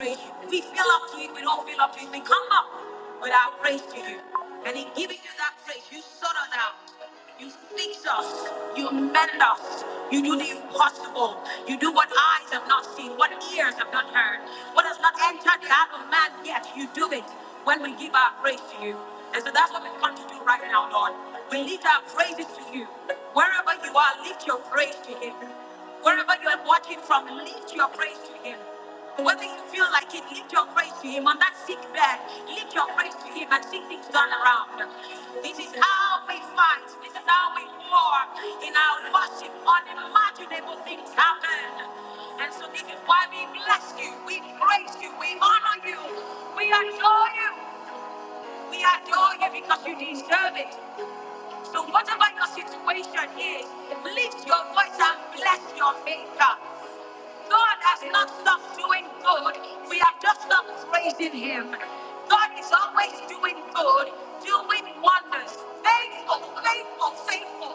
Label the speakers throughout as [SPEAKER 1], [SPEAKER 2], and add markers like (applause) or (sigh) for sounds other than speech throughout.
[SPEAKER 1] If we feel up to it, we don't feel up to it, we come up with our praise to you. And in giving you that praise, you sort us out. You fix us. You mend us. You do the impossible. You do what eyes have not seen, what ears have not heard, what has not entered the heart of man yet. You do it when we give our praise to you. And so that's what we've come to do right now, Lord. We lift our praises to you. Wherever you are, lift your praise to him. Wherever you are watching from, lift your praise to him. Whether you feel like it, lift your praise to Him on that sick bed. Lift your praise to Him and see things turn around. This is how we fight. This is how we war. In our worship, unimaginable things happen. And so this is why we bless you. We praise you. We honor you. We adore you. We adore you because you deserve it. So whatever your situation is, lift your voice and bless your maker. God has not stopped doing good. We have just stopped praising Him. God is always doing good, doing wonders. Faithful, faithful, faithful.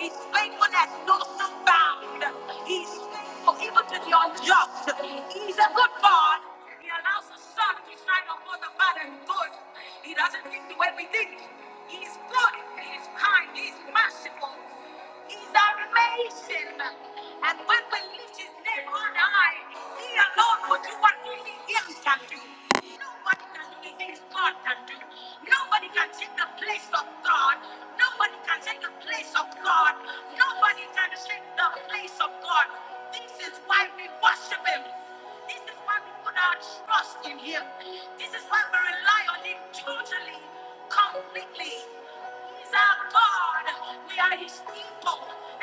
[SPEAKER 1] His faithfulness knows no bound. He's faithful even to the unjust. He's a good God allows the sun to shine upon the bad and good. He doesn't think the way we think. He is good. He is kind. He is merciful. He's amazing. And when we lift his name on high, he alone will do what only him can do. No Nobody can do the things God can do. Nobody can take the place of God. Nobody can take the place of God. Nobody can take the place of God. This is why we worship Him. This is why we put our trust in Him. This is why we rely on Him totally, completely. He's our God. We are His people,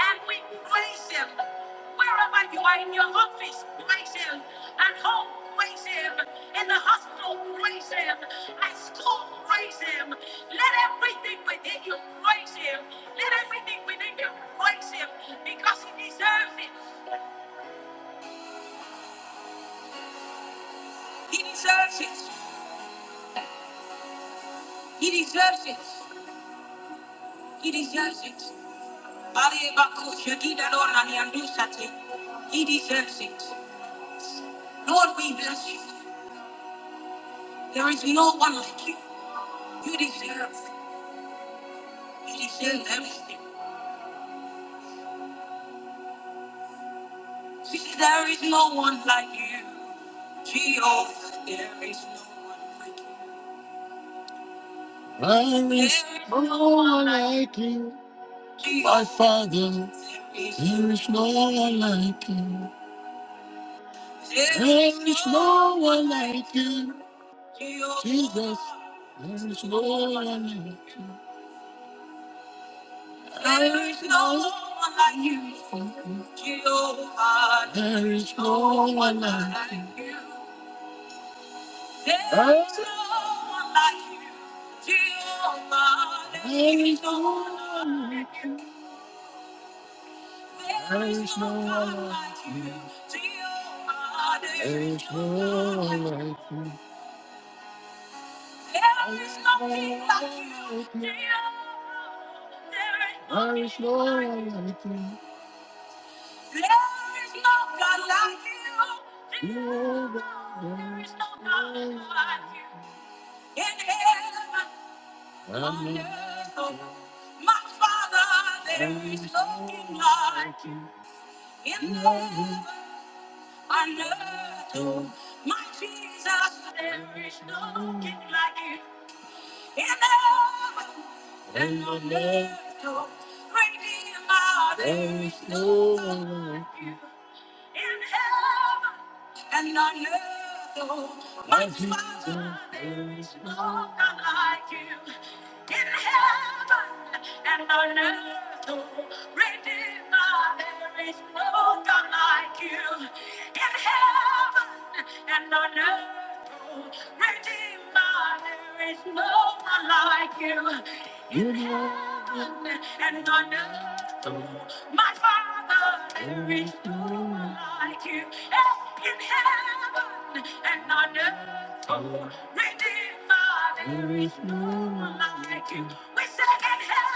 [SPEAKER 1] and we praise Him. Wherever you are in your office, praise Him. At home, praise Him. In the hospital, praise Him. At school, praise Him. Let everything within you praise Him. Let everything within you praise Him because He deserves it. He deserves it. He deserves it. He deserves it. Bali Bakush, Yadida Lorani and Dusati. He deserves it. Lord, we bless you. There is no one like you. You deserve. You deserve everything. See, there is no one like you. Jehovah, there is no one like you. There is no one like you. My Father, there is no one like you. There is no one like you. Jesus, there is no one like you. There is no one like you, Jehovah. There is no one like you. There is no one like you, Jehovah. There is no one like you. There is no one like you, Jehovah. There is no one like you. There is nothing like you, Jehovah. There is no one like you. There is no God like you. There is no God like you. In heaven, on earth, oh, my Father, there is no King like you. In heaven, on earth, oh, my Jesus, there is no King like you. In heaven and on earth, oh, Redeemer, there is no one like you. In heaven. and on earth, oh, my As you Father, there is no one like you. In heaven and on earth, oh, Redeemer, there is no God like you. In heaven and on earth, oh, Redeemer, there is no one like you in heaven and on earth. My Father, there is no one like you. Eh, In heaven and on earth, oh, Redeemer, there is no one like you. We say in heaven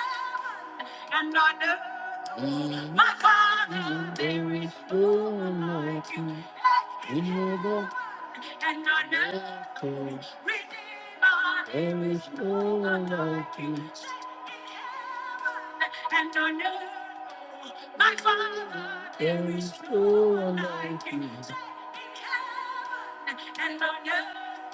[SPEAKER 1] and I know My Father, there is no one like you. Redeemer, and on earth. Redeemer, there is no one like you. And on earth, my Father, there is no one like you. And on earth.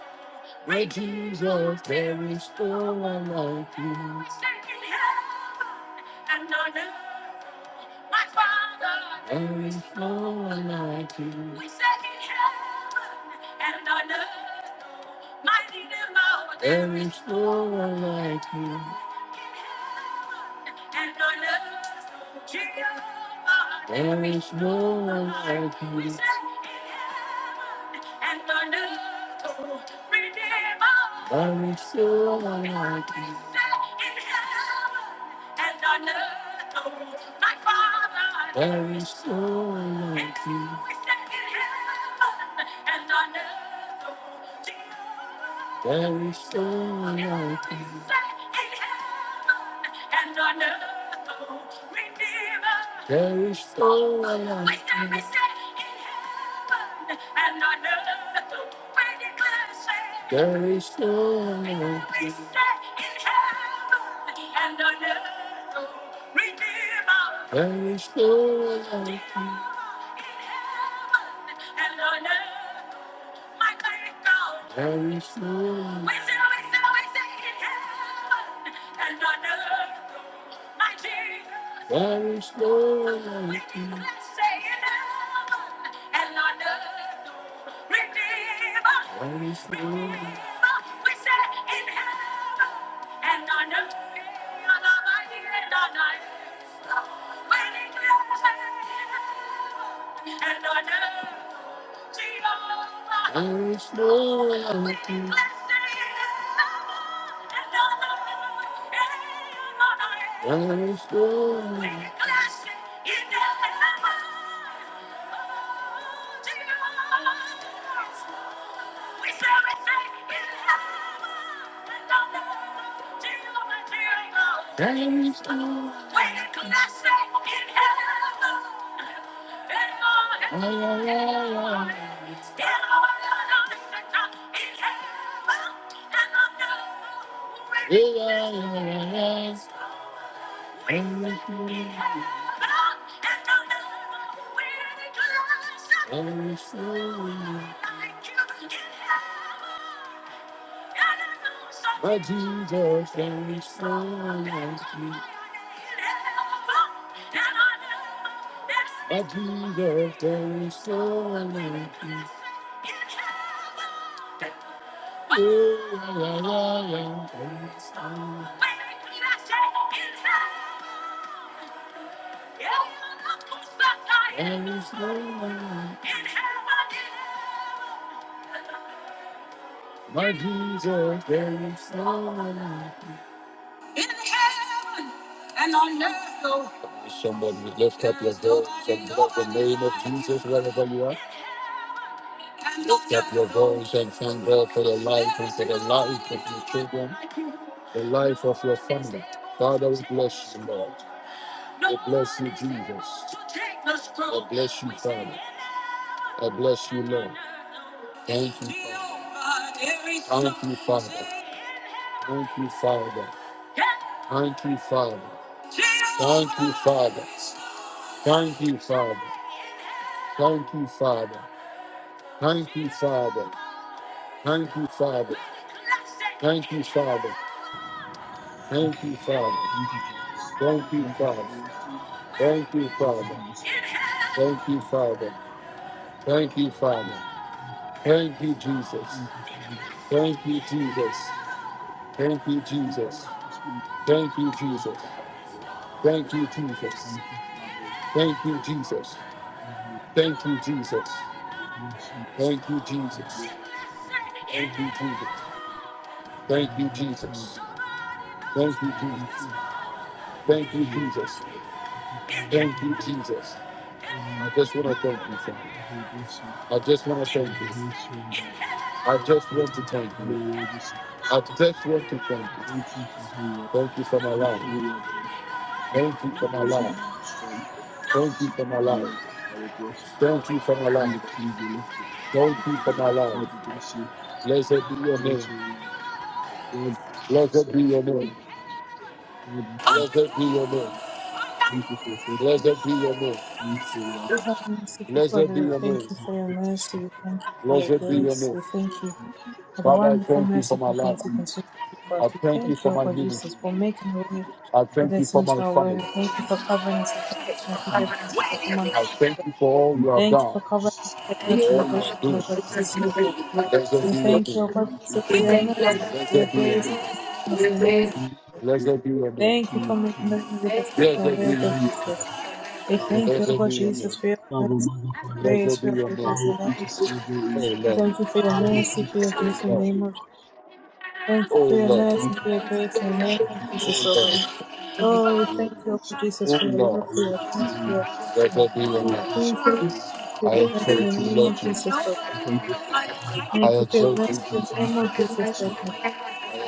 [SPEAKER 1] Where Jesus, there is no one like you. Second heaven And on earth, my Father, there is no one like you. We serve in heaven and on earth, mighty devour. There is no one like you. There is no one like you. There is no one like you. There is no one like you. There is no one like you. There is no one like you. There is no one like you. There is no one like you. There is no one. There is no one like you. There is no one like you. Yeah, yeah, yeah. Thank you. But Jesus, there is someone else. me. But Jesus, there is someone else. me. Oh, yeah, yeah, yeah, yeah. There is someone. There is someone. My Jesus, there is no one else. And I know. If Somebody would lift up your voice and bless the name of Jesus wherever you are. Lift up your voice and thank God for your life and for the life of your children, the life of your family. Father, we bless you, Lord. We bless you, Jesus. I bless you, Father. I bless you, Lord. Thank you, Father. Thank you, Father. Thank you, Father. Thank you, Father. Thank you, Father. Thank you, Father. Thank you, Father. Thank you, Father. Thank you, Father. Thank you, Father. Thank you, Father. Thank you, Father. Thank you, Father. Thank you, Father. Thank you, Father. Thank you, Jesus. Thank you, Jesus. Thank you, Jesus. Thank you, Jesus. Thank you, Jesus. Thank you, Jesus. Thank you, Jesus. Thank you, Jesus. Thank you, Jesus. Thank you, Jesus. Thank you, Jesus. Thank you, Jesus. Thank you, Jesus. I just want to thank you, Father. I just want to thank you. I just want to thank you. I just want to thank you. Thank you for my life. Thank you for my life. Thank you for my life. Thank you for my life. Thank you for my life. Blessed be your name. Blessed be your name. Blessed be your name. Blessed be your name.
[SPEAKER 2] Our Merciful
[SPEAKER 1] Blessed
[SPEAKER 2] Father,
[SPEAKER 1] be
[SPEAKER 2] we
[SPEAKER 1] your name.
[SPEAKER 2] thank you for your mercy. We thank you for your
[SPEAKER 1] Blessed be your
[SPEAKER 2] grace.
[SPEAKER 1] name.
[SPEAKER 2] We thank you for the
[SPEAKER 1] Father, I
[SPEAKER 2] wonderful,
[SPEAKER 1] thank you for my
[SPEAKER 2] merciful
[SPEAKER 1] life.
[SPEAKER 2] things you continue to do for us.
[SPEAKER 1] I
[SPEAKER 2] We
[SPEAKER 1] thank you
[SPEAKER 2] thank
[SPEAKER 1] for
[SPEAKER 2] you, O
[SPEAKER 1] my
[SPEAKER 2] God Jesus,
[SPEAKER 1] ministry.
[SPEAKER 2] for making a way
[SPEAKER 1] I
[SPEAKER 2] where
[SPEAKER 1] thank
[SPEAKER 2] there
[SPEAKER 1] you for
[SPEAKER 2] seems
[SPEAKER 1] my
[SPEAKER 2] no way.
[SPEAKER 1] family.
[SPEAKER 2] We thank you for covering us and protecting us from every shade from one.
[SPEAKER 1] I thank you for all you have
[SPEAKER 2] Thank you
[SPEAKER 1] done,
[SPEAKER 2] for covering us and protecting
[SPEAKER 1] all
[SPEAKER 2] us from
[SPEAKER 1] you
[SPEAKER 2] every
[SPEAKER 1] are
[SPEAKER 2] shade
[SPEAKER 1] doing.
[SPEAKER 2] from God Jesus, O God.
[SPEAKER 1] Blessed
[SPEAKER 2] We
[SPEAKER 1] be your
[SPEAKER 2] thank you,
[SPEAKER 1] name.
[SPEAKER 2] O God Jesus, for your mercy, for your
[SPEAKER 1] Blessed be your
[SPEAKER 2] grace,
[SPEAKER 1] name.
[SPEAKER 2] for your goodness in the name of Jesus.
[SPEAKER 1] Blessed be your name.
[SPEAKER 2] Thank you for making a way where there seems
[SPEAKER 1] Blessed
[SPEAKER 2] no
[SPEAKER 1] be
[SPEAKER 2] way,
[SPEAKER 1] your
[SPEAKER 2] O God
[SPEAKER 1] name.
[SPEAKER 2] Jesus. We thank you, O
[SPEAKER 1] Blessed be
[SPEAKER 2] God
[SPEAKER 1] your
[SPEAKER 2] Jesus,
[SPEAKER 1] name.
[SPEAKER 2] for your mercy, for your grace,
[SPEAKER 1] Blessed
[SPEAKER 2] for
[SPEAKER 1] be
[SPEAKER 2] your
[SPEAKER 1] your name.
[SPEAKER 2] faithfulness in the name of Jesus.
[SPEAKER 1] Oh Lord.
[SPEAKER 2] Thank you for your mercy, for your grace in the name of Jesus. Thank
[SPEAKER 1] Oh Lord.
[SPEAKER 2] you
[SPEAKER 1] Oh
[SPEAKER 2] for your
[SPEAKER 1] Lord.
[SPEAKER 2] mercy, for your grace in the name of
[SPEAKER 1] Oh
[SPEAKER 2] Jesus, O God. Oh, we thank you, O God Jesus,
[SPEAKER 1] Lord. Oh
[SPEAKER 2] for your love,
[SPEAKER 1] Lord.
[SPEAKER 2] for your kindness, for your grace.
[SPEAKER 1] Blessed be your name.
[SPEAKER 2] Thank you, O God, Jesus, for
[SPEAKER 1] I
[SPEAKER 2] your mercy in
[SPEAKER 1] exalt
[SPEAKER 2] the
[SPEAKER 1] you,
[SPEAKER 2] name
[SPEAKER 1] Lord
[SPEAKER 2] of
[SPEAKER 1] Jesus.
[SPEAKER 2] Jesus, O God.
[SPEAKER 1] I
[SPEAKER 2] Thank you for your
[SPEAKER 1] exalt you,
[SPEAKER 2] mercy in
[SPEAKER 1] Jesus.
[SPEAKER 2] the name of
[SPEAKER 1] I
[SPEAKER 2] Jesus, O God.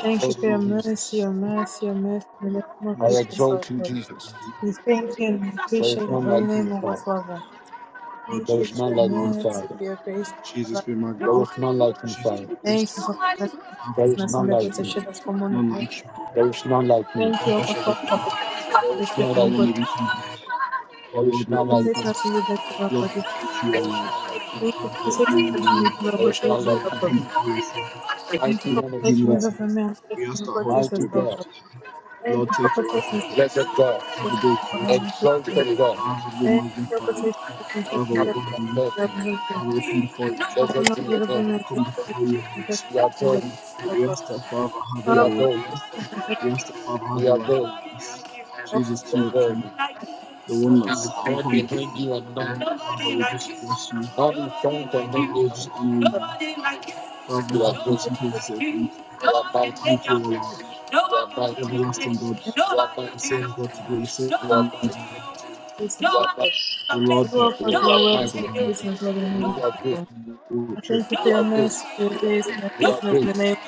[SPEAKER 2] Thank you for
[SPEAKER 1] exalt you,
[SPEAKER 2] your mercy,
[SPEAKER 1] Jesus.
[SPEAKER 2] your mercy, your mercy in the name of
[SPEAKER 1] I
[SPEAKER 2] Jesus, O
[SPEAKER 1] exalt you,
[SPEAKER 2] God.
[SPEAKER 1] Jesus.
[SPEAKER 2] We thank you and
[SPEAKER 1] There is
[SPEAKER 2] appreciate your
[SPEAKER 1] none like
[SPEAKER 2] holy name,
[SPEAKER 1] you,
[SPEAKER 2] O God,
[SPEAKER 1] Father.
[SPEAKER 2] Father. Thank
[SPEAKER 1] There
[SPEAKER 2] you
[SPEAKER 1] is
[SPEAKER 2] for
[SPEAKER 1] none
[SPEAKER 2] your
[SPEAKER 1] like you,
[SPEAKER 2] mercy,
[SPEAKER 1] Father.
[SPEAKER 2] for your grace. for your
[SPEAKER 1] There
[SPEAKER 2] love.
[SPEAKER 1] is none like you, Father.
[SPEAKER 2] in the name of Jesus. Thank you for
[SPEAKER 1] There
[SPEAKER 2] protecting
[SPEAKER 1] is
[SPEAKER 2] us and
[SPEAKER 1] none
[SPEAKER 2] delivering
[SPEAKER 1] like
[SPEAKER 2] us and
[SPEAKER 1] you.
[SPEAKER 2] shielding us from one another.
[SPEAKER 1] There is none like you.
[SPEAKER 2] Thank you, O God, for protecting
[SPEAKER 1] There
[SPEAKER 2] us
[SPEAKER 1] is none
[SPEAKER 2] and the
[SPEAKER 1] like
[SPEAKER 2] body.
[SPEAKER 1] you. There is none like you. There is
[SPEAKER 2] Thank you for
[SPEAKER 1] none like you.
[SPEAKER 2] protecting us and delivering us from the body. Thank you for protecting us and delivering us from the body. Jesus, O God. Thank you
[SPEAKER 1] Mighty
[SPEAKER 2] for
[SPEAKER 1] one
[SPEAKER 2] protecting
[SPEAKER 1] of
[SPEAKER 2] us and
[SPEAKER 1] Israel.
[SPEAKER 2] delivering us from the body.
[SPEAKER 1] Mighty
[SPEAKER 2] Jesus, O
[SPEAKER 1] God.
[SPEAKER 2] God. Thank you for protecting us and delivering
[SPEAKER 1] Blessed God,
[SPEAKER 2] us from the body. Thank you for protecting us and delivering us from the body. Thank you for protecting us and
[SPEAKER 1] exalted God, unhappy compassion. Blessed be your name. We adore
[SPEAKER 2] delivering us
[SPEAKER 1] you.
[SPEAKER 2] from the body. You
[SPEAKER 1] We
[SPEAKER 2] will
[SPEAKER 1] adore you. We adore you. Nobody like you. Nobody like you. and none. Nobody like you. Nobody like you. Nobody like you. You are good. You are mighty. You are mighty. You are mighty. You are mighty. You are mighty. You
[SPEAKER 2] cause your
[SPEAKER 1] are
[SPEAKER 2] work to
[SPEAKER 1] mighty.
[SPEAKER 2] be praised and God in the name
[SPEAKER 1] You are
[SPEAKER 2] Jesus.
[SPEAKER 1] good.
[SPEAKER 2] Lord. I thank you
[SPEAKER 1] You
[SPEAKER 2] for your
[SPEAKER 1] are good.
[SPEAKER 2] mercy, for your grace, and your
[SPEAKER 1] You are
[SPEAKER 2] faithfulness
[SPEAKER 1] great.
[SPEAKER 2] in the name of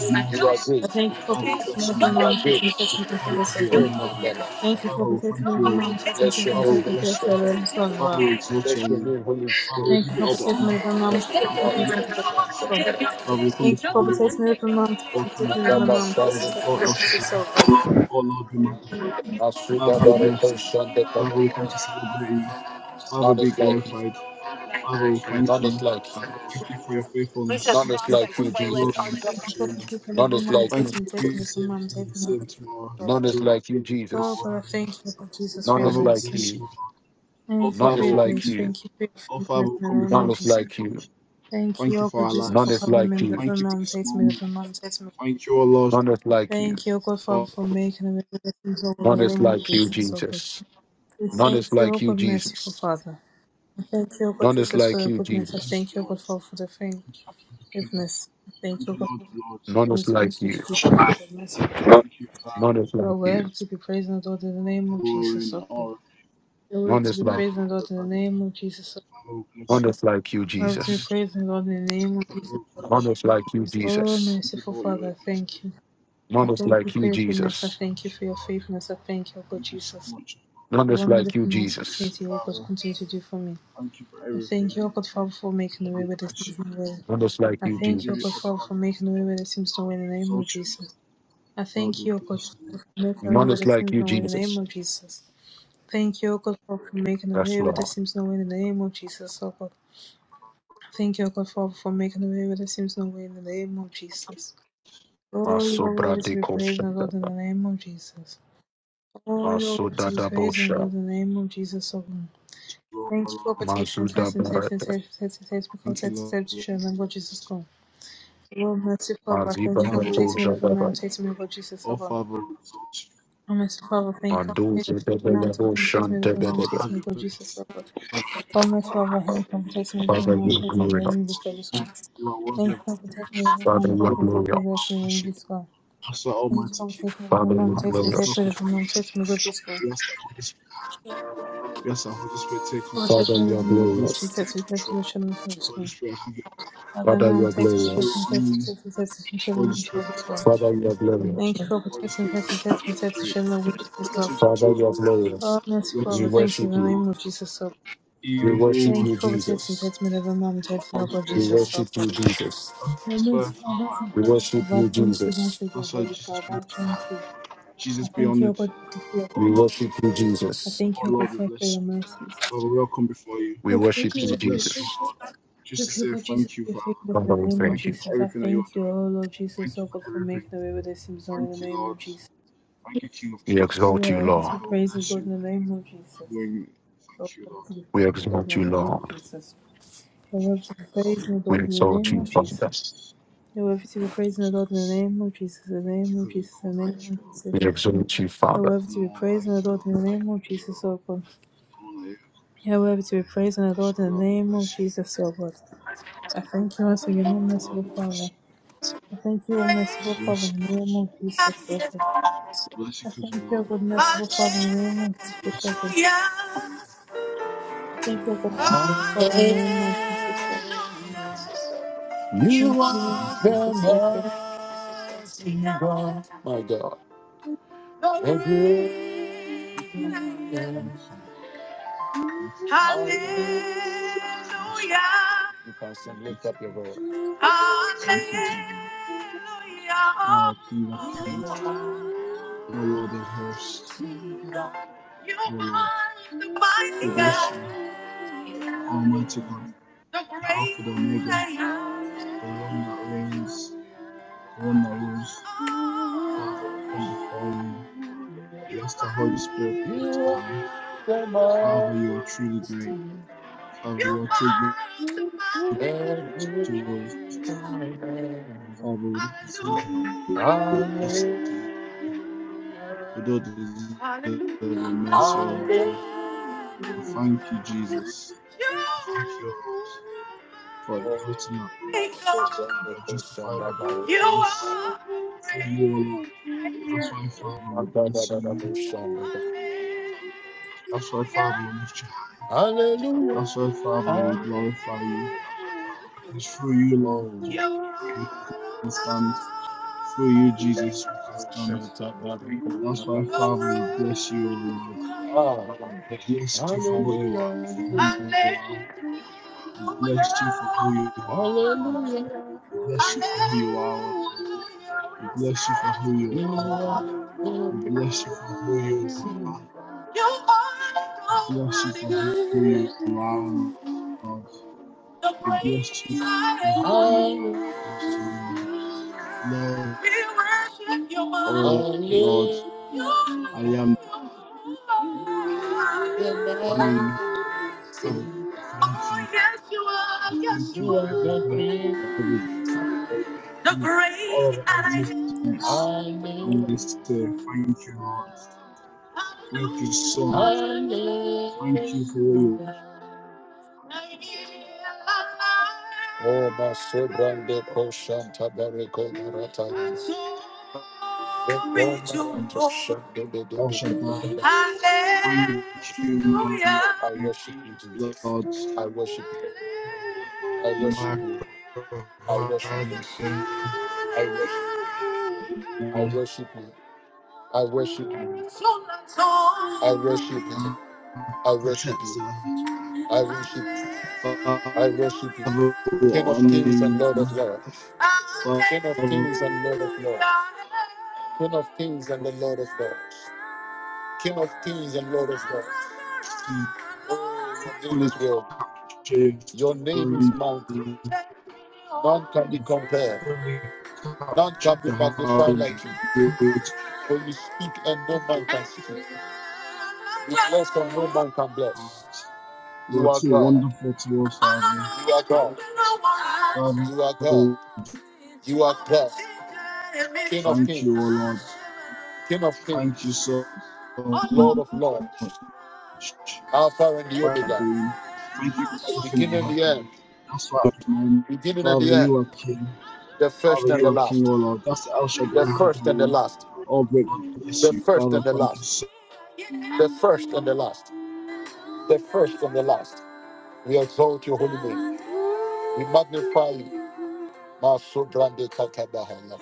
[SPEAKER 2] Jesus.
[SPEAKER 1] You are
[SPEAKER 2] I
[SPEAKER 1] great.
[SPEAKER 2] thank you for
[SPEAKER 1] You
[SPEAKER 2] protecting me from harm,
[SPEAKER 1] are great.
[SPEAKER 2] protecting me, protecting me, protecting
[SPEAKER 1] Oh, my
[SPEAKER 2] Thank you for
[SPEAKER 1] God.
[SPEAKER 2] protecting me from harm, protecting me,
[SPEAKER 1] Bless
[SPEAKER 2] protecting
[SPEAKER 1] your
[SPEAKER 2] me, protecting me,
[SPEAKER 1] name,
[SPEAKER 2] protecting
[SPEAKER 1] Holy
[SPEAKER 2] me,
[SPEAKER 1] Spirit.
[SPEAKER 2] Lord, and so on, Lord.
[SPEAKER 1] Bless your name, Holy Spirit.
[SPEAKER 2] Thank you for protecting me from harm,
[SPEAKER 1] Bless your
[SPEAKER 2] protecting me,
[SPEAKER 1] name,
[SPEAKER 2] protecting me, protecting Thank you for protecting me from harm, protecting me, protecting
[SPEAKER 1] Holy
[SPEAKER 2] me, protecting me, Lord,
[SPEAKER 1] Spirit.
[SPEAKER 2] and so
[SPEAKER 1] Asuda Barako Shande Kabaka. None is like you. None is like you. None is
[SPEAKER 2] on,
[SPEAKER 1] like
[SPEAKER 2] Lord.
[SPEAKER 1] you, Jesus. None is
[SPEAKER 2] mom.
[SPEAKER 1] like you,
[SPEAKER 2] Take me, take me
[SPEAKER 1] Jesus.
[SPEAKER 2] from mom. Take me from Jesus. Oh
[SPEAKER 1] None
[SPEAKER 2] God,
[SPEAKER 1] is like you,
[SPEAKER 2] Oh,
[SPEAKER 1] Jesus.
[SPEAKER 2] I thank you, Lord Jesus, for
[SPEAKER 1] None
[SPEAKER 2] your
[SPEAKER 1] is like
[SPEAKER 2] mercy.
[SPEAKER 1] you.
[SPEAKER 2] Thank you
[SPEAKER 1] None
[SPEAKER 2] for
[SPEAKER 1] is
[SPEAKER 2] your
[SPEAKER 1] like
[SPEAKER 2] grace.
[SPEAKER 1] you.
[SPEAKER 2] Thank you for your faithfulness in the name
[SPEAKER 1] None
[SPEAKER 2] of
[SPEAKER 1] is
[SPEAKER 2] Jesus.
[SPEAKER 1] like you.
[SPEAKER 2] Thank you, oh God, Jesus,
[SPEAKER 1] None
[SPEAKER 2] for
[SPEAKER 1] is
[SPEAKER 2] covering
[SPEAKER 1] like
[SPEAKER 2] me. The
[SPEAKER 1] you.
[SPEAKER 2] from mom. Take me, the from mom. Take me.
[SPEAKER 1] None is like you.
[SPEAKER 2] Thank you, O God Father, for making a blessings over the
[SPEAKER 1] None is
[SPEAKER 2] name of
[SPEAKER 1] like you,
[SPEAKER 2] Jesus, O God.
[SPEAKER 1] Jesus.
[SPEAKER 2] We
[SPEAKER 1] None
[SPEAKER 2] thank
[SPEAKER 1] is
[SPEAKER 2] you, O
[SPEAKER 1] like you,
[SPEAKER 2] God, merciful
[SPEAKER 1] Jesus.
[SPEAKER 2] Father. I thank you, O God
[SPEAKER 1] None is
[SPEAKER 2] Jesus, for
[SPEAKER 1] like
[SPEAKER 2] your
[SPEAKER 1] you,
[SPEAKER 2] goodness. I
[SPEAKER 1] Jesus.
[SPEAKER 2] thank you, O God Father, for the forgiveness. I thank you, O God, for
[SPEAKER 1] None is
[SPEAKER 2] things
[SPEAKER 1] like
[SPEAKER 2] continue to
[SPEAKER 1] you.
[SPEAKER 2] be good,
[SPEAKER 1] None is
[SPEAKER 2] You
[SPEAKER 1] like
[SPEAKER 2] are
[SPEAKER 1] you.
[SPEAKER 2] worthy to be praised and adored in the name of Jesus, O God. You are worthy
[SPEAKER 1] None
[SPEAKER 2] to
[SPEAKER 1] is
[SPEAKER 2] be
[SPEAKER 1] like
[SPEAKER 2] praised and adored in the name of Jesus, O God.
[SPEAKER 1] none is like you,
[SPEAKER 2] You are worthy to be
[SPEAKER 1] Jesus.
[SPEAKER 2] praised and adored in the name of Jesus, O God.
[SPEAKER 1] None is like you,
[SPEAKER 2] Oh,
[SPEAKER 1] Jesus.
[SPEAKER 2] merciful Father, I thank you. I
[SPEAKER 1] None is
[SPEAKER 2] thank you
[SPEAKER 1] like
[SPEAKER 2] for
[SPEAKER 1] you,
[SPEAKER 2] your goodness. I
[SPEAKER 1] Jesus.
[SPEAKER 2] thank you for your faithfulness. I thank you, O God Jesus.
[SPEAKER 1] None
[SPEAKER 2] The
[SPEAKER 1] is like you,
[SPEAKER 2] wonderful, merciful
[SPEAKER 1] Jesus.
[SPEAKER 2] faith, you, O God, continue to do for me. I thank you, O God, Father, for making the way where there seems no way.
[SPEAKER 1] None is like
[SPEAKER 2] I
[SPEAKER 1] you,
[SPEAKER 2] thank you, O God,
[SPEAKER 1] Jesus.
[SPEAKER 2] Father, for making the way where there seems no way in the name of Jesus. I thank you, O God, Father, for making the way
[SPEAKER 1] None
[SPEAKER 2] where
[SPEAKER 1] is
[SPEAKER 2] there
[SPEAKER 1] like
[SPEAKER 2] seems
[SPEAKER 1] you,
[SPEAKER 2] no way in the name
[SPEAKER 1] Jesus.
[SPEAKER 2] of Jesus. Thank you, O God, Father, for making a
[SPEAKER 1] That's
[SPEAKER 2] way where there
[SPEAKER 1] Lord.
[SPEAKER 2] seems no way in the name of Jesus, O God. Thank you, O God, Father, for making a way where there seems no way in the name of Jesus. Oh, you are worthy
[SPEAKER 1] Masobra
[SPEAKER 2] to
[SPEAKER 1] de
[SPEAKER 2] be praised
[SPEAKER 1] Kosha.
[SPEAKER 2] and Lord in the name of Jesus. Oh, you are worthy to be praised and
[SPEAKER 1] Masodada
[SPEAKER 2] Lord in the name of Jesus, O God. Thank you, O God, for taking
[SPEAKER 1] Mazuda
[SPEAKER 2] test and test and test
[SPEAKER 1] Barata,
[SPEAKER 2] and test and test because test and test to show them, Lord Jesus, God. Lord, mercy, Father, thank
[SPEAKER 1] Maziba
[SPEAKER 2] you, O God, taking me
[SPEAKER 1] Ratusha
[SPEAKER 2] to the man,
[SPEAKER 1] Baba,
[SPEAKER 2] taking me, Lord Jesus, O God. Oh, mercy, Father, thank you, O God, taking
[SPEAKER 1] Manduza
[SPEAKER 2] me to the man,
[SPEAKER 1] Debelebo
[SPEAKER 2] taking me
[SPEAKER 1] Shanta
[SPEAKER 2] to the man,
[SPEAKER 1] Bedebe.
[SPEAKER 2] taking me, Lord Jesus, O God. Almost Father, help him, protect me, deliver me,
[SPEAKER 1] Father,
[SPEAKER 2] and
[SPEAKER 1] you are
[SPEAKER 2] protect me, deliver me, Jesus
[SPEAKER 1] glorious.
[SPEAKER 2] Christ, God. Thank you for protecting me, deliver me,
[SPEAKER 1] Father,
[SPEAKER 2] and
[SPEAKER 1] you are
[SPEAKER 2] protect me, protect me, bless
[SPEAKER 1] glorious.
[SPEAKER 2] me, deliver me, Jesus Christ. Thank you for protecting me, deliver
[SPEAKER 1] Father,
[SPEAKER 2] me,
[SPEAKER 1] you
[SPEAKER 2] and
[SPEAKER 1] are
[SPEAKER 2] protect me, protect
[SPEAKER 1] glorious.
[SPEAKER 2] me, deliver me, and protect me, deliver Jesus Christ. Protect
[SPEAKER 1] Father,
[SPEAKER 2] me,
[SPEAKER 1] you are
[SPEAKER 2] deliver me, and protect me, protect
[SPEAKER 1] glorious.
[SPEAKER 2] me, protect me, bless me, deliver me, Jesus Christ. Father,
[SPEAKER 1] Father,
[SPEAKER 2] now
[SPEAKER 1] you are
[SPEAKER 2] protect me, protect me,
[SPEAKER 1] glorious.
[SPEAKER 2] protect me, protect me, protect me, bless me, deliver me, Jesus
[SPEAKER 1] Father, you are
[SPEAKER 2] Christ.
[SPEAKER 1] glorious.
[SPEAKER 2] Thank you for protecting me, protect me, protect me, protect me, bless me, deliver Jesus
[SPEAKER 1] Father,
[SPEAKER 2] Christ.
[SPEAKER 1] you are glorious.
[SPEAKER 2] Oh, mercy,
[SPEAKER 1] We
[SPEAKER 2] Father, thank you
[SPEAKER 1] worship
[SPEAKER 2] in the
[SPEAKER 1] you.
[SPEAKER 2] name of Jesus, Lord.
[SPEAKER 1] We worship
[SPEAKER 2] Thank
[SPEAKER 1] you,
[SPEAKER 2] you for protecting,
[SPEAKER 1] Jesus.
[SPEAKER 2] protect me, deliver me, and protect me, oh God,
[SPEAKER 1] We
[SPEAKER 2] Jesus, Lord.
[SPEAKER 1] worship you, Jesus.
[SPEAKER 2] Moments, Father, and
[SPEAKER 1] We
[SPEAKER 2] Heavenly
[SPEAKER 1] worship
[SPEAKER 2] Father, I
[SPEAKER 1] you,
[SPEAKER 2] thank you
[SPEAKER 1] Jesus.
[SPEAKER 2] once again, Holy Father. I thank you. I thank you, O God, for your
[SPEAKER 1] We
[SPEAKER 2] goodness.
[SPEAKER 1] worship you,
[SPEAKER 2] I
[SPEAKER 1] Jesus.
[SPEAKER 2] thank you, O God, first for your mercies.
[SPEAKER 1] We
[SPEAKER 2] Yes, so
[SPEAKER 1] worship you,
[SPEAKER 2] good.
[SPEAKER 1] Jesus.
[SPEAKER 2] Thank you, God, Jesus, for your faithfulness
[SPEAKER 1] Father,
[SPEAKER 2] in the
[SPEAKER 1] we
[SPEAKER 2] name of
[SPEAKER 1] thank you.
[SPEAKER 2] Jesus. I thank you, O Lord Jesus, O God, for making a way where there seems no way in the name of Jesus.
[SPEAKER 1] We
[SPEAKER 2] Oh,
[SPEAKER 1] exalt you,
[SPEAKER 2] we're happy to be
[SPEAKER 1] Lord.
[SPEAKER 2] praised, O Lord, in the name of Jesus. Oh, we're happy to be
[SPEAKER 1] We
[SPEAKER 2] praised, O Lord,
[SPEAKER 1] exalt you,
[SPEAKER 2] in the name of
[SPEAKER 1] Lord.
[SPEAKER 2] Jesus. Oh, we're happy to be praised, O
[SPEAKER 1] We
[SPEAKER 2] Lord, in the
[SPEAKER 1] exalt
[SPEAKER 2] name
[SPEAKER 1] you,
[SPEAKER 2] of Jesus.
[SPEAKER 1] Father.
[SPEAKER 2] Oh, we're happy to be praised, O Lord, in the name of Jesus, in the name of Jesus, in the name of Jesus.
[SPEAKER 1] We exalt you, Father.
[SPEAKER 2] However, to be praised and adored in the name of Jesus, O God. However, to be praised and adored in the name of Jesus, O God. I thank you once again, O merciful Father. I thank you, O merciful Father, in the name of Jesus, O God. I thank you, O God, merciful Father, in the name of Jesus, O God. I thank you, O God, merciful Father, in the name of Jesus, O God. I thank
[SPEAKER 1] You
[SPEAKER 2] you, Lord
[SPEAKER 1] are the
[SPEAKER 2] Jesus, O God.
[SPEAKER 1] mighty God, my God. The great I am. Hallelujah. You can sing, lift up your voice. Hallelujah. You are mighty God. You are the mighty God. The great I am.
[SPEAKER 2] (laughs) Thank
[SPEAKER 1] Oh, you are. You are the mighty you are the mighty. Hallelujah. Hallelujah. Hallelujah. Oh, You are the great I hear. Oh, my God, da, da, da, da, Shandabaya. Hallelujah. Hallelujah.
[SPEAKER 2] you.
[SPEAKER 1] Oh. You
[SPEAKER 2] Thank
[SPEAKER 1] are the Shantabaya. Oh, Hallelujah. Hallelujah. Hallelujah. Hallelujah. We say you are are. worthy. You are the Almighty God, the great I am. We worship you, Lord. Hallelujah. You are The the Oh, yes, you are. Yes, you You are are the great.
[SPEAKER 2] you.
[SPEAKER 1] the great I
[SPEAKER 2] Mm-hmm.
[SPEAKER 1] am. I know, I know. Oh, my sobrande koshanta bareko barata. Hallelujah. I worship you, Jesus. I worship you. I worship you. I worship you. I worship. I worship you. I worship you. I worship you. I worship you. I worship you. I worship you. King of kings and Lord of lords. King of kings and Lord of lords. King of kings and the Lord of lords. King of kings and Lord of lords. Oh, your name is well. Your name is mountain. None can be compared. None can be magnified like you. For you speak and no man can speak. You bless and no man can bless. You are God. You are God. You are God. You are God. King of kings. King of kings. Lord of lords. Alpha and the Omega. Beginning and the end. Beginning and the end. The first and the last. The first and the last. The first and the last. the first and the last, the first and the last. We exalt your holy name.
[SPEAKER 2] Thank
[SPEAKER 1] We magnify you. Maso grande katabahana.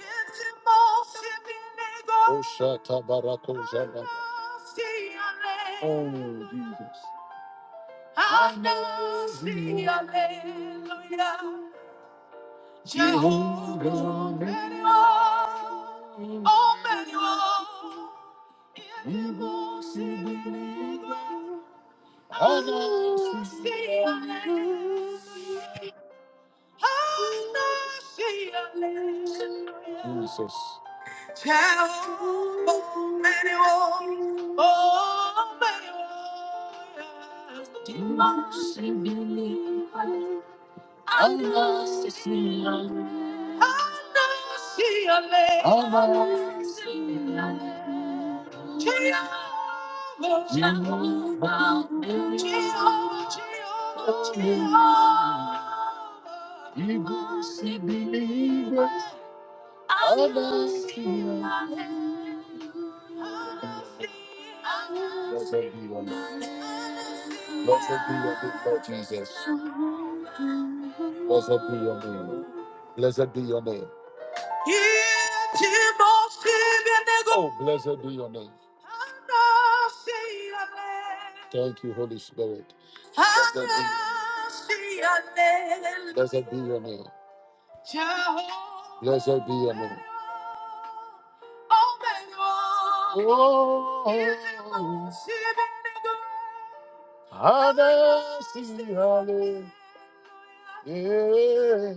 [SPEAKER 1] Oh, shata barako zana. Oh, Jesus. Anasi, hallelujah. Jehovah. Omega. Jesus. Jesus.
[SPEAKER 2] you. Amen.
[SPEAKER 1] Blessed be your name. Blessed be your name, Lord Jesus. Blessed be your name. Blessed be your name. Oh, blessed be your name. Thank you, Holy Spirit. Blessed be your name. Blessed be your name. Oh, Adasi Hallelujah. Yeah.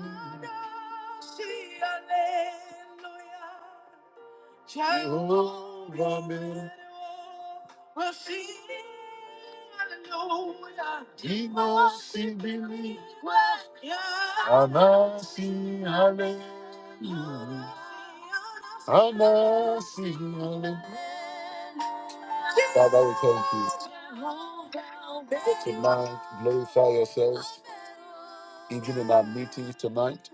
[SPEAKER 1] Jehovah, well, see, hallelujah. He must see believe. Anasi, hallelujah. Anasi, hallelujah. Father, we thank you. For tonight, glorify yourselves, even in our meetings tonight.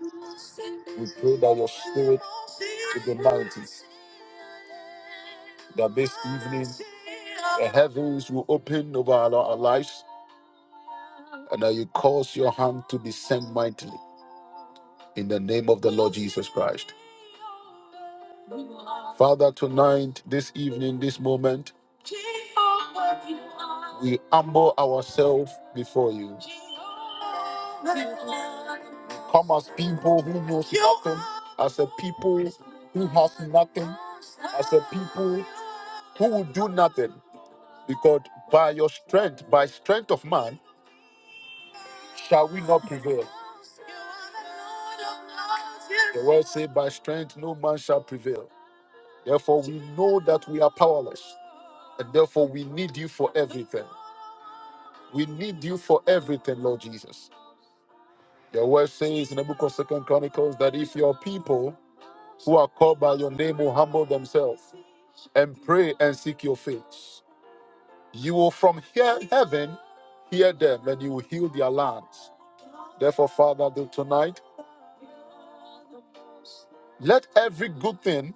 [SPEAKER 1] We pray that your spirit will be mighty. That this evening, the heavens will open over our our lives and that you cause your hand to descend mightily in the name of the Lord Jesus Christ. Father, tonight, this evening, this moment, we humble ourselves before you. Come as people who knows nothing, as a people who has nothing, as a people who will do nothing, because by your strength, by strength of man, shall we not prevail. The word say, by strength no man shall prevail. Therefore, we know that we are powerless, and therefore we need you for everything. We need you for everything, Lord Jesus. The word says in the book of Second Chronicles that if your people who are called by your name will humble themselves and pray and seek your face, You will from here, heaven hear them, and you will heal their lands. Therefore, Father, do tonight, let every good thing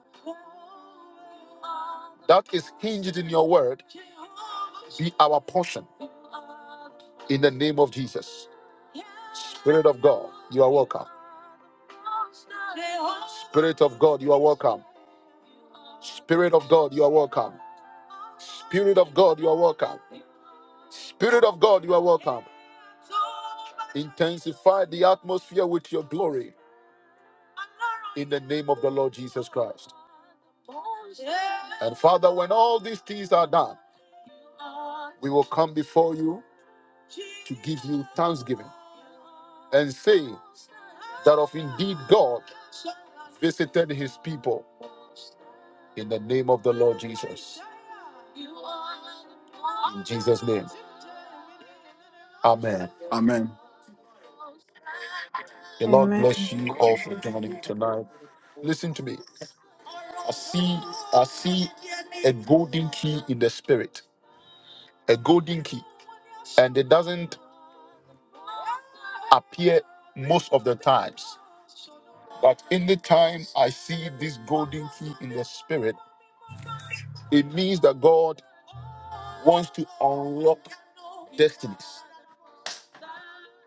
[SPEAKER 1] that is hinged in your word be our portion in the name of Jesus. Spirit of God, you are welcome. Spirit of God, you are welcome. Spirit of God, you are welcome. Spirit of God, you are welcome. Spirit of God, you are welcome. Intensify the atmosphere with your glory in the name of the Lord Jesus Christ. And Father, when all these things are done, we will come before you to give you thanksgiving and say that of indeed God visited his people in the name of the Lord Jesus. In Jesus' name. Amen. The Lord bless you all for joining tonight. Listen to me. I see I see a golden key in the spirit. A golden key. And it doesn't appear most of the times. But in the time I see this golden key in the spirit, it means that God wants to unlock destinies.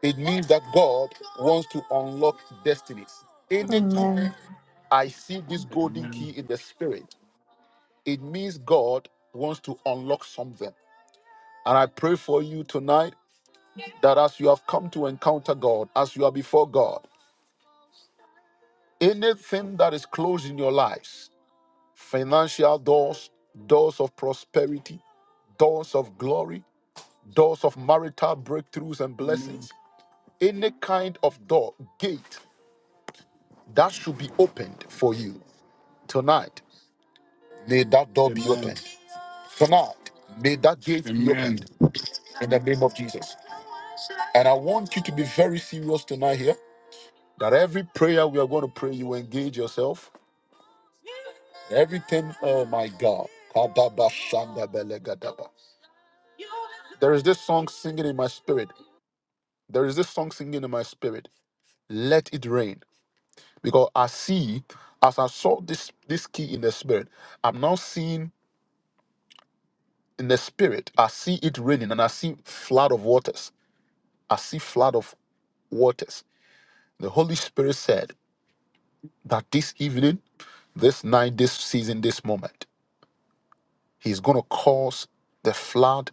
[SPEAKER 1] It means that God wants to unlock destinies. Anytime
[SPEAKER 2] Amen. Amen.
[SPEAKER 1] I see this golden key in the spirit, it means God wants to unlock something. And I pray for you tonight that as you have come to encounter God, as you are before God, anything that is closed in your lives, financial doors, doors of prosperity, doors of glory, doors of marital breakthroughs and blessings, any kind of door, gate that should be opened for you. Tonight, may that door be opened. Tonight, may that gate be opened in the name of Jesus. And I want you to be very serious tonight here that every prayer we are going to pray, you engage yourself. Everything, oh my God. Kadabashandabelegadaba. There is this song singing in my spirit. There is this song singing in my spirit. Let it rain. because I see as I saw this this key in the spirit, I'm now seeing in the spirit. I see it raining and I see flood of waters. I see flood of waters. The Holy Spirit said that this evening, this night, this season, this moment, He's going to cause the flood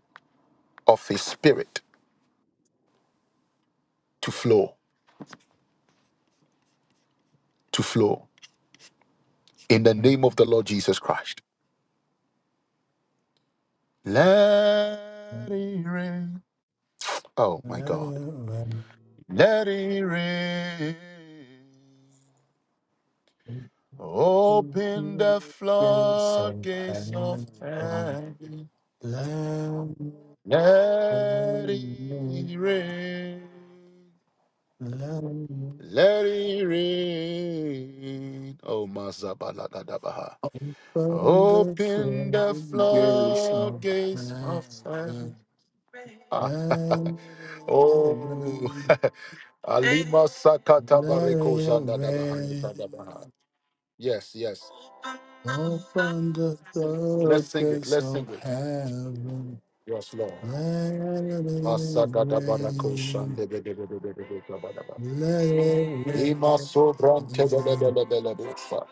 [SPEAKER 1] of His Spirit to flow, to flow in the name of the Lord Jesus Christ. Let it rain. Oh my God. Let it rain.
[SPEAKER 3] Open
[SPEAKER 1] Open the
[SPEAKER 3] the gates of
[SPEAKER 1] floodgates of
[SPEAKER 3] heaven,
[SPEAKER 1] heaven.
[SPEAKER 3] let me
[SPEAKER 1] Let
[SPEAKER 3] in,
[SPEAKER 1] it rain.
[SPEAKER 3] let me in.
[SPEAKER 1] Let it rain. Oh, Mazabalagadabaha.
[SPEAKER 3] Open the
[SPEAKER 1] Open the
[SPEAKER 3] gates of
[SPEAKER 1] floodgates
[SPEAKER 3] heaven,
[SPEAKER 1] of heaven. Ah,
[SPEAKER 3] let
[SPEAKER 1] (laughs)
[SPEAKER 3] me
[SPEAKER 1] oh,
[SPEAKER 3] in,
[SPEAKER 1] (laughs) Alima Sakata
[SPEAKER 3] let
[SPEAKER 1] Bareko
[SPEAKER 3] me
[SPEAKER 1] Zandadabaha.
[SPEAKER 3] in.
[SPEAKER 1] Yes, yes.
[SPEAKER 3] Open
[SPEAKER 1] Let's
[SPEAKER 3] the
[SPEAKER 1] sing it.
[SPEAKER 3] gates
[SPEAKER 1] Let's sing
[SPEAKER 3] of
[SPEAKER 1] it.
[SPEAKER 3] heaven,
[SPEAKER 1] Yes, Lord.
[SPEAKER 3] let me
[SPEAKER 1] Masagada
[SPEAKER 3] in.
[SPEAKER 1] barakoshan de de de de de de de de de de de.
[SPEAKER 3] Open
[SPEAKER 1] Ima sobran te de de de de de de de de.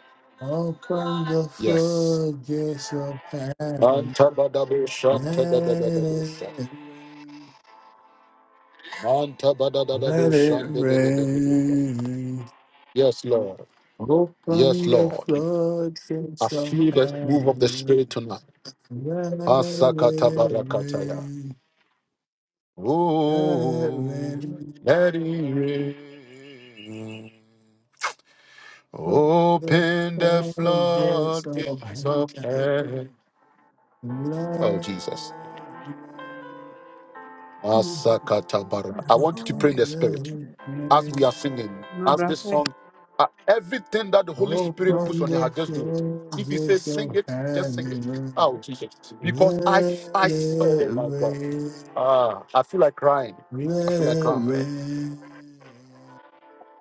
[SPEAKER 3] the
[SPEAKER 1] Yes.
[SPEAKER 3] floodgates of heaven.
[SPEAKER 1] Manta bada bushan te de de de
[SPEAKER 3] Let
[SPEAKER 1] de de de.
[SPEAKER 3] it rain.
[SPEAKER 1] Manta bada da da
[SPEAKER 3] Let it
[SPEAKER 1] bushan de de de de de de de.
[SPEAKER 3] rain.
[SPEAKER 1] Yes, Lord. Yes,
[SPEAKER 3] Open the
[SPEAKER 1] Lord. I
[SPEAKER 3] floodgates of
[SPEAKER 1] feel the move of the
[SPEAKER 3] heaven.
[SPEAKER 1] Spirit tonight.
[SPEAKER 3] Let it
[SPEAKER 1] Asakata barakataya.
[SPEAKER 3] rain. Let it
[SPEAKER 1] Oh,
[SPEAKER 3] rain.
[SPEAKER 1] let it rain.
[SPEAKER 3] Open the
[SPEAKER 1] Open the
[SPEAKER 3] floodgates of
[SPEAKER 1] floodgates of
[SPEAKER 3] heaven.
[SPEAKER 1] heaven.
[SPEAKER 3] Let
[SPEAKER 1] Oh, Jesus.
[SPEAKER 3] it rain.
[SPEAKER 4] Mm.
[SPEAKER 1] Asakatabara. I want you to
[SPEAKER 4] uh
[SPEAKER 1] pray in
[SPEAKER 4] Okay.
[SPEAKER 1] the spirit
[SPEAKER 3] Open
[SPEAKER 1] as we
[SPEAKER 4] Okay.
[SPEAKER 1] are singing,
[SPEAKER 4] No
[SPEAKER 1] as this
[SPEAKER 4] brazo.
[SPEAKER 1] song, uh, everything that the Holy Spirit
[SPEAKER 4] No.
[SPEAKER 1] puts on your
[SPEAKER 3] the
[SPEAKER 1] heart, just do it. If He says
[SPEAKER 3] floodgates
[SPEAKER 1] sing
[SPEAKER 3] of
[SPEAKER 1] it, just sing it.
[SPEAKER 3] heaven.
[SPEAKER 1] Oh, Jesus. Because I,
[SPEAKER 3] Let
[SPEAKER 1] I,
[SPEAKER 3] it
[SPEAKER 1] oh my God.
[SPEAKER 3] rain.
[SPEAKER 1] Ah, I feel like crying. I
[SPEAKER 3] Let
[SPEAKER 1] feel like
[SPEAKER 3] it
[SPEAKER 1] crying.
[SPEAKER 3] rain.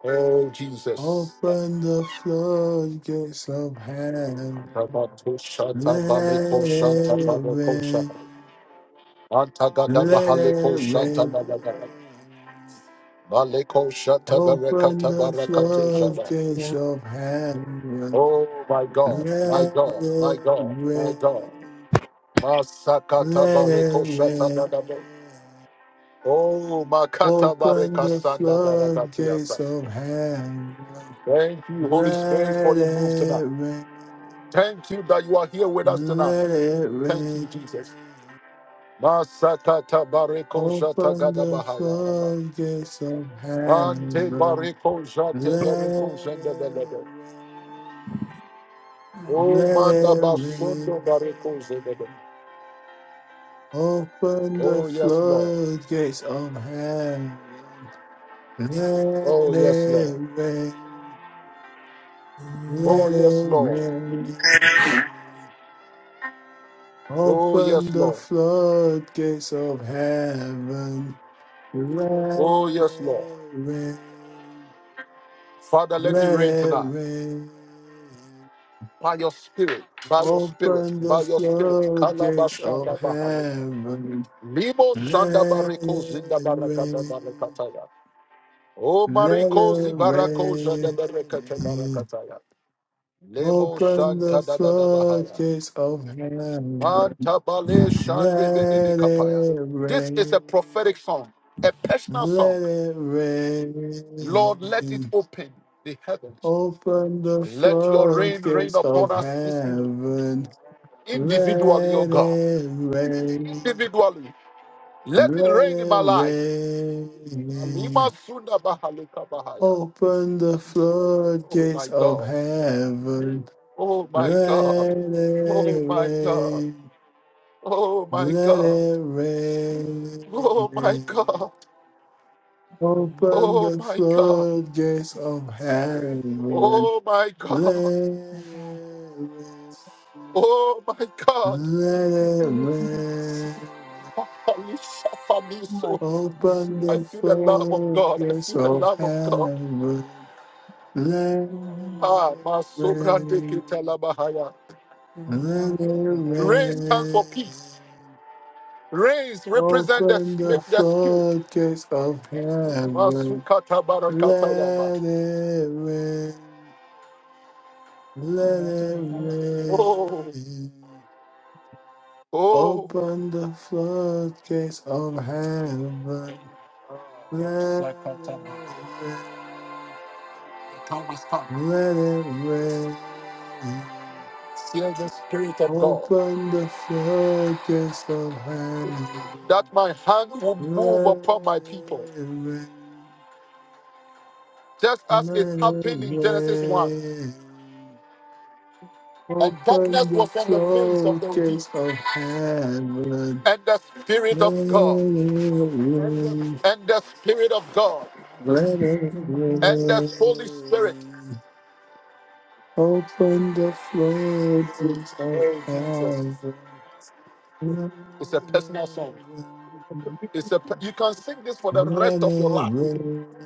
[SPEAKER 1] Oh, Jesus.
[SPEAKER 3] Open the floodgates of heaven. Let it
[SPEAKER 1] Rabatoshantabalekoshantabalekosha.
[SPEAKER 3] rain. Let it
[SPEAKER 1] Antagadabahaleko
[SPEAKER 3] rain.
[SPEAKER 1] Shantanabara. Maleko
[SPEAKER 3] Open
[SPEAKER 1] Shatabarekata
[SPEAKER 3] the
[SPEAKER 1] Barakatu Jaba.
[SPEAKER 3] floodgates
[SPEAKER 4] Yeah.
[SPEAKER 3] of heaven.
[SPEAKER 1] Oh my God, my
[SPEAKER 4] Yeah.
[SPEAKER 3] Let
[SPEAKER 1] God, my
[SPEAKER 3] it
[SPEAKER 1] God, my God.
[SPEAKER 3] rain,
[SPEAKER 1] Masakata
[SPEAKER 3] let it
[SPEAKER 1] Bareko Shatadadabe.
[SPEAKER 3] rain.
[SPEAKER 1] Oh Makata
[SPEAKER 3] Open
[SPEAKER 1] Bareka
[SPEAKER 3] the
[SPEAKER 1] Sanda
[SPEAKER 3] floodgates
[SPEAKER 1] Barakatiasa.
[SPEAKER 3] of heaven.
[SPEAKER 1] Thank you, Holy Spirit, for
[SPEAKER 3] Let
[SPEAKER 1] your move
[SPEAKER 3] it
[SPEAKER 1] tonight.
[SPEAKER 3] rain,
[SPEAKER 1] Thank you that you are here with us tonight.
[SPEAKER 3] let it
[SPEAKER 1] Thank
[SPEAKER 3] rain.
[SPEAKER 1] you, Jesus. Masakata Bareko
[SPEAKER 3] Open the
[SPEAKER 1] Shatagadabahaya.
[SPEAKER 3] floodgates of
[SPEAKER 1] Ante
[SPEAKER 3] heaven.
[SPEAKER 1] Bareko Jate
[SPEAKER 3] Let it
[SPEAKER 1] Bereko
[SPEAKER 3] rain,
[SPEAKER 1] Oh,
[SPEAKER 3] let
[SPEAKER 1] manda
[SPEAKER 3] it
[SPEAKER 1] basondo bareko zegede.
[SPEAKER 3] rain. Open the
[SPEAKER 1] Oh, yes, Lord.
[SPEAKER 3] floodgates of heaven. Let
[SPEAKER 1] Oh, yes,
[SPEAKER 3] it
[SPEAKER 1] Lord.
[SPEAKER 3] rain.
[SPEAKER 1] Oh,
[SPEAKER 3] Let
[SPEAKER 1] yes,
[SPEAKER 3] it
[SPEAKER 1] Lord.
[SPEAKER 3] rain.
[SPEAKER 1] Oh,
[SPEAKER 3] Open
[SPEAKER 1] yes,
[SPEAKER 3] the
[SPEAKER 1] Lord.
[SPEAKER 3] floodgates of heaven.
[SPEAKER 1] Oh,
[SPEAKER 3] Let
[SPEAKER 1] yes, Lord.
[SPEAKER 3] it rain.
[SPEAKER 1] Father, let it
[SPEAKER 3] Let
[SPEAKER 1] rain
[SPEAKER 3] it
[SPEAKER 1] tonight.
[SPEAKER 3] rain.
[SPEAKER 1] By your spirit, by your spirit,
[SPEAKER 3] Open the
[SPEAKER 1] by your spirit.
[SPEAKER 3] floodgates of
[SPEAKER 1] Kalabashanda bahale.
[SPEAKER 3] heaven.
[SPEAKER 1] Limo shanda
[SPEAKER 3] Let
[SPEAKER 1] bareko zinda
[SPEAKER 3] it
[SPEAKER 1] barakata
[SPEAKER 3] rain.
[SPEAKER 1] barakataya. Oh,
[SPEAKER 3] Let
[SPEAKER 1] mariko
[SPEAKER 3] it
[SPEAKER 1] zibarako jada barakata
[SPEAKER 3] rain.
[SPEAKER 1] barakataya. Lemo
[SPEAKER 3] Open the
[SPEAKER 1] shanta da da da bahaya.
[SPEAKER 3] floodgates of heaven.
[SPEAKER 1] Manta bale shande bede be
[SPEAKER 3] Let it
[SPEAKER 1] kapaya. This is a
[SPEAKER 3] rain.
[SPEAKER 1] prophetic song, a personal song.
[SPEAKER 3] Let it
[SPEAKER 1] Lord, let it
[SPEAKER 3] rain.
[SPEAKER 1] open the heavens.
[SPEAKER 3] Open the
[SPEAKER 1] Let your rain rain
[SPEAKER 3] floodgates
[SPEAKER 1] upon
[SPEAKER 3] of
[SPEAKER 1] us this evening.
[SPEAKER 3] heaven.
[SPEAKER 1] Individually, O
[SPEAKER 3] Let
[SPEAKER 1] God.
[SPEAKER 3] it rain.
[SPEAKER 1] Individually. Let it
[SPEAKER 3] Let
[SPEAKER 1] rain in
[SPEAKER 3] it
[SPEAKER 1] my life. Alima
[SPEAKER 3] rain.
[SPEAKER 1] sunda bahalika bahaya.
[SPEAKER 3] Open the
[SPEAKER 4] She said,
[SPEAKER 1] Oh
[SPEAKER 3] floodgates
[SPEAKER 1] my
[SPEAKER 3] of
[SPEAKER 1] God.
[SPEAKER 3] heaven.
[SPEAKER 1] Oh my
[SPEAKER 3] Let
[SPEAKER 1] God.
[SPEAKER 3] it
[SPEAKER 1] Oh my God.
[SPEAKER 3] rain,
[SPEAKER 1] Oh my
[SPEAKER 3] let
[SPEAKER 1] God.
[SPEAKER 3] it
[SPEAKER 1] Oh my
[SPEAKER 3] rain.
[SPEAKER 1] God.
[SPEAKER 4] uh,
[SPEAKER 3] Open
[SPEAKER 1] Oh
[SPEAKER 3] the
[SPEAKER 1] my God.
[SPEAKER 3] floodgates of heaven.
[SPEAKER 1] Oh my
[SPEAKER 3] Let
[SPEAKER 1] God.
[SPEAKER 4] I got-
[SPEAKER 3] it rain,
[SPEAKER 1] Oh my God.
[SPEAKER 3] let it rain.
[SPEAKER 4] Why?
[SPEAKER 1] so
[SPEAKER 4] I'm
[SPEAKER 3] Open
[SPEAKER 1] I
[SPEAKER 3] the
[SPEAKER 4] pretty.
[SPEAKER 1] feel the love of God. I
[SPEAKER 3] floodgates
[SPEAKER 1] feel the
[SPEAKER 3] of
[SPEAKER 1] love of God.
[SPEAKER 3] heaven. Let
[SPEAKER 4] You want me to
[SPEAKER 1] Ah,
[SPEAKER 3] it
[SPEAKER 1] Masobrande
[SPEAKER 3] rain,
[SPEAKER 1] Ketalabahaya.
[SPEAKER 4] do my
[SPEAKER 3] let it
[SPEAKER 4] dollars, do my dollars.
[SPEAKER 1] Rain stands for peace.
[SPEAKER 3] rain.
[SPEAKER 1] Rains represent the,
[SPEAKER 3] Open the
[SPEAKER 4] That-
[SPEAKER 1] the spirit.
[SPEAKER 3] floodgates of heaven.
[SPEAKER 1] Masukata barakatayaba.
[SPEAKER 3] Let it rain.
[SPEAKER 4] you
[SPEAKER 3] Let
[SPEAKER 4] want to do
[SPEAKER 3] it
[SPEAKER 4] my dollars,
[SPEAKER 1] Oh,
[SPEAKER 3] rain.
[SPEAKER 1] oh.
[SPEAKER 3] Open the floodgates of
[SPEAKER 1] Ah,
[SPEAKER 3] heaven. Let
[SPEAKER 1] Masakataba.
[SPEAKER 3] it rain.
[SPEAKER 1] The time has come.
[SPEAKER 3] Let it rain.
[SPEAKER 1] Seal the spirit of God
[SPEAKER 3] Open the floodgates of heaven.
[SPEAKER 1] that my hand will
[SPEAKER 3] Let
[SPEAKER 1] move upon my people,
[SPEAKER 3] it rain.
[SPEAKER 1] just as it
[SPEAKER 3] Let it
[SPEAKER 1] happened in Genesis 1.
[SPEAKER 3] rain.
[SPEAKER 1] and darkness
[SPEAKER 3] Open the
[SPEAKER 1] was on the face of the deep.
[SPEAKER 3] floodgates of heaven.
[SPEAKER 1] And the
[SPEAKER 3] Let
[SPEAKER 1] Spirit of God,
[SPEAKER 3] it rain.
[SPEAKER 1] and the Spirit of God,
[SPEAKER 3] Let it
[SPEAKER 4] do my dollars.
[SPEAKER 1] and the Holy Spirit.
[SPEAKER 3] rain. Open the floodgates of
[SPEAKER 1] Oh, Jesus.
[SPEAKER 3] heaven. Let it
[SPEAKER 1] It's a personal song.
[SPEAKER 3] rain.
[SPEAKER 1] It's a, you can sing this for the
[SPEAKER 3] Let
[SPEAKER 1] rest of your
[SPEAKER 3] it
[SPEAKER 1] life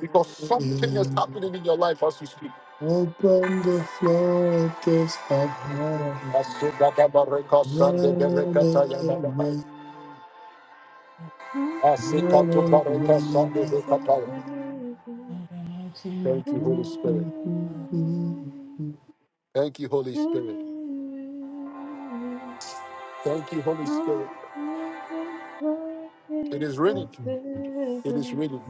[SPEAKER 1] because something is happening in your life as you speak.
[SPEAKER 3] Open the floodgates of heaven.
[SPEAKER 1] Asugadabareka
[SPEAKER 3] Open the floodgates of heaven, let it rain,
[SPEAKER 1] sandeberekataya nabahai.
[SPEAKER 3] let it
[SPEAKER 1] Asikatubareka
[SPEAKER 3] rain.
[SPEAKER 1] sandebekataya.
[SPEAKER 4] And then I see me,
[SPEAKER 1] Thank you, Holy Spirit.
[SPEAKER 4] uh,
[SPEAKER 1] Thank you, Holy Spirit. Thank you, Holy Spirit.
[SPEAKER 2] Open the
[SPEAKER 1] It is
[SPEAKER 2] floodgates of
[SPEAKER 1] raining. It is
[SPEAKER 2] heaven.
[SPEAKER 1] raining.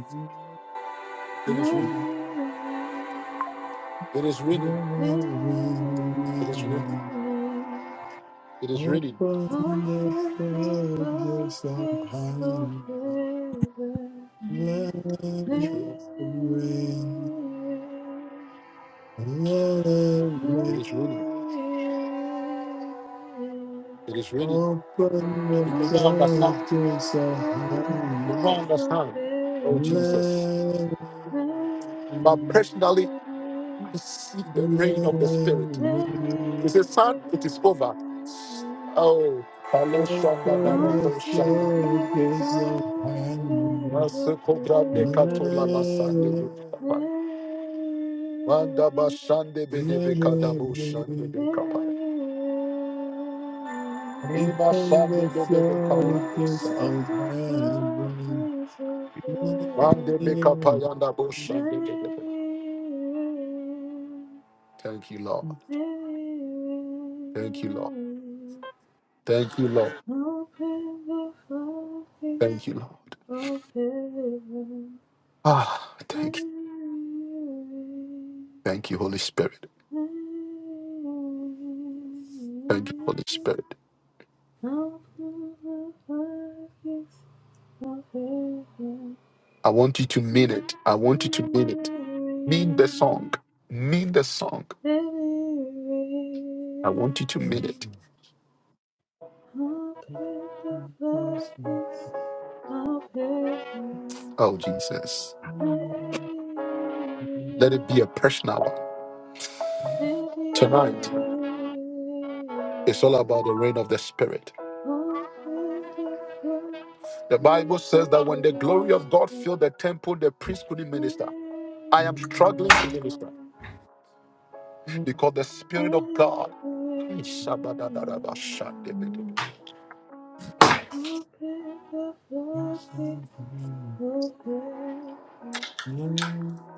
[SPEAKER 1] It
[SPEAKER 2] Let
[SPEAKER 1] is raining.
[SPEAKER 2] it rain,
[SPEAKER 1] It is written.
[SPEAKER 2] let
[SPEAKER 1] It is
[SPEAKER 2] it
[SPEAKER 1] written.
[SPEAKER 2] rain.
[SPEAKER 1] It is written.
[SPEAKER 2] Open the floodgates of heaven.
[SPEAKER 4] yeah,
[SPEAKER 1] It
[SPEAKER 2] Let
[SPEAKER 1] is written.
[SPEAKER 2] it rain,
[SPEAKER 1] It
[SPEAKER 2] let
[SPEAKER 1] is written.
[SPEAKER 2] it rain.
[SPEAKER 1] It is written. You do not understand.
[SPEAKER 2] Open
[SPEAKER 3] Open the floodgates
[SPEAKER 2] the
[SPEAKER 3] of heaven.
[SPEAKER 1] You do not
[SPEAKER 2] floodgates of
[SPEAKER 1] understand. Oh
[SPEAKER 3] Open
[SPEAKER 2] heaven.
[SPEAKER 1] Jesus.
[SPEAKER 2] Thank
[SPEAKER 1] But personally, I see the reign of the Spirit. He says, Son, it is over. Oh, Palo Shanda
[SPEAKER 3] the
[SPEAKER 1] Barato Shanda.
[SPEAKER 3] floodgates of heaven.
[SPEAKER 1] Masuko Grande
[SPEAKER 3] Open
[SPEAKER 1] Katola Basande
[SPEAKER 3] the
[SPEAKER 1] Bekapai. Manda Bashande Bedebe Kadabo Shande Bekapai.
[SPEAKER 2] you.
[SPEAKER 1] Ima Shande Bedebe Kaya.
[SPEAKER 3] floodgates
[SPEAKER 1] Sada.
[SPEAKER 3] of heaven. Thank
[SPEAKER 1] Thank you, Lord. Thank you, Lord. Thank you, Lord.
[SPEAKER 2] Open the
[SPEAKER 1] Thank you,
[SPEAKER 2] floodgates
[SPEAKER 1] Lord.
[SPEAKER 2] of heaven.
[SPEAKER 1] Ah, thank you.
[SPEAKER 2] Mary,
[SPEAKER 1] Thank you, Holy Spirit.
[SPEAKER 2] Mary.
[SPEAKER 1] Thank you, Holy Spirit.
[SPEAKER 2] Open the floodgates of heaven.
[SPEAKER 1] I want you to mean it. I want you to
[SPEAKER 2] Mary,
[SPEAKER 1] mean it. Mean the song. Mean the song. I want you to mean
[SPEAKER 2] Mary.
[SPEAKER 1] it.
[SPEAKER 3] you.
[SPEAKER 2] Open the floodgates of heaven.
[SPEAKER 1] Oh, Jesus. Let it
[SPEAKER 2] Mary,
[SPEAKER 1] be a personal one. Tonight,
[SPEAKER 2] living.
[SPEAKER 1] it's all about the reign of the Spirit.
[SPEAKER 2] Open the
[SPEAKER 1] The Bible
[SPEAKER 2] floodgates of
[SPEAKER 1] says that when the glory
[SPEAKER 2] heaven.
[SPEAKER 1] of God filled the temple, the priest couldn't
[SPEAKER 2] Open
[SPEAKER 1] minister. I am struggling to minister. because the Spirit of God. Hey, shabadadadaba, shandibidi.
[SPEAKER 2] the floodgates of heaven.
[SPEAKER 3] Let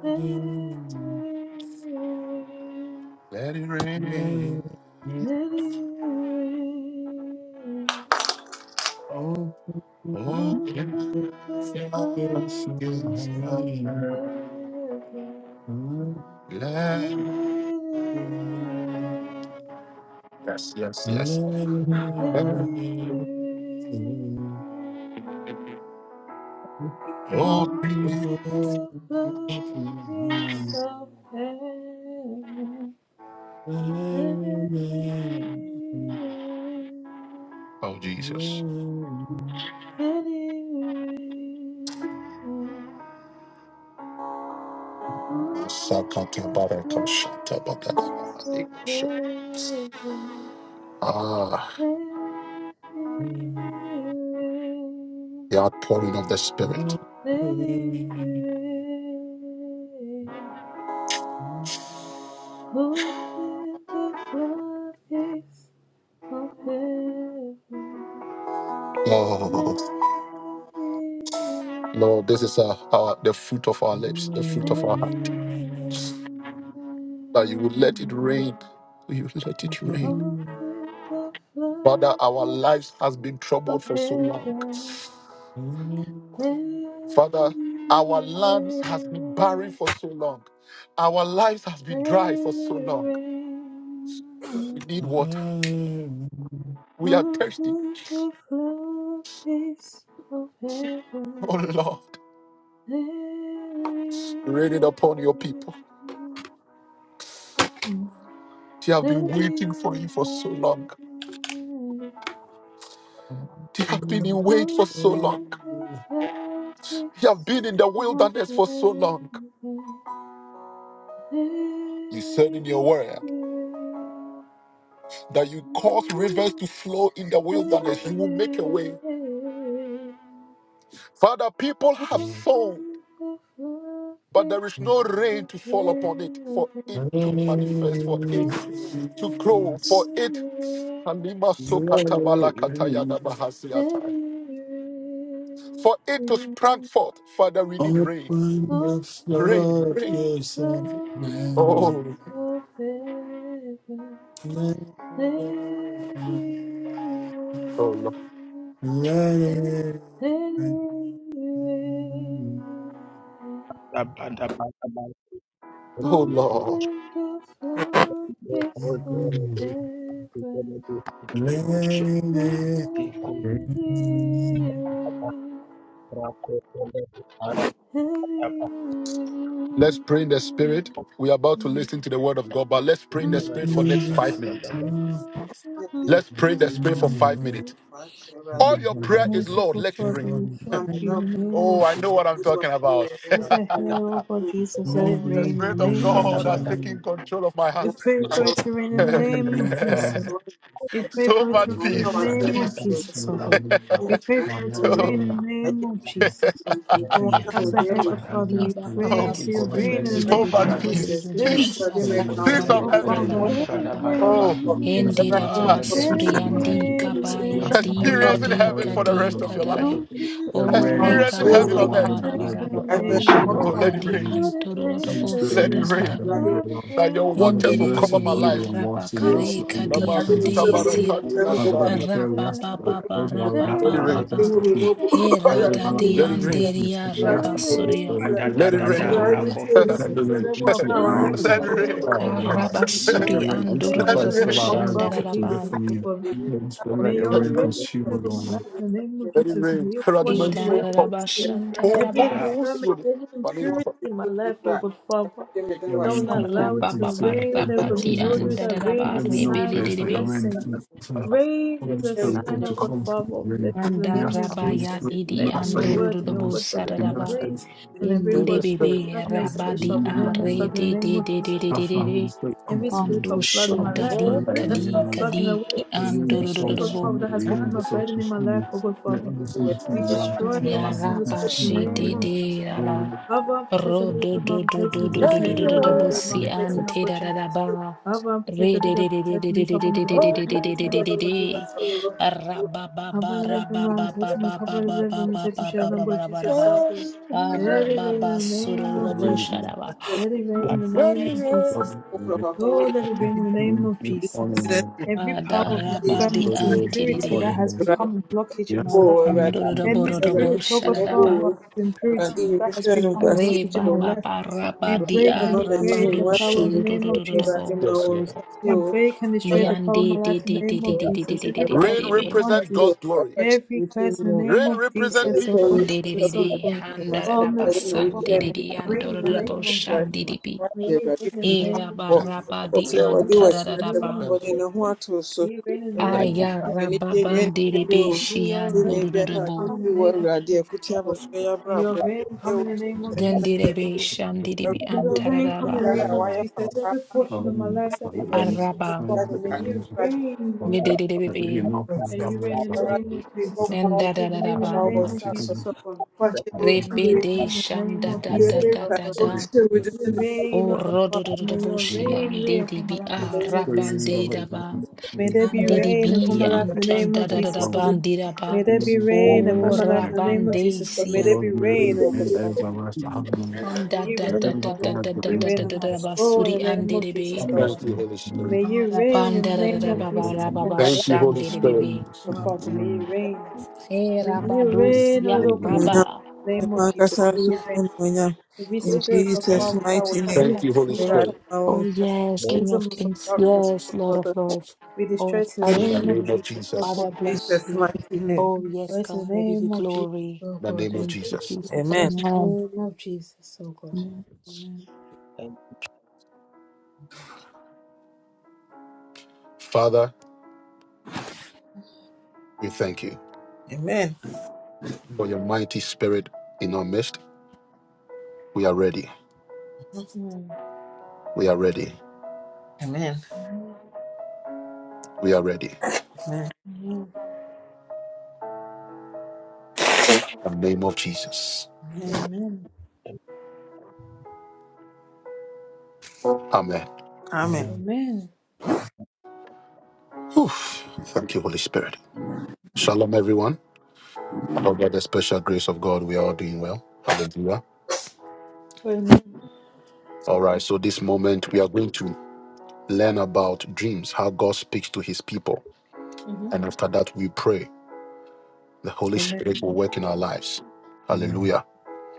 [SPEAKER 2] Let it rain.
[SPEAKER 1] Let it rain.
[SPEAKER 2] Let it rain.
[SPEAKER 1] Oh,
[SPEAKER 2] Open
[SPEAKER 1] yes,
[SPEAKER 2] the
[SPEAKER 1] yes, yes.
[SPEAKER 2] floodgates of heaven,
[SPEAKER 1] Let-
[SPEAKER 2] and it rain,
[SPEAKER 1] yes, yes. yes. Oh,
[SPEAKER 2] and it rain.
[SPEAKER 1] yes.
[SPEAKER 2] Open the floodgates of heaven, and it rain,
[SPEAKER 1] Oh, Jesus.
[SPEAKER 2] and it rain. Open the floodgates of
[SPEAKER 1] Sakatabarakashatabadadabadikosha.
[SPEAKER 2] heaven,
[SPEAKER 1] Ah,
[SPEAKER 2] let it
[SPEAKER 1] the
[SPEAKER 2] rain,
[SPEAKER 1] outpouring of the Spirit.
[SPEAKER 2] let it rain.
[SPEAKER 3] Open
[SPEAKER 2] Open the floodgates of heaven,
[SPEAKER 1] Oh,
[SPEAKER 2] let it
[SPEAKER 1] Lord,
[SPEAKER 2] rain,
[SPEAKER 1] this is uh, uh, the fruit of our lips, the fruit of
[SPEAKER 2] let
[SPEAKER 1] our heart.
[SPEAKER 2] it rain.
[SPEAKER 1] That you will let it rain. You will let it rain.
[SPEAKER 2] Open the
[SPEAKER 1] Father, our
[SPEAKER 2] floodgates
[SPEAKER 1] lives has been
[SPEAKER 2] of
[SPEAKER 1] troubled for so long.
[SPEAKER 2] heaven. Let it
[SPEAKER 1] Father, our lands has been barren
[SPEAKER 2] rain,
[SPEAKER 1] for so long. Our lives has been
[SPEAKER 2] let
[SPEAKER 1] dry for so
[SPEAKER 2] it
[SPEAKER 1] long. We
[SPEAKER 2] rain.
[SPEAKER 1] need water. We are thirsty.
[SPEAKER 2] Open the floodgates of
[SPEAKER 1] (laughs)
[SPEAKER 2] heaven.
[SPEAKER 1] Oh Lord,
[SPEAKER 2] Let it
[SPEAKER 1] rain it upon your people.
[SPEAKER 2] rain,
[SPEAKER 1] They have been
[SPEAKER 2] let
[SPEAKER 1] waiting for you
[SPEAKER 2] it
[SPEAKER 1] for so long.
[SPEAKER 2] rain.
[SPEAKER 1] They have been in wait for so long.
[SPEAKER 2] Open the
[SPEAKER 1] They have
[SPEAKER 2] floodgates
[SPEAKER 1] been in the
[SPEAKER 2] of
[SPEAKER 1] wilderness for so long.
[SPEAKER 2] heaven.
[SPEAKER 1] You said in your
[SPEAKER 2] Everything
[SPEAKER 1] word that you cause rivers to
[SPEAKER 2] that
[SPEAKER 1] flow in the
[SPEAKER 2] is
[SPEAKER 1] wilderness. You will make a way.
[SPEAKER 2] within
[SPEAKER 1] Father, people have sown
[SPEAKER 2] opens the flood
[SPEAKER 1] but there is no rain
[SPEAKER 2] of
[SPEAKER 1] to fall upon it, for it
[SPEAKER 2] heaven.
[SPEAKER 1] to manifest, for it to grow, for
[SPEAKER 2] Everything
[SPEAKER 1] it. Halima sokatabala katayada
[SPEAKER 2] that
[SPEAKER 1] bahasiata.
[SPEAKER 2] is
[SPEAKER 1] For it to
[SPEAKER 2] within
[SPEAKER 1] sprang forth, Father, we need rain,
[SPEAKER 3] the
[SPEAKER 1] rain,
[SPEAKER 2] opens
[SPEAKER 1] rain.
[SPEAKER 2] the
[SPEAKER 3] floodgates of heaven.
[SPEAKER 1] Oh,
[SPEAKER 2] floodgates of heaven.
[SPEAKER 3] Let it
[SPEAKER 2] Let it
[SPEAKER 3] rain.
[SPEAKER 1] oh Lord,
[SPEAKER 2] rain.
[SPEAKER 3] Let it
[SPEAKER 2] Open
[SPEAKER 3] rain. Thank you.
[SPEAKER 1] oh Lord.
[SPEAKER 2] the floodgates of heaven. Let it rain. Let
[SPEAKER 1] Let's
[SPEAKER 2] it
[SPEAKER 1] pray in the spirit.
[SPEAKER 2] rain.
[SPEAKER 1] We are about to listen to the word of God, but let's pray in the spirit for next five minutes.
[SPEAKER 4] (laughs) this
[SPEAKER 1] Let's pray in
[SPEAKER 4] is
[SPEAKER 1] the spirit
[SPEAKER 4] how I
[SPEAKER 1] for five
[SPEAKER 4] did, no,
[SPEAKER 1] minutes.
[SPEAKER 4] I said, but I didn't
[SPEAKER 1] All your
[SPEAKER 4] do my-
[SPEAKER 1] prayer is, Lord,
[SPEAKER 2] Merciful
[SPEAKER 1] let it
[SPEAKER 2] Father,
[SPEAKER 1] rain.
[SPEAKER 2] we
[SPEAKER 4] I'm
[SPEAKER 2] thank you in
[SPEAKER 4] dollars,
[SPEAKER 2] the name of
[SPEAKER 1] Oh, I know
[SPEAKER 2] Jesus.
[SPEAKER 1] what I'm
[SPEAKER 4] do my
[SPEAKER 1] talking
[SPEAKER 4] dollars, do
[SPEAKER 1] about.
[SPEAKER 4] my
[SPEAKER 2] As
[SPEAKER 4] dollars,
[SPEAKER 2] I
[SPEAKER 4] do
[SPEAKER 2] hear,
[SPEAKER 4] my
[SPEAKER 2] O God
[SPEAKER 4] dollars,
[SPEAKER 2] Jesus, let it
[SPEAKER 1] Oh, the
[SPEAKER 2] rain
[SPEAKER 1] Spirit
[SPEAKER 2] in the
[SPEAKER 1] of
[SPEAKER 2] name of
[SPEAKER 1] God
[SPEAKER 2] Jesus.
[SPEAKER 1] has taken control of my
[SPEAKER 4] do
[SPEAKER 2] We
[SPEAKER 1] heart.
[SPEAKER 2] pray
[SPEAKER 4] my
[SPEAKER 2] for it to rain in the name
[SPEAKER 4] dollars,
[SPEAKER 2] of
[SPEAKER 4] do
[SPEAKER 2] Jesus.
[SPEAKER 1] (laughs)
[SPEAKER 4] my dollars.
[SPEAKER 2] We pray
[SPEAKER 1] so
[SPEAKER 2] for it to
[SPEAKER 1] much
[SPEAKER 2] rain
[SPEAKER 4] Mwana
[SPEAKER 2] in the
[SPEAKER 1] peace,
[SPEAKER 2] name
[SPEAKER 4] waseruka
[SPEAKER 2] of
[SPEAKER 1] peace.
[SPEAKER 4] kandi
[SPEAKER 2] Jesus, oh God. We pray for it to
[SPEAKER 1] Oh,
[SPEAKER 2] rain in the
[SPEAKER 4] ari
[SPEAKER 2] name of Jesus, oh God.
[SPEAKER 5] Ekia
[SPEAKER 4] kutunga
[SPEAKER 2] As a
[SPEAKER 4] ugiye
[SPEAKER 2] heck, God
[SPEAKER 4] gukizwa
[SPEAKER 2] Father, we
[SPEAKER 5] riba
[SPEAKER 2] pray
[SPEAKER 1] oh,
[SPEAKER 2] for your
[SPEAKER 5] kabasun du
[SPEAKER 2] rain in the
[SPEAKER 5] du du
[SPEAKER 1] so
[SPEAKER 2] name
[SPEAKER 5] du du
[SPEAKER 1] much
[SPEAKER 5] du
[SPEAKER 2] of
[SPEAKER 5] du du
[SPEAKER 2] Jesus.
[SPEAKER 1] peace,
[SPEAKER 5] du du
[SPEAKER 2] Let
[SPEAKER 3] Yeah,
[SPEAKER 2] it
[SPEAKER 1] peace,
[SPEAKER 2] rain,
[SPEAKER 4] rurimi
[SPEAKER 5] shakat
[SPEAKER 3] carry the
[SPEAKER 5] yan
[SPEAKER 1] peace of
[SPEAKER 3] spirit
[SPEAKER 2] oh
[SPEAKER 5] ta
[SPEAKER 3] of
[SPEAKER 5] ta
[SPEAKER 3] the
[SPEAKER 1] heaven.
[SPEAKER 5] ta
[SPEAKER 2] Father,
[SPEAKER 4] kamfudisibwo
[SPEAKER 5] ta
[SPEAKER 3] Lord.
[SPEAKER 5] ta
[SPEAKER 2] let
[SPEAKER 5] ta
[SPEAKER 2] it
[SPEAKER 5] pa.
[SPEAKER 1] Oh,
[SPEAKER 3] we come
[SPEAKER 2] rain,
[SPEAKER 5] Endi
[SPEAKER 3] together
[SPEAKER 5] raba
[SPEAKER 3] to
[SPEAKER 4] yararimo
[SPEAKER 1] ah,
[SPEAKER 3] you
[SPEAKER 2] let
[SPEAKER 3] to
[SPEAKER 5] basuri
[SPEAKER 2] it
[SPEAKER 3] sing your
[SPEAKER 5] yandi
[SPEAKER 3] word.
[SPEAKER 2] rain,
[SPEAKER 3] We
[SPEAKER 5] kabaya
[SPEAKER 3] ask the
[SPEAKER 5] di
[SPEAKER 3] Holy
[SPEAKER 4] gukizwa
[SPEAKER 5] ka
[SPEAKER 2] rain.
[SPEAKER 1] experiencing
[SPEAKER 3] Ghost
[SPEAKER 5] di
[SPEAKER 3] power
[SPEAKER 1] heaven
[SPEAKER 5] ka
[SPEAKER 1] for
[SPEAKER 3] your
[SPEAKER 1] the
[SPEAKER 3] name
[SPEAKER 1] rest
[SPEAKER 3] on
[SPEAKER 1] of
[SPEAKER 3] our
[SPEAKER 1] your
[SPEAKER 3] life.
[SPEAKER 5] dai.
[SPEAKER 1] life.
[SPEAKER 2] Open the
[SPEAKER 3] Let
[SPEAKER 5] O
[SPEAKER 3] rain
[SPEAKER 5] re
[SPEAKER 3] be
[SPEAKER 1] Experiencing
[SPEAKER 3] so
[SPEAKER 5] baba
[SPEAKER 2] sparkles
[SPEAKER 1] heaven
[SPEAKER 5] baba
[SPEAKER 4] rurimi
[SPEAKER 2] of
[SPEAKER 1] on
[SPEAKER 5] ba baba
[SPEAKER 3] overwhelming
[SPEAKER 1] earth.
[SPEAKER 5] ba ra
[SPEAKER 3] that
[SPEAKER 5] ba
[SPEAKER 4] kamfudis
[SPEAKER 3] Lord,
[SPEAKER 5] ra
[SPEAKER 2] heaven,
[SPEAKER 3] you are
[SPEAKER 4] agatumo
[SPEAKER 3] overflowed
[SPEAKER 5] shanda
[SPEAKER 1] Oh,
[SPEAKER 3] by
[SPEAKER 5] ka
[SPEAKER 3] your
[SPEAKER 1] let
[SPEAKER 4] kandi
[SPEAKER 1] it
[SPEAKER 5] di
[SPEAKER 1] rain,
[SPEAKER 2] let
[SPEAKER 3] presence.
[SPEAKER 2] it
[SPEAKER 5] do
[SPEAKER 4] gukizwa
[SPEAKER 5] do
[SPEAKER 3] Holy
[SPEAKER 2] rain, let
[SPEAKER 3] Spirit,
[SPEAKER 2] it
[SPEAKER 1] let it
[SPEAKER 5] da
[SPEAKER 3] release
[SPEAKER 5] da
[SPEAKER 3] the
[SPEAKER 2] rain,
[SPEAKER 5] da
[SPEAKER 1] rain.
[SPEAKER 5] ba.
[SPEAKER 3] heavens, O
[SPEAKER 4] rurimi
[SPEAKER 2] let it
[SPEAKER 3] Lord.
[SPEAKER 1] That your
[SPEAKER 3] Father,
[SPEAKER 5] Endi
[SPEAKER 1] waters will
[SPEAKER 5] ri
[SPEAKER 2] rain.
[SPEAKER 5] ri
[SPEAKER 3] immerse us
[SPEAKER 1] cover
[SPEAKER 5] ri
[SPEAKER 1] my
[SPEAKER 5] ri ya
[SPEAKER 3] under
[SPEAKER 1] life.
[SPEAKER 3] your
[SPEAKER 5] raba
[SPEAKER 3] water,
[SPEAKER 5] kare
[SPEAKER 3] immerse us
[SPEAKER 5] ka
[SPEAKER 2] Oh,
[SPEAKER 3] under
[SPEAKER 5] di
[SPEAKER 3] your
[SPEAKER 1] Lama
[SPEAKER 2] in the
[SPEAKER 5] ande
[SPEAKER 3] presence,
[SPEAKER 1] Sita
[SPEAKER 3] O Lord.
[SPEAKER 5] siya.
[SPEAKER 2] presence
[SPEAKER 1] Barakatia
[SPEAKER 2] of
[SPEAKER 3] Father God, we
[SPEAKER 2] heaven,
[SPEAKER 1] Sunday.
[SPEAKER 5] Ra
[SPEAKER 3] pray,
[SPEAKER 5] ba
[SPEAKER 3] we ask
[SPEAKER 5] ba
[SPEAKER 3] that
[SPEAKER 2] amen.
[SPEAKER 5] ba
[SPEAKER 3] Lord, that those who are lost,
[SPEAKER 1] Let
[SPEAKER 3] that
[SPEAKER 1] it
[SPEAKER 3] are
[SPEAKER 1] rain.
[SPEAKER 3] destined
[SPEAKER 5] He ra da
[SPEAKER 3] Everyone
[SPEAKER 5] di
[SPEAKER 3] that
[SPEAKER 1] Let
[SPEAKER 3] I
[SPEAKER 1] it
[SPEAKER 2] Amen.
[SPEAKER 3] choose
[SPEAKER 1] rain.
[SPEAKER 3] from we
[SPEAKER 5] raba
[SPEAKER 3] ask the Holy
[SPEAKER 4] Thank
[SPEAKER 2] In
[SPEAKER 3] Spirit,
[SPEAKER 4] you.
[SPEAKER 3] we
[SPEAKER 1] Let it
[SPEAKER 3] pray, let
[SPEAKER 1] rain.
[SPEAKER 3] the
[SPEAKER 2] the name
[SPEAKER 4] Ìwádìí
[SPEAKER 2] of
[SPEAKER 3] rain,
[SPEAKER 4] tí
[SPEAKER 1] (laughs)
[SPEAKER 4] èmi
[SPEAKER 3] let
[SPEAKER 4] ti
[SPEAKER 3] the
[SPEAKER 2] Jesus.
[SPEAKER 4] ṣe
[SPEAKER 3] rain
[SPEAKER 4] lọ́wọ́
[SPEAKER 3] into
[SPEAKER 4] bá
[SPEAKER 3] the
[SPEAKER 4] wa tó ń
[SPEAKER 3] innermost
[SPEAKER 1] Let it
[SPEAKER 2] Amen.
[SPEAKER 4] gbàgbé
[SPEAKER 3] hearts of
[SPEAKER 1] rain.
[SPEAKER 4] lọ́wọ́
[SPEAKER 3] all
[SPEAKER 4] ẹ̀rọ
[SPEAKER 1] (laughs)
[SPEAKER 3] our hearts. Let your
[SPEAKER 5] Arabasuri
[SPEAKER 3] rain into the
[SPEAKER 1] Let it
[SPEAKER 2] Amen.
[SPEAKER 3] places
[SPEAKER 5] andororobo
[SPEAKER 3] of
[SPEAKER 1] rain,
[SPEAKER 3] our
[SPEAKER 2] Oh,
[SPEAKER 1] Holy
[SPEAKER 3] lives that we
[SPEAKER 1] Spirit.
[SPEAKER 2] Father
[SPEAKER 3] kept away
[SPEAKER 5] shandararaban.
[SPEAKER 3] from you.
[SPEAKER 2] Jesus.
[SPEAKER 3] Holy Spirit, let
[SPEAKER 2] May
[SPEAKER 3] your
[SPEAKER 2] your
[SPEAKER 1] Let it
[SPEAKER 3] rain
[SPEAKER 1] rain.
[SPEAKER 2] reign
[SPEAKER 3] consume us,
[SPEAKER 2] over
[SPEAKER 3] all,
[SPEAKER 2] my life
[SPEAKER 3] Lord.
[SPEAKER 2] in the name of
[SPEAKER 1] Let it
[SPEAKER 2] Jesus.
[SPEAKER 1] rain.
[SPEAKER 2] May you
[SPEAKER 1] Herade
[SPEAKER 2] wash away
[SPEAKER 1] mansuo
[SPEAKER 2] every
[SPEAKER 1] pɔ.
[SPEAKER 5] Erararaba
[SPEAKER 2] sin,
[SPEAKER 1] Ohun
[SPEAKER 2] every
[SPEAKER 5] shandararaba.
[SPEAKER 1] kunkun wusuo
[SPEAKER 2] infirmity,
[SPEAKER 1] no.
[SPEAKER 2] every
[SPEAKER 1] Ma ne
[SPEAKER 2] impurity
[SPEAKER 1] nfa.
[SPEAKER 2] in my life, oh God, Father.
[SPEAKER 3] Your
[SPEAKER 2] I will
[SPEAKER 3] rain
[SPEAKER 2] not allow
[SPEAKER 3] completely
[SPEAKER 2] it to
[SPEAKER 3] consume us
[SPEAKER 2] reign
[SPEAKER 3] and
[SPEAKER 2] over
[SPEAKER 1] Oh,
[SPEAKER 5] Arabababarabati
[SPEAKER 2] me.
[SPEAKER 3] consume
[SPEAKER 2] We
[SPEAKER 3] us,
[SPEAKER 2] all know
[SPEAKER 1] Jesus.
[SPEAKER 3] Lord.
[SPEAKER 2] that
[SPEAKER 5] andararaba
[SPEAKER 2] rain
[SPEAKER 3] Let there
[SPEAKER 2] is a
[SPEAKER 3] be no
[SPEAKER 2] sign
[SPEAKER 3] place
[SPEAKER 2] of
[SPEAKER 3] that your
[SPEAKER 5] rebedededebe.
[SPEAKER 3] rain
[SPEAKER 2] blessing.
[SPEAKER 3] can enter.
[SPEAKER 1] Ah,
[SPEAKER 2] Rain
[SPEAKER 3] Holy
[SPEAKER 2] is a
[SPEAKER 3] Spirit, we
[SPEAKER 2] sign,
[SPEAKER 3] come to
[SPEAKER 2] oh God,
[SPEAKER 3] come from
[SPEAKER 2] Father,
[SPEAKER 3] the
[SPEAKER 2] of
[SPEAKER 3] rain.
[SPEAKER 2] blessings. In the
[SPEAKER 3] We
[SPEAKER 2] name
[SPEAKER 3] ask
[SPEAKER 2] of
[SPEAKER 3] the Holy
[SPEAKER 5] andarabaya
[SPEAKER 2] Jesus.
[SPEAKER 3] Spirit,
[SPEAKER 2] It
[SPEAKER 5] yadidi
[SPEAKER 2] said
[SPEAKER 1] ah.
[SPEAKER 2] in
[SPEAKER 3] immerse our
[SPEAKER 2] your word, in your
[SPEAKER 5] andororobo
[SPEAKER 3] feelings,
[SPEAKER 2] word, that when it
[SPEAKER 3] immerse
[SPEAKER 5] sararaba.
[SPEAKER 3] everything.
[SPEAKER 2] rains and the
[SPEAKER 1] Bring
[SPEAKER 2] rainbow
[SPEAKER 1] the
[SPEAKER 2] appears,
[SPEAKER 5] Indirebebe
[SPEAKER 1] Spirit.
[SPEAKER 2] that
[SPEAKER 3] Holy
[SPEAKER 2] means that there
[SPEAKER 3] Spirit,
[SPEAKER 2] shall
[SPEAKER 3] lead
[SPEAKER 5] rabadi
[SPEAKER 2] be
[SPEAKER 3] and
[SPEAKER 2] no
[SPEAKER 3] light
[SPEAKER 2] more
[SPEAKER 5] are
[SPEAKER 2] flood
[SPEAKER 3] everyone.
[SPEAKER 2] in
[SPEAKER 5] de
[SPEAKER 2] the name
[SPEAKER 5] de
[SPEAKER 2] of
[SPEAKER 5] de de
[SPEAKER 2] Jesus.
[SPEAKER 5] de de
[SPEAKER 3] That's the
[SPEAKER 5] de
[SPEAKER 3] Holy
[SPEAKER 5] de.
[SPEAKER 3] Spirit
[SPEAKER 2] Every
[SPEAKER 3] continuing
[SPEAKER 2] spirit
[SPEAKER 5] Ando
[SPEAKER 3] to
[SPEAKER 2] of flood
[SPEAKER 3] that
[SPEAKER 2] in
[SPEAKER 5] sho
[SPEAKER 2] my
[SPEAKER 3] Holy
[SPEAKER 2] life,
[SPEAKER 1] Let
[SPEAKER 3] Spirit
[SPEAKER 5] dadi
[SPEAKER 3] and we
[SPEAKER 2] let's not
[SPEAKER 5] kadi
[SPEAKER 3] know
[SPEAKER 2] flood in
[SPEAKER 3] that
[SPEAKER 5] kadi
[SPEAKER 2] away
[SPEAKER 5] ki
[SPEAKER 2] any
[SPEAKER 3] you won't be so
[SPEAKER 2] sleeping, God
[SPEAKER 5] andororobo.
[SPEAKER 3] strong,
[SPEAKER 2] Father,
[SPEAKER 3] that
[SPEAKER 2] that has
[SPEAKER 3] you won't
[SPEAKER 2] become
[SPEAKER 3] be
[SPEAKER 2] a
[SPEAKER 3] so
[SPEAKER 2] burden in my life,
[SPEAKER 3] consuming.
[SPEAKER 2] oh God
[SPEAKER 3] Let
[SPEAKER 2] Father.
[SPEAKER 3] everything that's in
[SPEAKER 2] We
[SPEAKER 3] your life, that's
[SPEAKER 2] destroy
[SPEAKER 3] in your
[SPEAKER 2] every
[SPEAKER 3] life, be
[SPEAKER 2] single
[SPEAKER 5] Ayaraba
[SPEAKER 2] spirit in
[SPEAKER 3] consumed
[SPEAKER 2] the
[SPEAKER 3] by
[SPEAKER 5] she
[SPEAKER 3] your
[SPEAKER 2] name
[SPEAKER 5] de
[SPEAKER 3] rain.
[SPEAKER 2] of
[SPEAKER 5] de
[SPEAKER 2] Jesus.
[SPEAKER 3] Or
[SPEAKER 5] raba.
[SPEAKER 3] rain,
[SPEAKER 2] Father, protect and
[SPEAKER 5] Ro do
[SPEAKER 2] deliver
[SPEAKER 5] do
[SPEAKER 3] rain,
[SPEAKER 2] mom,
[SPEAKER 5] do
[SPEAKER 2] protect me,
[SPEAKER 5] do do
[SPEAKER 2] protect
[SPEAKER 5] do do
[SPEAKER 2] me,
[SPEAKER 1] it
[SPEAKER 5] do do
[SPEAKER 2] cover the
[SPEAKER 5] do bo
[SPEAKER 2] deliver
[SPEAKER 5] si
[SPEAKER 2] mom, protect
[SPEAKER 1] rain.
[SPEAKER 5] an
[SPEAKER 2] me, oh
[SPEAKER 5] te
[SPEAKER 2] God
[SPEAKER 5] da da da
[SPEAKER 2] Jesus.
[SPEAKER 5] ba.
[SPEAKER 2] Father, protect
[SPEAKER 5] Re
[SPEAKER 2] and
[SPEAKER 5] de
[SPEAKER 2] deliver,
[SPEAKER 5] de de de
[SPEAKER 2] protect
[SPEAKER 5] de de
[SPEAKER 2] me,
[SPEAKER 5] de
[SPEAKER 2] cover me,
[SPEAKER 5] de de de
[SPEAKER 2] deliver mom,
[SPEAKER 5] de de
[SPEAKER 1] Open
[SPEAKER 5] de
[SPEAKER 2] protect
[SPEAKER 5] de
[SPEAKER 1] the
[SPEAKER 2] me,
[SPEAKER 5] de
[SPEAKER 2] in the
[SPEAKER 5] de
[SPEAKER 2] name
[SPEAKER 5] de.
[SPEAKER 2] of Jesus, Lord.
[SPEAKER 5] Ra ba ba
[SPEAKER 2] Cover
[SPEAKER 5] ba
[SPEAKER 2] and
[SPEAKER 5] ra
[SPEAKER 2] deliver
[SPEAKER 5] ba
[SPEAKER 2] mom,
[SPEAKER 5] ba ba
[SPEAKER 2] protect me,
[SPEAKER 5] ba ba
[SPEAKER 2] cover and
[SPEAKER 5] ba
[SPEAKER 2] deliver mom,
[SPEAKER 5] ba ba
[SPEAKER 2] protect me,
[SPEAKER 5] ba ba
[SPEAKER 2] shield them,
[SPEAKER 5] ba ba
[SPEAKER 2] God
[SPEAKER 5] ra ba ra
[SPEAKER 2] Jesus,
[SPEAKER 5] ba.
[SPEAKER 2] so good.
[SPEAKER 1] flooded
[SPEAKER 5] Ah,
[SPEAKER 2] Let
[SPEAKER 5] Ra
[SPEAKER 1] rain.
[SPEAKER 2] it
[SPEAKER 5] ba
[SPEAKER 2] rain
[SPEAKER 5] ba
[SPEAKER 2] in the
[SPEAKER 5] su do
[SPEAKER 2] name
[SPEAKER 5] do do
[SPEAKER 2] of
[SPEAKER 5] bo sha
[SPEAKER 2] Jesus.
[SPEAKER 5] da ba.
[SPEAKER 2] Let it rain in the
[SPEAKER 1] Let it
[SPEAKER 2] name
[SPEAKER 3] has
[SPEAKER 2] of
[SPEAKER 1] rain.
[SPEAKER 2] Jesus.
[SPEAKER 3] fallen on me.
[SPEAKER 2] Oh, that it be in the name
[SPEAKER 3] Everything
[SPEAKER 2] of
[SPEAKER 3] is falling
[SPEAKER 2] Jesus.
[SPEAKER 3] on me.
[SPEAKER 4] Thank
[SPEAKER 2] Every
[SPEAKER 5] Ah,
[SPEAKER 2] power
[SPEAKER 5] da
[SPEAKER 2] of
[SPEAKER 3] I'm
[SPEAKER 5] ra ba di
[SPEAKER 3] before
[SPEAKER 2] infirmity,
[SPEAKER 5] an
[SPEAKER 3] you,
[SPEAKER 5] te de
[SPEAKER 2] impurity
[SPEAKER 3] before
[SPEAKER 2] that
[SPEAKER 5] de.
[SPEAKER 2] has
[SPEAKER 3] you,
[SPEAKER 2] become a blockage in my
[SPEAKER 3] yes,
[SPEAKER 2] life.
[SPEAKER 4] you.
[SPEAKER 5] An do do do bo
[SPEAKER 2] Any
[SPEAKER 5] do do bo
[SPEAKER 4] Everybody,
[SPEAKER 2] spirit, oh
[SPEAKER 5] sha
[SPEAKER 4] you
[SPEAKER 2] God,
[SPEAKER 5] da
[SPEAKER 4] know,
[SPEAKER 5] da
[SPEAKER 2] Father,
[SPEAKER 5] ba.
[SPEAKER 2] of
[SPEAKER 4] go. Everybody,
[SPEAKER 2] impurity
[SPEAKER 4] you me
[SPEAKER 2] that has
[SPEAKER 4] frɛ no
[SPEAKER 2] become a
[SPEAKER 4] nkwasi
[SPEAKER 5] Re
[SPEAKER 2] blockage in
[SPEAKER 4] o.
[SPEAKER 5] ba
[SPEAKER 2] my
[SPEAKER 5] ba
[SPEAKER 2] life.
[SPEAKER 5] ba ra
[SPEAKER 2] We
[SPEAKER 5] ba di
[SPEAKER 4] Awurade ma
[SPEAKER 2] break
[SPEAKER 5] a
[SPEAKER 2] and
[SPEAKER 4] mma
[SPEAKER 5] ra ba
[SPEAKER 4] m'anim
[SPEAKER 2] destroy
[SPEAKER 4] ngu
[SPEAKER 2] the
[SPEAKER 5] do
[SPEAKER 4] ase
[SPEAKER 2] power in
[SPEAKER 4] o.
[SPEAKER 5] shon
[SPEAKER 2] the
[SPEAKER 5] do
[SPEAKER 2] name
[SPEAKER 5] do do
[SPEAKER 2] of
[SPEAKER 5] do do
[SPEAKER 2] Jesus.
[SPEAKER 4] Awurade
[SPEAKER 5] bo.
[SPEAKER 4] ma
[SPEAKER 1] Yes,
[SPEAKER 4] wo
[SPEAKER 1] Lord.
[SPEAKER 4] nsa so
[SPEAKER 2] We
[SPEAKER 4] o.
[SPEAKER 2] break and destroy
[SPEAKER 4] Awurade
[SPEAKER 2] the power of my
[SPEAKER 5] Yande de
[SPEAKER 2] life in
[SPEAKER 4] nsa
[SPEAKER 2] the
[SPEAKER 5] de de de
[SPEAKER 2] name
[SPEAKER 4] so
[SPEAKER 5] de
[SPEAKER 4] o.
[SPEAKER 2] of
[SPEAKER 5] de de de
[SPEAKER 2] Jesus.
[SPEAKER 5] de de
[SPEAKER 2] Every
[SPEAKER 4] Awurade
[SPEAKER 5] de
[SPEAKER 2] power,
[SPEAKER 1] Rain
[SPEAKER 5] de
[SPEAKER 4] ma
[SPEAKER 2] every
[SPEAKER 5] de.
[SPEAKER 1] represent
[SPEAKER 4] so
[SPEAKER 2] bondage,
[SPEAKER 1] God's glory.
[SPEAKER 4] Papa kyerɛ me
[SPEAKER 2] every curse in the name
[SPEAKER 1] Rain
[SPEAKER 2] of
[SPEAKER 1] represent
[SPEAKER 2] Jesus, oh
[SPEAKER 1] peace.
[SPEAKER 2] God,
[SPEAKER 4] victorious
[SPEAKER 5] Ande de de
[SPEAKER 2] Jesus, oh
[SPEAKER 4] Shakur
[SPEAKER 5] de.
[SPEAKER 2] God.
[SPEAKER 5] Handa da
[SPEAKER 4] Master
[SPEAKER 2] Oh,
[SPEAKER 5] da
[SPEAKER 4] Karen
[SPEAKER 5] basan
[SPEAKER 2] merciful
[SPEAKER 5] de
[SPEAKER 2] Father,
[SPEAKER 5] de
[SPEAKER 4] Ocean
[SPEAKER 2] we
[SPEAKER 5] de.
[SPEAKER 2] bring in
[SPEAKER 5] Andoro
[SPEAKER 2] the
[SPEAKER 5] do bo
[SPEAKER 2] name of Jesus.
[SPEAKER 5] shan di
[SPEAKER 4] Abɔfra a
[SPEAKER 5] di bi.
[SPEAKER 2] May
[SPEAKER 4] wɔde
[SPEAKER 2] you reign in the
[SPEAKER 5] E ra
[SPEAKER 2] name of
[SPEAKER 5] ba
[SPEAKER 2] Jesus.
[SPEAKER 1] Thank
[SPEAKER 5] ra
[SPEAKER 1] you.
[SPEAKER 5] ba di an
[SPEAKER 2] May you
[SPEAKER 5] ta
[SPEAKER 2] reign
[SPEAKER 5] da
[SPEAKER 4] w'akyi
[SPEAKER 5] da
[SPEAKER 2] in the
[SPEAKER 5] da
[SPEAKER 4] ahyɛ
[SPEAKER 5] ba.
[SPEAKER 2] name of
[SPEAKER 1] Thank
[SPEAKER 4] bɔkɔɔde
[SPEAKER 2] Jesus.
[SPEAKER 4] ne
[SPEAKER 1] you.
[SPEAKER 4] ho ato so.
[SPEAKER 2] May you reign in the name
[SPEAKER 1] Thank
[SPEAKER 4] Awurade
[SPEAKER 1] you.
[SPEAKER 2] of
[SPEAKER 5] Aya
[SPEAKER 2] Jesus,
[SPEAKER 5] ra
[SPEAKER 4] n'ani
[SPEAKER 5] ba
[SPEAKER 4] gye nwe
[SPEAKER 5] ban
[SPEAKER 4] ne
[SPEAKER 2] O
[SPEAKER 5] de de
[SPEAKER 2] God.
[SPEAKER 4] pɛyɛ
[SPEAKER 5] be
[SPEAKER 4] o.
[SPEAKER 2] May
[SPEAKER 5] shi
[SPEAKER 2] your
[SPEAKER 5] an do
[SPEAKER 2] reign
[SPEAKER 4] Tumi
[SPEAKER 5] do do do
[SPEAKER 4] biara a ɔde
[SPEAKER 2] come
[SPEAKER 5] bo.
[SPEAKER 2] in
[SPEAKER 4] fi
[SPEAKER 2] the
[SPEAKER 4] wɔ
[SPEAKER 2] name of
[SPEAKER 4] Awurade
[SPEAKER 2] Jesus,
[SPEAKER 4] akuti
[SPEAKER 2] O God.
[SPEAKER 4] abɔfra yi
[SPEAKER 2] May your
[SPEAKER 4] abrabɔ.
[SPEAKER 2] reign come
[SPEAKER 4] Ɛwɔ
[SPEAKER 2] in the
[SPEAKER 4] Jesus
[SPEAKER 2] name of
[SPEAKER 3] I'm
[SPEAKER 5] Then
[SPEAKER 4] Christ,
[SPEAKER 2] Jesus,
[SPEAKER 5] de
[SPEAKER 2] O
[SPEAKER 5] de be
[SPEAKER 2] God.
[SPEAKER 5] shan
[SPEAKER 3] Yes,
[SPEAKER 5] di di bi
[SPEAKER 2] May
[SPEAKER 5] an
[SPEAKER 2] your
[SPEAKER 4] Awurade
[SPEAKER 5] ta da
[SPEAKER 2] reign
[SPEAKER 5] da
[SPEAKER 2] come
[SPEAKER 5] ba.
[SPEAKER 3] it's
[SPEAKER 2] in the
[SPEAKER 4] biara
[SPEAKER 2] name
[SPEAKER 3] really
[SPEAKER 4] a
[SPEAKER 3] good. Like,
[SPEAKER 2] of
[SPEAKER 4] wayɛ
[SPEAKER 3] it really, um,
[SPEAKER 2] Jesus.
[SPEAKER 4] papa
[SPEAKER 3] really,
[SPEAKER 2] Every
[SPEAKER 4] ama no,
[SPEAKER 2] portion of my life that is
[SPEAKER 4] Awurade ɔde
[SPEAKER 2] empty, O
[SPEAKER 5] Araba.
[SPEAKER 4] kuta
[SPEAKER 2] Father, may
[SPEAKER 4] ka.
[SPEAKER 2] you
[SPEAKER 4] Awurade
[SPEAKER 2] reign,
[SPEAKER 5] Ne
[SPEAKER 2] O
[SPEAKER 5] de de de
[SPEAKER 2] God.
[SPEAKER 5] be be.
[SPEAKER 2] May
[SPEAKER 4] Você.
[SPEAKER 2] you reign in the
[SPEAKER 4] Ela
[SPEAKER 2] name of
[SPEAKER 4] pegou
[SPEAKER 2] Jesus, O
[SPEAKER 5] Men
[SPEAKER 2] God.
[SPEAKER 4] bola,
[SPEAKER 2] May
[SPEAKER 5] da
[SPEAKER 2] you
[SPEAKER 5] da da da
[SPEAKER 2] reign in
[SPEAKER 5] ba.
[SPEAKER 2] the
[SPEAKER 4] ela
[SPEAKER 2] name of
[SPEAKER 4] ouça só.
[SPEAKER 2] Jesus, O God.
[SPEAKER 4] Pode eu
[SPEAKER 5] Re
[SPEAKER 4] te
[SPEAKER 5] be
[SPEAKER 2] We
[SPEAKER 4] ver.
[SPEAKER 2] pray
[SPEAKER 5] de
[SPEAKER 2] in the
[SPEAKER 5] shan
[SPEAKER 2] name
[SPEAKER 5] da
[SPEAKER 2] of
[SPEAKER 5] da da
[SPEAKER 2] Jesus,
[SPEAKER 4] Ele
[SPEAKER 5] da
[SPEAKER 2] Lord
[SPEAKER 4] vai
[SPEAKER 5] da
[SPEAKER 2] God.
[SPEAKER 5] da.
[SPEAKER 4] por seu
[SPEAKER 2] May you
[SPEAKER 4] dinheiro.
[SPEAKER 5] O
[SPEAKER 2] reign, O God, Father. May your
[SPEAKER 5] rodododoboshi
[SPEAKER 2] reign
[SPEAKER 5] and
[SPEAKER 2] reign
[SPEAKER 5] didi
[SPEAKER 2] upon my
[SPEAKER 5] bi
[SPEAKER 2] life
[SPEAKER 5] a
[SPEAKER 2] in the name of Jesus, God.
[SPEAKER 5] rabandida ba
[SPEAKER 2] May there
[SPEAKER 5] and
[SPEAKER 2] be
[SPEAKER 5] didi
[SPEAKER 2] rain
[SPEAKER 5] bi
[SPEAKER 2] upon my life in
[SPEAKER 5] and
[SPEAKER 1] Lord
[SPEAKER 2] the
[SPEAKER 1] Jesus.
[SPEAKER 2] name
[SPEAKER 5] da
[SPEAKER 2] of
[SPEAKER 5] da da da
[SPEAKER 2] Jesus, God.
[SPEAKER 5] bandida ba
[SPEAKER 2] May there be
[SPEAKER 5] o
[SPEAKER 3] really
[SPEAKER 2] rain upon my
[SPEAKER 3] nice.
[SPEAKER 2] life
[SPEAKER 3] And
[SPEAKER 2] in
[SPEAKER 3] I
[SPEAKER 2] the name of
[SPEAKER 3] think
[SPEAKER 2] Jesus, God. May
[SPEAKER 5] rabandesia
[SPEAKER 3] for
[SPEAKER 2] there
[SPEAKER 3] all
[SPEAKER 2] be
[SPEAKER 3] the
[SPEAKER 2] rain,
[SPEAKER 3] men
[SPEAKER 2] O God,
[SPEAKER 3] and
[SPEAKER 2] Father.
[SPEAKER 3] as I was to have no,
[SPEAKER 5] and
[SPEAKER 2] May
[SPEAKER 5] da
[SPEAKER 2] you
[SPEAKER 5] da
[SPEAKER 2] reign
[SPEAKER 5] da
[SPEAKER 2] on
[SPEAKER 3] everyone
[SPEAKER 2] my
[SPEAKER 5] da da
[SPEAKER 2] life.
[SPEAKER 5] da
[SPEAKER 3] had their
[SPEAKER 2] May
[SPEAKER 5] da
[SPEAKER 2] you
[SPEAKER 5] da
[SPEAKER 3] interest.
[SPEAKER 2] reign
[SPEAKER 5] da
[SPEAKER 2] on
[SPEAKER 5] da
[SPEAKER 2] my
[SPEAKER 5] da ba
[SPEAKER 2] soul
[SPEAKER 5] suri
[SPEAKER 2] in the
[SPEAKER 5] and
[SPEAKER 2] name of
[SPEAKER 5] didi be
[SPEAKER 2] Jesus,
[SPEAKER 3] Have
[SPEAKER 2] Lord God.
[SPEAKER 1] Thank you, Holy Spirit.
[SPEAKER 2] May
[SPEAKER 3] nothing.
[SPEAKER 2] you reign in
[SPEAKER 5] arabanda
[SPEAKER 2] the
[SPEAKER 5] da da
[SPEAKER 2] name
[SPEAKER 5] da
[SPEAKER 2] of
[SPEAKER 3] Amen.
[SPEAKER 5] ba ba
[SPEAKER 2] Jesus
[SPEAKER 5] ra ba
[SPEAKER 3] Amen.
[SPEAKER 2] upon
[SPEAKER 5] ba
[SPEAKER 2] my life.
[SPEAKER 1] Thank you,
[SPEAKER 5] shan
[SPEAKER 1] Holy
[SPEAKER 2] In the
[SPEAKER 5] didi
[SPEAKER 2] name
[SPEAKER 5] be
[SPEAKER 2] of
[SPEAKER 1] Spirit.
[SPEAKER 5] be
[SPEAKER 2] Jesus, God, Father. May you reign.
[SPEAKER 5] e
[SPEAKER 2] May you reign, O
[SPEAKER 5] rabadosia
[SPEAKER 2] Lord God,
[SPEAKER 5] raba
[SPEAKER 2] Jesus. In the name of Jesus. May you
[SPEAKER 5] aya
[SPEAKER 2] reign. Every
[SPEAKER 4] In
[SPEAKER 2] spirit of
[SPEAKER 4] Jesus'
[SPEAKER 2] power that
[SPEAKER 4] mighty
[SPEAKER 2] will not
[SPEAKER 5] Oh,
[SPEAKER 4] name.
[SPEAKER 2] come
[SPEAKER 1] Thank you,
[SPEAKER 2] from
[SPEAKER 5] Yes,
[SPEAKER 1] Holy
[SPEAKER 2] you that
[SPEAKER 5] God.
[SPEAKER 4] Ewurade
[SPEAKER 1] Spirit.
[SPEAKER 2] comes
[SPEAKER 4] ma
[SPEAKER 2] from
[SPEAKER 4] wo
[SPEAKER 5] Oh,
[SPEAKER 2] the
[SPEAKER 4] nsa so
[SPEAKER 5] yes, King of
[SPEAKER 2] kingdoms of
[SPEAKER 5] Kings.
[SPEAKER 2] darkness,
[SPEAKER 5] Yes,
[SPEAKER 2] O
[SPEAKER 5] Lord of
[SPEAKER 2] Father,
[SPEAKER 5] Lords.
[SPEAKER 2] we
[SPEAKER 5] Oh,
[SPEAKER 2] destroy
[SPEAKER 5] I
[SPEAKER 2] it in the
[SPEAKER 1] In the
[SPEAKER 5] thank
[SPEAKER 2] name of
[SPEAKER 1] name
[SPEAKER 5] you.
[SPEAKER 1] of
[SPEAKER 2] Jesus, O
[SPEAKER 5] Father,
[SPEAKER 1] Jesus.
[SPEAKER 5] I
[SPEAKER 2] God.
[SPEAKER 5] bless
[SPEAKER 4] Jesus
[SPEAKER 5] you.
[SPEAKER 4] mighty name.
[SPEAKER 5] Oh,
[SPEAKER 2] We
[SPEAKER 5] yes,
[SPEAKER 2] destroy it in
[SPEAKER 5] God.
[SPEAKER 2] the
[SPEAKER 5] I give you
[SPEAKER 2] name of Jesus,
[SPEAKER 5] glory.
[SPEAKER 2] O
[SPEAKER 1] In the
[SPEAKER 2] God.
[SPEAKER 1] name of
[SPEAKER 5] Thank you,
[SPEAKER 1] Jesus.
[SPEAKER 2] We
[SPEAKER 5] Jesus.
[SPEAKER 2] destroy
[SPEAKER 4] Amen.
[SPEAKER 2] it in the
[SPEAKER 5] Amen.
[SPEAKER 2] name of Jesus, O God.
[SPEAKER 5] Amen.
[SPEAKER 2] Amen.
[SPEAKER 1] Father, we thank you
[SPEAKER 4] Amen.
[SPEAKER 1] for your mighty spirit in our midst. We are ready.
[SPEAKER 2] Amen.
[SPEAKER 1] We are ready.
[SPEAKER 4] Amen.
[SPEAKER 1] We are ready.
[SPEAKER 4] Amen.
[SPEAKER 1] In the name of Jesus.
[SPEAKER 2] Amen.
[SPEAKER 1] Amen.
[SPEAKER 4] Amen. Amen.
[SPEAKER 2] Amen.
[SPEAKER 1] Whew. Thank you, Holy Spirit. Shalom, everyone. I hope by the special grace of God, we are all doing well. Hallelujah.
[SPEAKER 2] Amen.
[SPEAKER 1] All right. So this moment, we are going to learn about dreams, how God speaks to his people.
[SPEAKER 2] Mhm.
[SPEAKER 1] And after that, we pray. The Holy
[SPEAKER 2] Amen.
[SPEAKER 1] Spirit will work in our lives. Hallelujah.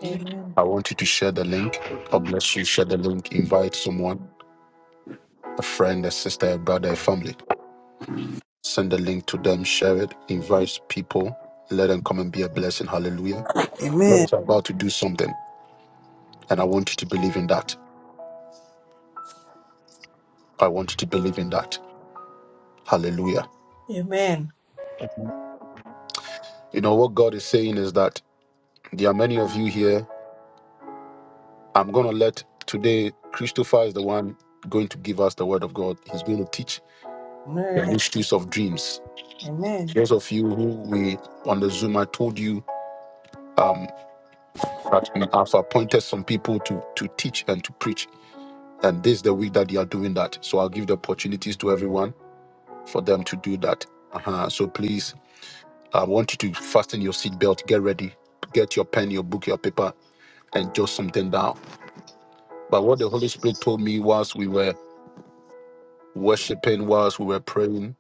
[SPEAKER 2] Amen.
[SPEAKER 1] I want you to share the link. God bless you. Share the link. Invite someone, a friend, a sister, a brother, a family. Send the link to them. Share it. Invite people. Let them come and be a blessing. Hallelujah. God
[SPEAKER 4] Amen.
[SPEAKER 1] is about to do something. And I want you to believe in that. I want you to believe in that. Hallelujah. You know what God is saying is that there are many of you here I'm going to let today, Christopher is the one going to give us the word of God. He's going to teach the
[SPEAKER 4] Amen.
[SPEAKER 1] mysteries of dreams.
[SPEAKER 4] Amen.
[SPEAKER 1] Those of you who we on the Zoom, I told you um, that I've appointed some people to, to teach and to preach. And this is the week that they are doing that. So I'll give the opportunities to everyone for them to do that. Uh-huh. So please, I want you to fasten your seatbelt, get ready, get your pen, your book, your paper, and jot something down. But what the Holy Spirit told me whilst we were worshiping, whilst we were praying,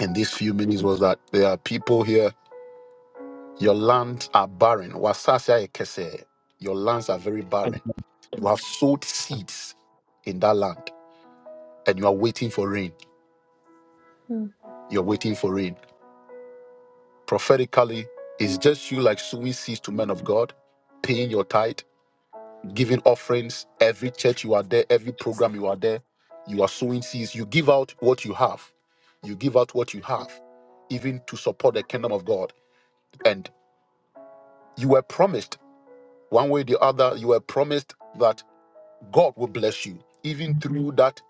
[SPEAKER 1] in these few minutes was that there are people here, your lands are barren. Wasasa ekese. Your lands are very barren. You have sowed seeds in that land and you are waiting for rain.
[SPEAKER 2] Mhm.
[SPEAKER 1] You're waiting for rain. Prophetically, it's just you like sowing seeds to men of God, paying your tithe, giving offerings. Every church you are there, every program you are there, you are sowing seeds. You give out what you have. You give out what you have, even to support the kingdom of God. And you were promised One way or the other, you were promised that God will bless you, even through that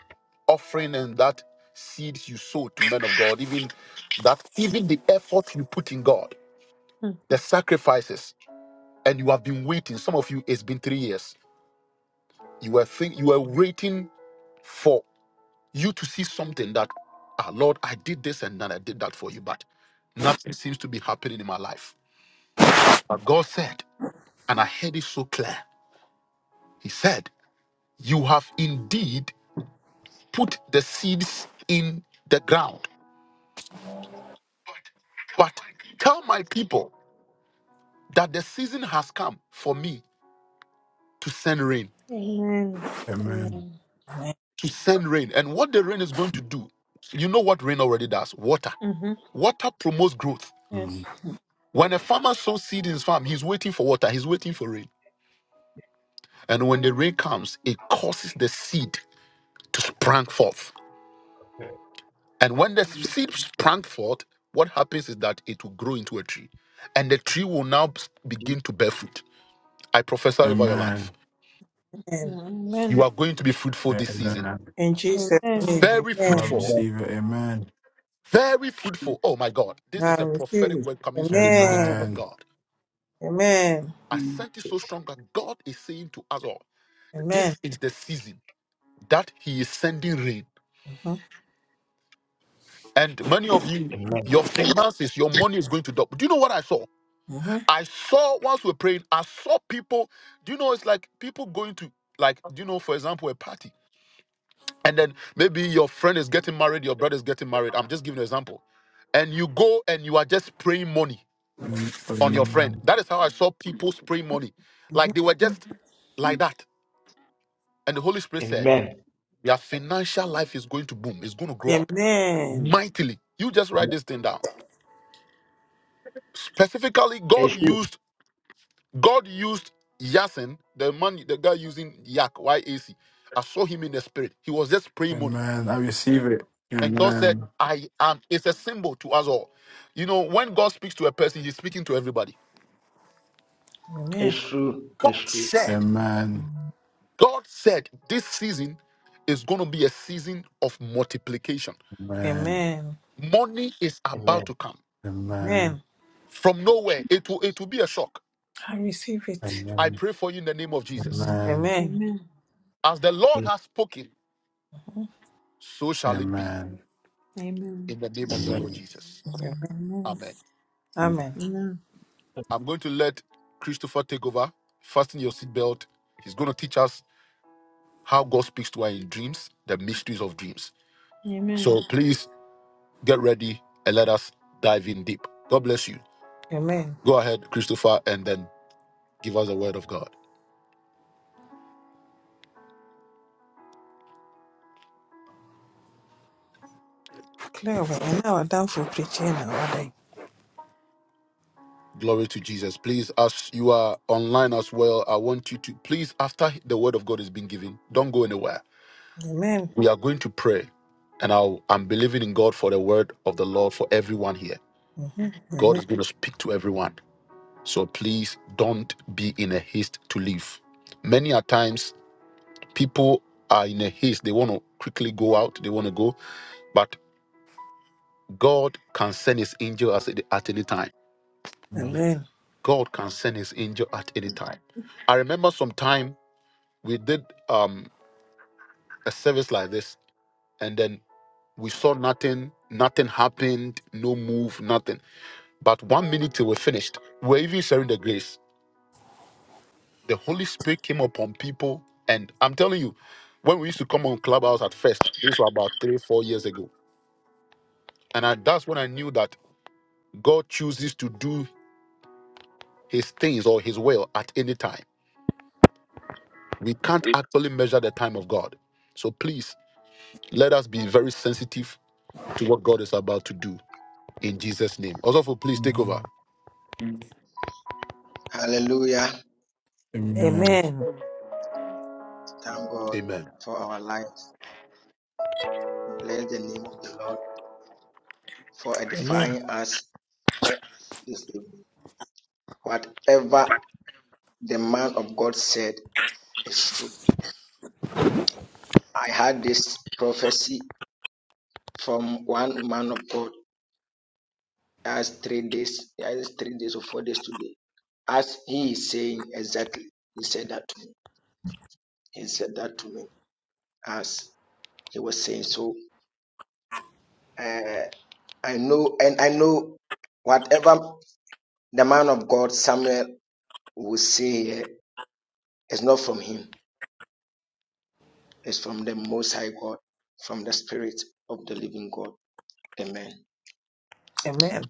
[SPEAKER 1] offering and that seeds you sow to men of God, even that, even the effort you put in God, the sacrifices, and you have been waiting. Some of you, it's been three years. You were think, you were waiting for you to see something that, ah, Lord, I did this and then I did that for you, but nothing seems to be happening in my life. But God said, and I heard it so clear. He said, You have indeed put the seeds in the ground. But tell my people that the season has come for me to send rain,
[SPEAKER 2] Amen.
[SPEAKER 3] Amen.
[SPEAKER 2] Amen.
[SPEAKER 1] to send rain. And what the rain is going to do, you know what rain already does water.
[SPEAKER 2] Mhm.
[SPEAKER 1] Water promotes growth.
[SPEAKER 3] Mm.
[SPEAKER 2] Yes.
[SPEAKER 1] When a farmer sows seed in his farm, he's waiting for water, he's waiting for rain. And when the rain comes, it causes the seed to sprang forth. And when the seed sprang forth, what happens is that it will grow into a tree. And the tree will now begin to bear fruit. I prophesy over your life
[SPEAKER 3] Amen.
[SPEAKER 4] Amen.
[SPEAKER 1] You
[SPEAKER 2] Amen.
[SPEAKER 1] are going to be fruitful this season.
[SPEAKER 3] Amen.
[SPEAKER 4] In
[SPEAKER 2] Amen.
[SPEAKER 4] Jesus'
[SPEAKER 2] Amen.
[SPEAKER 1] Very
[SPEAKER 3] Well, I
[SPEAKER 4] name.
[SPEAKER 1] fruitful.
[SPEAKER 3] receive it. Amen.
[SPEAKER 1] Very fruitful. Oh my God. This
[SPEAKER 4] I
[SPEAKER 1] is a
[SPEAKER 4] receive
[SPEAKER 1] prophetic
[SPEAKER 4] it.
[SPEAKER 1] word coming straight from the throne of
[SPEAKER 4] Amen.
[SPEAKER 3] Amen.
[SPEAKER 1] God.
[SPEAKER 4] Amen.
[SPEAKER 1] I sent it so strong that God is saying to us all,
[SPEAKER 4] Amen.
[SPEAKER 1] this is the season that He is sending rain.
[SPEAKER 4] Mm-hmm.
[SPEAKER 1] And many of you, your finances, your money is going to double. Do you know what I saw?
[SPEAKER 4] Mm-hmm.
[SPEAKER 1] I saw once we were praying, I saw people, do you know it's like people going to like, do you know, for example, a party. and then maybe your friend is getting married, your brother is getting married. I'm just giving an example. And you go and you are just spraying money
[SPEAKER 3] Mm.
[SPEAKER 1] on your friend.
[SPEAKER 3] Amen.
[SPEAKER 1] That is how I saw people spraying money.
[SPEAKER 4] Mm-hmm.
[SPEAKER 1] Like they were just like that. And the Holy Spirit said, Your financial life is going to boom, it's going to grow up
[SPEAKER 4] Amen.
[SPEAKER 1] mightily. You just write this thing down. Specifically, God used God used Yasin, the man, the guy using Yak, Y-A-C. I saw him in the spirit. He was just spraying money
[SPEAKER 3] Amen. I receive it.
[SPEAKER 1] And God said,
[SPEAKER 3] Amen.
[SPEAKER 1] I am. It's a symbol to us all. You know, when God speaks to a person, he's speaking to everybody.
[SPEAKER 4] Amen.
[SPEAKER 1] God said,
[SPEAKER 3] Amen.
[SPEAKER 1] God said, this season is going to be a season of multiplication.
[SPEAKER 3] Amen.
[SPEAKER 4] Amen.
[SPEAKER 1] Money is about to come
[SPEAKER 3] Amen.
[SPEAKER 4] Amen.
[SPEAKER 1] from nowhere. It will, it will be a shock.
[SPEAKER 4] I receive it.
[SPEAKER 1] I
[SPEAKER 3] Amen. Amen.
[SPEAKER 1] pray for you in the name of Jesus.
[SPEAKER 4] Amen.
[SPEAKER 2] Amen.
[SPEAKER 1] As the Lord has spoken,
[SPEAKER 4] Mhm.
[SPEAKER 1] so shall it be
[SPEAKER 3] Amen.
[SPEAKER 1] in the name of the
[SPEAKER 2] Amen.
[SPEAKER 1] Lord
[SPEAKER 3] Amen.
[SPEAKER 1] Jesus.
[SPEAKER 4] Amen.
[SPEAKER 2] Amen.
[SPEAKER 1] Amen.
[SPEAKER 4] Amen.
[SPEAKER 2] Amen.
[SPEAKER 1] I'm going to let Christopher take over. Fasten your seatbelt. He's going to teach us how God speaks to her in dreams, the mysteries of dreams.
[SPEAKER 2] Amen.
[SPEAKER 1] So please get ready and let us dive in deep. God bless you.
[SPEAKER 4] Amen.
[SPEAKER 1] Go ahead, Christopher, and then give us a word of God.
[SPEAKER 4] Clear away. And now I'm done for preaching now. are
[SPEAKER 1] Glory to Jesus. Please, as you are online as well, I want you to please, after the word of God is being given, don't go anywhere.
[SPEAKER 4] Amen.
[SPEAKER 1] We are going to pray, and I'll, I'm believing in God for the word of the Lord for everyone here.
[SPEAKER 4] Mm-hmm.
[SPEAKER 1] God
[SPEAKER 4] Amen.
[SPEAKER 1] is going to speak to everyone. So please don't be in a haste to leave. Many a times people are in a haste. They want to quickly go out. They want to go. But God can send his angel as- at any time.
[SPEAKER 3] Amen.
[SPEAKER 4] Amen.
[SPEAKER 1] God can send his angel at any time. I remember some time we did um, a service like this, and then we saw nothing, nothing happened, no move, nothing. But one minute till we finished, we were even sharing the grace. The Holy Spirit came upon people, and I'm telling you, when we used to come on Clubhouse at first, this was about three, four years ago, and I, that's when I knew that. God chooses to do his things or his will at any time. We can't actually measure the time of God. So please let us be very sensitive to what God is about to do in Jesus' name. Also, for please take
[SPEAKER 3] Amen.
[SPEAKER 1] over.
[SPEAKER 3] Amen. Amen.
[SPEAKER 4] Amen.
[SPEAKER 1] Amen.
[SPEAKER 4] Amen. Amen.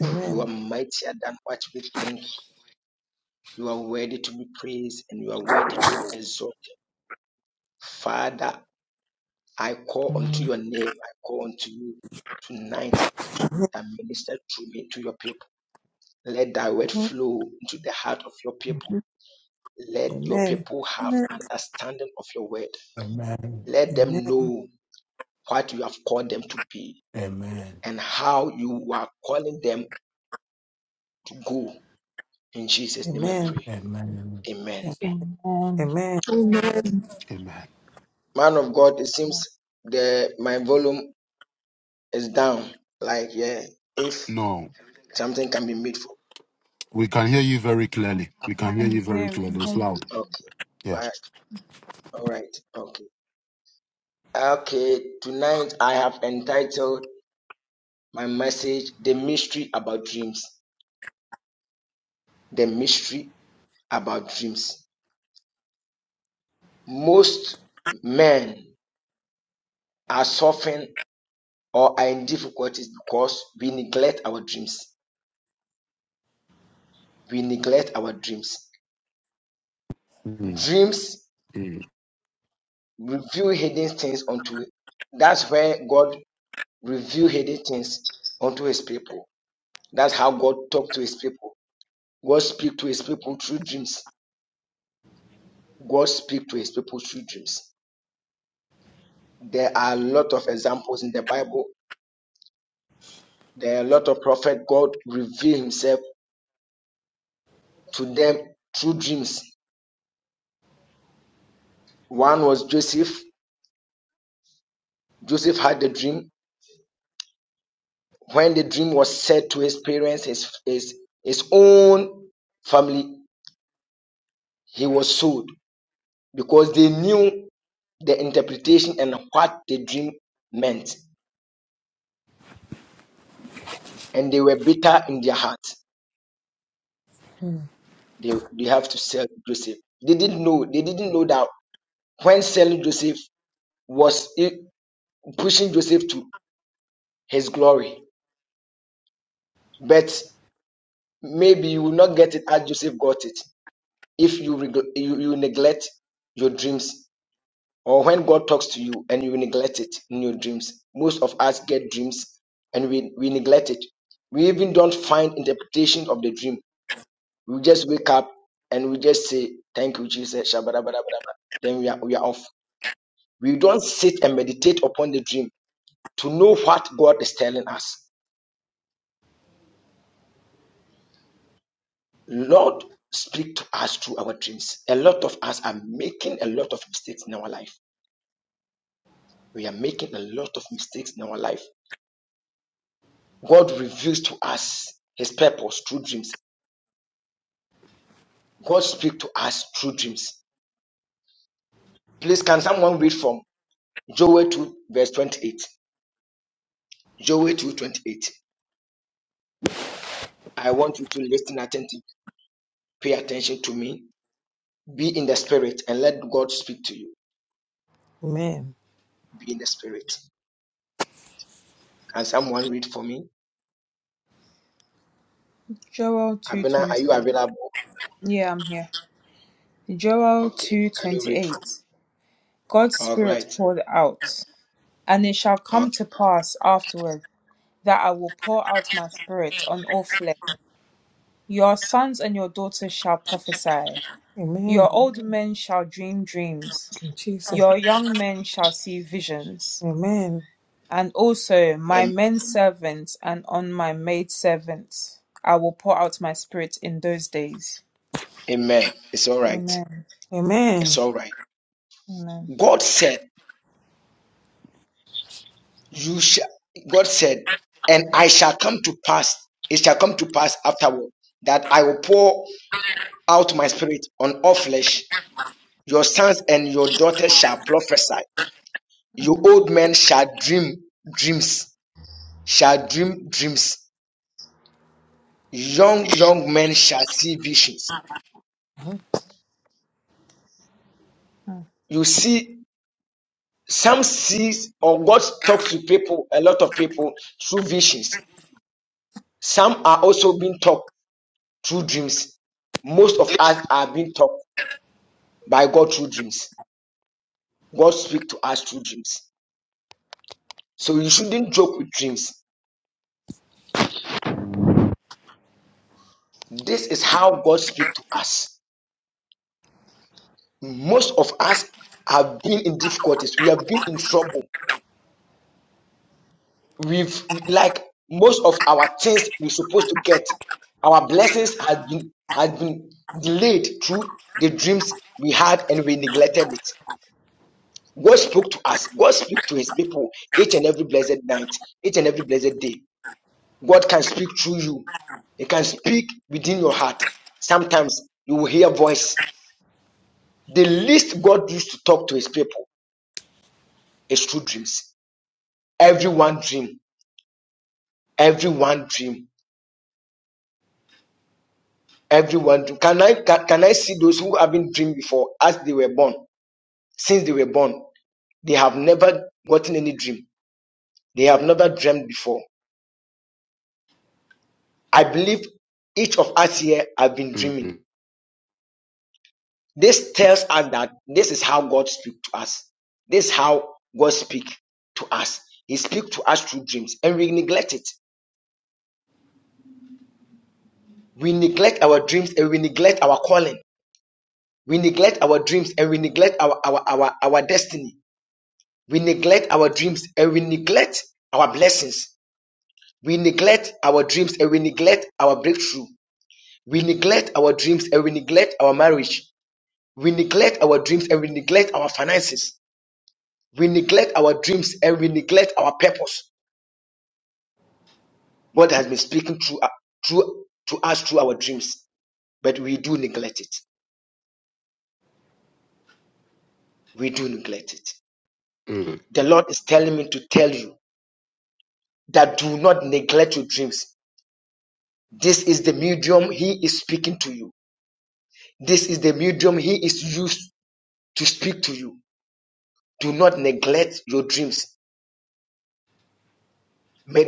[SPEAKER 4] Amen. Mm-hmm. Mm-hmm. Amen.
[SPEAKER 6] Amen.
[SPEAKER 3] Amen.
[SPEAKER 4] Amen.
[SPEAKER 3] Amen.
[SPEAKER 4] Amen.
[SPEAKER 3] Amen.
[SPEAKER 4] Amen.
[SPEAKER 5] Amen.
[SPEAKER 4] Amen.
[SPEAKER 1] Amen. No, we can hear you very clearly. We
[SPEAKER 2] We
[SPEAKER 1] can hear
[SPEAKER 2] can
[SPEAKER 1] you very
[SPEAKER 2] hear, we can
[SPEAKER 1] clearly.
[SPEAKER 2] hear
[SPEAKER 1] It's
[SPEAKER 2] you.
[SPEAKER 1] loud. Yeah. Mm, mm,
[SPEAKER 4] Mm-hmm. Amen.
[SPEAKER 2] Joel 2:28. Yeah, I'm here. Joel 2:28. God's spirit poured out, and it shall come to pass afterward that I will pour out my spirit on all flesh. Your sons and your daughters shall prophesy.
[SPEAKER 4] Amen.
[SPEAKER 2] Your old men shall dream dreams.
[SPEAKER 4] In Jesus.
[SPEAKER 2] Your young men shall see visions.
[SPEAKER 4] Amen.
[SPEAKER 2] and also my men servants and on my maid servants I will pour out my spirit in those days. Amen.
[SPEAKER 4] Amen.
[SPEAKER 2] Amen. Mhm. Mm.
[SPEAKER 1] mm, mm, mm,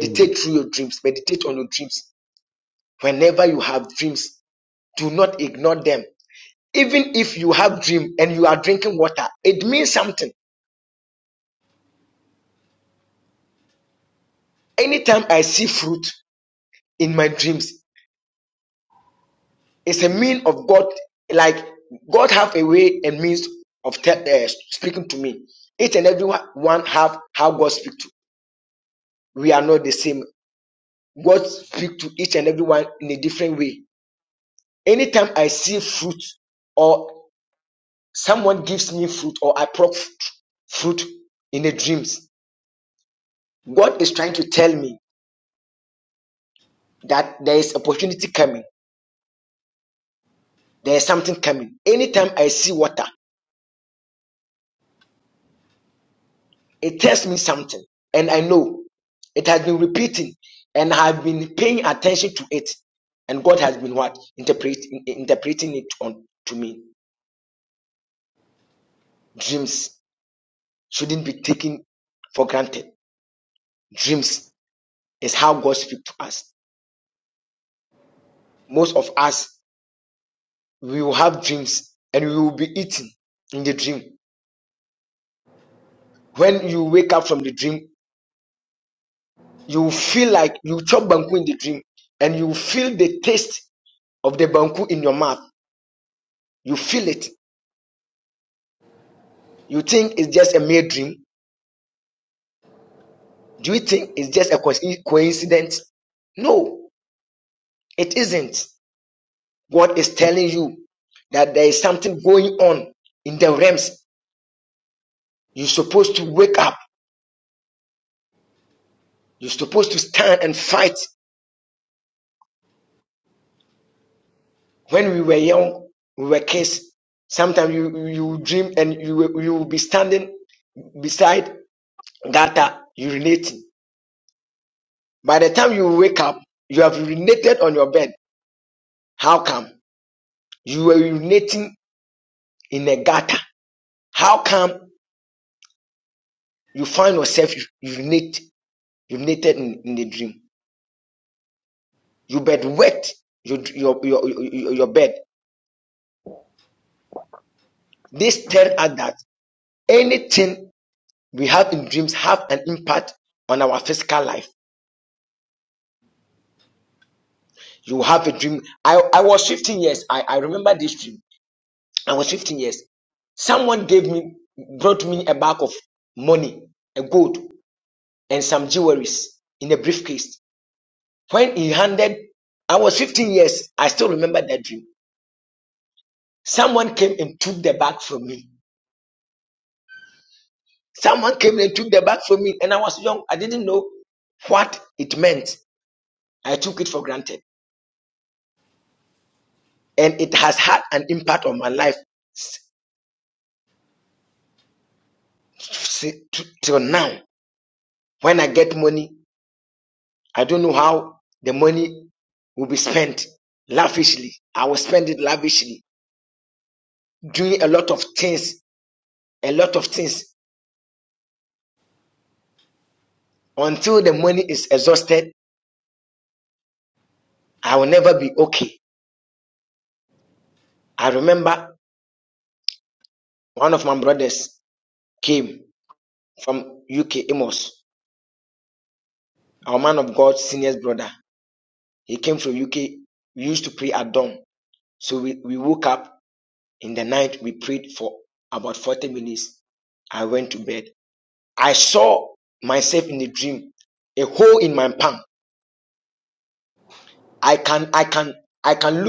[SPEAKER 1] mm,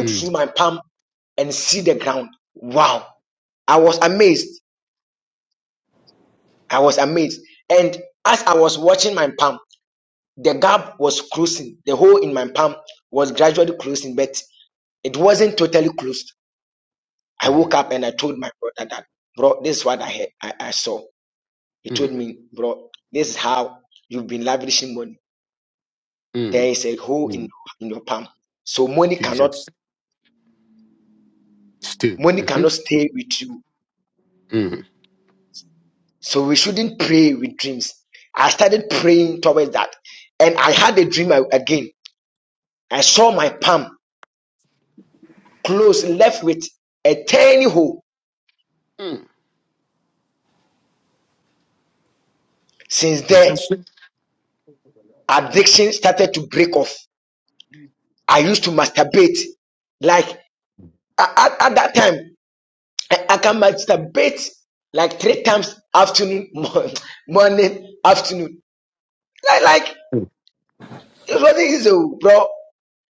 [SPEAKER 1] mm, mm, mm, mm. Jesus. Still. Mhm. Mm, mm,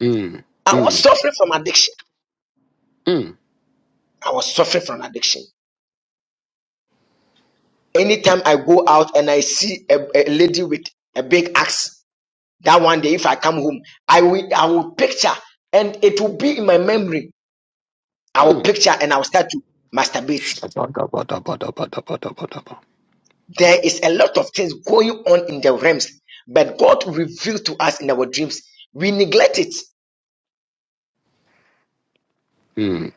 [SPEAKER 1] mm, mm, mm. mm. Shabba-dabba-dabba-dabba-dabba-dabba-dabba. Mm,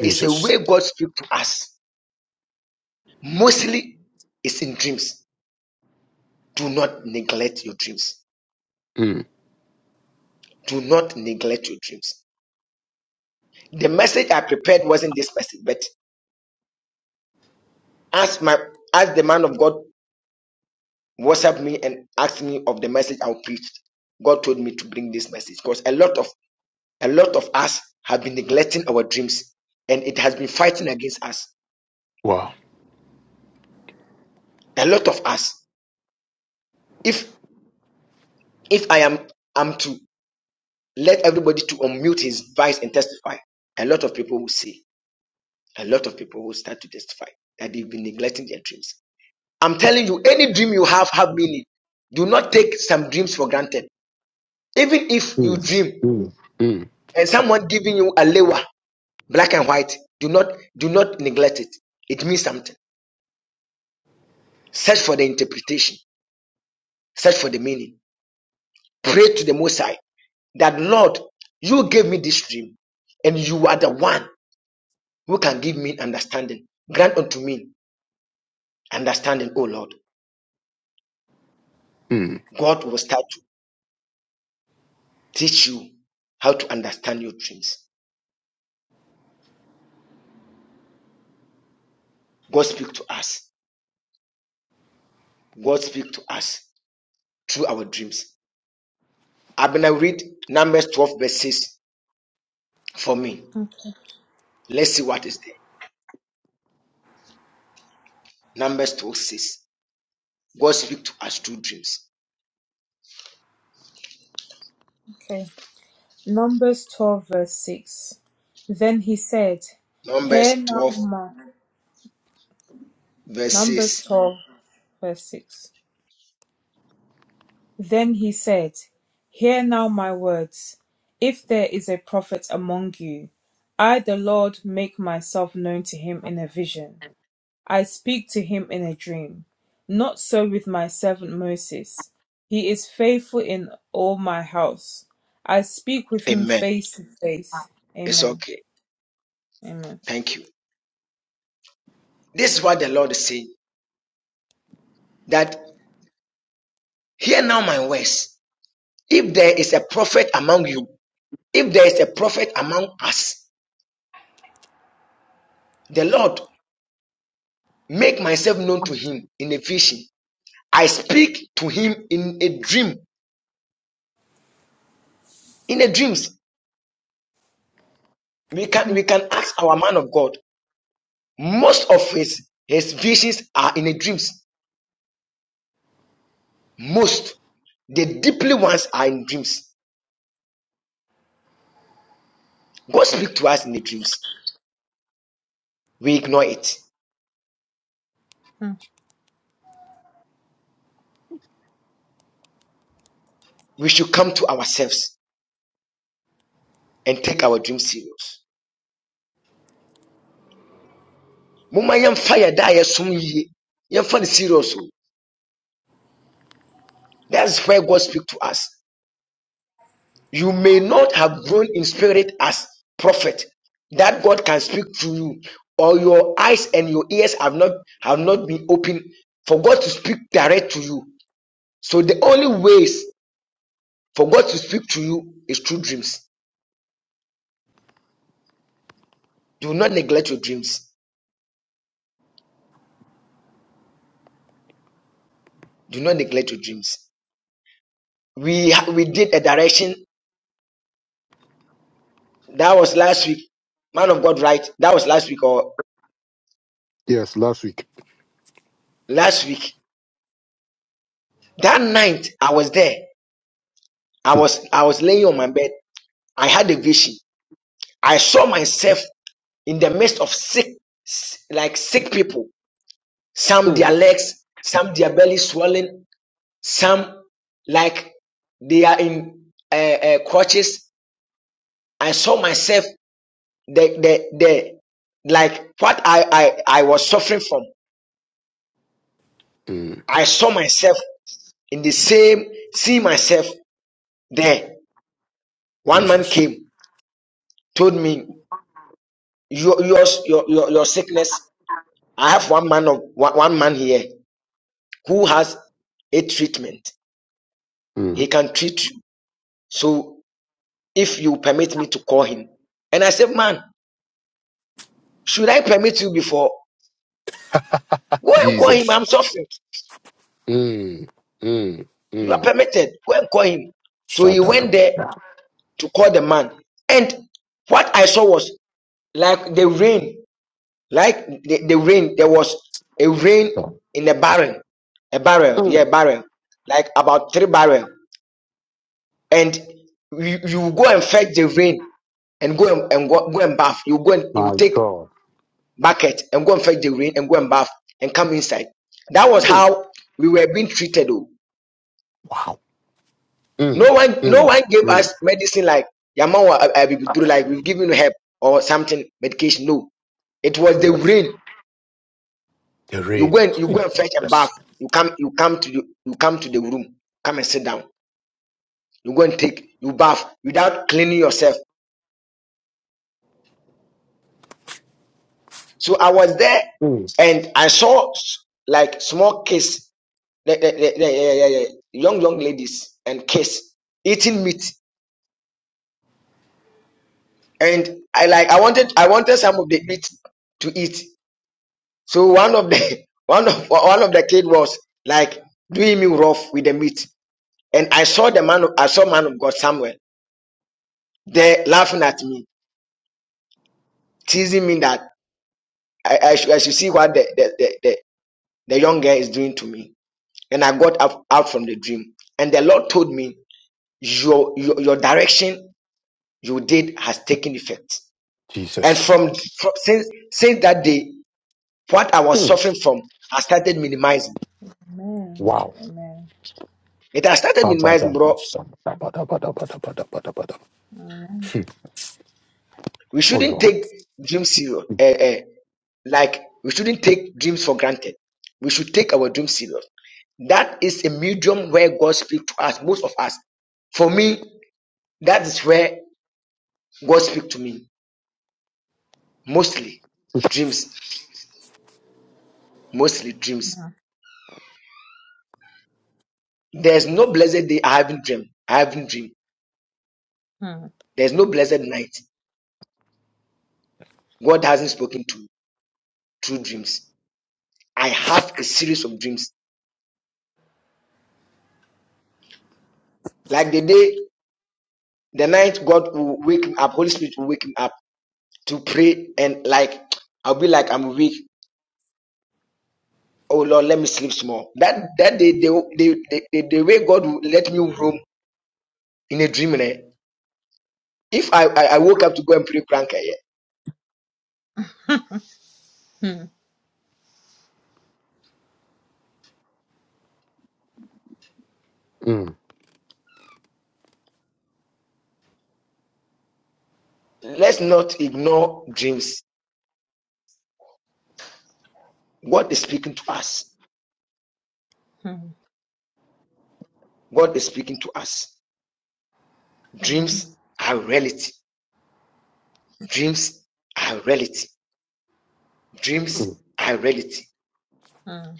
[SPEAKER 1] Jesus. Mm, wow. Mm, mm, mm, mm.
[SPEAKER 2] Okay. okay. Numbers 12, verse 6. Then he said, Hear now my. Numbers 12, verse 6. Then he said, Hear now my words. If there is a prophet among you, I, the Lord, make myself known to him in a vision. I speak to him in a dream. Not so with my servant Moses. He is faithful in all my house. I speak with him face to face. Amen. Amen. Hmm.
[SPEAKER 1] Yes, last week. Mm, Jesus. Mm, Jesus. Mm, mm, mm. Shadagam. My God. Mm, my God. Mm, mm, mm, mm. Yes. The rain. Yes. Mm, Jesus. Mm,
[SPEAKER 2] Amen.
[SPEAKER 1] wow.
[SPEAKER 2] Amen.
[SPEAKER 1] Kabadabba-dabba-dabba-dabba-dabba-dabba-dabba. Oh, Lord.
[SPEAKER 2] Hmm.
[SPEAKER 1] Mm,
[SPEAKER 2] Hmm. Hmm.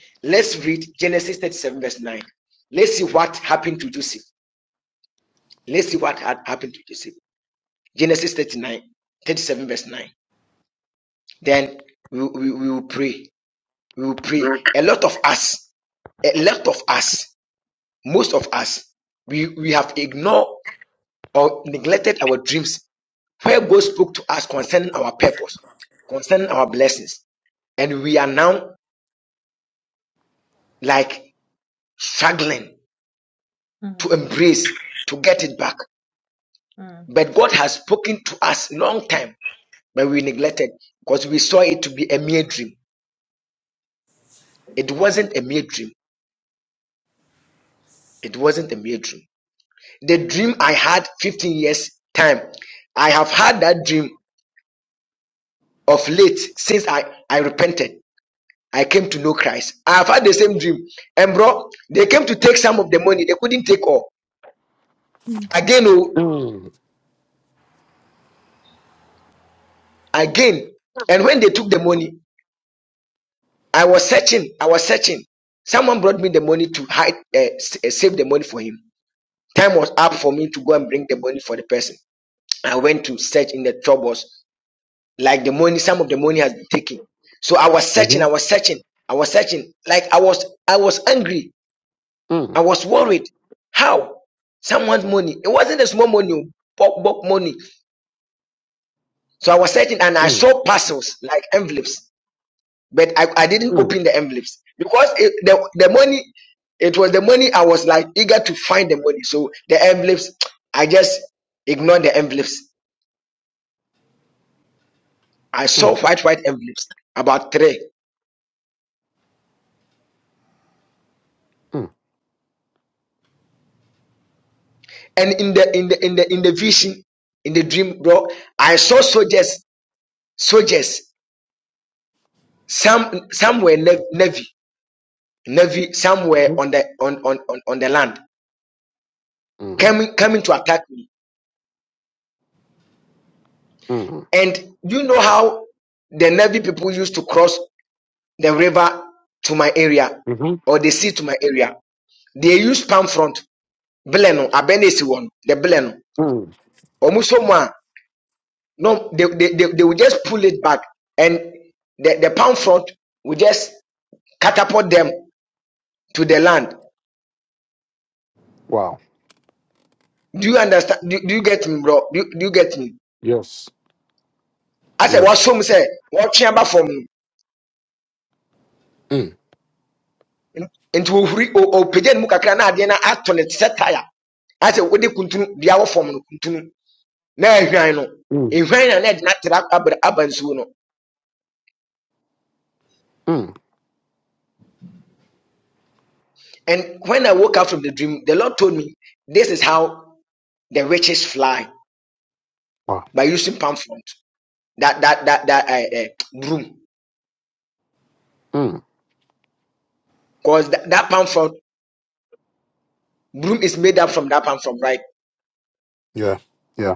[SPEAKER 2] Hmm. Hmm. Hmm.
[SPEAKER 1] mm, mm, mm, mm. Mm, mm, mm, mm, mm, mm, mm, mhm, mm. Wow. Yes. Yes. Mm, mm. Wow. Mm. Yeah. Yeah.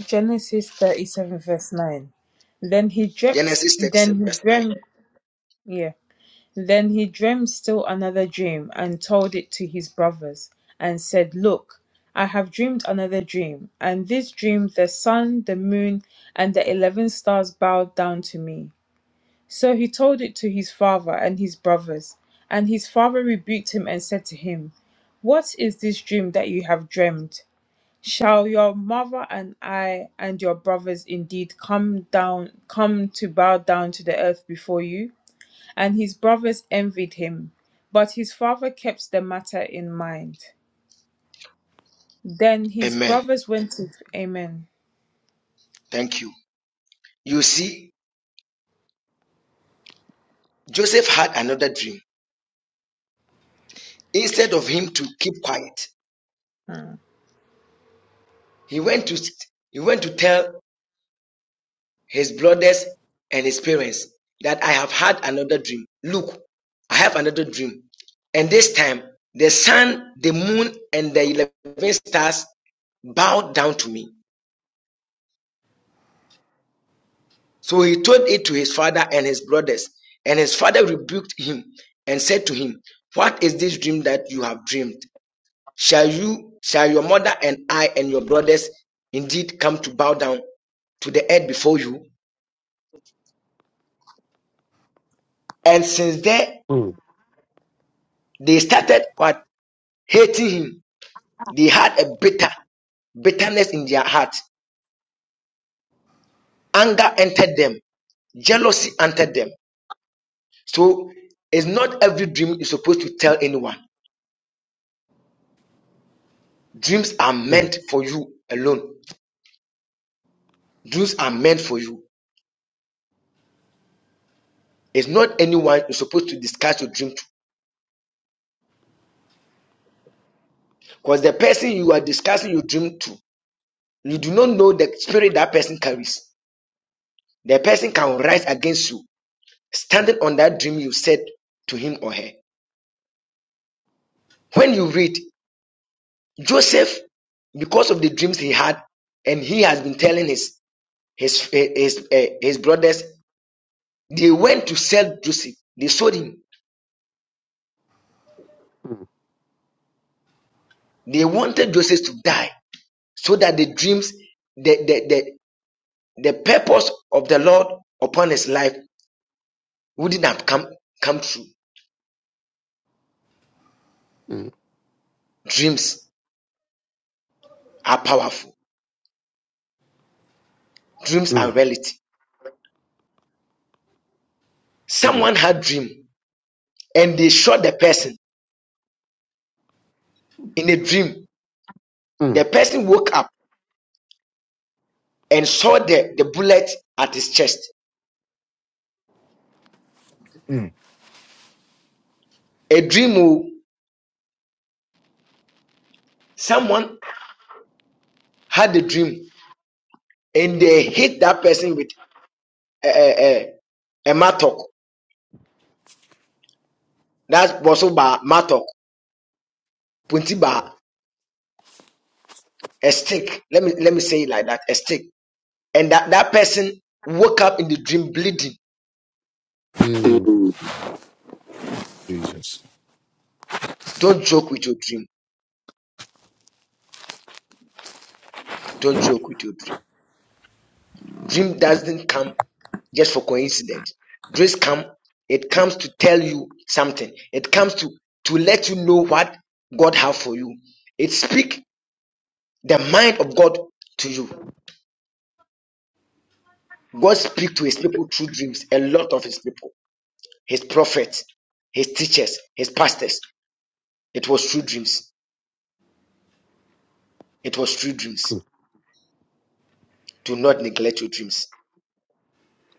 [SPEAKER 2] Genesis 37 verse 9. Then he dreamt, then he dreamt, Yeah. Then he dreamed still another dream, and told it to his brothers, and said, Look, I have dreamed another dream, and this dream the sun, the moon, and the eleven stars bowed down to me. So he told it to his father and his brothers, and his father rebuked him and said to him, What is this dream that you have dreamed? Shall your mother and I and your brothers indeed come down come to bow down to the earth before you? and his brothers envied him. But his father kept the matter in mind. Then his brothers went to Amen. Hmm.
[SPEAKER 1] Mm, mm, mm, mm, mm, mm, mm. Jesus.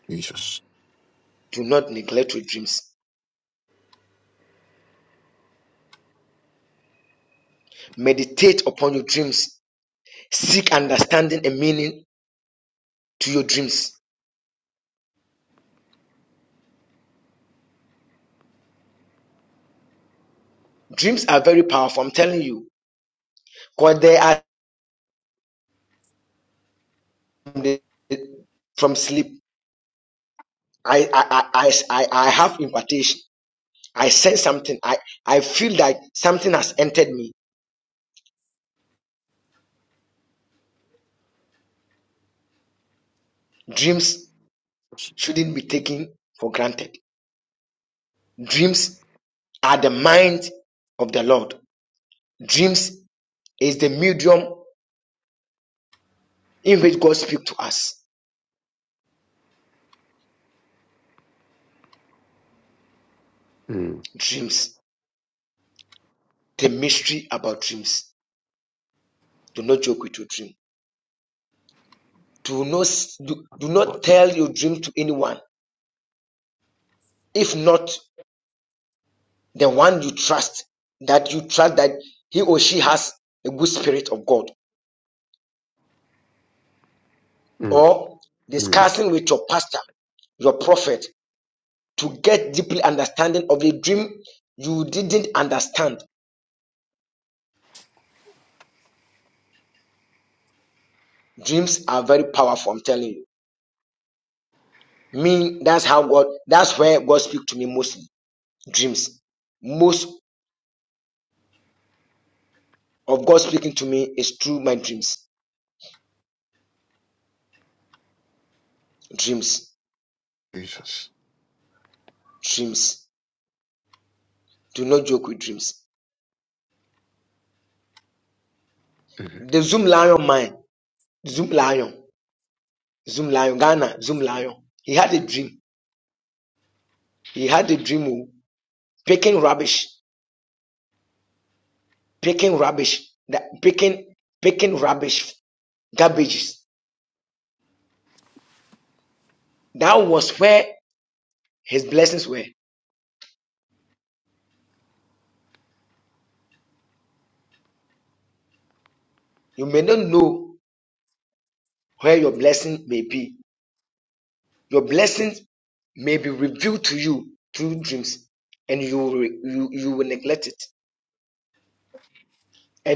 [SPEAKER 1] Jesus. Mm. Lord Jesus. Mhm,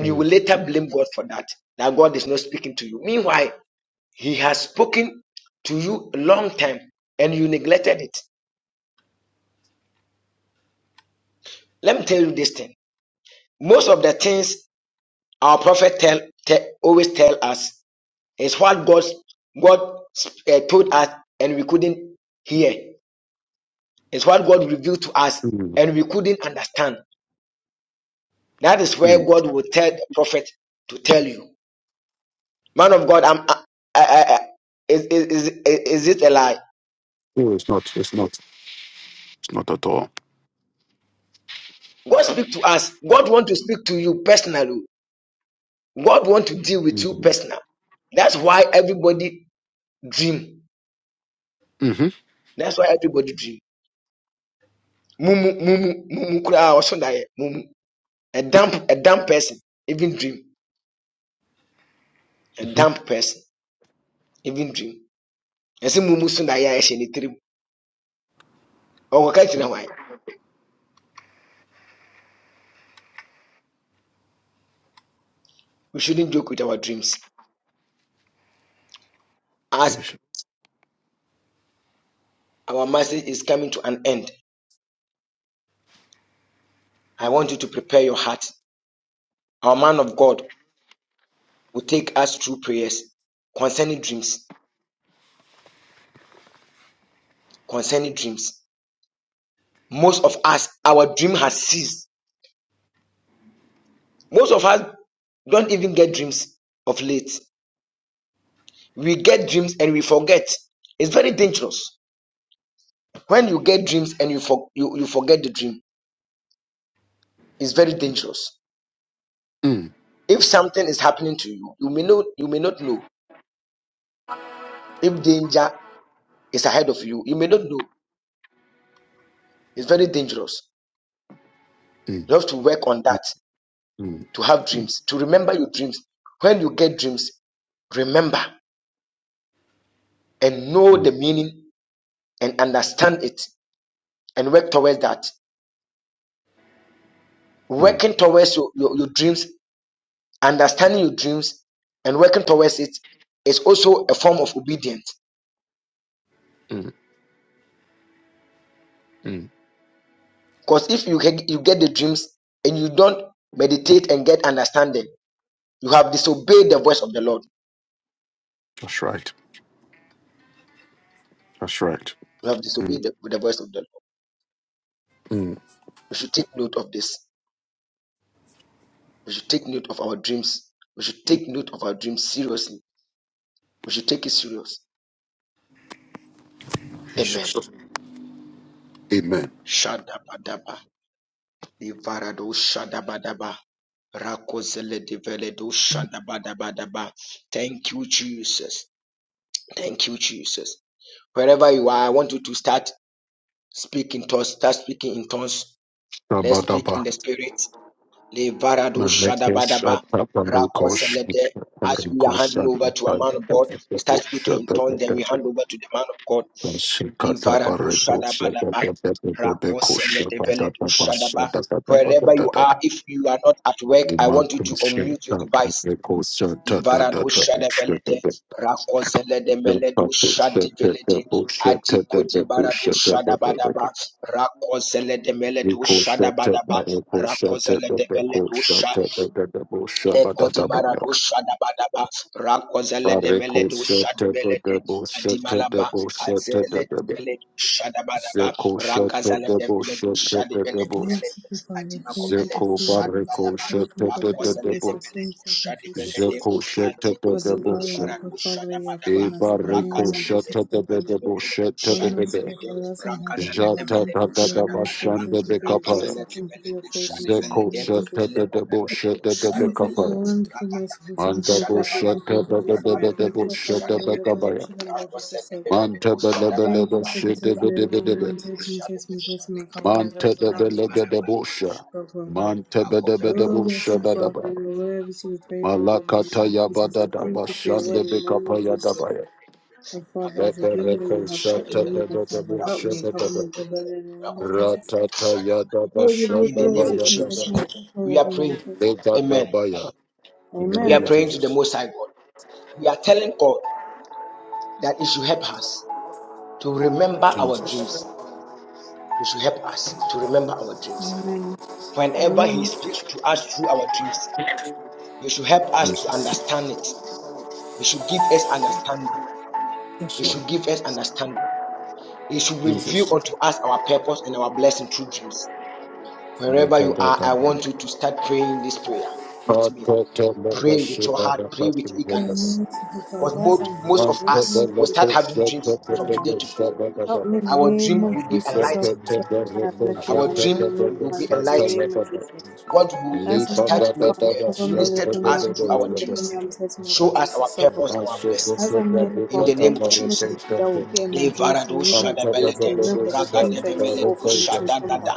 [SPEAKER 1] mm, mm, mm. No, it's not. It's not. Mm, mhm, Jesus. Mm, mm, mm, mm, mm. That's right. That's right. Mm, mm. Jesus. Amen. Malekesh Ataparukosh Parukosh Shut Bareko shete de debo shete debo shete de debo. Zeko shete debo shete de debo. Zeko
[SPEAKER 2] Amen.
[SPEAKER 1] bareko
[SPEAKER 2] Thank
[SPEAKER 1] shete
[SPEAKER 2] you, God,
[SPEAKER 1] de
[SPEAKER 2] for your
[SPEAKER 1] de debo.
[SPEAKER 2] thank you, Lord Jesus, Lord God,
[SPEAKER 1] Zeko shete de
[SPEAKER 2] for the
[SPEAKER 1] debo
[SPEAKER 2] power
[SPEAKER 1] shete.
[SPEAKER 2] of the Father you have put
[SPEAKER 1] E
[SPEAKER 2] us in the
[SPEAKER 1] bareko
[SPEAKER 2] name of
[SPEAKER 1] shete
[SPEAKER 2] Jesus,
[SPEAKER 1] de
[SPEAKER 2] Lord
[SPEAKER 1] de
[SPEAKER 2] God.
[SPEAKER 1] debo shete
[SPEAKER 2] Lord,
[SPEAKER 1] de de
[SPEAKER 2] mercy,
[SPEAKER 1] de.
[SPEAKER 2] for us and help the Father.
[SPEAKER 1] Jata
[SPEAKER 2] Thank
[SPEAKER 1] da
[SPEAKER 2] you for
[SPEAKER 1] da
[SPEAKER 2] your
[SPEAKER 1] da
[SPEAKER 2] mercy. I thank
[SPEAKER 1] bashande
[SPEAKER 2] you
[SPEAKER 1] de
[SPEAKER 2] for your
[SPEAKER 1] kapaya.
[SPEAKER 2] grace. I thank you for your faithfulness in the
[SPEAKER 1] Zeko
[SPEAKER 2] name of
[SPEAKER 1] shete
[SPEAKER 2] Jesus.
[SPEAKER 1] de debo shete de de
[SPEAKER 2] Thank you for the
[SPEAKER 1] kapaya.
[SPEAKER 2] wonderful merciful things,
[SPEAKER 1] Manda
[SPEAKER 2] Lord
[SPEAKER 1] bo
[SPEAKER 2] God, you
[SPEAKER 1] shete
[SPEAKER 2] continue to
[SPEAKER 1] de
[SPEAKER 2] do
[SPEAKER 1] de
[SPEAKER 2] for
[SPEAKER 1] de
[SPEAKER 2] me. I
[SPEAKER 1] de
[SPEAKER 2] thank you
[SPEAKER 1] debo
[SPEAKER 2] for covering
[SPEAKER 1] shete
[SPEAKER 2] me
[SPEAKER 1] de
[SPEAKER 2] with the
[SPEAKER 1] kabaya.
[SPEAKER 2] revolution and Lord Jesus, Lord God.
[SPEAKER 1] Manta bela
[SPEAKER 2] Thank
[SPEAKER 1] bela
[SPEAKER 2] you for
[SPEAKER 1] boshe
[SPEAKER 2] protecting
[SPEAKER 1] de de
[SPEAKER 2] me
[SPEAKER 1] de de
[SPEAKER 2] from the temptation, protecting
[SPEAKER 1] de
[SPEAKER 2] me.
[SPEAKER 1] be.
[SPEAKER 2] I'm taking, taking, taking me. Compliments of
[SPEAKER 1] Manta
[SPEAKER 2] the
[SPEAKER 1] de bela
[SPEAKER 2] mountains
[SPEAKER 1] gede bosha.
[SPEAKER 2] of
[SPEAKER 1] Manta bede bede
[SPEAKER 2] Oh,
[SPEAKER 1] bosha
[SPEAKER 2] mercy,
[SPEAKER 1] da da
[SPEAKER 2] Father,
[SPEAKER 1] ba.
[SPEAKER 2] you are worthy to be praised, O Lord, in the
[SPEAKER 1] Malakata
[SPEAKER 2] name of
[SPEAKER 1] ya ba
[SPEAKER 2] Jesus.
[SPEAKER 1] da
[SPEAKER 2] I
[SPEAKER 1] da ba
[SPEAKER 2] thank you for your word in
[SPEAKER 1] shande be
[SPEAKER 2] the name
[SPEAKER 1] kapa
[SPEAKER 2] of
[SPEAKER 1] ya da
[SPEAKER 2] Jesus.
[SPEAKER 1] ba ya.
[SPEAKER 2] Oh, Father, as a
[SPEAKER 1] Lebe
[SPEAKER 2] dreamer that
[SPEAKER 1] reko
[SPEAKER 2] you have put in
[SPEAKER 1] shata
[SPEAKER 2] me,
[SPEAKER 1] de
[SPEAKER 2] God,
[SPEAKER 1] de de
[SPEAKER 2] Father, help
[SPEAKER 1] bosha
[SPEAKER 2] me.
[SPEAKER 1] de
[SPEAKER 2] cover
[SPEAKER 1] de
[SPEAKER 2] me
[SPEAKER 1] de.
[SPEAKER 2] the in the name of Jesus.
[SPEAKER 1] Ratata ya da ba
[SPEAKER 2] Lord, you beautiful
[SPEAKER 1] shata
[SPEAKER 2] word,
[SPEAKER 1] ba
[SPEAKER 2] teach
[SPEAKER 1] ya
[SPEAKER 2] me,
[SPEAKER 1] da
[SPEAKER 2] take
[SPEAKER 1] ba.
[SPEAKER 2] me, take me, take me, take me.
[SPEAKER 1] Lega da ba ya. In the name
[SPEAKER 2] Amen.
[SPEAKER 1] of Jesus. Jesus.
[SPEAKER 2] Amen. Amen.
[SPEAKER 1] Jesus. Yes, Lord. Jesus. Manta da da ba. Fatata mega shibara katu gede ba.
[SPEAKER 2] Amen.
[SPEAKER 3] Father,
[SPEAKER 2] Father, as I'm
[SPEAKER 3] Father,
[SPEAKER 2] here,
[SPEAKER 1] Thank
[SPEAKER 2] in the name of
[SPEAKER 3] with the rest of
[SPEAKER 2] Jesus.
[SPEAKER 3] the Holy Spirit.
[SPEAKER 2] Help me in the name of
[SPEAKER 3] Father, I ask that
[SPEAKER 2] Jesus.
[SPEAKER 3] we
[SPEAKER 2] Help
[SPEAKER 3] do this
[SPEAKER 2] us out.
[SPEAKER 3] with things to
[SPEAKER 2] I have
[SPEAKER 3] you,
[SPEAKER 2] left
[SPEAKER 3] like
[SPEAKER 2] here, man.
[SPEAKER 3] you,
[SPEAKER 2] I can
[SPEAKER 3] you to
[SPEAKER 2] remember
[SPEAKER 3] put
[SPEAKER 2] my
[SPEAKER 3] the
[SPEAKER 2] grace
[SPEAKER 3] Lord
[SPEAKER 2] in the
[SPEAKER 3] to you,
[SPEAKER 2] name of Jesus.
[SPEAKER 3] and to us.
[SPEAKER 2] As I'm
[SPEAKER 3] We
[SPEAKER 2] here to
[SPEAKER 3] want to
[SPEAKER 2] Father,
[SPEAKER 3] be
[SPEAKER 2] cover
[SPEAKER 3] bring
[SPEAKER 2] me,
[SPEAKER 3] the
[SPEAKER 2] deliver me.
[SPEAKER 3] intimate
[SPEAKER 2] I'm testing,
[SPEAKER 3] confidence
[SPEAKER 2] deliver me.
[SPEAKER 3] and to
[SPEAKER 2] I'm
[SPEAKER 3] the
[SPEAKER 2] testing me, oh
[SPEAKER 3] side,
[SPEAKER 2] God, Jesus.
[SPEAKER 3] to
[SPEAKER 2] Suffer.
[SPEAKER 3] your believing the
[SPEAKER 2] As
[SPEAKER 3] Spirit,
[SPEAKER 2] I'm here to Father, any
[SPEAKER 3] that
[SPEAKER 2] enemy
[SPEAKER 3] the King
[SPEAKER 2] that
[SPEAKER 3] of
[SPEAKER 2] will
[SPEAKER 3] King
[SPEAKER 2] be
[SPEAKER 1] you.
[SPEAKER 3] of
[SPEAKER 2] in
[SPEAKER 3] the
[SPEAKER 2] my
[SPEAKER 3] host.
[SPEAKER 2] dreams will me
[SPEAKER 3] Father,
[SPEAKER 2] not to
[SPEAKER 3] God,
[SPEAKER 2] be
[SPEAKER 3] there's
[SPEAKER 2] able to
[SPEAKER 3] every one
[SPEAKER 2] remember the
[SPEAKER 3] down that
[SPEAKER 2] things
[SPEAKER 3] you need
[SPEAKER 2] that
[SPEAKER 3] to
[SPEAKER 2] you
[SPEAKER 3] see
[SPEAKER 2] all for
[SPEAKER 3] your
[SPEAKER 2] me to
[SPEAKER 3] face, O Lord,
[SPEAKER 2] remember.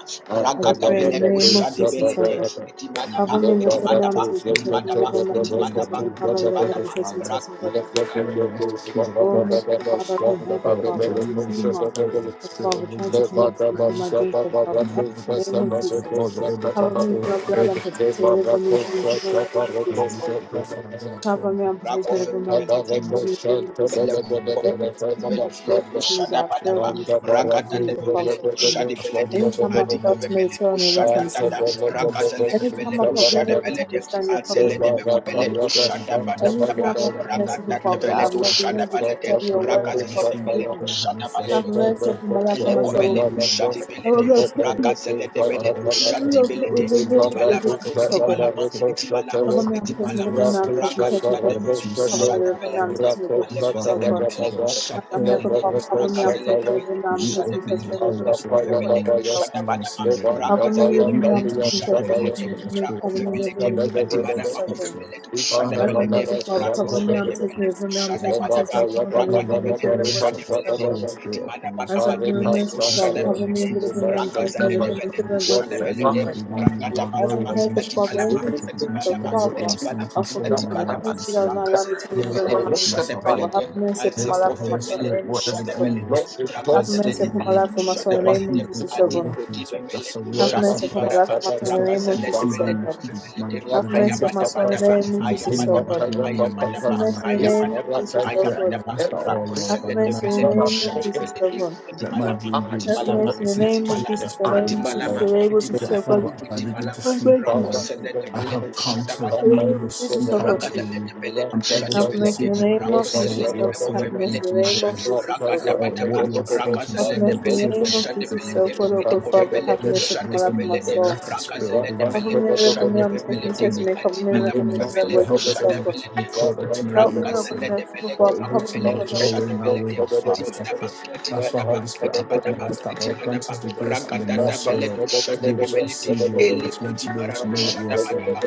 [SPEAKER 2] I
[SPEAKER 3] upon the
[SPEAKER 2] declare
[SPEAKER 3] last of
[SPEAKER 2] in the
[SPEAKER 3] the
[SPEAKER 2] name of
[SPEAKER 3] blood,
[SPEAKER 2] Jesus, so,
[SPEAKER 3] where
[SPEAKER 2] Father.
[SPEAKER 3] the enemy
[SPEAKER 2] Cover
[SPEAKER 3] has
[SPEAKER 2] me, deliver
[SPEAKER 3] broken,
[SPEAKER 2] me. I'm testing,
[SPEAKER 3] spared me,
[SPEAKER 2] testing me, deliver
[SPEAKER 3] was
[SPEAKER 2] me.
[SPEAKER 3] from
[SPEAKER 2] I'm testing,
[SPEAKER 3] knowing
[SPEAKER 2] testing
[SPEAKER 3] you,
[SPEAKER 2] me.
[SPEAKER 3] and
[SPEAKER 2] Cover
[SPEAKER 3] your
[SPEAKER 2] me, deliver
[SPEAKER 3] purpose
[SPEAKER 2] me.
[SPEAKER 3] for our
[SPEAKER 2] Testing,
[SPEAKER 3] lives,
[SPEAKER 2] testing me,
[SPEAKER 1] Thank
[SPEAKER 2] God, Jesus.
[SPEAKER 3] and the
[SPEAKER 1] you.
[SPEAKER 3] rest of Kings of Kings.
[SPEAKER 2] Boldness, Oh, Mr. Father, I don't have the
[SPEAKER 3] Father,
[SPEAKER 2] Father.
[SPEAKER 3] into the
[SPEAKER 2] As a
[SPEAKER 3] give us
[SPEAKER 2] dreamer,
[SPEAKER 3] clarity,
[SPEAKER 2] the
[SPEAKER 3] spirit
[SPEAKER 2] Father,
[SPEAKER 3] of
[SPEAKER 2] trying
[SPEAKER 3] wisdom,
[SPEAKER 2] to
[SPEAKER 3] come and
[SPEAKER 2] connect me through
[SPEAKER 3] find
[SPEAKER 2] my
[SPEAKER 3] us,
[SPEAKER 2] dreams, the Father.
[SPEAKER 3] come and
[SPEAKER 2] Help
[SPEAKER 3] give us
[SPEAKER 2] me in the name of
[SPEAKER 3] understanding, so that
[SPEAKER 2] Jesus.
[SPEAKER 3] Lord, we're able to
[SPEAKER 2] Cover me
[SPEAKER 3] deploy,
[SPEAKER 2] with your
[SPEAKER 3] we're
[SPEAKER 2] blood
[SPEAKER 3] able
[SPEAKER 2] and
[SPEAKER 3] to
[SPEAKER 2] protect me.
[SPEAKER 3] deploy.
[SPEAKER 2] Deliver me, shield me from all in the name of Jesus, oh God.
[SPEAKER 3] Hallelujah. Father, God, I pray
[SPEAKER 2] Cover
[SPEAKER 3] in
[SPEAKER 2] me
[SPEAKER 3] your
[SPEAKER 2] and protect me, deliver me and protect me. Help
[SPEAKER 3] dreams,
[SPEAKER 2] me in the name of
[SPEAKER 3] in
[SPEAKER 2] Jesus.
[SPEAKER 3] the name of my
[SPEAKER 2] Every
[SPEAKER 3] dreams,
[SPEAKER 2] time you have spoken to me that I've
[SPEAKER 3] show that
[SPEAKER 2] failed me
[SPEAKER 3] love
[SPEAKER 2] to
[SPEAKER 3] and faith is
[SPEAKER 2] understand you,
[SPEAKER 3] all
[SPEAKER 2] the
[SPEAKER 3] of
[SPEAKER 2] Father,
[SPEAKER 3] us,
[SPEAKER 2] forgive me.
[SPEAKER 3] are struggling
[SPEAKER 2] Any
[SPEAKER 3] to
[SPEAKER 2] time
[SPEAKER 3] know
[SPEAKER 2] I've
[SPEAKER 3] you,
[SPEAKER 2] failed to
[SPEAKER 3] Lord.
[SPEAKER 2] meditate on your word to understand you,
[SPEAKER 3] Father, that's the
[SPEAKER 2] forgive me.
[SPEAKER 3] Holy Spirit, let
[SPEAKER 2] Any
[SPEAKER 3] me
[SPEAKER 2] time I've
[SPEAKER 3] find
[SPEAKER 2] not been
[SPEAKER 3] you,
[SPEAKER 2] able to
[SPEAKER 3] Lord.
[SPEAKER 2] understand your promises,
[SPEAKER 3] There's a
[SPEAKER 2] the Father,
[SPEAKER 3] big balance, there's a big
[SPEAKER 2] any
[SPEAKER 3] decision. I
[SPEAKER 2] time, O
[SPEAKER 3] feel like
[SPEAKER 2] God,
[SPEAKER 3] I let the
[SPEAKER 2] merciful
[SPEAKER 3] dream
[SPEAKER 1] Thank
[SPEAKER 2] Father,
[SPEAKER 3] being
[SPEAKER 2] I have
[SPEAKER 3] start
[SPEAKER 2] not been
[SPEAKER 3] first.
[SPEAKER 2] able to hear
[SPEAKER 3] So
[SPEAKER 2] your
[SPEAKER 3] like
[SPEAKER 2] word
[SPEAKER 3] all I
[SPEAKER 2] before,
[SPEAKER 3] received, but
[SPEAKER 2] forgive
[SPEAKER 3] I
[SPEAKER 2] me.
[SPEAKER 3] always having fresh
[SPEAKER 2] Have mercy
[SPEAKER 3] intention.
[SPEAKER 2] upon my life
[SPEAKER 3] But
[SPEAKER 2] and my
[SPEAKER 3] always
[SPEAKER 2] soul.
[SPEAKER 3] leading with our
[SPEAKER 2] I will not
[SPEAKER 3] purpose
[SPEAKER 2] put
[SPEAKER 3] and our purpose rather than you
[SPEAKER 2] with
[SPEAKER 3] always
[SPEAKER 2] the
[SPEAKER 3] been
[SPEAKER 2] virtue of your
[SPEAKER 3] pushing it's
[SPEAKER 2] righteousness,
[SPEAKER 3] also
[SPEAKER 2] O
[SPEAKER 3] I'm not
[SPEAKER 2] God.
[SPEAKER 3] perfect.
[SPEAKER 2] Cover
[SPEAKER 3] Also I
[SPEAKER 2] me and
[SPEAKER 3] haven't
[SPEAKER 2] place me,
[SPEAKER 3] made
[SPEAKER 2] deliver me
[SPEAKER 3] necessary
[SPEAKER 2] and place me, test
[SPEAKER 3] shifts
[SPEAKER 2] me,
[SPEAKER 3] to
[SPEAKER 2] test
[SPEAKER 3] be
[SPEAKER 2] me,
[SPEAKER 3] able
[SPEAKER 2] test
[SPEAKER 3] to
[SPEAKER 2] me.
[SPEAKER 3] receive
[SPEAKER 2] Cover me,
[SPEAKER 3] what you
[SPEAKER 2] deliver me and
[SPEAKER 3] say.
[SPEAKER 2] place me, with your
[SPEAKER 3] That's
[SPEAKER 2] righteousness,
[SPEAKER 3] why
[SPEAKER 2] O God.
[SPEAKER 3] Almighty God, I pray
[SPEAKER 2] I'm here,
[SPEAKER 3] and
[SPEAKER 2] God,
[SPEAKER 3] i
[SPEAKER 2] Father,
[SPEAKER 3] ask
[SPEAKER 2] cover me
[SPEAKER 3] that
[SPEAKER 2] and place me, deliver me
[SPEAKER 3] when
[SPEAKER 2] and
[SPEAKER 3] you
[SPEAKER 2] place me,
[SPEAKER 3] open
[SPEAKER 2] test
[SPEAKER 3] your
[SPEAKER 2] me, deliver
[SPEAKER 3] portal
[SPEAKER 2] me
[SPEAKER 3] so that all
[SPEAKER 2] and place me, with your righteousness,
[SPEAKER 3] men may
[SPEAKER 2] O
[SPEAKER 3] see and receive of you.
[SPEAKER 2] God. Cover me,
[SPEAKER 3] When
[SPEAKER 2] deliver
[SPEAKER 3] you
[SPEAKER 2] me and place me,
[SPEAKER 3] open
[SPEAKER 2] test me,
[SPEAKER 3] your
[SPEAKER 2] cover me, deliver me, deliver me, test me,
[SPEAKER 3] portal so that the Spirit can continue to be the speech of. Father
[SPEAKER 2] As
[SPEAKER 3] God,
[SPEAKER 2] I'm
[SPEAKER 3] we
[SPEAKER 2] here,
[SPEAKER 3] ask
[SPEAKER 2] God
[SPEAKER 3] that
[SPEAKER 2] Father,
[SPEAKER 3] God take
[SPEAKER 2] cover me,
[SPEAKER 3] over
[SPEAKER 2] and
[SPEAKER 1] you.
[SPEAKER 3] our
[SPEAKER 2] take me,
[SPEAKER 3] lives,
[SPEAKER 2] deliver me, and
[SPEAKER 3] over
[SPEAKER 2] take me,
[SPEAKER 3] our
[SPEAKER 2] test
[SPEAKER 1] Ebata
[SPEAKER 3] lives.
[SPEAKER 2] me, cover me,
[SPEAKER 1] yabada
[SPEAKER 3] Father
[SPEAKER 2] deliver
[SPEAKER 3] God, we
[SPEAKER 2] me,
[SPEAKER 1] bada
[SPEAKER 3] pray,
[SPEAKER 2] shield me,
[SPEAKER 3] we
[SPEAKER 1] bari
[SPEAKER 3] ask
[SPEAKER 2] worship
[SPEAKER 3] that
[SPEAKER 1] pasha
[SPEAKER 3] you
[SPEAKER 2] yourself,
[SPEAKER 1] bada
[SPEAKER 3] pour
[SPEAKER 2] God.
[SPEAKER 3] your
[SPEAKER 1] bada
[SPEAKER 3] Spirit upon us.
[SPEAKER 2] As I'm
[SPEAKER 3] We
[SPEAKER 2] here,
[SPEAKER 1] Barika
[SPEAKER 3] ask that the
[SPEAKER 2] merciful
[SPEAKER 3] Holy
[SPEAKER 2] Father,
[SPEAKER 3] Spirit
[SPEAKER 1] Shabbat,
[SPEAKER 2] cover
[SPEAKER 3] and the
[SPEAKER 2] me, and
[SPEAKER 3] Spirit to
[SPEAKER 2] deliver
[SPEAKER 1] Reba
[SPEAKER 2] me,
[SPEAKER 3] be
[SPEAKER 2] and
[SPEAKER 3] that
[SPEAKER 2] me,
[SPEAKER 3] we in
[SPEAKER 1] Shabbat,
[SPEAKER 2] deliver me,
[SPEAKER 3] the
[SPEAKER 2] shield
[SPEAKER 3] Father.
[SPEAKER 2] me,
[SPEAKER 1] Lord,
[SPEAKER 2] worship
[SPEAKER 1] we
[SPEAKER 3] That
[SPEAKER 2] yourself,
[SPEAKER 3] everything
[SPEAKER 1] thank
[SPEAKER 3] will
[SPEAKER 1] you
[SPEAKER 2] God.
[SPEAKER 1] and
[SPEAKER 3] begin,
[SPEAKER 1] do
[SPEAKER 3] O
[SPEAKER 1] your
[SPEAKER 3] Lord, where
[SPEAKER 2] As I'm
[SPEAKER 3] we
[SPEAKER 1] favor.
[SPEAKER 2] here,
[SPEAKER 3] begin
[SPEAKER 2] God
[SPEAKER 3] to
[SPEAKER 2] Father,
[SPEAKER 3] dream, where
[SPEAKER 1] Every
[SPEAKER 2] every
[SPEAKER 3] we
[SPEAKER 1] good
[SPEAKER 3] begin
[SPEAKER 2] spirit,
[SPEAKER 3] to
[SPEAKER 2] God
[SPEAKER 3] know what
[SPEAKER 1] spiritual
[SPEAKER 3] you are
[SPEAKER 2] Father,
[SPEAKER 1] thing
[SPEAKER 3] saying
[SPEAKER 2] of
[SPEAKER 1] that
[SPEAKER 3] concerning
[SPEAKER 1] we
[SPEAKER 3] our
[SPEAKER 2] forgiveness,
[SPEAKER 1] have
[SPEAKER 3] lives
[SPEAKER 2] every
[SPEAKER 3] in this
[SPEAKER 1] hearts
[SPEAKER 2] spirit that will
[SPEAKER 3] season.
[SPEAKER 2] not
[SPEAKER 1] that
[SPEAKER 2] allow me to be in
[SPEAKER 1] we
[SPEAKER 3] Father God,
[SPEAKER 2] the
[SPEAKER 3] I
[SPEAKER 2] realm
[SPEAKER 1] are
[SPEAKER 3] pray
[SPEAKER 2] of my
[SPEAKER 3] for
[SPEAKER 1] wanted
[SPEAKER 3] myself,
[SPEAKER 1] by,
[SPEAKER 2] Father,
[SPEAKER 3] O
[SPEAKER 2] have
[SPEAKER 3] Lord.
[SPEAKER 1] that
[SPEAKER 2] mercy
[SPEAKER 1] is
[SPEAKER 3] I
[SPEAKER 2] upon
[SPEAKER 1] the
[SPEAKER 2] my
[SPEAKER 3] ask that
[SPEAKER 2] life, for
[SPEAKER 1] wanted
[SPEAKER 2] my
[SPEAKER 1] by
[SPEAKER 3] Holy
[SPEAKER 2] son, in the
[SPEAKER 1] you.
[SPEAKER 3] Spirit,
[SPEAKER 2] name of
[SPEAKER 3] whatever
[SPEAKER 2] Jesus,
[SPEAKER 3] the
[SPEAKER 2] oh God.
[SPEAKER 3] enemy has
[SPEAKER 1] Lord, the
[SPEAKER 2] Have
[SPEAKER 1] storm
[SPEAKER 3] has
[SPEAKER 1] of the
[SPEAKER 3] stood
[SPEAKER 2] mercy
[SPEAKER 3] in
[SPEAKER 2] upon my
[SPEAKER 3] the
[SPEAKER 1] impact
[SPEAKER 3] way.
[SPEAKER 2] life, for my
[SPEAKER 1] of the
[SPEAKER 2] son, in the
[SPEAKER 3] Whatever
[SPEAKER 1] back
[SPEAKER 2] name of
[SPEAKER 1] to the
[SPEAKER 2] Jesus,
[SPEAKER 3] hindrance
[SPEAKER 2] oh
[SPEAKER 3] or
[SPEAKER 2] God.
[SPEAKER 1] beginning.
[SPEAKER 3] blockages, that's a word,
[SPEAKER 2] Have
[SPEAKER 3] that's
[SPEAKER 1] Leba
[SPEAKER 3] a
[SPEAKER 2] mercy upon
[SPEAKER 3] word
[SPEAKER 1] Shabbat,
[SPEAKER 2] my life, for my
[SPEAKER 3] to
[SPEAKER 1] Shabbat,
[SPEAKER 2] son, in the
[SPEAKER 3] stop
[SPEAKER 2] name of
[SPEAKER 3] you
[SPEAKER 2] Jesus, oh
[SPEAKER 3] receiving
[SPEAKER 2] God.
[SPEAKER 3] the man your
[SPEAKER 2] Have
[SPEAKER 1] Rata
[SPEAKER 2] mercy on
[SPEAKER 3] dreams,
[SPEAKER 2] my son
[SPEAKER 3] to
[SPEAKER 1] Shabbat,
[SPEAKER 2] in the
[SPEAKER 3] stop you
[SPEAKER 2] name of
[SPEAKER 3] from
[SPEAKER 2] Jesus,
[SPEAKER 1] Leba
[SPEAKER 2] oh
[SPEAKER 3] healing and
[SPEAKER 2] God.
[SPEAKER 3] from knowing and live
[SPEAKER 1] Tayabata,
[SPEAKER 2] Have
[SPEAKER 3] my life
[SPEAKER 2] mercy in
[SPEAKER 3] in
[SPEAKER 2] the
[SPEAKER 3] this way.
[SPEAKER 2] name of Jesus,
[SPEAKER 3] I
[SPEAKER 2] O
[SPEAKER 3] pray and
[SPEAKER 2] God.
[SPEAKER 3] I ask that all,
[SPEAKER 1] Every
[SPEAKER 3] Lord,
[SPEAKER 2] Have
[SPEAKER 3] by the
[SPEAKER 2] mercy
[SPEAKER 3] mighty
[SPEAKER 2] in the
[SPEAKER 1] let
[SPEAKER 3] name of
[SPEAKER 2] name
[SPEAKER 1] us make
[SPEAKER 2] of
[SPEAKER 3] Jesus
[SPEAKER 1] a
[SPEAKER 3] Christ.
[SPEAKER 2] Jesus, O
[SPEAKER 1] peace
[SPEAKER 2] God.
[SPEAKER 3] Let my
[SPEAKER 1] That
[SPEAKER 3] dream be
[SPEAKER 1] I to
[SPEAKER 2] Have
[SPEAKER 3] restored. Let
[SPEAKER 2] mercy
[SPEAKER 3] the
[SPEAKER 2] in the
[SPEAKER 1] redeem,
[SPEAKER 2] name
[SPEAKER 3] sensitivity
[SPEAKER 2] of
[SPEAKER 3] of the
[SPEAKER 1] the
[SPEAKER 2] Jesus, the
[SPEAKER 3] spirit
[SPEAKER 1] eye
[SPEAKER 3] be
[SPEAKER 2] name
[SPEAKER 1] for
[SPEAKER 2] of Jesus,
[SPEAKER 1] me,
[SPEAKER 2] the
[SPEAKER 3] restored.
[SPEAKER 1] the
[SPEAKER 2] name of
[SPEAKER 3] So
[SPEAKER 2] Jesus,
[SPEAKER 1] ability
[SPEAKER 3] that
[SPEAKER 2] O
[SPEAKER 1] for
[SPEAKER 2] God.
[SPEAKER 3] Father,
[SPEAKER 1] me
[SPEAKER 3] as
[SPEAKER 1] to
[SPEAKER 3] I
[SPEAKER 1] be
[SPEAKER 3] begin
[SPEAKER 1] free.
[SPEAKER 3] to
[SPEAKER 2] Have
[SPEAKER 3] sleep,
[SPEAKER 2] mercy
[SPEAKER 3] O
[SPEAKER 2] in
[SPEAKER 1] Father,
[SPEAKER 3] Lord,
[SPEAKER 1] in the
[SPEAKER 3] I
[SPEAKER 1] name
[SPEAKER 3] have
[SPEAKER 1] of
[SPEAKER 3] come
[SPEAKER 1] Jesus,
[SPEAKER 3] to
[SPEAKER 2] the
[SPEAKER 1] Father,
[SPEAKER 2] name of
[SPEAKER 1] we
[SPEAKER 3] numerous
[SPEAKER 2] Jesus, O
[SPEAKER 1] sever
[SPEAKER 2] God.
[SPEAKER 3] encounters
[SPEAKER 1] it.
[SPEAKER 3] with you. I'm
[SPEAKER 1] Rock,
[SPEAKER 3] able
[SPEAKER 1] that's a
[SPEAKER 3] to
[SPEAKER 2] Have
[SPEAKER 1] rock.
[SPEAKER 2] mercy in
[SPEAKER 3] conceive and
[SPEAKER 2] the
[SPEAKER 3] I'm
[SPEAKER 2] name
[SPEAKER 3] able
[SPEAKER 2] of
[SPEAKER 1] If
[SPEAKER 3] to
[SPEAKER 1] I
[SPEAKER 3] know what
[SPEAKER 1] shall
[SPEAKER 2] Jesus,
[SPEAKER 3] you
[SPEAKER 1] go,
[SPEAKER 2] O
[SPEAKER 3] are
[SPEAKER 2] God.
[SPEAKER 1] go, go,
[SPEAKER 3] saying
[SPEAKER 2] Have mercy
[SPEAKER 1] go.
[SPEAKER 2] in
[SPEAKER 3] into
[SPEAKER 2] the
[SPEAKER 3] my
[SPEAKER 2] name of
[SPEAKER 3] life
[SPEAKER 1] Rock,
[SPEAKER 2] Jesus,
[SPEAKER 1] I
[SPEAKER 2] O
[SPEAKER 3] uh,
[SPEAKER 2] God.
[SPEAKER 1] shall
[SPEAKER 3] or
[SPEAKER 1] take
[SPEAKER 3] what
[SPEAKER 1] it,
[SPEAKER 3] you
[SPEAKER 1] go,
[SPEAKER 3] are
[SPEAKER 1] go, go.
[SPEAKER 3] saying
[SPEAKER 2] Have
[SPEAKER 1] Shall go,
[SPEAKER 3] concerning
[SPEAKER 2] mercy
[SPEAKER 3] the
[SPEAKER 1] go,
[SPEAKER 2] in the
[SPEAKER 1] go, go,
[SPEAKER 2] name
[SPEAKER 3] season
[SPEAKER 2] of
[SPEAKER 1] go.
[SPEAKER 3] that
[SPEAKER 2] Jesus,
[SPEAKER 3] we are
[SPEAKER 2] O God,
[SPEAKER 3] currently
[SPEAKER 2] O
[SPEAKER 1] Rock,
[SPEAKER 2] God,
[SPEAKER 1] I
[SPEAKER 3] in.
[SPEAKER 1] take
[SPEAKER 2] Father.
[SPEAKER 1] it, go,
[SPEAKER 2] Have
[SPEAKER 3] I
[SPEAKER 1] go, go.
[SPEAKER 3] ask
[SPEAKER 2] mercy
[SPEAKER 3] for
[SPEAKER 2] upon my
[SPEAKER 1] Go,
[SPEAKER 2] life and
[SPEAKER 3] wisdom,
[SPEAKER 2] my
[SPEAKER 1] go,
[SPEAKER 3] Lord,
[SPEAKER 1] go,
[SPEAKER 3] and I
[SPEAKER 2] soul.
[SPEAKER 3] ask the
[SPEAKER 1] go.
[SPEAKER 3] spirit of
[SPEAKER 1] Rock,
[SPEAKER 3] the
[SPEAKER 1] I
[SPEAKER 2] Cover
[SPEAKER 3] wisdom,
[SPEAKER 1] take
[SPEAKER 2] me and
[SPEAKER 1] it, go,
[SPEAKER 3] spirit of
[SPEAKER 2] deliver
[SPEAKER 1] go, go,
[SPEAKER 2] me, I'm
[SPEAKER 3] wisdom
[SPEAKER 1] go.
[SPEAKER 3] come
[SPEAKER 1] Go,
[SPEAKER 2] taking
[SPEAKER 1] go,
[SPEAKER 3] upon
[SPEAKER 2] says
[SPEAKER 1] go.
[SPEAKER 2] to
[SPEAKER 3] me.
[SPEAKER 2] me,
[SPEAKER 1] Rock,
[SPEAKER 2] cover
[SPEAKER 1] I
[SPEAKER 2] me and
[SPEAKER 3] Come
[SPEAKER 1] take
[SPEAKER 3] on,
[SPEAKER 1] it,
[SPEAKER 3] give
[SPEAKER 2] deliver
[SPEAKER 3] me
[SPEAKER 2] me to the
[SPEAKER 3] understanding.
[SPEAKER 2] words
[SPEAKER 1] go, go, go. Rock, I
[SPEAKER 3] Help me to be
[SPEAKER 2] of the
[SPEAKER 3] able
[SPEAKER 2] God.
[SPEAKER 3] to be called
[SPEAKER 1] take
[SPEAKER 3] out to know
[SPEAKER 1] it, go,
[SPEAKER 3] what
[SPEAKER 2] Help
[SPEAKER 3] you
[SPEAKER 2] me,
[SPEAKER 3] are
[SPEAKER 2] O
[SPEAKER 1] go,
[SPEAKER 2] God,
[SPEAKER 1] go.
[SPEAKER 3] saying.
[SPEAKER 2] merciful
[SPEAKER 3] For it
[SPEAKER 2] Father,
[SPEAKER 3] is
[SPEAKER 2] cover
[SPEAKER 3] written,
[SPEAKER 2] me, O
[SPEAKER 3] Lord,
[SPEAKER 2] God.
[SPEAKER 3] your way, and our way, are far separate. That's why, Holy Spirit, I pray and I ask that, Lord, grant us the grace and the mercy, O Lord, to be able to perceive your word, to learn to be able to know what you are saying.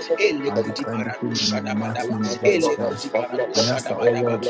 [SPEAKER 3] I declare the in the mighty name of Jesus Christ. I ask that, oh Lord,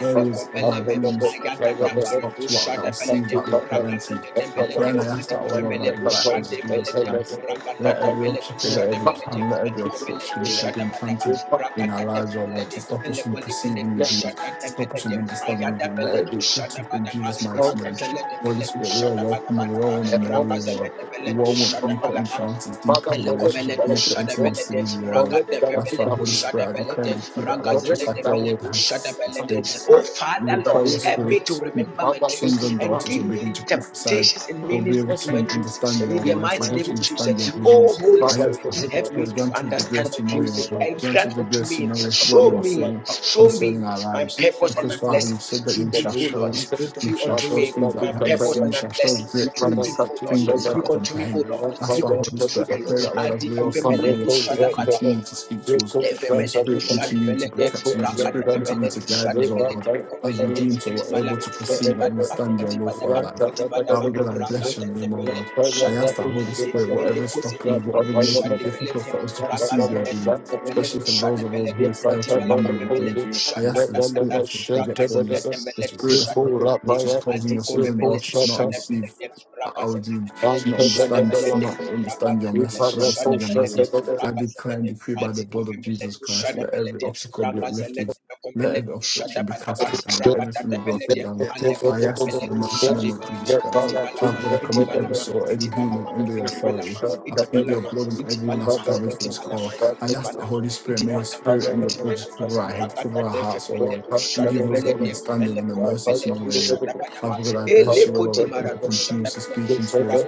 [SPEAKER 3] areas of our dreams that was stopped, what that was seized, that was prevented. I pray and I ask that all over the right hand of Jesus Christ. Let every obstacle, let every plan, let every obstruction which has been planted in our lives, or Lord, to stop us from perceiving the dreams, to stop us from understanding the dream, let it be cut off in Jesus' mighty name.
[SPEAKER 1] Correction.
[SPEAKER 3] Holy Spirit, we are welcome and we all want to know you,
[SPEAKER 1] Ekovesh,
[SPEAKER 3] Lord. We all
[SPEAKER 1] Ekovesh,
[SPEAKER 3] want deeper
[SPEAKER 1] Ekovesh.
[SPEAKER 3] encounters, deeper
[SPEAKER 1] Father, correct
[SPEAKER 3] relationship,
[SPEAKER 1] that I feel
[SPEAKER 3] deeper
[SPEAKER 1] wrong,
[SPEAKER 3] intimacy with you, O Lord.
[SPEAKER 1] correct that I
[SPEAKER 3] That's
[SPEAKER 1] feel
[SPEAKER 3] why, Holy
[SPEAKER 1] nothing,
[SPEAKER 3] Spirit, I declare
[SPEAKER 1] correct
[SPEAKER 3] and decree that, Lord, just
[SPEAKER 1] correct
[SPEAKER 3] like
[SPEAKER 1] that I
[SPEAKER 3] your
[SPEAKER 1] feel
[SPEAKER 3] word has it
[SPEAKER 1] and to
[SPEAKER 3] states,
[SPEAKER 1] attack
[SPEAKER 3] you
[SPEAKER 1] in
[SPEAKER 3] will
[SPEAKER 1] the
[SPEAKER 3] pour your
[SPEAKER 1] name of Jesus.
[SPEAKER 3] spirit,
[SPEAKER 1] Father,
[SPEAKER 3] sons
[SPEAKER 1] thank you
[SPEAKER 3] and
[SPEAKER 1] for
[SPEAKER 3] daughters will begin to prophesy. They'll be able to
[SPEAKER 1] protecting
[SPEAKER 3] understand your
[SPEAKER 1] against
[SPEAKER 3] words, will
[SPEAKER 1] my
[SPEAKER 3] be able to
[SPEAKER 1] ability to
[SPEAKER 3] understand your
[SPEAKER 1] do.
[SPEAKER 3] visions. I
[SPEAKER 1] Father, I
[SPEAKER 3] ask the Holy
[SPEAKER 1] forgive my
[SPEAKER 3] Spirit,
[SPEAKER 1] Jesus.
[SPEAKER 3] grant us the
[SPEAKER 1] I
[SPEAKER 3] grace
[SPEAKER 1] come
[SPEAKER 3] to know
[SPEAKER 1] against
[SPEAKER 3] your
[SPEAKER 1] it by
[SPEAKER 3] word,
[SPEAKER 1] the
[SPEAKER 3] grant
[SPEAKER 1] spirit.
[SPEAKER 3] us the grace to know
[SPEAKER 1] I come
[SPEAKER 3] what you are
[SPEAKER 1] against it by
[SPEAKER 3] saying concerning our lives.
[SPEAKER 1] peace in my
[SPEAKER 3] Because, Father,
[SPEAKER 1] heart.
[SPEAKER 3] you said that
[SPEAKER 1] In
[SPEAKER 3] you
[SPEAKER 1] the
[SPEAKER 3] shall
[SPEAKER 1] name of
[SPEAKER 3] show us,
[SPEAKER 1] Jesus,
[SPEAKER 3] you shall
[SPEAKER 1] I
[SPEAKER 3] show
[SPEAKER 1] seek
[SPEAKER 3] us things
[SPEAKER 1] that we
[SPEAKER 3] that we
[SPEAKER 1] can
[SPEAKER 3] haven't
[SPEAKER 1] tell
[SPEAKER 3] seen,
[SPEAKER 1] you.
[SPEAKER 3] you shall show us great
[SPEAKER 1] Seek my name,
[SPEAKER 3] things,
[SPEAKER 1] that you
[SPEAKER 3] things that
[SPEAKER 1] shall
[SPEAKER 3] we can't
[SPEAKER 1] never.
[SPEAKER 3] comprehend.
[SPEAKER 1] We will
[SPEAKER 3] That's
[SPEAKER 1] find
[SPEAKER 3] why,
[SPEAKER 1] out
[SPEAKER 3] Holy
[SPEAKER 1] to the
[SPEAKER 3] Spirit, I
[SPEAKER 1] end of
[SPEAKER 3] pray
[SPEAKER 1] the
[SPEAKER 3] that,
[SPEAKER 1] day.
[SPEAKER 3] Lord, as we all
[SPEAKER 1] Seek my
[SPEAKER 3] sleep,
[SPEAKER 1] name,
[SPEAKER 3] may your
[SPEAKER 1] that
[SPEAKER 3] Spirit
[SPEAKER 1] you shall never.
[SPEAKER 3] continue to speak to
[SPEAKER 1] Seek
[SPEAKER 3] us.
[SPEAKER 1] my name, that you shall never. Seek for the
[SPEAKER 3] May your
[SPEAKER 1] shot of the
[SPEAKER 3] Spirit continue to protect us. May your Spirit continue to
[SPEAKER 1] devil.
[SPEAKER 3] guide us,
[SPEAKER 1] Live
[SPEAKER 3] oh
[SPEAKER 1] my
[SPEAKER 3] Lord,
[SPEAKER 1] name, that
[SPEAKER 3] as we
[SPEAKER 1] you
[SPEAKER 3] dream so we're
[SPEAKER 1] shall
[SPEAKER 3] able
[SPEAKER 1] never.
[SPEAKER 3] to
[SPEAKER 1] Seek my
[SPEAKER 3] perceive
[SPEAKER 1] name,
[SPEAKER 3] and
[SPEAKER 1] that
[SPEAKER 3] understand
[SPEAKER 1] you
[SPEAKER 3] your
[SPEAKER 1] shall
[SPEAKER 3] will
[SPEAKER 1] never.
[SPEAKER 3] for our
[SPEAKER 1] Right,
[SPEAKER 3] life.
[SPEAKER 1] that I got
[SPEAKER 3] Father
[SPEAKER 1] to
[SPEAKER 3] God, I
[SPEAKER 1] do this.
[SPEAKER 3] bless your name, oh God.
[SPEAKER 1] Right, that
[SPEAKER 3] I
[SPEAKER 1] I
[SPEAKER 3] ask
[SPEAKER 1] got to
[SPEAKER 3] that
[SPEAKER 1] do
[SPEAKER 3] Holy Spirit, whatever is
[SPEAKER 1] Right,
[SPEAKER 3] stopping us,
[SPEAKER 1] that
[SPEAKER 3] whatever is
[SPEAKER 1] I got
[SPEAKER 3] making
[SPEAKER 1] to do
[SPEAKER 3] it difficult for
[SPEAKER 1] Right,
[SPEAKER 3] us to
[SPEAKER 1] that
[SPEAKER 3] perceive your dreams,
[SPEAKER 1] I got to do
[SPEAKER 3] especially for those of us who have failed to remember our dreams, I ask that the spirit of forgetfulness, the spirit that's which is causing your sons and daughters to not receive how you she not understand she not understand your message, she not receive your message. I declare and decree by the blood of Jesus Christ, let every obstacle be uplifted, let every obstruction be casted down, let
[SPEAKER 1] Thank
[SPEAKER 3] everything be brought for the honor. I ask this in the mighty name of Jesus Christ. Father, that I commit every soul, every human under your authority. I plead your blood on everyone that's gathered for this call. I ask the Holy Spirit, may your spirit and your blood just cover our
[SPEAKER 1] you.
[SPEAKER 3] head, cover our hearts, O Lord,
[SPEAKER 1] Thank
[SPEAKER 3] and give us the understanding and the mercy to know your will. Father God, I bless you, O Lord, because you continue to speak into us.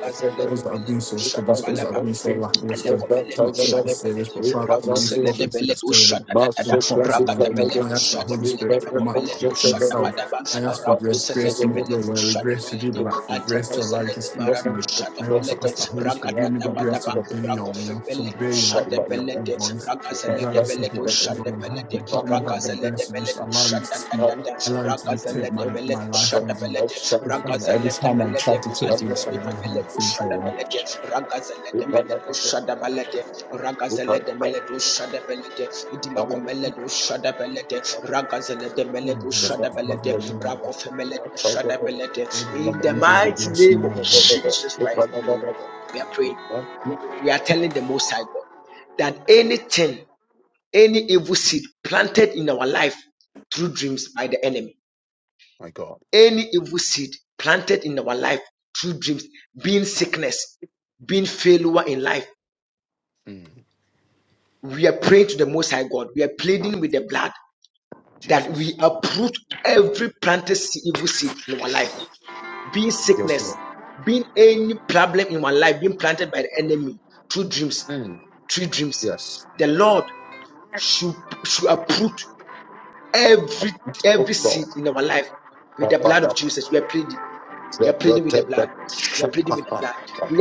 [SPEAKER 3] Us that have been so stubborn, us that have been so lackluster, do not take this serious, but Father, today you've spoken for your servant, you've been talking to my being. I ask the Holy Spirit for, my, for myself. I ask for grace, grace to make your word, grace to do the right thing, grace to allow you to speak to me. I also ask the Holy Spirit, give me the grace to obey your will, to obey your, your, your, your voice, regardless of what it is, O Lord. Help help me have the
[SPEAKER 1] you.
[SPEAKER 3] grace to just allow you to speak allow you to dictate my, my life, oh God. It's fine. Every time I try to take things, man, I have the things going.
[SPEAKER 1] My
[SPEAKER 3] You know, it's like, every night, every day, it brings us regret, you know.
[SPEAKER 1] God, Mm, Jesus, yes, Lord, Mm, yes, oh God,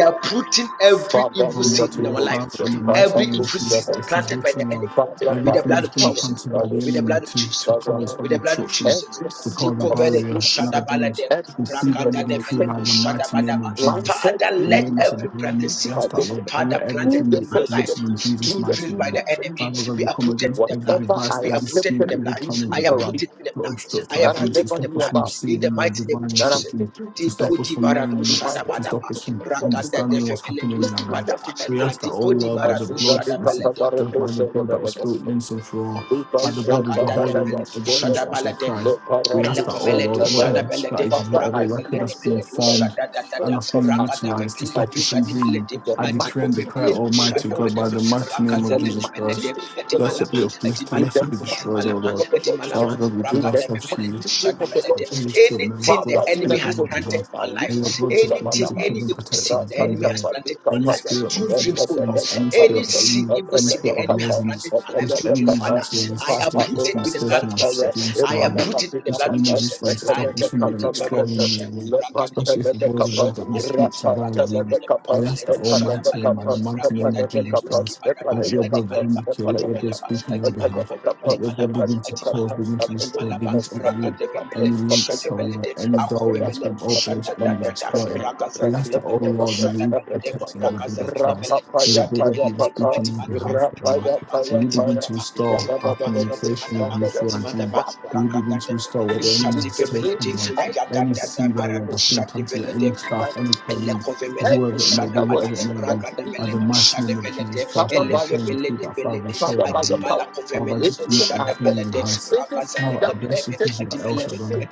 [SPEAKER 1] Father, in the
[SPEAKER 3] Almighty
[SPEAKER 1] name
[SPEAKER 3] God,
[SPEAKER 1] of
[SPEAKER 3] Father,
[SPEAKER 1] Jesus,
[SPEAKER 3] in the mighty
[SPEAKER 1] Father,
[SPEAKER 3] name of
[SPEAKER 1] put
[SPEAKER 3] Jesus,
[SPEAKER 1] shadows.
[SPEAKER 3] it is written, Lord,
[SPEAKER 1] Father, by
[SPEAKER 3] everything
[SPEAKER 1] the
[SPEAKER 3] that's been
[SPEAKER 1] power
[SPEAKER 3] planted by
[SPEAKER 1] that
[SPEAKER 3] the
[SPEAKER 1] was
[SPEAKER 3] enemy to, to
[SPEAKER 1] that
[SPEAKER 3] cause
[SPEAKER 1] was
[SPEAKER 3] an obstruction,
[SPEAKER 1] every
[SPEAKER 3] to
[SPEAKER 1] seed
[SPEAKER 3] cause a
[SPEAKER 1] of
[SPEAKER 3] barrier in our
[SPEAKER 1] sickness,
[SPEAKER 3] dreams,
[SPEAKER 1] every
[SPEAKER 3] we
[SPEAKER 1] seed
[SPEAKER 3] plead and
[SPEAKER 1] of
[SPEAKER 3] we decree by the
[SPEAKER 1] infirmity
[SPEAKER 3] mighty name of Jesus.
[SPEAKER 1] planted
[SPEAKER 3] The
[SPEAKER 1] in,
[SPEAKER 3] name that's above all names.
[SPEAKER 1] into
[SPEAKER 3] we ask
[SPEAKER 1] my
[SPEAKER 3] that,
[SPEAKER 1] bosom.
[SPEAKER 3] Lord, and let
[SPEAKER 1] Through
[SPEAKER 3] everything
[SPEAKER 1] the
[SPEAKER 3] be
[SPEAKER 1] first of
[SPEAKER 3] rooted in
[SPEAKER 1] this,
[SPEAKER 3] Jesus'
[SPEAKER 1] through the
[SPEAKER 3] mighty name.
[SPEAKER 1] movement of
[SPEAKER 3] Father
[SPEAKER 1] this,
[SPEAKER 3] God, we come against every
[SPEAKER 1] whatever I
[SPEAKER 3] device, every scheme,
[SPEAKER 1] accepted
[SPEAKER 3] every
[SPEAKER 1] in
[SPEAKER 3] plan of the devil
[SPEAKER 1] ignorance
[SPEAKER 3] to obstruct our
[SPEAKER 1] that I
[SPEAKER 3] dreams, to
[SPEAKER 1] never
[SPEAKER 3] stop
[SPEAKER 1] knew
[SPEAKER 3] us from
[SPEAKER 1] about,
[SPEAKER 3] receiving your divine
[SPEAKER 1] that has
[SPEAKER 3] instruction,
[SPEAKER 1] taken
[SPEAKER 3] to
[SPEAKER 1] effect
[SPEAKER 3] stop us from knowing the
[SPEAKER 1] in
[SPEAKER 3] next
[SPEAKER 1] my
[SPEAKER 3] step,
[SPEAKER 1] body,
[SPEAKER 3] to stop us
[SPEAKER 1] taken
[SPEAKER 3] from
[SPEAKER 1] effect in my mind.
[SPEAKER 3] understanding what's happening in
[SPEAKER 1] Thank
[SPEAKER 3] our
[SPEAKER 1] you,
[SPEAKER 3] lives.
[SPEAKER 1] Jesus. Thank
[SPEAKER 3] We ask that, oh Lord, by the blood, So that's the- that by the blood that
[SPEAKER 1] the
[SPEAKER 3] was spilled
[SPEAKER 1] Jesus.
[SPEAKER 3] once and for all,
[SPEAKER 1] Upa
[SPEAKER 3] by the blood of the
[SPEAKER 1] Shanta
[SPEAKER 3] holy
[SPEAKER 1] Nagada
[SPEAKER 3] one, of the finished
[SPEAKER 1] Shondada,
[SPEAKER 3] works of Christ, we ask
[SPEAKER 1] Leparatu
[SPEAKER 3] that, oh Lord,
[SPEAKER 1] Shanta
[SPEAKER 3] whatever
[SPEAKER 1] Barans.
[SPEAKER 3] strategies,
[SPEAKER 1] Father,
[SPEAKER 3] whatever
[SPEAKER 1] I
[SPEAKER 3] weapon that's been
[SPEAKER 1] cancel every
[SPEAKER 3] formed and
[SPEAKER 1] form
[SPEAKER 3] that's been
[SPEAKER 1] of attack
[SPEAKER 3] utilized to
[SPEAKER 1] in my
[SPEAKER 3] stop us
[SPEAKER 1] dreams.
[SPEAKER 3] from dreaming,
[SPEAKER 1] In the
[SPEAKER 3] I decree and
[SPEAKER 1] mighty
[SPEAKER 3] declare,
[SPEAKER 1] name of the
[SPEAKER 3] Almighty
[SPEAKER 1] Lord
[SPEAKER 3] God, by the
[SPEAKER 1] Jesus.
[SPEAKER 3] mighty
[SPEAKER 1] In
[SPEAKER 3] name of
[SPEAKER 1] the
[SPEAKER 3] Jesus
[SPEAKER 1] mighty name
[SPEAKER 3] Christ,
[SPEAKER 1] of the Lord
[SPEAKER 3] blessed be
[SPEAKER 1] Jesus.
[SPEAKER 3] uplifted,
[SPEAKER 1] In the
[SPEAKER 3] blessed be destroyed,
[SPEAKER 1] mighty
[SPEAKER 3] oh
[SPEAKER 1] name
[SPEAKER 3] Lord.
[SPEAKER 1] of the Lord
[SPEAKER 3] Father
[SPEAKER 1] Jesus.
[SPEAKER 3] God, we give
[SPEAKER 1] In the
[SPEAKER 3] ourselves to you.
[SPEAKER 1] mighty name of the
[SPEAKER 3] I
[SPEAKER 1] Lord
[SPEAKER 3] think it's
[SPEAKER 1] Jesus.
[SPEAKER 3] true. May your
[SPEAKER 1] Father,
[SPEAKER 3] blood
[SPEAKER 1] in the
[SPEAKER 3] speak
[SPEAKER 1] name
[SPEAKER 3] on our
[SPEAKER 1] of Jesus.
[SPEAKER 3] behalf. May your
[SPEAKER 1] Alibratu
[SPEAKER 3] blood just begin to
[SPEAKER 1] Shabadaba,
[SPEAKER 3] cover and protect our team, Lord. Any
[SPEAKER 1] Rakatabadikapaya,
[SPEAKER 3] spirit of forgetfulness, any spirit of
[SPEAKER 1] Ebradagadakapaya,
[SPEAKER 3] any, any spirit of
[SPEAKER 1] Ebradagadakapaya,
[SPEAKER 3] laziness, which the enemy is
[SPEAKER 1] Ebradagadakapaya,
[SPEAKER 3] utilizing
[SPEAKER 1] Thank
[SPEAKER 3] to stop us from mistaking us against God, which the enemy is utilizing to stop us from really exploring you, Lord. Especially if it was a word that you speak to by dreams. I ask that Almighty and by the mighty name of Jesus Christ, let your blood vindicate, let your blood speak on our behalf. Let your blood begin to cause, begin to destroy, begin to uproot any links, or Lord, any doorway that's been opened which enemies exploiting. We ask that, oh Lord, may we be protected by
[SPEAKER 1] you.
[SPEAKER 3] the blood
[SPEAKER 1] Father,
[SPEAKER 3] of Christ. May the blood of Jesus speaking on behalf of the Lord. May you begin to restore our communication with you through our dream. May you begin to restore what the
[SPEAKER 1] in
[SPEAKER 3] enemy has
[SPEAKER 1] Jesus' name,
[SPEAKER 3] taken, Lord. Any
[SPEAKER 1] everything
[SPEAKER 3] seed, oh
[SPEAKER 1] that
[SPEAKER 3] Lord,
[SPEAKER 1] was
[SPEAKER 3] that's been planted, any
[SPEAKER 1] meant
[SPEAKER 3] staff,
[SPEAKER 1] by
[SPEAKER 3] any
[SPEAKER 1] Jesus,
[SPEAKER 3] colleague, whoever it may
[SPEAKER 1] everything
[SPEAKER 3] be,
[SPEAKER 1] that was
[SPEAKER 3] whatever it may be.
[SPEAKER 1] connected to be
[SPEAKER 3] By
[SPEAKER 1] in
[SPEAKER 3] the
[SPEAKER 1] me,
[SPEAKER 3] mighty name of Jesus Christ,
[SPEAKER 1] Father,
[SPEAKER 3] and we
[SPEAKER 1] by your
[SPEAKER 3] pray with you
[SPEAKER 1] spirit,
[SPEAKER 3] that Father, show
[SPEAKER 1] Father,
[SPEAKER 3] your
[SPEAKER 1] by your
[SPEAKER 3] hand.
[SPEAKER 1] power,
[SPEAKER 3] Father, just commit
[SPEAKER 1] everything I
[SPEAKER 3] everything
[SPEAKER 1] let,
[SPEAKER 3] in your hands
[SPEAKER 1] everything
[SPEAKER 3] Father, I
[SPEAKER 1] that
[SPEAKER 3] bless you
[SPEAKER 1] entered
[SPEAKER 3] because you are
[SPEAKER 1] into
[SPEAKER 3] El
[SPEAKER 1] my soul,
[SPEAKER 3] Shaddai.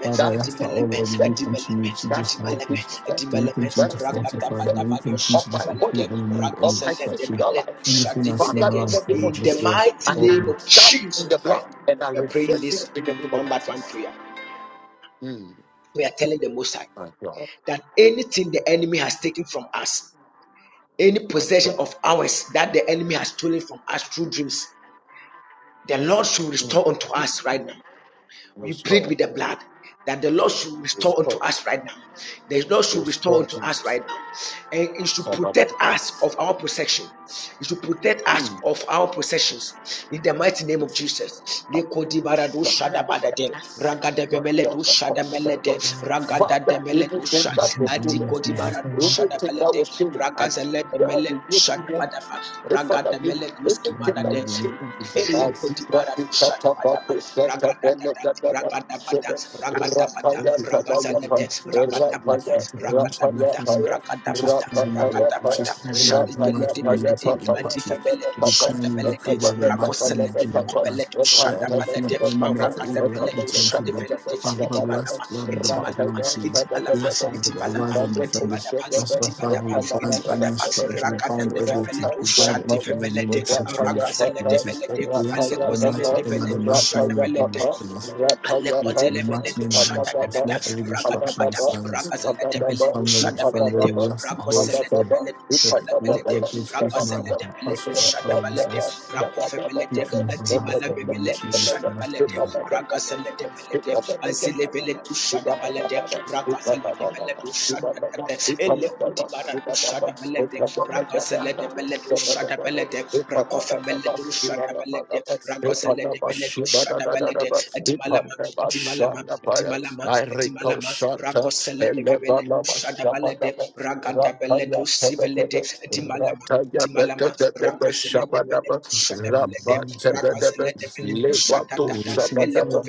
[SPEAKER 3] Father,
[SPEAKER 1] that
[SPEAKER 3] I ask that, oh
[SPEAKER 1] taking
[SPEAKER 3] Lord, may you
[SPEAKER 1] effect.
[SPEAKER 3] continue to
[SPEAKER 1] that
[SPEAKER 3] just help
[SPEAKER 1] taking
[SPEAKER 3] us.
[SPEAKER 1] effect.
[SPEAKER 3] May you continue to
[SPEAKER 1] that taking
[SPEAKER 3] fortify.
[SPEAKER 1] effect
[SPEAKER 3] May you continue
[SPEAKER 1] of
[SPEAKER 3] to just
[SPEAKER 1] my body,
[SPEAKER 3] uproot and remove
[SPEAKER 1] of
[SPEAKER 3] any
[SPEAKER 1] my
[SPEAKER 3] distraction.
[SPEAKER 1] physical life.
[SPEAKER 3] Anything that's in
[SPEAKER 1] Father,
[SPEAKER 3] our
[SPEAKER 1] in the
[SPEAKER 3] life,
[SPEAKER 1] name
[SPEAKER 3] Father,
[SPEAKER 1] of
[SPEAKER 3] what's
[SPEAKER 1] Jesus,
[SPEAKER 3] wrong? Call
[SPEAKER 1] I stop in the blood and I reverse it in the name of Jesus. Mm, my God, my God. Mm. Restore, restore, restore Jesus. Somebody, mm, Jesus. I shut that. Lord, Lord, Lord, Lord, shut Father, anything that was stolen.
[SPEAKER 3] them.
[SPEAKER 1] Anything that was stolen, I declare the youth again. The Father, give anything that was stolen. I see that the Katabato Santa Benedaba Sobes, Rapaya
[SPEAKER 3] which is
[SPEAKER 1] Tabayapa,
[SPEAKER 3] causing
[SPEAKER 1] Rapaya, Rapaya Paya,
[SPEAKER 3] the
[SPEAKER 1] Rapaya
[SPEAKER 3] which
[SPEAKER 1] Paya,
[SPEAKER 3] is causing the dream life
[SPEAKER 1] Rapaya
[SPEAKER 3] to be
[SPEAKER 1] Paya
[SPEAKER 3] negatively
[SPEAKER 1] Papaya,
[SPEAKER 3] impacted.
[SPEAKER 1] Papa,
[SPEAKER 3] We
[SPEAKER 1] Papa,
[SPEAKER 3] declare and we
[SPEAKER 1] Papa,
[SPEAKER 3] decree by
[SPEAKER 1] Papa,
[SPEAKER 3] the mighty name of Jesus
[SPEAKER 1] Papa,
[SPEAKER 3] Christ.
[SPEAKER 1] Papa, Papa,
[SPEAKER 3] Let everything of the
[SPEAKER 1] Papa,
[SPEAKER 3] enemy
[SPEAKER 1] Papa,
[SPEAKER 3] meant for evil, let
[SPEAKER 1] Rapper,
[SPEAKER 3] it turn for good. Father God, we rest that Lord, the battle belongs to you. We rest that Lord, arise and defend us. That's why, Father, we bind any strategy, we bind every attack, we bind anything that may trying to use for advantage. We ask that Almighty God, that the mighty name of Jesus Christ. The matter may be discussed. Let every discussion be silenced. Let his family and friends be left at home still. Let their grief be made a part of
[SPEAKER 1] I recall Shanta, Pelebana, Shabbat, Rapaya Tabedebe, Rataya Bedebe Shabadaba, Rapa Lebato Shabadaba,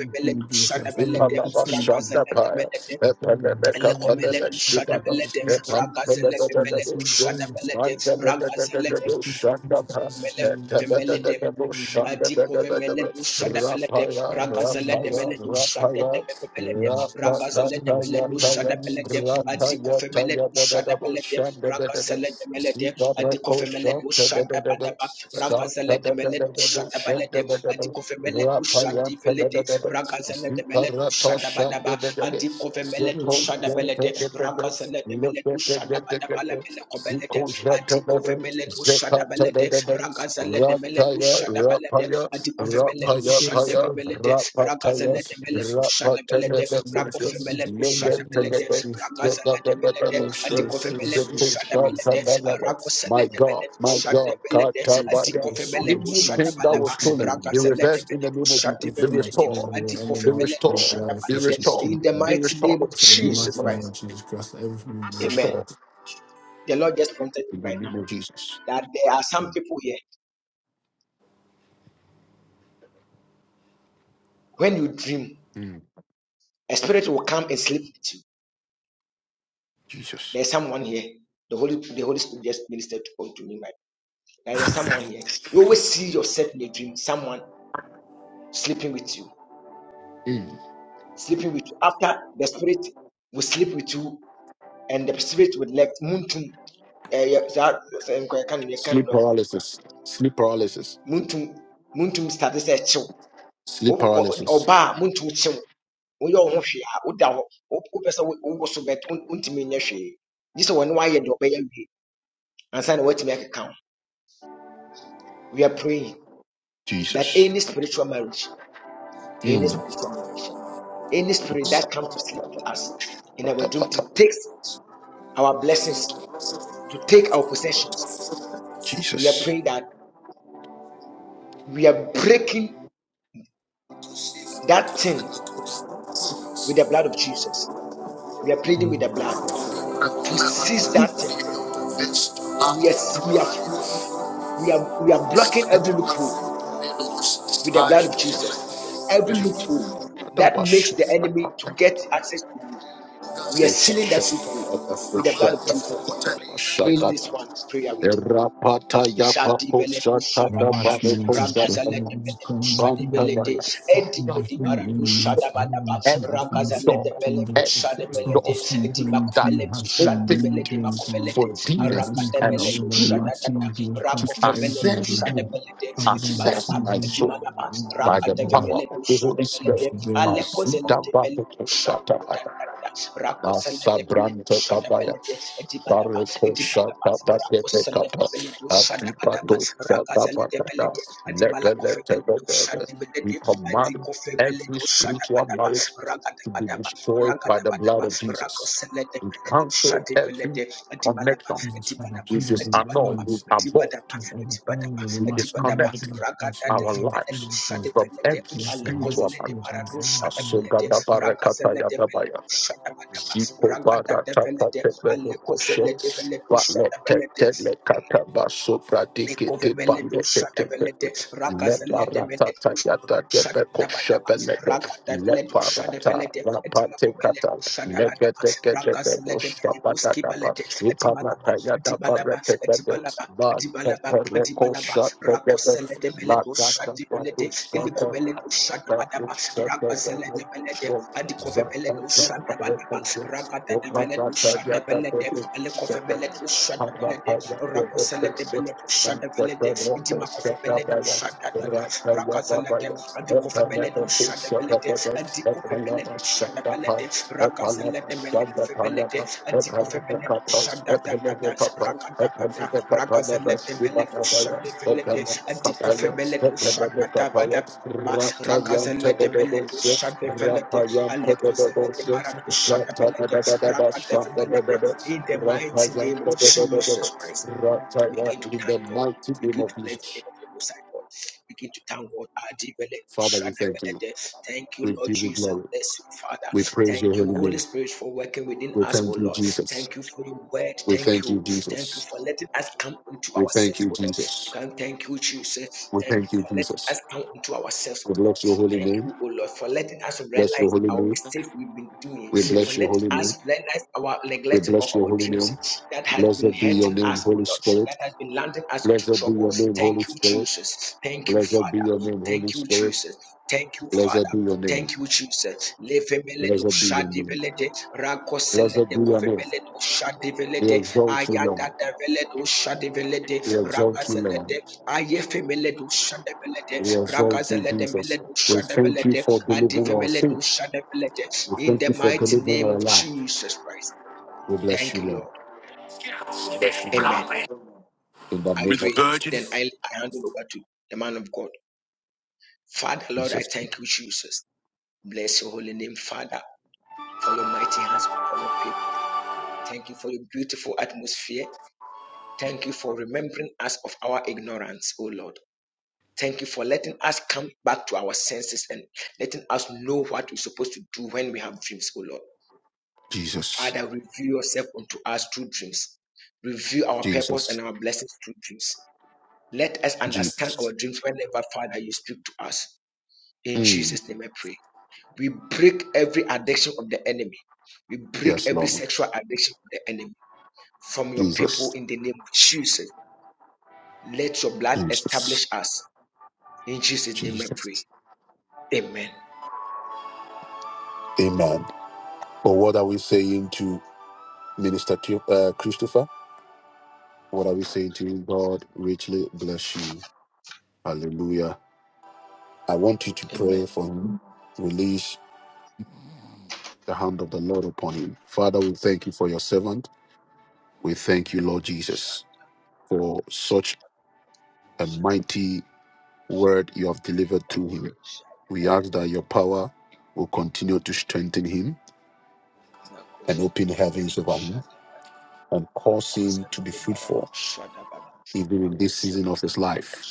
[SPEAKER 1] Ipanaba Shandapaya, Epanabeka Panaba Shigaba, Epan Pedagadagadagadosho, Manda Pedagadagado Shandapa, Epabedagado Shandapedagadagadaba, Rapaya,
[SPEAKER 3] their
[SPEAKER 1] Rapaya,
[SPEAKER 3] sadness.
[SPEAKER 1] Rapaya, Rapataya, Taya, Rataya, Taya, Badadabo Shandabedebe, Zibarako Shantabedebe, Santabedebe, Shantabedebe, Rapaya, rapaya, rapaya,
[SPEAKER 3] Everything
[SPEAKER 1] paya, rapataya, rapataya, rapataya, Simple shots at the levels. My God, my God, Katabaya. Anything that was stolen, be reversed in the name of Jesus. Be restored, be restored, be restored, be restored, be restored, be restored in the name of Jesus. Mm, Jesus. Mm. Sleep paralysis, sleep paralysis, sleep paralysis. Jesus. Mm. Katabata. Jesus. Katabata. Rapata yapa kosha tata baba kosha tata. Banta baya fire.
[SPEAKER 3] Before we release all the
[SPEAKER 1] Every
[SPEAKER 3] circumstances of the
[SPEAKER 1] door,
[SPEAKER 3] kingdom,
[SPEAKER 1] every
[SPEAKER 3] stop us
[SPEAKER 1] door
[SPEAKER 3] from going into
[SPEAKER 1] that
[SPEAKER 3] new heights
[SPEAKER 1] is
[SPEAKER 3] and
[SPEAKER 1] opened
[SPEAKER 3] new journeys.
[SPEAKER 1] for
[SPEAKER 3] We ask
[SPEAKER 1] demons
[SPEAKER 3] and pray
[SPEAKER 1] and
[SPEAKER 3] that all of our mighty
[SPEAKER 1] spirits
[SPEAKER 3] name of Jesus
[SPEAKER 1] to
[SPEAKER 3] Christ, that everything will be
[SPEAKER 1] access me,
[SPEAKER 3] okay. Father we
[SPEAKER 1] access
[SPEAKER 3] save
[SPEAKER 1] my
[SPEAKER 3] you,
[SPEAKER 1] soul
[SPEAKER 3] all
[SPEAKER 1] by
[SPEAKER 3] that
[SPEAKER 1] the
[SPEAKER 3] for the love
[SPEAKER 1] power of the Holy
[SPEAKER 3] and
[SPEAKER 1] Spirit.
[SPEAKER 3] for
[SPEAKER 1] My
[SPEAKER 3] the
[SPEAKER 1] sweet Abba, Asabrante kabaya. Baroko shata basete kapa. Adipato shata bakata. Lebe lete lebe. We command every spiritual marriage to be destroyed by the blood of Jesus. We cancel every connection.
[SPEAKER 3] Jesus Christ, I
[SPEAKER 1] We
[SPEAKER 3] plead it with
[SPEAKER 1] disannul, we
[SPEAKER 3] Christ,
[SPEAKER 1] abort,
[SPEAKER 3] is every prayer with the
[SPEAKER 1] we
[SPEAKER 3] mighty name of
[SPEAKER 1] disconnect
[SPEAKER 3] Jesus Christ, and I
[SPEAKER 1] our
[SPEAKER 3] pray to
[SPEAKER 1] lives
[SPEAKER 3] you, God.
[SPEAKER 1] from every
[SPEAKER 3] Yes, the Holy
[SPEAKER 1] spiritual
[SPEAKER 3] Spirit,
[SPEAKER 1] marriage.
[SPEAKER 3] bring everything.
[SPEAKER 1] Asoga dabarekata Ziko barata kate bero koshe. Vale te te le kata baso pradike te pande te te te. Le barata ta yata te be koshe belete. Le barata rapate kata. Le gete te te koshe bata kaba. Iparata yata parete te te. Ba te te le koshe te te te. La kata padu Shut up, in the mighty name of Jesus, Father, we thank you. We give you glory. We praise your holy name. We thank you, Jesus. We thank you, Jesus. We thank you, Jesus. We thank you, Jesus. We bless your holy name. Bless your holy name. We bless your holy name. We bless your holy name. Blessed be your name, Holy Spirit. Blessed be your name, Holy Spirit. Blessed be your name, Holy Spirit. Blessed be your name. Blessed, blessed. we exalt you, Lord. We exalt you, Lord. We exalt you, Jesus. We thank you for delivering our sins. We thank you for delivering our life. We bless you, Lord. In the name of Jesus. Je- Jesus. Jesus. Mm. Yes, Lord. Jesus. Jesus. Jesus. Amen. Or what are we saying to Minister Tu- uh, Christopher? What are we saying to him? God richly bless you. Hallelujah. I want you to pray for him. Release the hand of the Lord upon him. Father, we thank you for your servant. We thank you, Lord Jesus, for such a mighty word you have delivered to him. We ask that your power will continue to strengthen him and open heavens above to be fruitful. Even if-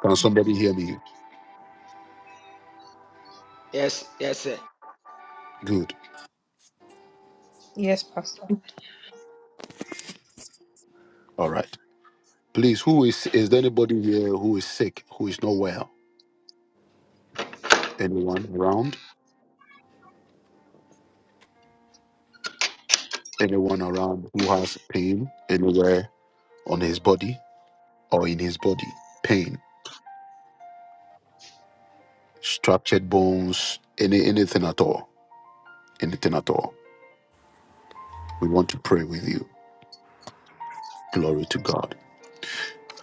[SPEAKER 1] Can somebody hear me? Good.
[SPEAKER 2] Yes, Pastor.
[SPEAKER 1] All right. Please, who is is there anybody here who is sick, who is not well? Anyone around? Anyone around who has pain anywhere on his body or in his body? Pain, structured bones, any anything at all. Anything at all. We want to pray with you. Glory to God.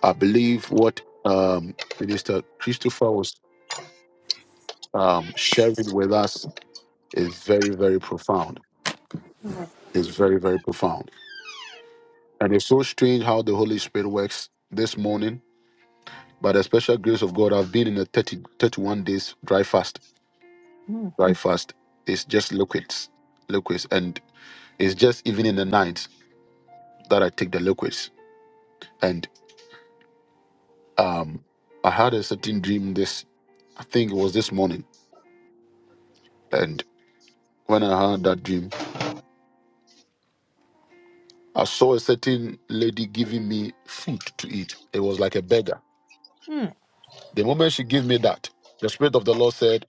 [SPEAKER 1] I believe what um, Minister Christopher was um, sharing with us is very, very profound. It's very, very profound. And it's so strange how the Holy Spirit works this morning By the special grace of God, I've been in a 30 31 days dry fast. Dry fast is just liquids, liquids, and it's just even in the nights that I take the liquids. And um, I had a certain dream. This, I think it was this morning. And when I had that dream, I saw a certain lady giving me food to eat. It was like a beggar.
[SPEAKER 2] Mm,
[SPEAKER 1] The moment she gave me that, the spirit of the Lord said,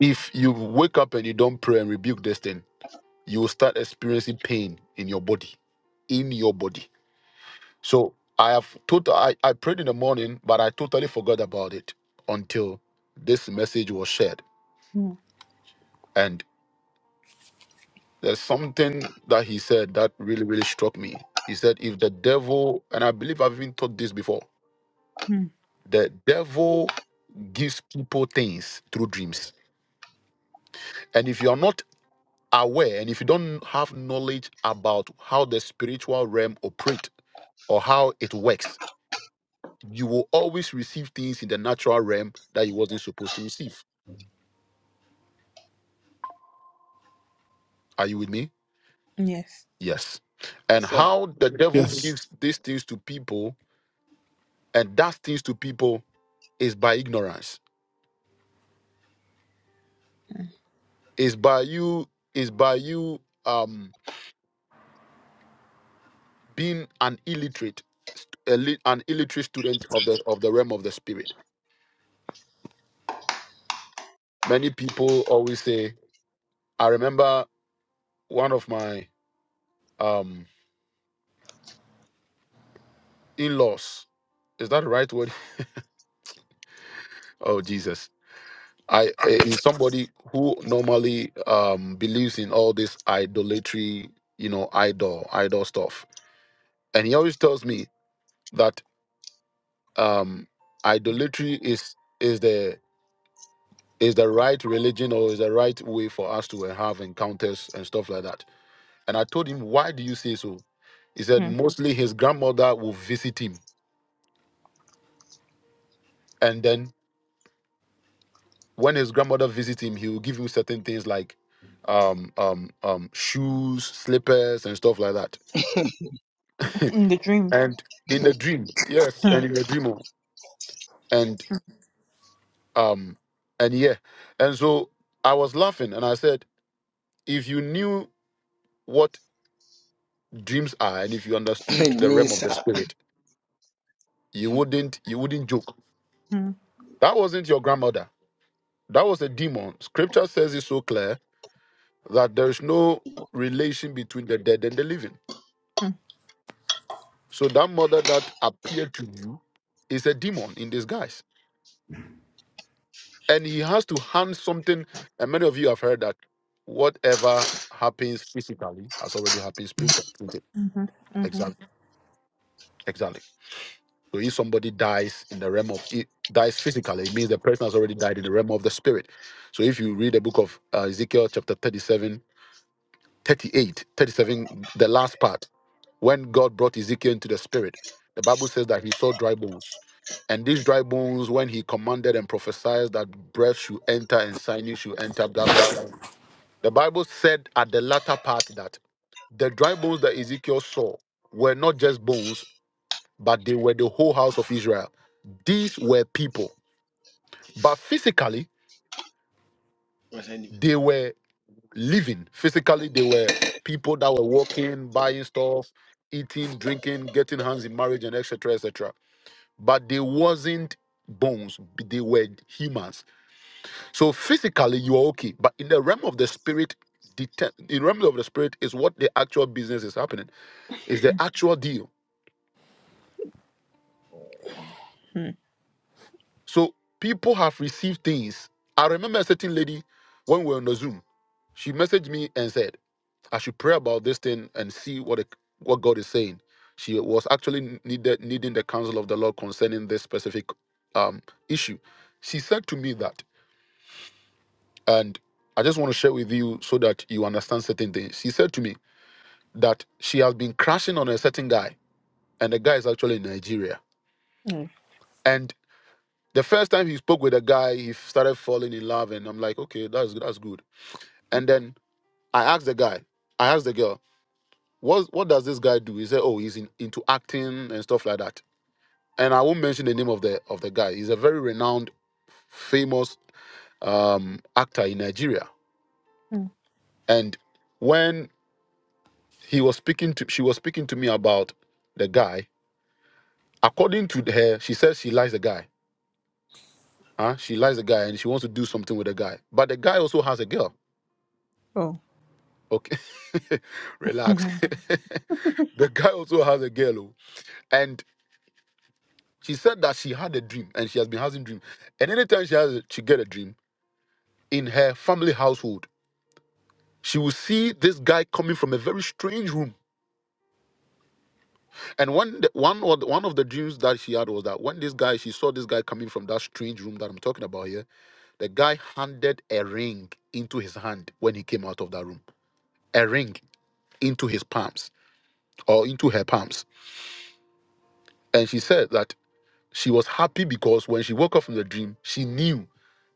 [SPEAKER 1] "If you wake up and you don't pray and rebuke this thing." you will start experiencing pain in your body, in your body. So I have total. I, I prayed in the morning, but I totally forgot about it until this message was shared.
[SPEAKER 2] mm,
[SPEAKER 1] And there's something that he said that really, really struck me. He said, if the devil, and I believe I've even taught this before,
[SPEAKER 2] mm.
[SPEAKER 1] the devil gives people things through dreams. And if you're not aware and if you don't have knowledge about how the spiritual realm operates or how it works, you will always receive things in the natural realm that you wasn't supposed to receive. Are you with me?
[SPEAKER 2] Yes.
[SPEAKER 1] Yes. And how the devil
[SPEAKER 3] Yes.
[SPEAKER 1] gives these things to people and does things to people is by ignorance. Is by you is by you um being an illiterate a lit- an illiterate student of the of the realm of the spirit. Many people always say, I remember one of my um in-laws. Is that the right word? (laughs) Oh Jesus I is somebody who normally um believes in all this idolatry, you know, idol, idol stuff. And he always tells me that um idolatry is is the is the right religion or is the right way for us to eh, have encounters and stuff like that. And I told him, why do you say so? He said
[SPEAKER 2] Mm.
[SPEAKER 1] mostly his grandmother will visit him. And then when his grandmother visits him, he will give him certain things like um um um shoes, slippers, and stuff like that. (laughs)
[SPEAKER 2] In the dream.
[SPEAKER 1] and in the dream yes and
[SPEAKER 2] Mm,
[SPEAKER 1] in the dream oh, and um and yeah and so i was laughing and i said if you knew what dreams are and if you understood the realm of the spirit you wouldn't you wouldn't joke
[SPEAKER 2] mm,
[SPEAKER 1] that wasn't your grandmother that was a demon scripture says it so clear that there is no relation between the dead and the living
[SPEAKER 2] mm,
[SPEAKER 1] so that mother that appeared to you is a demon in disguise and he has to hand something and many of you have heard that whatever happens has already happened spiritually. isn't it?
[SPEAKER 2] mhm, mhm,
[SPEAKER 1] Exactly. Exactly. So if somebody dies in the realm of it dies physically, it means the person has already died in the realm of the spirit. So if you read the book of uh, Ezekiel chapter 37, 38, 37, the last part, when God brought Ezekiel into the spirit, the Bible says that he saw dry bones. And these dry bones, when he commanded and prophesied that breath should enter and sinews should enter, blah, blah, blah. The Bible said at the latter part that the dry bones that Ezekiel saw were not just bones, but they were the whole house of Israel. These were people, but physically they were living. Physically they were people that were walking, buying stuff, eating, drinking, getting hands in marriage, and etc. etc. But they wasn't bones; they were humans. So physically you are okay, but in the realm of the spirit, dete- in the realm of the spirit is what the actual business is happening. Is the actual deal.
[SPEAKER 2] mm,
[SPEAKER 1] So people have received things. I remember a certain lady when we were on the Zoom. She messaged me and said, I should pray about this thing and see what the, what God is saying. She was actually needed needing the counsel of the Lord concerning this specific um, issue. She said to me that, and I just want to share with you so that you understand certain things. She said to me that she has been crashing on a certain guy, and the guy is actually in Nigeria.
[SPEAKER 2] mm,
[SPEAKER 1] The first time he spoke with a guy, he started falling in love, and I'm like, okay, that's that's good. And then I asked the guy, I asked the girl, what what does this guy do? He said, oh, he's in, into acting and stuff like that. And I won't mention the name of the of the guy. He's a very renowned, famous um, actor in Nigeria.
[SPEAKER 2] mm.
[SPEAKER 1] And when he was speaking to, she was speaking to me about the guy. According to her, she says she likes the guy. Huh? She likes the guy and she wants to do something with the guy. But the guy also has a girl.
[SPEAKER 2] Oh.
[SPEAKER 1] Okay, (laughs) relax.
[SPEAKER 2] Mhm,
[SPEAKER 1] (laughs) the guy also has a girl, oh, and she said that she had a dream, and she has been having dream. And anytime she has, a, she get a dream in her family household, she will see this guy coming from a very strange room. And one, the, one, or the, one of the dreams that she had was that when this guy, she saw this guy coming from that strange room that I'm talking about here. The guy handed a ring into his hand when he came out of that room. A ring into his palms or into her palms, and she said that. She was happy because when she woke up from the dream, she knew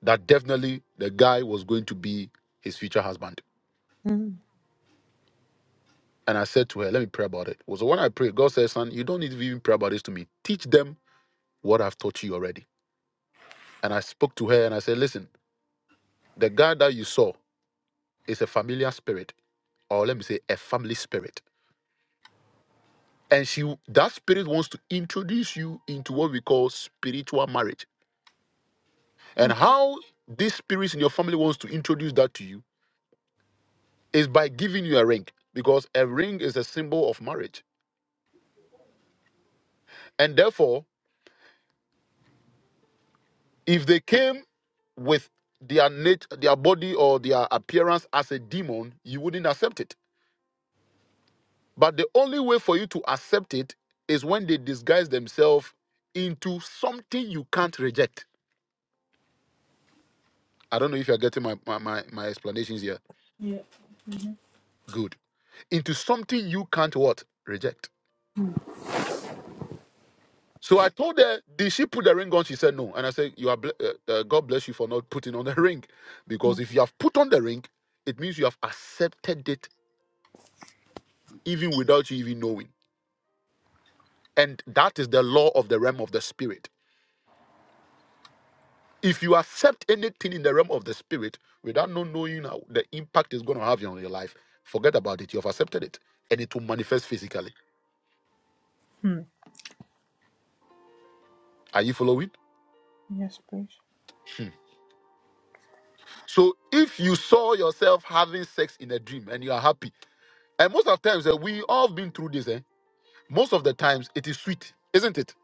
[SPEAKER 1] that definitely the guy was going to be his future husband.
[SPEAKER 2] mm,
[SPEAKER 1] And I said to her, Let me pray about it. Well, So when I prayed, God said, Son, you don't need to even pray about this to me. Teach them what I've taught you already. And I spoke to her and I said, Listen, the guy that you saw is a familiar spirit, or let me say, a family spirit. And she that spirit wants to introduce you into what we call spiritual marriage. And
[SPEAKER 2] mm,
[SPEAKER 1] how these spirits in your family wants to introduce that to you is by giving you a ring because a ring is a symbol of marriage. And therefore, if they came with their nat- their body or their appearance as a demon, you wouldn't accept it. But the only way for you to accept it is when they disguise themselves into something you can't reject. I don't know if you're getting my, my, my, my explanations here.
[SPEAKER 2] Yeah.
[SPEAKER 1] Good. Into something you can't what? Reject. So I told her, did she put the ring on? She said no. And I said, you are ble- uh, uh, God bless you for not putting on the (laughs) ring, because
[SPEAKER 2] mm,
[SPEAKER 1] if you have put on the ring, it means you have accepted it even without you even knowing. And that is the law of the realm of the spirit. If you accept anything in the realm of the spirit without not knowing how the impact is going to have on your life, forget about it. You have accepted it, and it will manifest physically.
[SPEAKER 2] mm.
[SPEAKER 1] Are you following?
[SPEAKER 2] Yes, please.
[SPEAKER 1] So if you saw yourself having sex in a dream and you are happy, and most of the times eh, we all have been through this, eh? most of the times it is sweet, isn't it?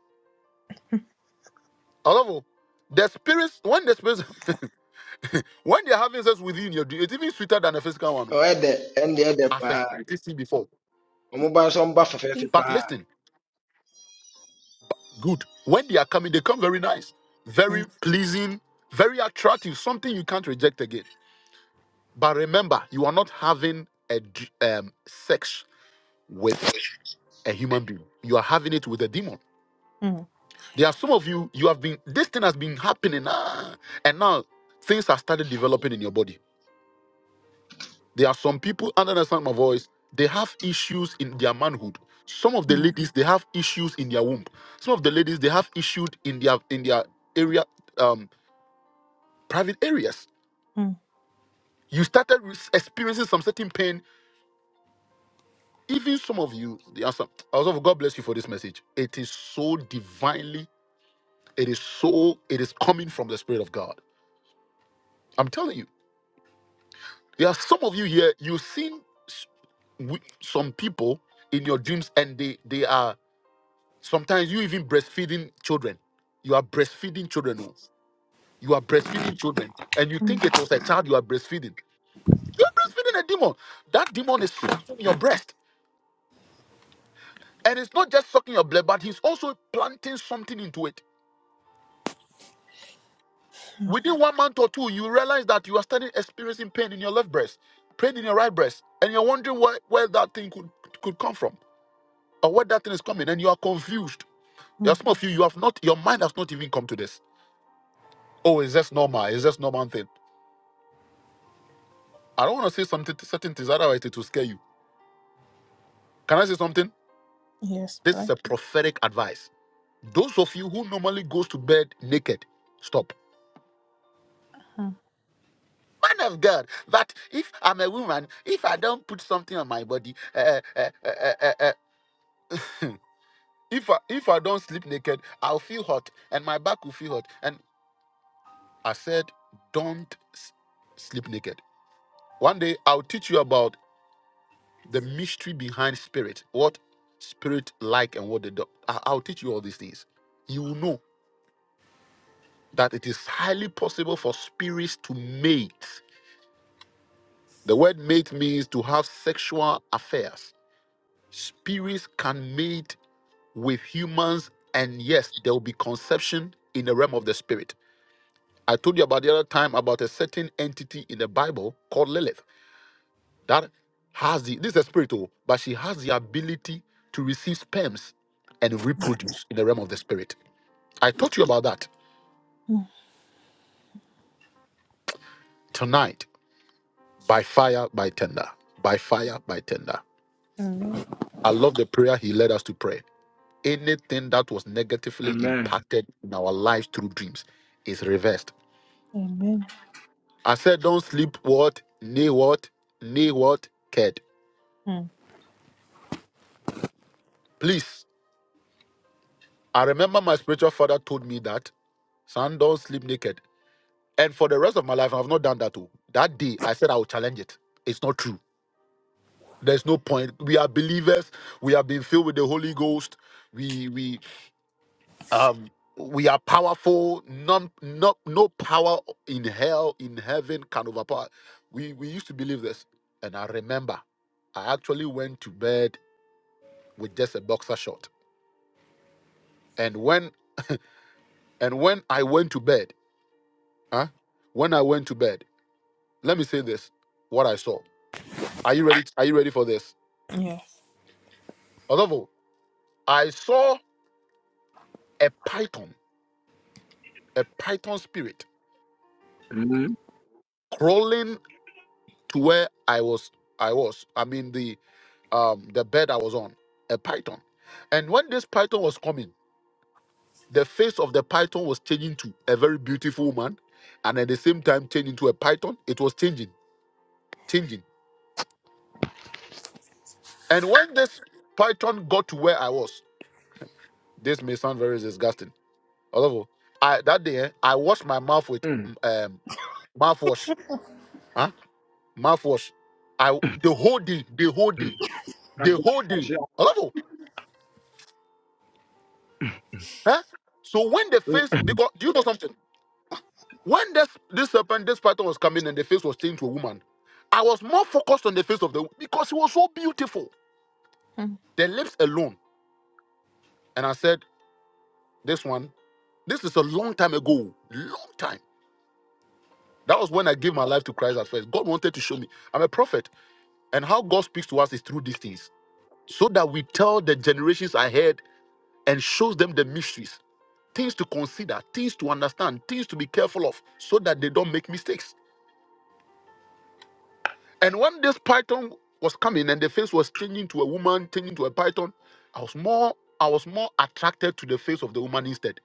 [SPEAKER 1] Although the spirits, when the spirits, (laughs) when they're having sex with you in your dream, it's even sweeter than the physical one. oh. I first- But listen, good. When they are coming, they come very nice,
[SPEAKER 2] Mm,
[SPEAKER 1] very pleasing, very attractive, something you can't reject again. But remember, you are not having a d- um, sex with a human being. You are having it with a demon.
[SPEAKER 2] mm,
[SPEAKER 1] There are some of you, you have been, this thing has been happening, ah, and now things have started developing in your body There are some people under the sound of my voice, they have issues in their manhood. Some of the
[SPEAKER 2] mm,
[SPEAKER 1] ladies, they have issues in their womb. Some of the ladies, they have issues in their in their area, um, private areas.
[SPEAKER 2] mm,
[SPEAKER 1] You started re- experiencing some certain pain. Even some of you, the answer. Also, God bless you for this message. It is so divinely, it is so, it is coming from the Spirit of God. I'm telling you, there are some of you here, you've seen s- wi- some people in your dreams and they they are Sometimes you even breastfeeding children. You are breastfeeding children. oh. You are breastfeeding children. And you
[SPEAKER 2] mm,
[SPEAKER 1] think it was a child you are breastfeeding. You are breastfeeding a demon. That demon is sucking your breast. And it's not just sucking your blood, but he's also planting something into it. Within one month or two, you realize that you are starting experiencing pain in your left breast, pain in your right breast, and you're wondering where, where that thing could, could come from or where that thing is coming, and you are confused. There are
[SPEAKER 2] mm.
[SPEAKER 1] some of you, you have not, your mind has not even come to this. Oh, is this normal? Is this normal thing? I don't want to say something certain things, otherwise it will scare you. Can I say something?
[SPEAKER 2] Yes,
[SPEAKER 1] This is
[SPEAKER 2] please.
[SPEAKER 1] a prophetic advice. Those of you who normally goes to bed naked, stop.
[SPEAKER 2] Mm,
[SPEAKER 1] Man of God, that if I'm a woman, if I don't put something on my body, uh, uh, uh, uh, uh, uh, (laughs) if I, if I don't sleep naked, I'll feel hot and my back will feel hot. And I said, don't s- sleep naked. One day I'll teach you about the mystery behind spirit, what spirit like and what they do. I- I'll teach you all these things. You will know that it is highly possible for spirits to mate. The word mate means to have sexual affairs. Spirits can mate with humans, and yes, there will be conception in the realm of the spirit. I told you about the other time about a certain entity in the Bible called Lilith. that has the this is a spirit, oh, but she has the ability to receive sperms and reproduce in the realm of the spirit. I taught you about that
[SPEAKER 2] mm,
[SPEAKER 1] tonight by fire, by tender, by fire, by tender.
[SPEAKER 2] mm.
[SPEAKER 1] I love the prayer he led us to pray. Anything that was negatively impacted in our lives through dreams is reversed.
[SPEAKER 2] Amen.
[SPEAKER 1] I said, don't sleep what, nay what, nay what, kid.
[SPEAKER 2] Mm,
[SPEAKER 1] Please, I remember my spiritual father told me that son don't sleep naked. And for the rest of my life, I've not done that too. That day, I said I will challenge it. It's not true. There's no point. We are believers. We have been filled with the Holy Ghost. We we um we are powerful. None no no power in hell in heaven can overpower. We we used to believe this, and I remember, I actually went to bed with just a boxer short. And when and when I went to bed, huh? When I went to bed, let me say this: what I saw. Are you ready? Are you ready for this?
[SPEAKER 2] Yes.
[SPEAKER 1] Adolfo, I saw a python, a python spirit crawling to where I was. I was. I mean the um the bed I was on, a python. And when this python was coming, the face of the python was changing to a very beautiful woman, and at the same time changing to a python. It was changing, changing. And when this python got to where I was, this may sound very disgusting. Although I that day eh, I washed my mouth with
[SPEAKER 7] Mm,
[SPEAKER 1] mm, um mouthwash. huh? mouthwash. I the whole day, the whole
[SPEAKER 7] mm.
[SPEAKER 1] day, the whole day. Hello, huh? So when the face, because do you know something? When this this serpent, this python was coming and the face was changed to a woman, I was more focused on the face of the because it was so beautiful.
[SPEAKER 2] Mm.
[SPEAKER 1] The lips alone, and I said, "This one, this is a long time ago, long time." That was when I gave my life to Christ at first. God wanted to show me I'm a prophet, and how God speaks to us is through these things, so that we tell the generations ahead and shows them the mysteries. things to consider, things to understand, things to be careful of so that they don't make mistakes. And when this python was coming and the face was changing to a woman, changing to a python, I was more I was more attracted to the face of the woman instead.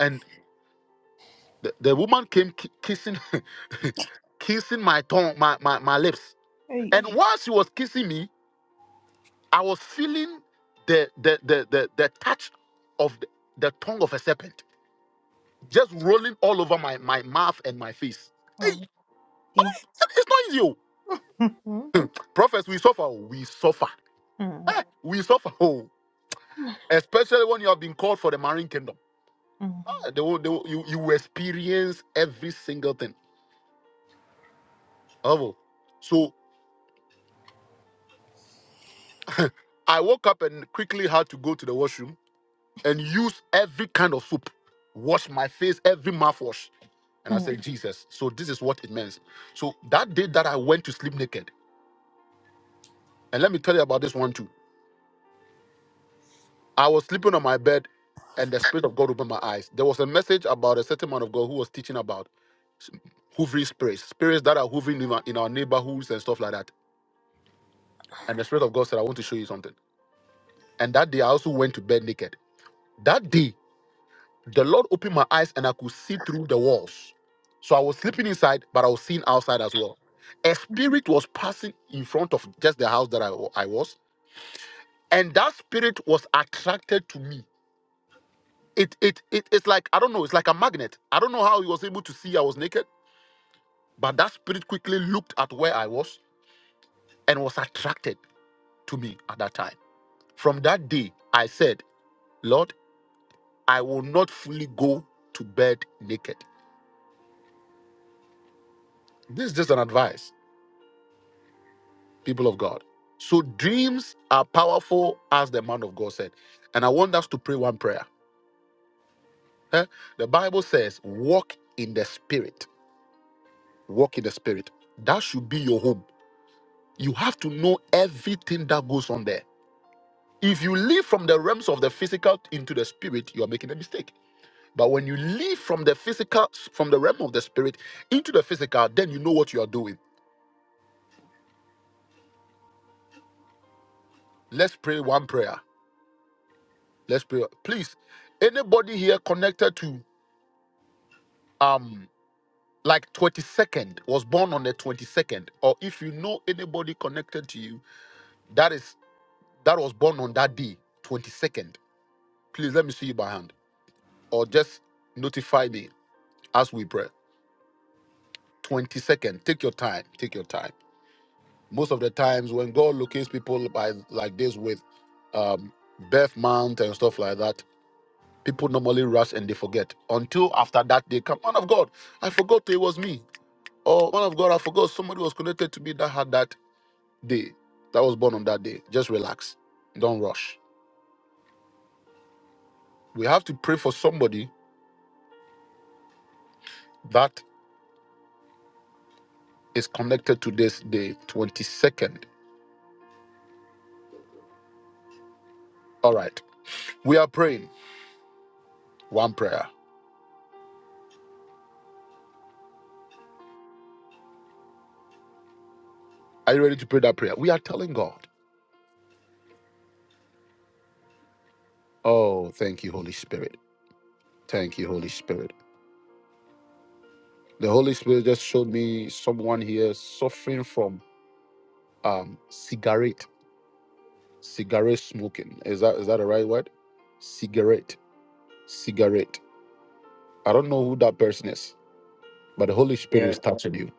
[SPEAKER 1] And the, the woman came ki- kissing (laughs) kissing my tongue, my, my, my lips.
[SPEAKER 2] Hey,
[SPEAKER 1] And while she was kissing me, I was feeling the the the the, the touch of the, the tongue of a serpent just rolling all over my, my mouth and my face. Hey,
[SPEAKER 2] our teeth.
[SPEAKER 1] it's not easy. oh.
[SPEAKER 2] Mm,
[SPEAKER 1] Prophets, we suffer. oh, We suffer.
[SPEAKER 2] mm,
[SPEAKER 1] Eh, we suffer. Oh, especially when you have been called for the marine kingdom.
[SPEAKER 2] mm,
[SPEAKER 1] Ah, they will, they will, you, you will experience every single thing. Oh. So I woke up and quickly had to go to the washroom and use every kind of soap, wash my face, every mouthwash. And I
[SPEAKER 2] mm.
[SPEAKER 1] said, Jesus, so this is what it means. So that day that I went to sleep naked, and let me tell you about this one too. I was sleeping on my bed, and the Spirit of God opened my eyes. There was a message about a certain man of God who was teaching about s- hoovering spirits, spirits that are hoovering in our, in our neighborhoods and stuff like that. And the Spirit of God said, I want to show you something. And that day, I also went to bed naked. That day, the Lord opened my eyes, and I could see through the walls. So I was sleeping inside, but I was seeing outside as well. A spirit was passing in front of just the house that I, wa- I was, and that spirit was attracted to me It, it, it, it's like, I don't know, it's like a magnet. I don't know how he was able to see I was naked, but that spirit quickly looked at where I was and was attracted to me at that time. From that day, I said, Lord, I will not fully go to bed naked. This is just an advice, people of God. So dreams are powerful, as the man of God said. And I want us to pray one prayer. Eh? The Bible says, walk in the spirit. Walk in the spirit. That should be your home You have to know everything that goes on there. If you live from the realms of the physical into the spirit, you are making a mistake. But when you live from the physical, from the realm of the spirit into the physical, then you know what you are doing. Let's pray one prayer. Let's pray. Please, anybody here connected to um like 22nd was born on the 22nd, or if you know anybody connected to you that is that was born on that day, 22nd, please let me see you by hand, or just notify me as we pray. 22nd. Take your time. Take your time. Most of the times when God locates people by like this with um birth month and stuff like that, people normally rush and they forget. Until after that they come, man of God, I forgot it was me. Or man of God, I forgot somebody was connected to me that had that day, that was born on that day. Just relax. Don't rush. We have to pray for somebody that is connected to this day, 22nd. All right. We are praying one prayer. Are you ready to pray that prayer? We are telling God. Oh, thank you, Holy Spirit. Thank you, Holy Spirit. The Holy Spirit just showed me someone here suffering from um cigarette, cigarette smoking. Is that is that the right word? Cigarette, cigarette. I don't know who that person is, but the Holy Spirit is touching you.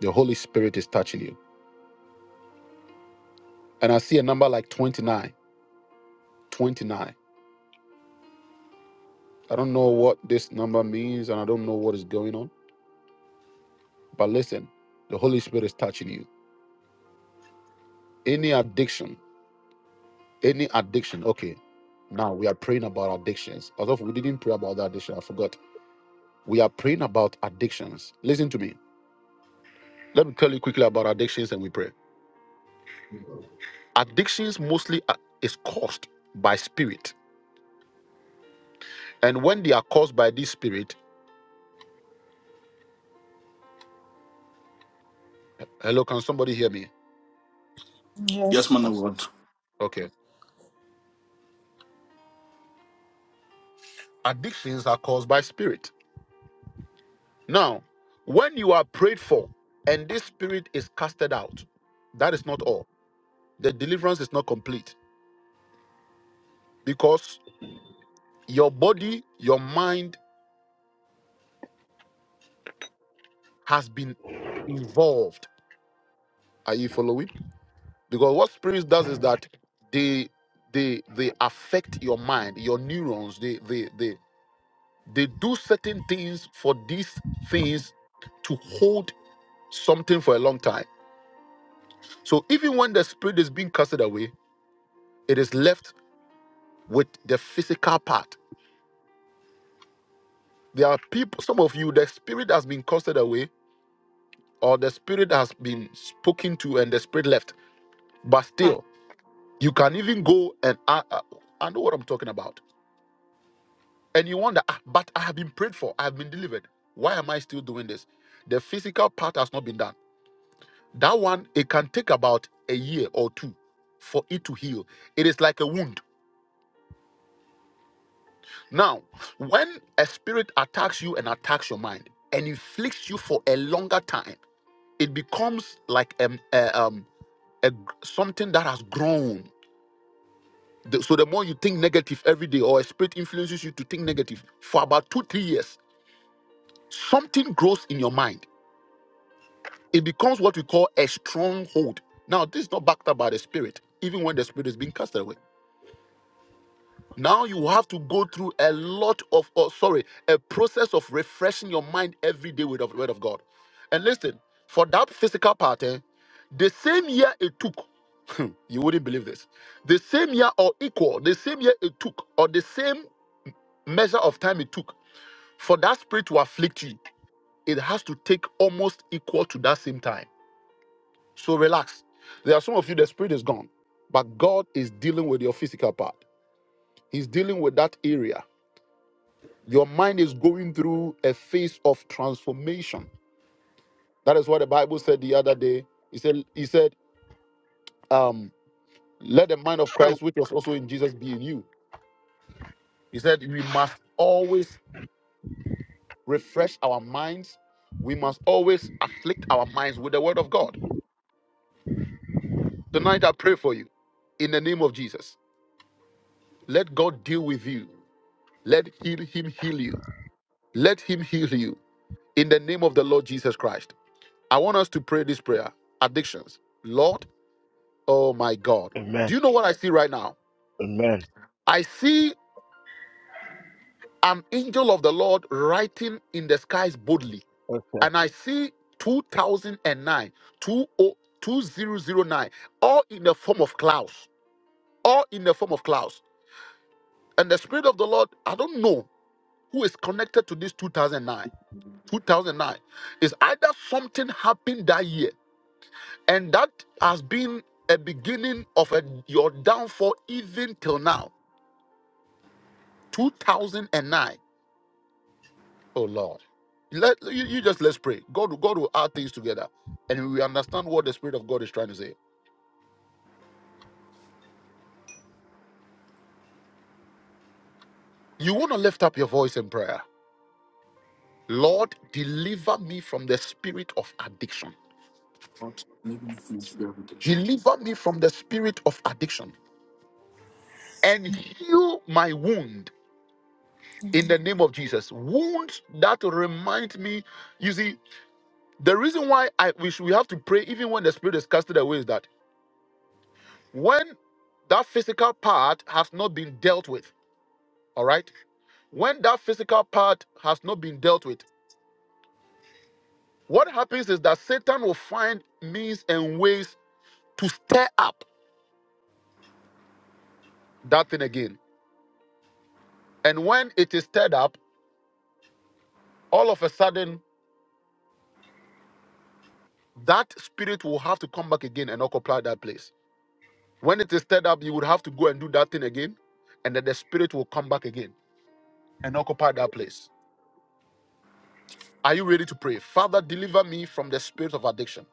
[SPEAKER 1] The Holy Spirit is touching you. And I see a number like 29, 29. I don't know what this number means and I don't know what is going on. But listen, the Holy Spirit is touching you. Any addiction Any addiction. Okay. Now we are praying about addictions. Although we didn't pray about the addiction, I forgot. We are praying about addictions. Listen to me. Let me tell you quickly about addictions and we pray. Addictions mostly are- is caused by spirit. And when they are caused by this spirit, hello, can somebody hear me?
[SPEAKER 3] Yes.
[SPEAKER 2] Yes, Pastor.
[SPEAKER 1] Okay. Addictions are caused by spirit. Now, when you are prayed for and this spirit is casted out, that is not all. The deliverance is not complete because your body, your mind, has been involved. Are you following? Because what spirits does is that they they they affect your mind, your neurons. They they they they do certain things for these things to hold something for a long time. So even when the spirit is being casted away, it is left with the physical part. There are people, some of you, the spirit has been casted away, or the spirit has been spoken to and the spirit left. But still, You can even go and I, I, I know what I'm talking about. And you wonder, ah, but I have been prayed for, I have been delivered. Why am I still doing this? The physical part has not been done. That one, it can take about a year or two for it to heal. It is like a wound. Now, when a spirit attacks you and attacks your mind and inflicts you for a longer time, it becomes like um, a, um, a, something that has grown The- so the more you think negative every day, or a spirit influences you to think negative for about two, three years, something grows in your mind. It becomes what we call a stronghold. Now, this is not backed up by the spirit, even when the spirit is being cast away. Now you have to go through a lot of, oh, sorry, a process of refreshing your mind every day with the word of God. And listen, for that physical part, eh, the same year it took, (laughs) you wouldn't believe this, the same year or equal, the same year it took, or the same measure of time it took for that spirit to afflict you, it has to take almost equal to that same time. So relax. There are some of you, the spirit is gone, but God is dealing with your physical part, He's dealing with that area. Your mind is going through a phase of transformation. That is what the Bible said the other day. He said, He said, um, let the mind of Christ, which was also in Jesus, be in you. He said, we must always refresh our minds. We must always afflict our minds with the word of God. Tonight I pray for you in the name of Jesus. Let God deal with you. Let heal him heal you. Let him heal you in the name of the Lord Jesus Christ. I want us to pray this prayer. Addictions. Lord, oh my God. Do you know what I see right now? I see an angel of the Lord writing in the skies boldly. And I see 2009, all in the form of clouds. All in the form of clouds. And the Spirit of the Lord, I don't know. who is connected to this 2009 2009 is either something happened that year and that has been a beginning of a, your downfall even till now 2009 oh lord let you, you just let's pray god god will add things together and we understand what the spirit of god is trying to say you want to lift up your voice in prayer lord deliver me from the spirit of addiction
[SPEAKER 3] Lord, living through prayer protection.
[SPEAKER 1] deliver me from the spirit of addiction and heal my wound in the name of Jesus. Wounds that remind me, you see, the reason why I we should we have to pray even when the spirit is casted away is that when that physical part has not been dealt with, all right? When that physical part has not been dealt with, what happens is that Satan will find means and ways to stir up that thing again. And when it is stirred up, all of a sudden that spirit will have to come back again and occupy that place. When it is stirred up, you would have to go and do that thing again, and then the spirit will come back again and occupy that place. Are you ready to pray? Father, deliver me from the spirit of addiction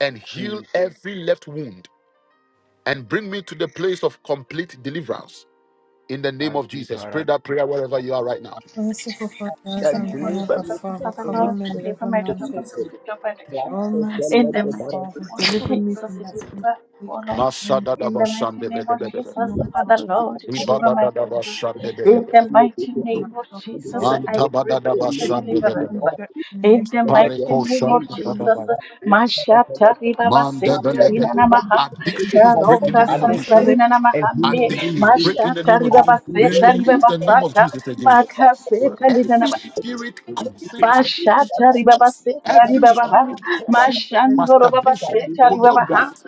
[SPEAKER 1] and heal every left wound and bring me to the place of complete deliverance. In the name of Jesus, pray that prayer wherever you are right now.
[SPEAKER 2] Merciful Father,
[SPEAKER 8] In
[SPEAKER 2] as
[SPEAKER 8] the mighty
[SPEAKER 2] I'm
[SPEAKER 8] name of
[SPEAKER 2] here, God
[SPEAKER 8] Jesus, my
[SPEAKER 2] Father,
[SPEAKER 8] Father,
[SPEAKER 2] cover
[SPEAKER 8] Lord,
[SPEAKER 2] me with
[SPEAKER 8] deliver
[SPEAKER 2] every
[SPEAKER 8] my daughter from the
[SPEAKER 2] mountain.
[SPEAKER 8] spirit of addiction.
[SPEAKER 2] Oh, my
[SPEAKER 8] In the
[SPEAKER 2] God!
[SPEAKER 8] mighty name
[SPEAKER 2] Father,
[SPEAKER 8] of
[SPEAKER 2] deliver me
[SPEAKER 8] Jesus,
[SPEAKER 2] from that spirit.
[SPEAKER 8] deliver,
[SPEAKER 2] of
[SPEAKER 8] oh Lord.
[SPEAKER 2] addiction and
[SPEAKER 8] In the mighty name of
[SPEAKER 2] my
[SPEAKER 8] Jesus,
[SPEAKER 2] and open for
[SPEAKER 8] Father, Lord,
[SPEAKER 2] abuse and
[SPEAKER 8] deliver my
[SPEAKER 2] confusion.
[SPEAKER 8] daughter.
[SPEAKER 2] Not only
[SPEAKER 8] In the mighty
[SPEAKER 2] for
[SPEAKER 8] name
[SPEAKER 2] myself,
[SPEAKER 8] of
[SPEAKER 2] but for
[SPEAKER 8] Jesus,
[SPEAKER 2] all.
[SPEAKER 8] I pray for future
[SPEAKER 2] Because the very
[SPEAKER 8] deliverance.
[SPEAKER 2] rejection
[SPEAKER 8] In
[SPEAKER 2] enables
[SPEAKER 8] the
[SPEAKER 2] this
[SPEAKER 8] mighty name
[SPEAKER 2] position
[SPEAKER 8] of
[SPEAKER 2] to remain
[SPEAKER 8] Jesus,
[SPEAKER 2] sufficient
[SPEAKER 8] Mashata Ribaba
[SPEAKER 1] Man,
[SPEAKER 8] Seterina Namaha,
[SPEAKER 2] for the
[SPEAKER 1] addictions
[SPEAKER 2] mercy
[SPEAKER 1] break in
[SPEAKER 2] and
[SPEAKER 8] Karoka
[SPEAKER 1] the
[SPEAKER 2] less
[SPEAKER 1] name of
[SPEAKER 2] most of the
[SPEAKER 1] Jesus.
[SPEAKER 2] name of
[SPEAKER 8] Santalina Namahane,
[SPEAKER 1] Addictions break in the
[SPEAKER 8] Mashata
[SPEAKER 1] name of Jesus.
[SPEAKER 8] Ribaba
[SPEAKER 1] We
[SPEAKER 8] Seterina
[SPEAKER 1] release
[SPEAKER 8] Baba
[SPEAKER 1] the name of
[SPEAKER 8] Sata,
[SPEAKER 1] Jesus again.
[SPEAKER 2] your
[SPEAKER 8] Makaseta
[SPEAKER 1] Every
[SPEAKER 8] Lina
[SPEAKER 1] spirit causing
[SPEAKER 2] Son to
[SPEAKER 8] Bashata
[SPEAKER 1] addictions,
[SPEAKER 8] ribaba seta
[SPEAKER 1] every
[SPEAKER 2] continue to
[SPEAKER 8] ribaba ha.
[SPEAKER 1] spirit causing
[SPEAKER 2] pray
[SPEAKER 8] Mashandoro baba
[SPEAKER 1] masturbation,
[SPEAKER 8] seta ribaba ha.
[SPEAKER 1] pornography,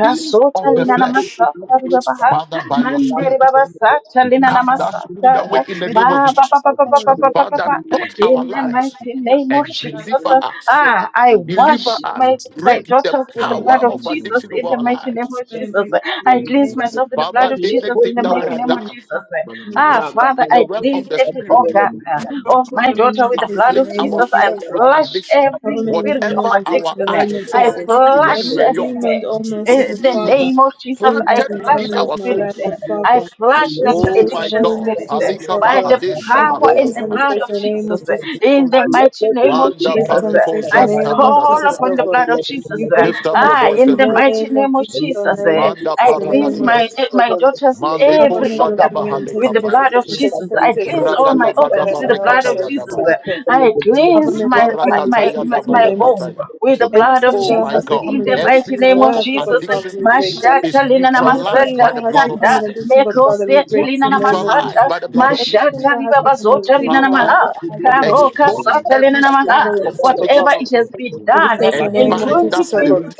[SPEAKER 1] things of the
[SPEAKER 2] for us.
[SPEAKER 8] lina na
[SPEAKER 1] flesh,
[SPEAKER 8] masata ribaba ha.
[SPEAKER 1] Father, by your
[SPEAKER 8] Mandere
[SPEAKER 1] spirit,
[SPEAKER 8] baba sata
[SPEAKER 1] we
[SPEAKER 8] lina na
[SPEAKER 1] cast that spirit away
[SPEAKER 8] masata.
[SPEAKER 1] in the
[SPEAKER 2] May the
[SPEAKER 1] name of
[SPEAKER 8] Ba ba
[SPEAKER 1] Jesus.
[SPEAKER 8] ba ba ba
[SPEAKER 2] power
[SPEAKER 8] ba
[SPEAKER 2] of
[SPEAKER 8] ba
[SPEAKER 2] the
[SPEAKER 8] ba ba ba.
[SPEAKER 1] Father,
[SPEAKER 8] ba.
[SPEAKER 1] touch our
[SPEAKER 8] In the
[SPEAKER 1] lives
[SPEAKER 8] mighty name of
[SPEAKER 1] and
[SPEAKER 2] God of
[SPEAKER 8] Jesus.
[SPEAKER 1] deliver us.
[SPEAKER 8] Ah, I
[SPEAKER 1] Deliver
[SPEAKER 8] wash
[SPEAKER 1] us.
[SPEAKER 8] my, my
[SPEAKER 2] the
[SPEAKER 1] Break the
[SPEAKER 8] daughters with the
[SPEAKER 2] kingdom
[SPEAKER 8] blood
[SPEAKER 1] power
[SPEAKER 8] of
[SPEAKER 1] of
[SPEAKER 8] Jesus
[SPEAKER 1] addiction over
[SPEAKER 8] in the
[SPEAKER 1] our
[SPEAKER 8] mighty name
[SPEAKER 1] lives.
[SPEAKER 8] of
[SPEAKER 2] pray and bring
[SPEAKER 8] Jesus. I
[SPEAKER 2] the
[SPEAKER 8] cleanse
[SPEAKER 2] name of
[SPEAKER 8] myself with the blood
[SPEAKER 1] Father,
[SPEAKER 8] of Jesus in
[SPEAKER 1] anything
[SPEAKER 8] the
[SPEAKER 1] that
[SPEAKER 8] mighty
[SPEAKER 1] was
[SPEAKER 8] name of
[SPEAKER 2] the
[SPEAKER 1] done
[SPEAKER 8] Jesus.
[SPEAKER 2] Father, the name of the
[SPEAKER 8] Ah, Father,
[SPEAKER 1] in the
[SPEAKER 8] I
[SPEAKER 1] realm
[SPEAKER 8] cleanse
[SPEAKER 2] Son,
[SPEAKER 1] of the
[SPEAKER 8] every
[SPEAKER 1] spirit
[SPEAKER 8] organ of
[SPEAKER 2] and the name
[SPEAKER 8] my
[SPEAKER 2] of the
[SPEAKER 8] daughter
[SPEAKER 2] Holy
[SPEAKER 8] with the
[SPEAKER 2] Spirit. In
[SPEAKER 8] blood of
[SPEAKER 1] afflict
[SPEAKER 2] the name
[SPEAKER 1] our
[SPEAKER 8] Jesus.
[SPEAKER 2] of
[SPEAKER 8] I
[SPEAKER 1] souls
[SPEAKER 2] Jesus,
[SPEAKER 1] with
[SPEAKER 8] flush
[SPEAKER 1] addiction.
[SPEAKER 2] Cover
[SPEAKER 8] every
[SPEAKER 2] me, deliver
[SPEAKER 8] spirit
[SPEAKER 2] me,
[SPEAKER 8] of
[SPEAKER 1] Whatever
[SPEAKER 2] and take
[SPEAKER 1] our
[SPEAKER 2] in the
[SPEAKER 8] addiction.
[SPEAKER 1] eyes
[SPEAKER 2] name of
[SPEAKER 8] I
[SPEAKER 1] saw,
[SPEAKER 2] Jesus.
[SPEAKER 1] even when we
[SPEAKER 8] flush
[SPEAKER 2] Any
[SPEAKER 1] were young,
[SPEAKER 2] demon, oh
[SPEAKER 8] (laughs)
[SPEAKER 2] merciful
[SPEAKER 8] in the
[SPEAKER 2] Father,
[SPEAKER 8] name
[SPEAKER 1] seeds
[SPEAKER 8] of Jesus.
[SPEAKER 2] who has
[SPEAKER 8] I
[SPEAKER 1] planted
[SPEAKER 2] been
[SPEAKER 8] flush
[SPEAKER 1] within
[SPEAKER 2] turning
[SPEAKER 8] the
[SPEAKER 2] with
[SPEAKER 1] our
[SPEAKER 2] my
[SPEAKER 8] spirit.
[SPEAKER 2] life,
[SPEAKER 1] souls.
[SPEAKER 8] eh,
[SPEAKER 2] God
[SPEAKER 8] I
[SPEAKER 2] Father,
[SPEAKER 8] flush
[SPEAKER 2] we
[SPEAKER 8] that
[SPEAKER 2] destroy
[SPEAKER 1] Oh
[SPEAKER 2] it
[SPEAKER 1] my
[SPEAKER 2] in the
[SPEAKER 8] addiction
[SPEAKER 2] name
[SPEAKER 1] God.
[SPEAKER 2] of
[SPEAKER 8] spirit eh,
[SPEAKER 2] Jesus, oh
[SPEAKER 1] Palikaba
[SPEAKER 8] by
[SPEAKER 2] God.
[SPEAKER 8] the
[SPEAKER 2] We
[SPEAKER 8] power
[SPEAKER 2] break
[SPEAKER 8] in
[SPEAKER 2] it
[SPEAKER 8] the
[SPEAKER 2] and
[SPEAKER 1] hadeshabahalabaha.
[SPEAKER 8] blood
[SPEAKER 2] destroy it
[SPEAKER 8] of
[SPEAKER 2] in the name
[SPEAKER 8] Jesus.
[SPEAKER 2] of
[SPEAKER 8] eh,
[SPEAKER 2] Jesus, oh
[SPEAKER 8] In
[SPEAKER 2] God.
[SPEAKER 8] the mighty name of
[SPEAKER 2] We
[SPEAKER 1] Manda
[SPEAKER 2] break it
[SPEAKER 8] Jesus,
[SPEAKER 2] and
[SPEAKER 8] eh,
[SPEAKER 2] destroy
[SPEAKER 1] pareko
[SPEAKER 2] it in
[SPEAKER 8] I
[SPEAKER 2] the
[SPEAKER 1] janta
[SPEAKER 2] name of
[SPEAKER 8] call
[SPEAKER 2] Jesus,
[SPEAKER 1] badadaba.
[SPEAKER 8] upon
[SPEAKER 2] oh
[SPEAKER 8] the
[SPEAKER 2] God.
[SPEAKER 8] blood of Jesus.
[SPEAKER 2] We
[SPEAKER 8] eh,
[SPEAKER 2] break
[SPEAKER 1] Lift
[SPEAKER 2] it and
[SPEAKER 1] up your
[SPEAKER 8] Ah,
[SPEAKER 2] destroy it
[SPEAKER 1] voice
[SPEAKER 8] in
[SPEAKER 2] in
[SPEAKER 1] and
[SPEAKER 8] the
[SPEAKER 2] the
[SPEAKER 1] pray.
[SPEAKER 8] mighty
[SPEAKER 2] name
[SPEAKER 8] name
[SPEAKER 2] of
[SPEAKER 8] of
[SPEAKER 2] Jesus, oh
[SPEAKER 8] Jesus,
[SPEAKER 2] name
[SPEAKER 8] eh,
[SPEAKER 2] of
[SPEAKER 1] Manda
[SPEAKER 2] Jesus,
[SPEAKER 8] I
[SPEAKER 2] in the name
[SPEAKER 8] cleanse
[SPEAKER 2] of
[SPEAKER 8] my
[SPEAKER 1] paragadias.
[SPEAKER 2] Jesus, oh
[SPEAKER 8] my
[SPEAKER 2] God.
[SPEAKER 8] daughter's
[SPEAKER 2] Cover
[SPEAKER 1] Maleko
[SPEAKER 8] every
[SPEAKER 2] me, deliver
[SPEAKER 8] organ
[SPEAKER 2] me, and take
[SPEAKER 8] with
[SPEAKER 2] in
[SPEAKER 8] the
[SPEAKER 2] the
[SPEAKER 1] shadabahalekapaya.
[SPEAKER 8] blood of Jesus. I cleanse all
[SPEAKER 2] name of
[SPEAKER 8] my organs with the blood of
[SPEAKER 1] Ragadagadabarekataya
[SPEAKER 2] Jesus,
[SPEAKER 8] Jesus.
[SPEAKER 2] oh
[SPEAKER 1] dabaya.
[SPEAKER 2] God.
[SPEAKER 8] I cleanse
[SPEAKER 2] Government
[SPEAKER 8] my, my,
[SPEAKER 2] I'm
[SPEAKER 8] my,
[SPEAKER 2] taking
[SPEAKER 1] Zibarakataya
[SPEAKER 8] my,
[SPEAKER 2] first my
[SPEAKER 8] my
[SPEAKER 2] name is
[SPEAKER 8] home
[SPEAKER 1] dabarekataya.
[SPEAKER 2] Tim.
[SPEAKER 8] with the blood of
[SPEAKER 2] Anything
[SPEAKER 1] Oh
[SPEAKER 2] that
[SPEAKER 1] my
[SPEAKER 2] has
[SPEAKER 8] Jesus.
[SPEAKER 1] God,
[SPEAKER 2] become
[SPEAKER 8] In
[SPEAKER 2] an
[SPEAKER 8] the
[SPEAKER 2] addiction
[SPEAKER 8] mighty
[SPEAKER 1] every
[SPEAKER 2] in my
[SPEAKER 8] name
[SPEAKER 1] form
[SPEAKER 8] of
[SPEAKER 2] life,
[SPEAKER 1] of
[SPEAKER 2] oh God
[SPEAKER 8] Jesus,
[SPEAKER 2] Father,
[SPEAKER 3] Thank
[SPEAKER 1] addiction
[SPEAKER 2] we break it.
[SPEAKER 1] is
[SPEAKER 8] Mashata lina na
[SPEAKER 1] neutralized
[SPEAKER 2] Anything
[SPEAKER 8] masata
[SPEAKER 1] by
[SPEAKER 2] that
[SPEAKER 1] the
[SPEAKER 2] has
[SPEAKER 1] blood of
[SPEAKER 2] become
[SPEAKER 8] likanda,
[SPEAKER 2] an
[SPEAKER 1] Jesus.
[SPEAKER 2] addiction, God Father, we
[SPEAKER 8] mekosete
[SPEAKER 2] break it
[SPEAKER 8] lina
[SPEAKER 2] in
[SPEAKER 8] na
[SPEAKER 2] the name of
[SPEAKER 1] Neutralized
[SPEAKER 8] masata,
[SPEAKER 1] by
[SPEAKER 2] Jesus.
[SPEAKER 1] the blood of Jesus.
[SPEAKER 2] Anything
[SPEAKER 8] Mashata
[SPEAKER 2] that has become a
[SPEAKER 8] ribabazota
[SPEAKER 2] wound
[SPEAKER 8] lina
[SPEAKER 2] in
[SPEAKER 8] na
[SPEAKER 2] my
[SPEAKER 1] Father,
[SPEAKER 2] life
[SPEAKER 8] maha.
[SPEAKER 2] that I, God Father,
[SPEAKER 8] Karoka
[SPEAKER 2] can
[SPEAKER 1] expose
[SPEAKER 2] accept that
[SPEAKER 8] sata lina
[SPEAKER 1] every
[SPEAKER 2] keeps
[SPEAKER 8] na
[SPEAKER 2] the
[SPEAKER 8] maha.
[SPEAKER 1] spirit of
[SPEAKER 2] fairness of God
[SPEAKER 1] addiction
[SPEAKER 8] Whatever
[SPEAKER 2] Father.
[SPEAKER 8] it has been done
[SPEAKER 2] Dedicate in the
[SPEAKER 1] and
[SPEAKER 8] in
[SPEAKER 2] name of
[SPEAKER 1] bind that
[SPEAKER 2] Jesus, oh
[SPEAKER 8] 2020,
[SPEAKER 2] God.
[SPEAKER 1] spirit.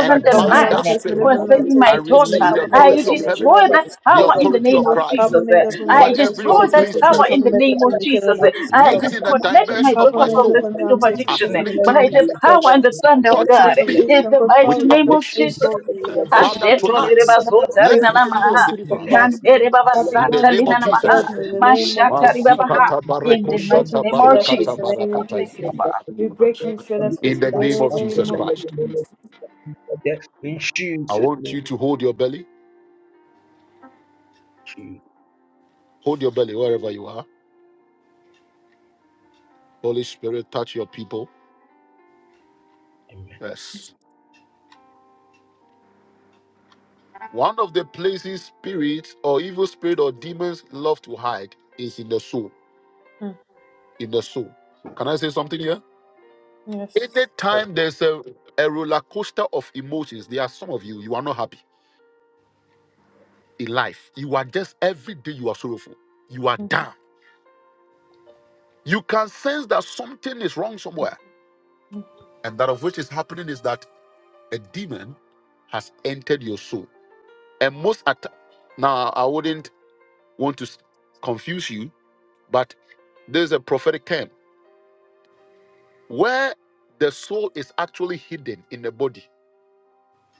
[SPEAKER 1] And
[SPEAKER 2] Cover me,
[SPEAKER 1] bind
[SPEAKER 2] I'm
[SPEAKER 1] that
[SPEAKER 2] tasting
[SPEAKER 1] spirit.
[SPEAKER 2] liver me, I'm
[SPEAKER 8] concerning
[SPEAKER 1] I
[SPEAKER 8] my
[SPEAKER 2] tasting tasting me,
[SPEAKER 8] daughter.
[SPEAKER 1] release the
[SPEAKER 2] cover me,
[SPEAKER 8] I
[SPEAKER 1] authority
[SPEAKER 2] liver
[SPEAKER 1] of
[SPEAKER 2] me,
[SPEAKER 1] heaven,
[SPEAKER 2] children,
[SPEAKER 8] destroy
[SPEAKER 2] work
[SPEAKER 8] that
[SPEAKER 2] is
[SPEAKER 1] the
[SPEAKER 2] so
[SPEAKER 8] power in
[SPEAKER 2] good.
[SPEAKER 8] the
[SPEAKER 1] authority
[SPEAKER 8] name
[SPEAKER 1] of
[SPEAKER 8] of
[SPEAKER 1] Christ
[SPEAKER 2] Cover
[SPEAKER 8] Jesus.
[SPEAKER 2] me, liver me,
[SPEAKER 1] over
[SPEAKER 8] I
[SPEAKER 2] I'm tasting
[SPEAKER 1] every
[SPEAKER 8] destroy
[SPEAKER 2] tasting
[SPEAKER 8] that
[SPEAKER 1] unclean
[SPEAKER 2] tasting me,
[SPEAKER 8] power
[SPEAKER 1] spirit
[SPEAKER 8] in
[SPEAKER 2] cover
[SPEAKER 8] the
[SPEAKER 2] me,
[SPEAKER 8] name
[SPEAKER 2] liver
[SPEAKER 8] of
[SPEAKER 2] me, children,
[SPEAKER 8] Jesus.
[SPEAKER 2] work is
[SPEAKER 8] I
[SPEAKER 2] so
[SPEAKER 1] living in
[SPEAKER 2] good.
[SPEAKER 1] a
[SPEAKER 8] disconnect my
[SPEAKER 1] dimension of
[SPEAKER 2] Cover
[SPEAKER 8] daughter
[SPEAKER 1] my
[SPEAKER 2] me,
[SPEAKER 8] from the
[SPEAKER 1] soul,
[SPEAKER 2] liver me,
[SPEAKER 8] spirit
[SPEAKER 2] I'm
[SPEAKER 8] of
[SPEAKER 2] tasting
[SPEAKER 8] addiction
[SPEAKER 2] tasting me, liver
[SPEAKER 1] afflicting
[SPEAKER 2] me,
[SPEAKER 8] by
[SPEAKER 1] me,
[SPEAKER 8] the
[SPEAKER 2] this is so
[SPEAKER 8] power and
[SPEAKER 2] good.
[SPEAKER 8] the thunder of
[SPEAKER 2] That's good
[SPEAKER 8] God.
[SPEAKER 1] torturing
[SPEAKER 2] of
[SPEAKER 1] me
[SPEAKER 2] this
[SPEAKER 8] In
[SPEAKER 2] and
[SPEAKER 8] the
[SPEAKER 2] God,
[SPEAKER 8] mighty
[SPEAKER 1] with
[SPEAKER 2] Father, that
[SPEAKER 8] name
[SPEAKER 2] has
[SPEAKER 8] of
[SPEAKER 2] closed
[SPEAKER 1] addictions.
[SPEAKER 8] Jesus.
[SPEAKER 2] doors that you have opened
[SPEAKER 1] Father,
[SPEAKER 2] for me.
[SPEAKER 1] tonight,
[SPEAKER 2] That has
[SPEAKER 1] let
[SPEAKER 2] closed
[SPEAKER 1] me see your
[SPEAKER 2] opportunities for
[SPEAKER 1] deliverance.
[SPEAKER 2] Father. That
[SPEAKER 1] In the
[SPEAKER 2] becomes
[SPEAKER 1] name of
[SPEAKER 2] like a
[SPEAKER 1] Jesus.
[SPEAKER 2] burden in the name of Jesus, oh God.
[SPEAKER 1] Masikata
[SPEAKER 8] In
[SPEAKER 2] We
[SPEAKER 1] bareko
[SPEAKER 8] the
[SPEAKER 2] break
[SPEAKER 8] mighty
[SPEAKER 2] and
[SPEAKER 8] name
[SPEAKER 2] destroy
[SPEAKER 8] of
[SPEAKER 2] that spirit
[SPEAKER 1] barekata
[SPEAKER 2] in the
[SPEAKER 8] Jesus.
[SPEAKER 2] name of
[SPEAKER 1] barakata
[SPEAKER 8] Thank you,
[SPEAKER 2] Jesus.
[SPEAKER 8] Father.
[SPEAKER 1] yakabata.
[SPEAKER 2] We break and destroy that spirit
[SPEAKER 1] In
[SPEAKER 2] in
[SPEAKER 1] the name
[SPEAKER 2] the
[SPEAKER 1] of
[SPEAKER 2] name
[SPEAKER 1] Jesus
[SPEAKER 2] of Jesus.
[SPEAKER 1] Christ. I want you to hold your belly. Hold your belly wherever you are. Holy Spirit, touch your people. Yes. One of the places spirits or evil spirit or demons love to hide is in the soul.
[SPEAKER 2] Mm,
[SPEAKER 1] In the soul. Can I say something here?
[SPEAKER 2] Yes.
[SPEAKER 1] Anytime there's a, a roller coaster of emotions, there are some of you, you are not happy in life. You are just every day you are sorrowful. You are down You can sense that something is wrong somewhere. And that of which is happening is that a demon has entered your soul. And most at now, I wouldn't want to s- confuse you, but there's a prophetic term where the soul is actually hidden in the body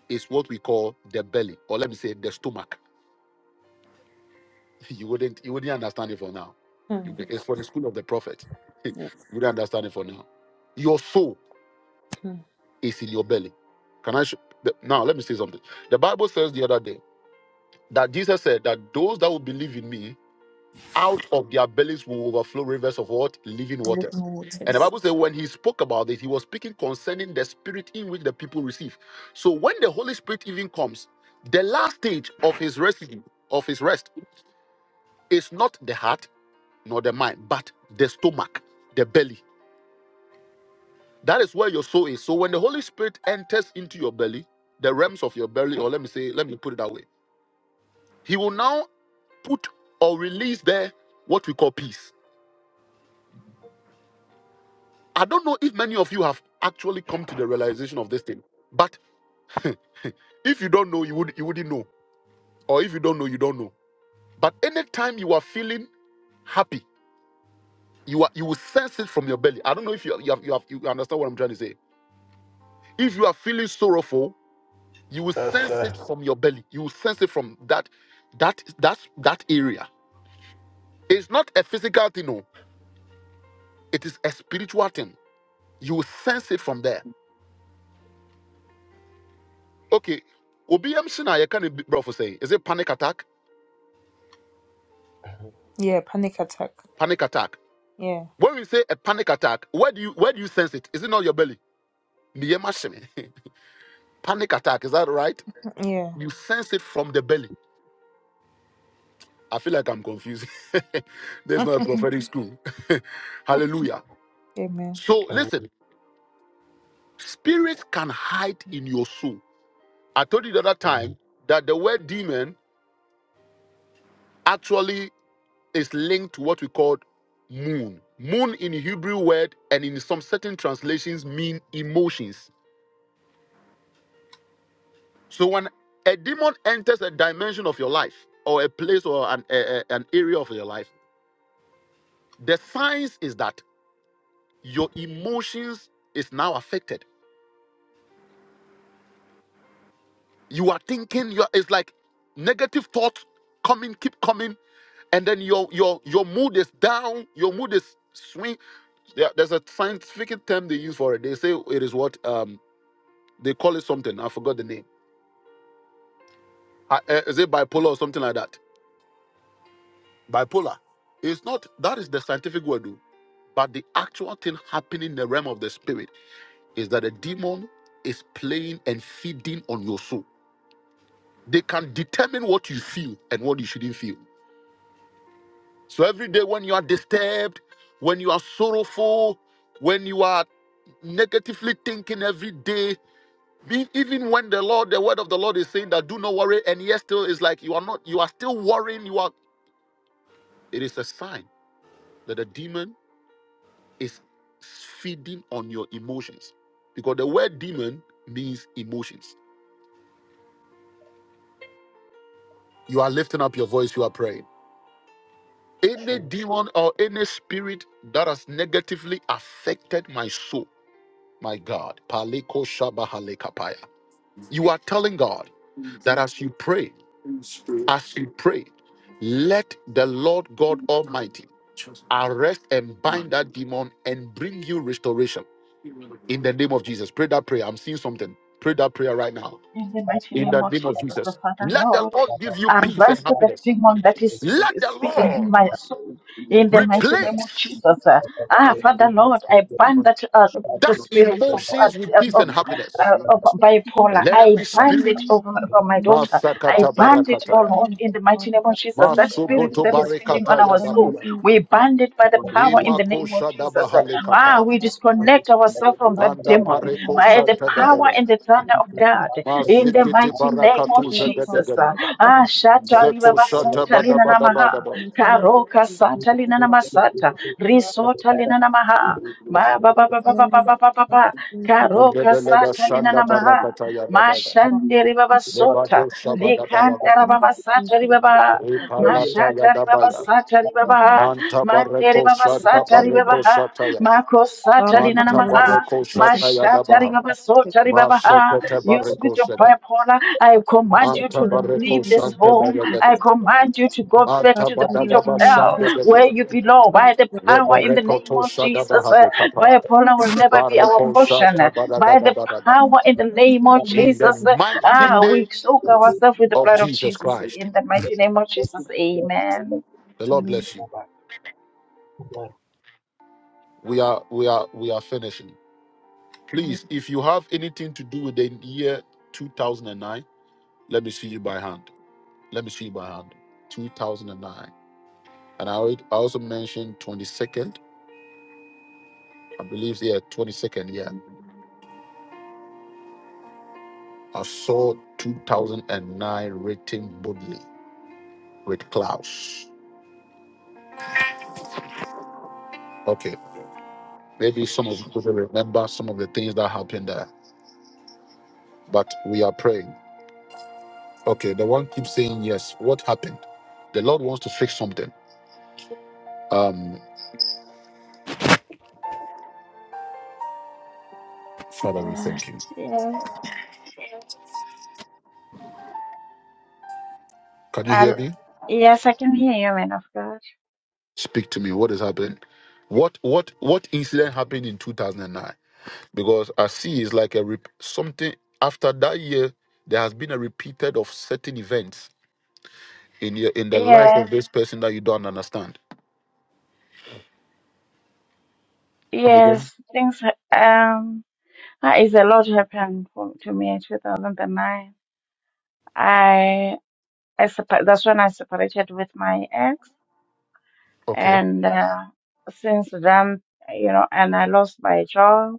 [SPEAKER 1] is what we call the belly, or let me say the stomach. (laughs) You wouldn't you wouldn't understand it for now. You- It's for the school of the prophet. (laughs) you wouldn't understand it for now. Your soul. is in your belly. Can I? Show, the- now let me say something. The Bible says the other day that Jesus said that those that will believe in me, out of their bellies will overflow rivers of what living waters. And the Bible says when he spoke about this, he was speaking concerning the spirit in which the people receive. So when the Holy Spirit even comes, the last stage of his residue of his rest is not the heart nor the mind, but the stomach, the belly. That is where your soul is. So when the Holy Spirit enters into your belly, the realms of your belly, or let me say, let me put it that way, He will now put or release there what we call peace. I don't know if many of you have actually come to the realization of this thing, but (laughs) if you don't know, you would you wouldn't know, or if you don't know, you don't know. But anytime you are feeling happy, you are you will sense it from your belly. I don't know if you you have, you, have, you understand what I'm trying to say. If you are feeling sorrowful, You will sense it from your belly. You will sense it from that that that that area. It's not a physical thing, no. It is a spiritual thing. You will sense it from there. Okay. OBM Sina, you can bro for saying. Is it panic attack?
[SPEAKER 2] Yeah, panic attack.
[SPEAKER 1] Panic attack.
[SPEAKER 2] Yeah,
[SPEAKER 1] When we say a panic attack, where do you where do you sense it? Is it not your belly? Niyema shimi. (laughs) panic attack, is that right?
[SPEAKER 2] yeah.
[SPEAKER 1] You sense it from the belly. I feel like I'm confused. (laughs) There's
[SPEAKER 2] (laughs)
[SPEAKER 1] not a prophetic school. (laughs) Hallelujah. So listen, Spirits can hide in your soul. I told you the other time that the word demon actually is linked to what we call moon. Moon in Hebrew word and in some certain translations mean emotions. So when a demon enters a dimension of your life or a place or an, a- a- an area of your life, the science is that your emotions is now affected. You are thinking, you are, it's like negative thoughts coming, keep coming and then your your your mood is down your mood is swing there, there's a scientific term they use for it they say it is what um they call it something i forgot the name I, uh, is it bipolar or something like that bipolar it's not that is the scientific word though. but the actual thing happening in the realm of the spirit is that a demon is playing and feeding on your soul they can determine what you feel and what you shouldn't feel So every day when you are disturbed, when you are sorrowful, when you are negatively thinking every day, be- even when the Lord, the word of the Lord is saying that do not worry, and yet still is like you are not, you are still worrying, you are it is a sign that the demon is feeding on your emotions. Because the word demon means emotions. You are lifting up your voice, you are praying. Any demon or any spirit that has negatively affected my soul My God. Paliko shabahalekapaya. You are telling God that as you pray, as you pray, let the Lord God Almighty arrest and bind that demon and bring you restoration
[SPEAKER 3] you.
[SPEAKER 1] in the name of Jesus. Pray that prayer. I'm seeing something. Pray that prayer right now
[SPEAKER 8] In the mighty
[SPEAKER 1] in
[SPEAKER 8] name
[SPEAKER 1] the
[SPEAKER 8] of
[SPEAKER 1] name of
[SPEAKER 8] Jesus, the
[SPEAKER 1] Jesus.
[SPEAKER 8] Father,
[SPEAKER 1] Let the
[SPEAKER 8] Lord,
[SPEAKER 1] Lord give you peace and
[SPEAKER 8] arrest the
[SPEAKER 1] happiness.
[SPEAKER 8] demon that is sp-
[SPEAKER 3] Thank
[SPEAKER 1] Let the
[SPEAKER 8] speaking in
[SPEAKER 1] Lord
[SPEAKER 8] my soul. In the mighty name of
[SPEAKER 1] replace
[SPEAKER 8] Jesus, uh, ah, Father, Lord, I bind that uh, the
[SPEAKER 1] that
[SPEAKER 8] spirit of uh,
[SPEAKER 1] emotions with peace and
[SPEAKER 8] of,
[SPEAKER 1] happiness.
[SPEAKER 8] uh, of
[SPEAKER 1] And
[SPEAKER 8] bipolar.
[SPEAKER 1] let
[SPEAKER 8] I
[SPEAKER 1] every
[SPEAKER 8] bind
[SPEAKER 1] spirit
[SPEAKER 8] it over, over my daughter. I bind it, oh Lord, in the mighty name of Jesus. That
[SPEAKER 2] Mm.
[SPEAKER 8] spirit
[SPEAKER 1] Masugoto
[SPEAKER 8] that is feeding on
[SPEAKER 1] barekata ya
[SPEAKER 2] That
[SPEAKER 8] our soul,
[SPEAKER 2] makes
[SPEAKER 1] bababa.
[SPEAKER 8] we bind it by the power
[SPEAKER 3] you.
[SPEAKER 8] in the
[SPEAKER 1] Imako
[SPEAKER 8] name of
[SPEAKER 1] shada
[SPEAKER 8] Jesus.
[SPEAKER 1] bahale
[SPEAKER 8] Ah,
[SPEAKER 1] kapaya.
[SPEAKER 8] we disconnect ourselves from that
[SPEAKER 1] Manda
[SPEAKER 8] demon
[SPEAKER 1] pareko
[SPEAKER 8] by the
[SPEAKER 1] shata
[SPEAKER 8] power
[SPEAKER 1] dadaba.
[SPEAKER 8] and the thunder of God in the
[SPEAKER 1] Masikiti
[SPEAKER 8] mighty name of
[SPEAKER 1] barakatu
[SPEAKER 8] Jesus.
[SPEAKER 1] zagadagada.
[SPEAKER 8] Ah, shata riba
[SPEAKER 1] Zeko shata
[SPEAKER 8] basota lina
[SPEAKER 1] badabada
[SPEAKER 8] namaha.
[SPEAKER 1] badaba.
[SPEAKER 2] me
[SPEAKER 8] Karoka sata lina namasata. Risota lina namaha. Ma ba ba ba ba ba ba ba ba ba ba. Karoka
[SPEAKER 1] Mandebeleba
[SPEAKER 8] sata lina
[SPEAKER 1] shanda
[SPEAKER 8] namaha.
[SPEAKER 1] barakata ya dabada.
[SPEAKER 8] Mashande riba basota.
[SPEAKER 1] Lebado shabada
[SPEAKER 8] Likanda
[SPEAKER 1] barabadi.
[SPEAKER 8] riba
[SPEAKER 2] Um,
[SPEAKER 8] basata riba ba.
[SPEAKER 1] Iparata ya
[SPEAKER 8] Mashatari Baba
[SPEAKER 1] dabaya.
[SPEAKER 8] Satari Baba,
[SPEAKER 1] Manta
[SPEAKER 8] Mandere
[SPEAKER 1] bareko
[SPEAKER 8] Baba
[SPEAKER 1] shata
[SPEAKER 8] Satari
[SPEAKER 1] bareko
[SPEAKER 8] Baba,
[SPEAKER 1] shata ya.
[SPEAKER 8] Mako Satari
[SPEAKER 1] Manta
[SPEAKER 8] Nanamaha,
[SPEAKER 1] bareko shata ya
[SPEAKER 8] Mashatari
[SPEAKER 1] dabaha.
[SPEAKER 8] Baba Sotari Baba.
[SPEAKER 1] Masekete
[SPEAKER 8] You
[SPEAKER 1] bareko
[SPEAKER 8] spirit of
[SPEAKER 1] shede.
[SPEAKER 8] bipolar, I command you
[SPEAKER 1] Manta
[SPEAKER 8] to
[SPEAKER 1] bareko
[SPEAKER 8] leave this home.
[SPEAKER 1] shante
[SPEAKER 8] I command you to go back
[SPEAKER 1] Manta
[SPEAKER 8] to the pit of
[SPEAKER 1] badadaba
[SPEAKER 8] hell
[SPEAKER 1] shande
[SPEAKER 8] where
[SPEAKER 1] bedebe.
[SPEAKER 8] you belong by the power in the name
[SPEAKER 1] Leberekoto
[SPEAKER 8] of Jesus. Uh,
[SPEAKER 1] shadabahade kapaya.
[SPEAKER 8] Bipolar will never be our
[SPEAKER 1] Bareko
[SPEAKER 8] portion.
[SPEAKER 1] shata
[SPEAKER 8] By
[SPEAKER 1] badagada
[SPEAKER 8] the
[SPEAKER 1] badagada.
[SPEAKER 8] power in the name of
[SPEAKER 1] In the
[SPEAKER 8] Jesus,
[SPEAKER 1] mighty
[SPEAKER 8] Ah,
[SPEAKER 1] name,
[SPEAKER 8] we
[SPEAKER 1] of
[SPEAKER 8] soak ourselves with the blood of Jesus
[SPEAKER 1] Christ.
[SPEAKER 8] in the mighty name of Jesus. Amen.
[SPEAKER 1] the Lord bless you. We are we are we are finishing. Please, if you have anything to do with the year 2009, let me see you by hand. Let me see you by hand. 2009, and nine. And I already- I also mentioned 22nd. I believe yeah, 22nd. Yeah, I saw 2009 written boldly with clouds. Okay. Maybe some of you will remember some of the things that happened there, but we are praying. Okay. The one keeps saying, Yes, what happened? The Lord wants to fix something. Um,
[SPEAKER 8] Uh, yeah.
[SPEAKER 1] can you hear
[SPEAKER 8] I'll,
[SPEAKER 1] me?
[SPEAKER 8] yes, I can hear you, man of God.
[SPEAKER 1] Speak to me. What is happening? What what what incident happened in 2009? Because I see it's like a rep- something after that year. There has been a repeated of certain events in your in the life of
[SPEAKER 8] Yes,
[SPEAKER 1] this person that you don't understand. Come
[SPEAKER 8] yes.
[SPEAKER 1] again?
[SPEAKER 8] Things ha- um that is a lot happened for, to me in 2009. I I separ- that's when I separated with my ex,
[SPEAKER 1] Okay.
[SPEAKER 8] and uh, since then, you know, and I lost my job,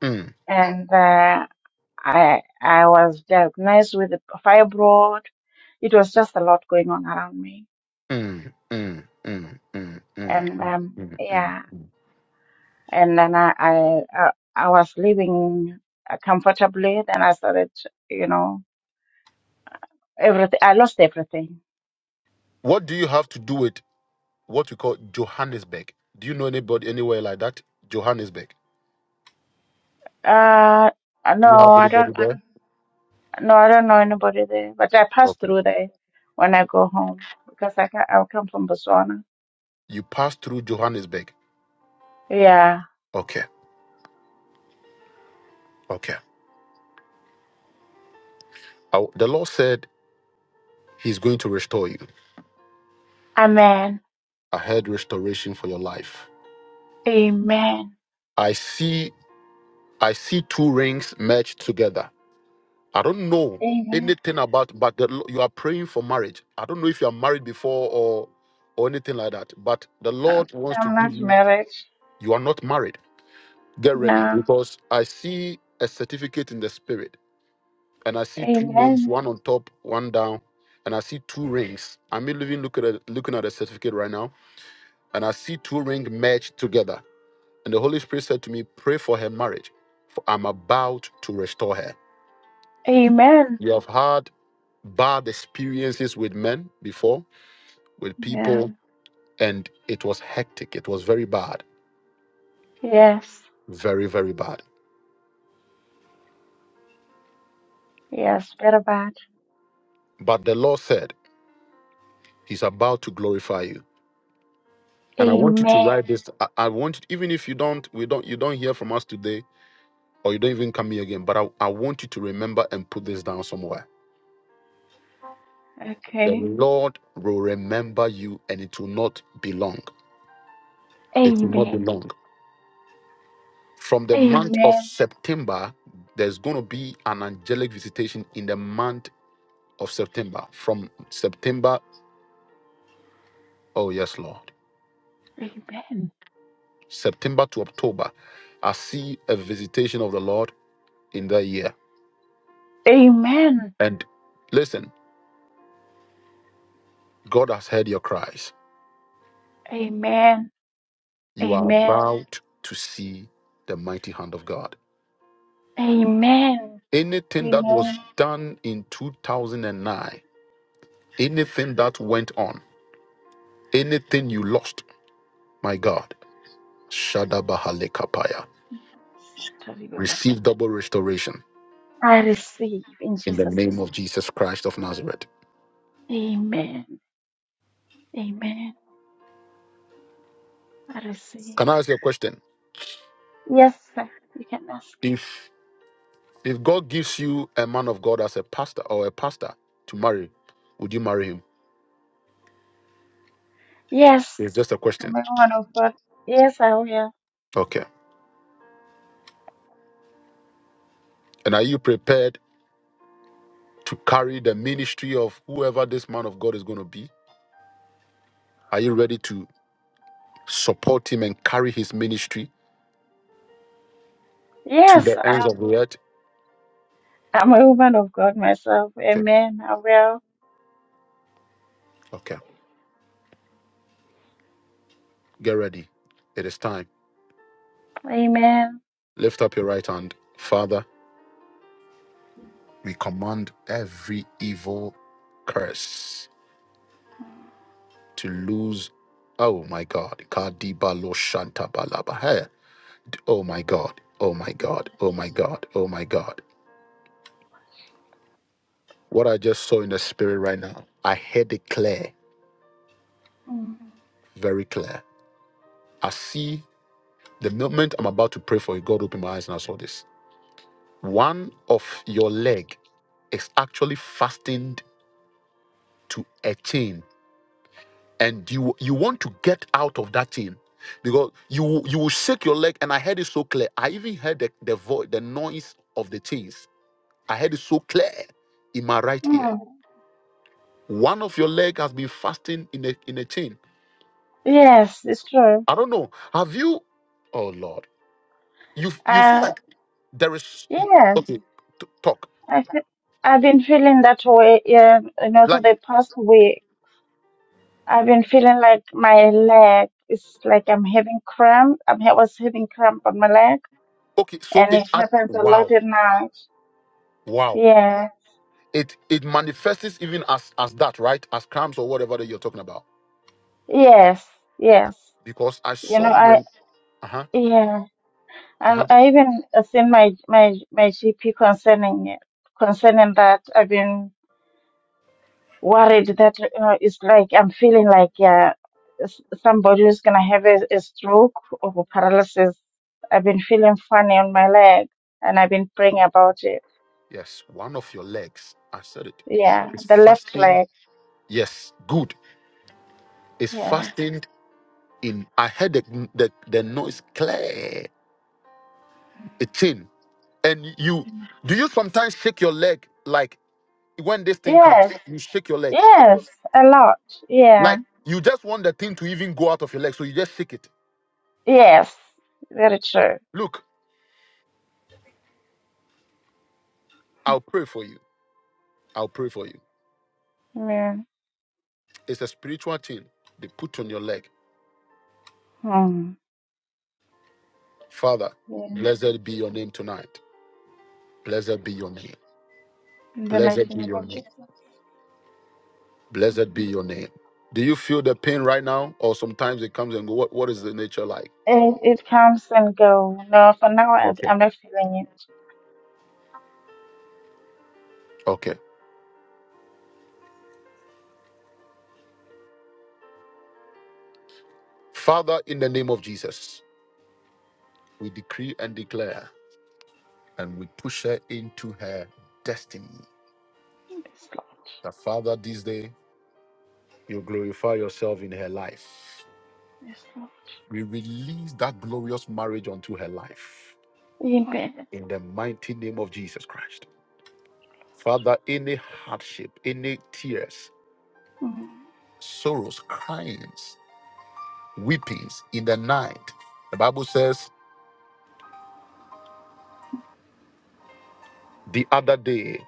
[SPEAKER 1] Mm,
[SPEAKER 8] and uh, I I was diagnosed with a fibroid it was just a lot going on around me
[SPEAKER 1] mm, mm, mm, mm, mm, mm,
[SPEAKER 8] and um
[SPEAKER 1] mm. mm.
[SPEAKER 8] yeah and then i i i, I was living uh, comfortably then i started you know everything i lost everything
[SPEAKER 1] What do you have to do with what you call Johannesburg? Do you know anybody anywhere like that? Johannesburg.
[SPEAKER 8] uh
[SPEAKER 1] Do you
[SPEAKER 8] no
[SPEAKER 1] have
[SPEAKER 8] i don't
[SPEAKER 1] anybody
[SPEAKER 8] I
[SPEAKER 1] there?
[SPEAKER 8] don't- no i don't know anybody there but i pass through there when i go home because i ca- i come from botswana
[SPEAKER 1] You pass through Johannesburg.
[SPEAKER 8] yeah
[SPEAKER 1] Okay, okay. I- the Lord said He's going to restore you.
[SPEAKER 8] amen
[SPEAKER 1] I heard restoration for your life.
[SPEAKER 8] amen
[SPEAKER 1] I see, I see two rings merged together. I don't know
[SPEAKER 8] amen
[SPEAKER 1] anything about, but the, Lo- you are praying for marriage. I don't know if you are married before or or anything like that. But the Lord wants to
[SPEAKER 8] i'm not
[SPEAKER 1] give you.
[SPEAKER 8] married
[SPEAKER 1] You are not married Get ready
[SPEAKER 8] no
[SPEAKER 1] because I see a certificate in the spirit and I see two names,
[SPEAKER 8] amen
[SPEAKER 1] one on top, one down, and I see two rings. I'm even looking at looking at a certificate right now, and I see two rings merged together. And the Holy Spirit said to me, Pray for her marriage, for I'm about to restore her.
[SPEAKER 8] amen
[SPEAKER 1] You have had bad experiences with men before, with
[SPEAKER 8] yeah
[SPEAKER 1] people, Mhm. and it was hectic. It was very bad,
[SPEAKER 8] yes
[SPEAKER 1] very, very bad.
[SPEAKER 8] Yes, better bad.
[SPEAKER 1] But the Lord said, He's about to glorify you. and I want you to
[SPEAKER 8] Amen.
[SPEAKER 1] write this. I, I want you, even if you don't, we don't, you don't hear from us today, or you don't even come here again. But I, I want you to remember and put this down somewhere. The
[SPEAKER 8] Okay.
[SPEAKER 1] Lord will remember you, and it will not be long. It will not be
[SPEAKER 8] Amen.
[SPEAKER 1] long. From the month of
[SPEAKER 8] Amen.
[SPEAKER 1] September, there's going to be an angelic visitation in the month of September. From September, oh yes, Lord,
[SPEAKER 8] Amen.
[SPEAKER 1] September to October, I see a visitation of the Lord in that year.
[SPEAKER 8] Amen.
[SPEAKER 1] And listen. God has heard your cries.
[SPEAKER 8] Amen.
[SPEAKER 1] You are
[SPEAKER 8] Amen.
[SPEAKER 1] about to see the mighty hand of God.
[SPEAKER 8] Amen.
[SPEAKER 1] Anything that was
[SPEAKER 8] Amen.
[SPEAKER 1] done in 2009, anything that went on, anything you lost, my God, Shadabahalekapaya, receive double restoration
[SPEAKER 8] I receive in
[SPEAKER 1] in the
[SPEAKER 8] Jesus'
[SPEAKER 1] name
[SPEAKER 8] name.
[SPEAKER 1] of Jesus Christ of Nazareth.
[SPEAKER 8] Amen. Amen. I receive.
[SPEAKER 1] Can I ask you a question?
[SPEAKER 8] Yes, sir. You can ask.
[SPEAKER 1] If if God gives you a man of God as a pastor or a pastor to marry, would you marry him?
[SPEAKER 8] Yes,
[SPEAKER 1] It's just a
[SPEAKER 8] I'm
[SPEAKER 1] question.
[SPEAKER 8] a woman of God. Yes, I will.
[SPEAKER 1] Okay. And are you prepared to carry the ministry of whoever this man of God is going to be? Are you ready to support him and carry his ministry to
[SPEAKER 8] Yes,
[SPEAKER 1] the ends
[SPEAKER 8] I'm,
[SPEAKER 1] of the earth?
[SPEAKER 8] I'm a woman of God myself.
[SPEAKER 1] Okay,
[SPEAKER 8] Amen. I will.
[SPEAKER 1] okay, get ready. It is time.
[SPEAKER 8] Amen.
[SPEAKER 1] Lift up your right hand. Father, we command every evil curse to lose. Oh my God. Kadibalo shantabalaba. Hey. Oh my God. Oh my God. Oh my God. Oh my God. What I just saw in the spirit right now, I heard it clear,
[SPEAKER 8] Mm.
[SPEAKER 1] very clear. I see The moment I'm about to pray for you, God opened my eyes and I saw this. One of your leg is actually fastened to a chain, and you you want to get out of that chain because you you will shake your leg. And I heard it so clear. I even heard the the voice, the noise of the chains. I heard it so clear in my right ear.
[SPEAKER 8] Mm.
[SPEAKER 1] One of your leg has been fastened in a in a chain.
[SPEAKER 8] Yes, it's true.
[SPEAKER 1] I don't know. Have you? Oh Lord, you you feel
[SPEAKER 8] Uh,
[SPEAKER 1] like there is
[SPEAKER 8] yes,
[SPEAKER 1] okay. t- talk
[SPEAKER 8] I feel, I've been feeling that way. Yeah, you know,
[SPEAKER 1] like.
[SPEAKER 8] for the past week, I've been feeling like my leg is like I'm having cramp. I'm, I was having cramp on my leg,
[SPEAKER 1] Okay, so
[SPEAKER 8] and
[SPEAKER 1] it
[SPEAKER 8] it
[SPEAKER 1] at
[SPEAKER 8] happens a lot
[SPEAKER 1] wow,
[SPEAKER 8] at night.
[SPEAKER 1] wow.
[SPEAKER 8] Yeah,
[SPEAKER 1] It it manifests even as as that, right? As cramps or whatever that you're talking about.
[SPEAKER 8] yes, yes.
[SPEAKER 1] Because I
[SPEAKER 8] You know,
[SPEAKER 1] saw your
[SPEAKER 8] I
[SPEAKER 1] uh-huh.
[SPEAKER 8] yeah, I
[SPEAKER 1] Uh-huh.
[SPEAKER 8] I even uh, seen my my my GP concerning it, concerning that. I've been. worried that uh, it's like I'm feeling like uh, s- somebody who's gonna have a, a stroke or paralysis. I've been feeling funny on my leg, and I've been praying about it.
[SPEAKER 1] Yes, one of your legs. I said it.
[SPEAKER 8] Yeah,
[SPEAKER 1] It's
[SPEAKER 8] the left
[SPEAKER 1] fastened.
[SPEAKER 8] leg.
[SPEAKER 1] Yes, good. It's
[SPEAKER 8] Yes,
[SPEAKER 1] fastened in. I heard the the, the noise clear. A chain. And you do you sometimes shake your leg like when this thing comes,
[SPEAKER 8] yes,
[SPEAKER 1] you shake your leg.
[SPEAKER 8] yes, a lot. Yeah,
[SPEAKER 1] Like you just want the thing to even go out of your leg, so you just shake it.
[SPEAKER 8] yes, very true.
[SPEAKER 1] Look, I'll pray for you I'll pray for you.
[SPEAKER 8] Yeah.
[SPEAKER 1] It's a spiritual thing they put on your leg.
[SPEAKER 8] Hmm.
[SPEAKER 1] Father,
[SPEAKER 8] Yeah.
[SPEAKER 1] blessed be your name tonight. Blessed be your name.
[SPEAKER 8] In the mighty
[SPEAKER 1] Blessed be
[SPEAKER 8] name
[SPEAKER 1] your
[SPEAKER 8] of
[SPEAKER 1] name.
[SPEAKER 8] Jesus.
[SPEAKER 1] Blessed be your name. Do you feel the pain right now? Or sometimes it comes and go, what, what is the nature like?
[SPEAKER 8] It, it comes and go. No, for now I,
[SPEAKER 1] Okay.
[SPEAKER 8] I'm not feeling it.
[SPEAKER 1] Okay. Father, in the name of Jesus, we decree and declare and we push her into her destiny.
[SPEAKER 8] It's Lord.
[SPEAKER 1] That Father, this day, you glorify yourself in her life.
[SPEAKER 8] Yes, Lord.
[SPEAKER 1] We release that glorious marriage onto her life.
[SPEAKER 8] In bed.
[SPEAKER 1] in the mighty name of Jesus Christ. Father, any hardship, any tears, sorrows, cryings, weepings in the night. The Bible says the other day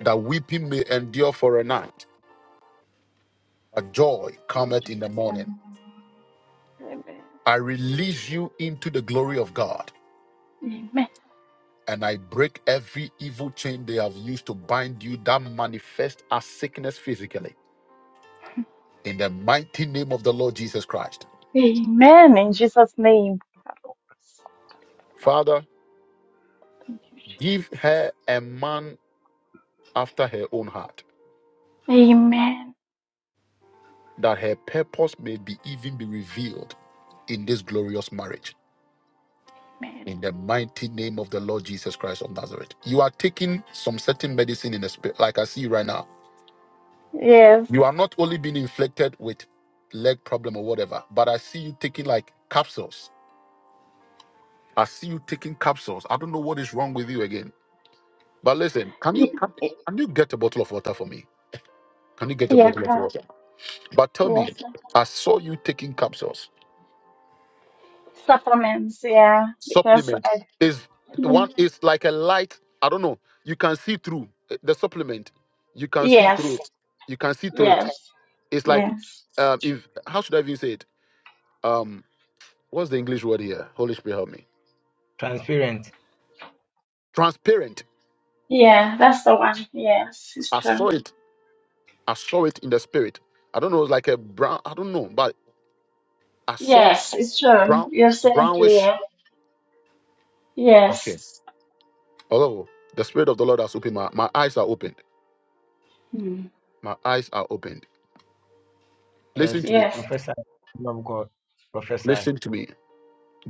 [SPEAKER 1] that weeping may endure for a night, but joy cometh in the morning.
[SPEAKER 8] Mm. Amen.
[SPEAKER 1] I release you into the glory of God.
[SPEAKER 8] Amen.
[SPEAKER 1] And I break every evil chain they have used to bind you that manifest as sickness physically. In the mighty name of the Lord Jesus Christ.
[SPEAKER 8] Amen. In Jesus' name. Thank
[SPEAKER 1] Father,
[SPEAKER 8] you,
[SPEAKER 1] give her a man after her own heart,
[SPEAKER 8] Jesus. Amen.
[SPEAKER 1] that her purpose may be even be revealed in this glorious marriage.
[SPEAKER 8] Amen.
[SPEAKER 1] In the mighty name of the Lord Jesus Christ of Nazareth. You are taking some certain medicine in the spirit, like I see right now.
[SPEAKER 8] Yes.
[SPEAKER 1] You are not only being inflicted with leg problem or whatever, but I see you taking like capsules. I see you taking capsules. I don't know what is wrong with you again. But listen, can you
[SPEAKER 8] Y-
[SPEAKER 1] can,
[SPEAKER 8] y-
[SPEAKER 1] can you get a bottle of water for me? Can you get a
[SPEAKER 8] Yeah,
[SPEAKER 1] bottle of
[SPEAKER 8] cra-
[SPEAKER 1] water? But tell me,
[SPEAKER 8] yes.
[SPEAKER 1] I saw you taking capsules.
[SPEAKER 8] Supplements, yeah. Because
[SPEAKER 1] supplement
[SPEAKER 8] I
[SPEAKER 1] is the one
[SPEAKER 8] think
[SPEAKER 1] is like a light i don't know you can see through uh, the supplement you can see through
[SPEAKER 8] yes,
[SPEAKER 1] it you can see through it
[SPEAKER 8] yes,
[SPEAKER 1] it's like
[SPEAKER 8] yes.
[SPEAKER 1] um if how should i even say it um what's the english word here holy spirit help me transparent
[SPEAKER 8] Yeah, that's the one. Yes, it's
[SPEAKER 1] i
[SPEAKER 8] true.
[SPEAKER 1] saw it i saw it in the spirit i don't know it's like a brown i don't know but i saw
[SPEAKER 8] Yes, it's true.
[SPEAKER 1] brown
[SPEAKER 8] You're saying
[SPEAKER 1] brownish
[SPEAKER 8] clear. Yes.
[SPEAKER 1] oh the spirit of the lord has opened my, my eyes are opened
[SPEAKER 8] Hmm.
[SPEAKER 1] my eyes are opened listen to me
[SPEAKER 8] Yes.
[SPEAKER 1] listen to me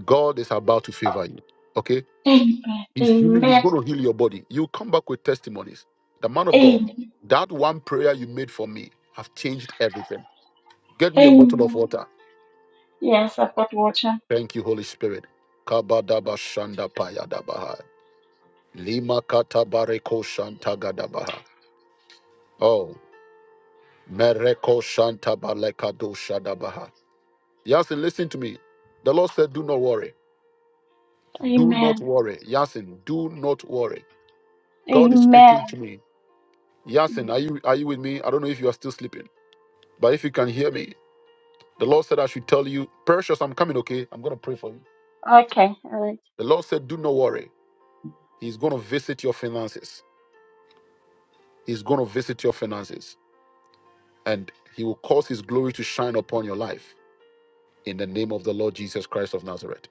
[SPEAKER 1] god is about to favor you okay
[SPEAKER 8] Amen.
[SPEAKER 1] He's healing. He's
[SPEAKER 8] Amen.
[SPEAKER 1] going to heal your body. You come back with testimonies. The man of God,
[SPEAKER 8] Amen.
[SPEAKER 1] that one prayer you made for me have changed everything. Get me a bottle of
[SPEAKER 8] Amen.
[SPEAKER 1] water.
[SPEAKER 8] Yes, I've got water.
[SPEAKER 1] Thank you, Holy Spirit. Kabadaba shanda payadabaha. Lima katabareko shantagadabaha. Oh, mereko shantabalekado shadabaha. Yasin, listen to me. The Lord said, do not worry. Do not
[SPEAKER 8] Amen.
[SPEAKER 1] worry. Yasin, do not worry. God is speaking to
[SPEAKER 8] Amen.
[SPEAKER 1] me. Yasin,
[SPEAKER 8] Mm.
[SPEAKER 1] are you, are you with me? I don't know if you are still sleeping. But if you can hear me, the Lord said, I should tell you, Precious, I'm coming, okay? I'm going to pray for you.
[SPEAKER 8] Okay. All right.
[SPEAKER 1] The Lord said, Do not worry. He's going to visit your finances. He's going to visit your finances. And He will cause His glory to shine upon your life in the name of the Lord Jesus Christ of Nazareth.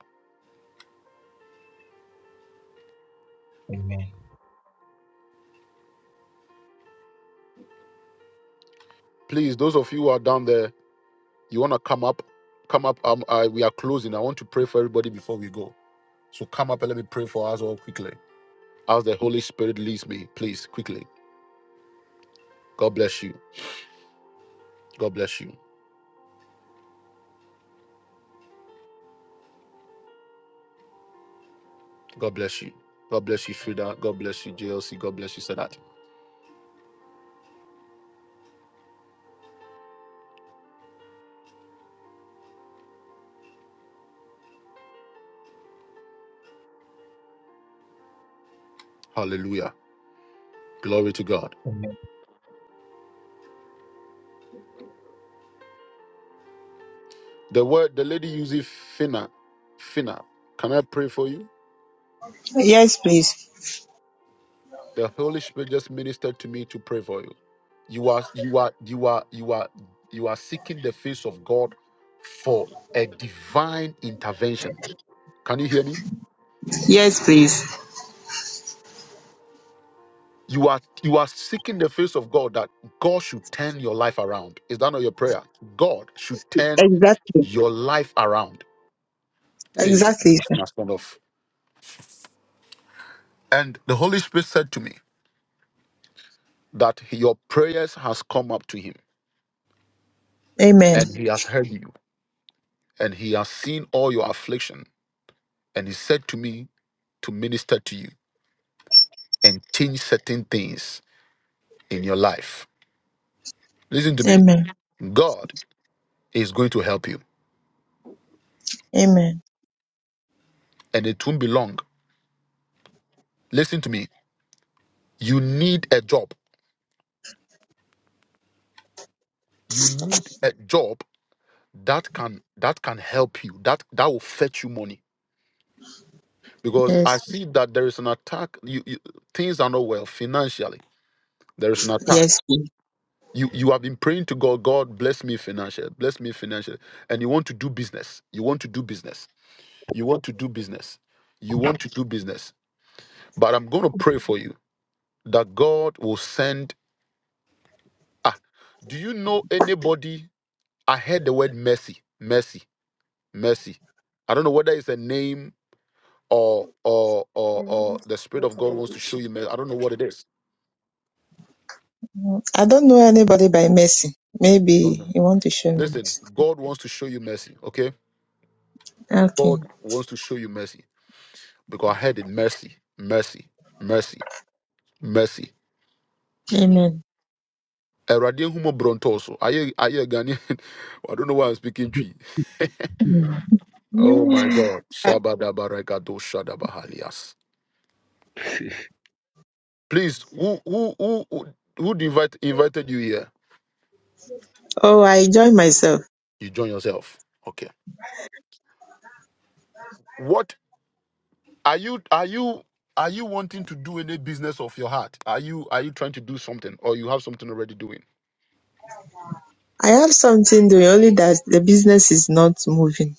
[SPEAKER 1] Please, those of you who are down there, you want to come up, come up. Um, I, we are closing. I want to pray for everybody before we go. So come up and let me pray for us all quickly. As the Holy Spirit leads me, please, quickly. God bless you. God bless you. God bless you. God bless you, Frida. God bless you, JLC. God bless you, Sadat. Hallelujah. Glory to God. The word, the lady uses Fina. Fina. Can I pray for you?
[SPEAKER 9] Yes, please.
[SPEAKER 1] The Holy Spirit just ministered to me to pray for you. You are, you are, you are, you are, you are seeking the face of God for a divine intervention. Can you hear me?
[SPEAKER 9] Yes, please.
[SPEAKER 1] You are you are seeking the face of God that God should turn your life around. Is that not your prayer? God should turn
[SPEAKER 9] Exactly.
[SPEAKER 1] your life around. Hey,
[SPEAKER 9] Exactly.
[SPEAKER 1] that's my stand off. And the Holy Spirit said to me that your prayers has come up to him
[SPEAKER 9] Amen.
[SPEAKER 1] and he has heard you and he has seen all your affliction. And he said to me to minister to you and change certain things in your life. Listen to me.
[SPEAKER 9] Amen.
[SPEAKER 1] God is going to help you
[SPEAKER 9] Amen.
[SPEAKER 1] and it won't be long. Listen to me. You need a job. You need a job that can that can help you. That that will fetch you money because I
[SPEAKER 9] Yes.
[SPEAKER 1] see that there is an attack. You, you things are not well financially. There is an attack.
[SPEAKER 9] Yes, please.
[SPEAKER 1] You you have been praying to God, God bless me financially, bless me financially, and you want to do business. You want to do business. You want to do business. You want to do business. But I'm going to pray for you that God will send. Ah, do you know anybody? I heard the word mercy, mercy, mercy. I don't know whether it's a name or or or or the Spirit of God wants to show you. mercy. I don't know what it is
[SPEAKER 9] I don't know anybody by mercy. Maybe you want to show me.
[SPEAKER 1] Listen, God wants to show you mercy, okay?
[SPEAKER 9] Okay.
[SPEAKER 1] God wants to show you mercy because I heard it mercy, mercy, mercy, mercy.
[SPEAKER 9] Amen.
[SPEAKER 1] Eradi humo bronto so. Aye aye Ghanaian. (laughs) I don't know why I'm speaking tree.
[SPEAKER 9] Uh,
[SPEAKER 1] Oh my
[SPEAKER 9] (sighs)
[SPEAKER 1] God. Shabadabarekado shadabahalias. Please, who who who who who invite, invited you here?
[SPEAKER 9] Oh, I enjoy myself.
[SPEAKER 1] You join yourself. Okay. What are you are you are you wanting to do any business of your heart? Are you are you trying to do something or you have something already doing?
[SPEAKER 9] I have something doing, only that the business is not moving.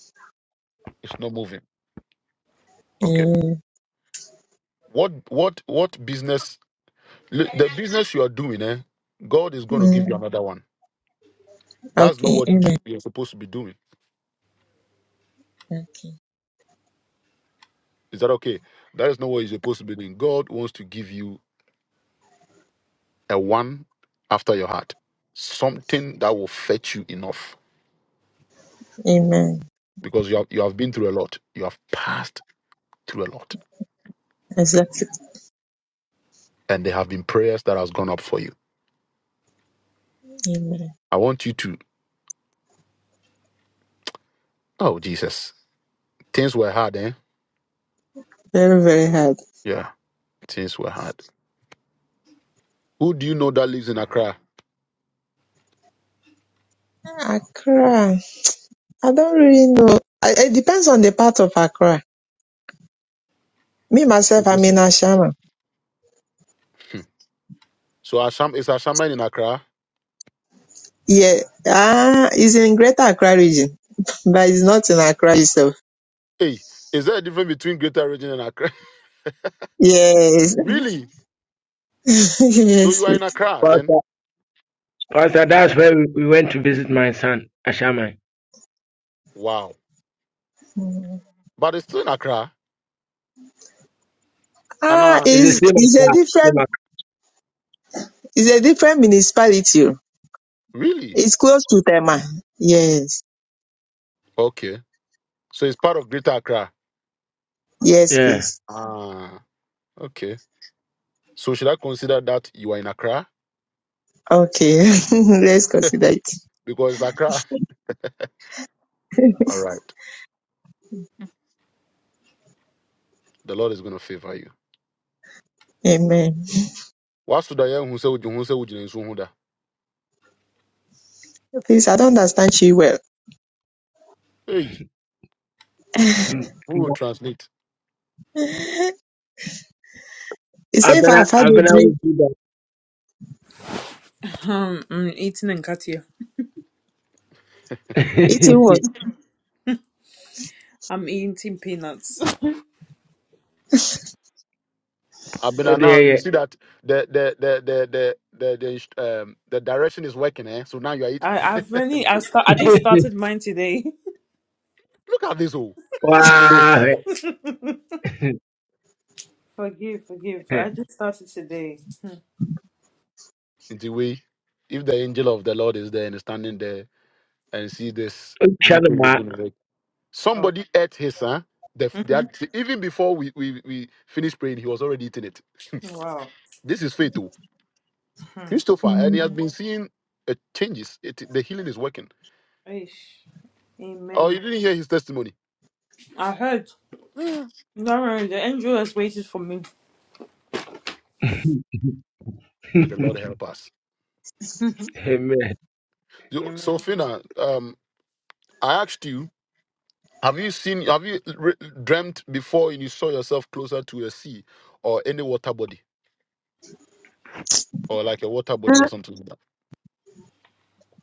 [SPEAKER 1] It's not moving. Okay.
[SPEAKER 9] Mm,
[SPEAKER 1] What what what business? l- The business you are doing, eh? God is going to
[SPEAKER 9] mm,
[SPEAKER 1] give you another one. That's not
[SPEAKER 9] okay.
[SPEAKER 1] what you
[SPEAKER 9] Amen.
[SPEAKER 1] should, you're supposed to be doing.
[SPEAKER 9] Okay.
[SPEAKER 1] Is that okay? That is not what you're supposed to be doing. God wants to give you a one after your heart, something that will fetch you enough
[SPEAKER 9] Amen.
[SPEAKER 1] because you have, you have been through a lot. You have passed through a lot,
[SPEAKER 9] Exactly.
[SPEAKER 1] and there have been prayers that has gone up for you.
[SPEAKER 9] Amen.
[SPEAKER 1] I want you to. Oh Jesus, things were hard, eh?
[SPEAKER 9] Very, very hard.
[SPEAKER 1] Yeah, things were hard. Who do you know that lives in Accra?
[SPEAKER 9] Accra. I don't really know. I- It depends on the part of Accra. Me, myself, I'm in Ashama.
[SPEAKER 1] Hmm. So Asham is Ashaman in Accra?
[SPEAKER 9] Yeah. Ah, it's in Greater Accra region, (laughs) but it's not in Accra itself.
[SPEAKER 1] Hey, is there a difference between Greater Region and Accra?
[SPEAKER 9] Yes.
[SPEAKER 1] (laughs) really?
[SPEAKER 9] (laughs)
[SPEAKER 1] So
[SPEAKER 9] yes.
[SPEAKER 1] you are in Accra then?
[SPEAKER 7] Pastor, Pastor, that's where we, we went to visit my son, Ashaman.
[SPEAKER 1] Wow. But it's still in Accra. And
[SPEAKER 9] Ah,
[SPEAKER 1] uh,
[SPEAKER 7] It's the
[SPEAKER 9] it's,
[SPEAKER 7] same as
[SPEAKER 9] it's a
[SPEAKER 7] that. Same as,
[SPEAKER 9] different, it's a different municipality. oh.
[SPEAKER 1] really?
[SPEAKER 9] It's close to Tema. Yes.
[SPEAKER 1] Okay. So it's part of Greater Accra.
[SPEAKER 9] Yes,
[SPEAKER 7] yeah.
[SPEAKER 9] please.
[SPEAKER 1] Ah, okay. So should I consider that you are in Accra?
[SPEAKER 9] Okay. (laughs) Let's consider it.
[SPEAKER 1] Because it's Accra. (laughs) All right. The Lord is going to favor you.
[SPEAKER 9] Amen.
[SPEAKER 1] What's the young who say would you- who say would you nso hu da?
[SPEAKER 9] Please, I don't understand you well.
[SPEAKER 1] Hey,
[SPEAKER 7] Mm.
[SPEAKER 1] who will
[SPEAKER 7] But
[SPEAKER 1] translate?
[SPEAKER 9] He said,
[SPEAKER 7] I've
[SPEAKER 9] if
[SPEAKER 7] been,
[SPEAKER 9] I've
[SPEAKER 7] a-
[SPEAKER 9] had
[SPEAKER 7] I've
[SPEAKER 9] a
[SPEAKER 7] been able to
[SPEAKER 9] dream,
[SPEAKER 7] do
[SPEAKER 2] I'm eating Nkatia.
[SPEAKER 9] it
[SPEAKER 7] that.
[SPEAKER 9] was.
[SPEAKER 2] I'm eating peanuts.
[SPEAKER 1] I've
[SPEAKER 7] (laughs) oh,
[SPEAKER 1] been now. You
[SPEAKER 7] dear,
[SPEAKER 1] see that the the the the the the the, um, the direction is working, eh? So now you are it.
[SPEAKER 2] I, I've
[SPEAKER 1] (laughs)
[SPEAKER 2] only I start I just
[SPEAKER 7] yeah.
[SPEAKER 2] started mine today.
[SPEAKER 1] Look at this, oh,
[SPEAKER 7] (laughs)
[SPEAKER 1] this.
[SPEAKER 7] wow. (laughs)
[SPEAKER 2] (laughs) forgive, forgive. I just started today. Hmm.
[SPEAKER 1] Into we, if the angel of the Lord is there and is standing there and see
[SPEAKER 7] Oh, ah.
[SPEAKER 1] this,
[SPEAKER 7] (laughs)
[SPEAKER 2] Oh.
[SPEAKER 1] somebody ate his huh? The,
[SPEAKER 2] Mm-hmm.
[SPEAKER 1] that even before we, we we finished praying, he was already eating it.
[SPEAKER 2] Wow.
[SPEAKER 1] (laughs) this is faith, too.
[SPEAKER 2] Hmm.
[SPEAKER 1] Christopher, and he has
[SPEAKER 9] Mm.
[SPEAKER 1] been seeing uh, changes. It, the healing is working.
[SPEAKER 2] Aish.
[SPEAKER 1] Oh, you
[SPEAKER 2] Amen.
[SPEAKER 1] didn't hear his testimony.
[SPEAKER 2] I heard. Lauren, the angel has waited for me.
[SPEAKER 7] Amen.
[SPEAKER 1] May the Lord help us.
[SPEAKER 7] Man
[SPEAKER 1] So, so Fina, um, I asked you, have you seen, have you re- dreamt before and you saw yourself closer to a sea or any water body? or like a water body or something like that.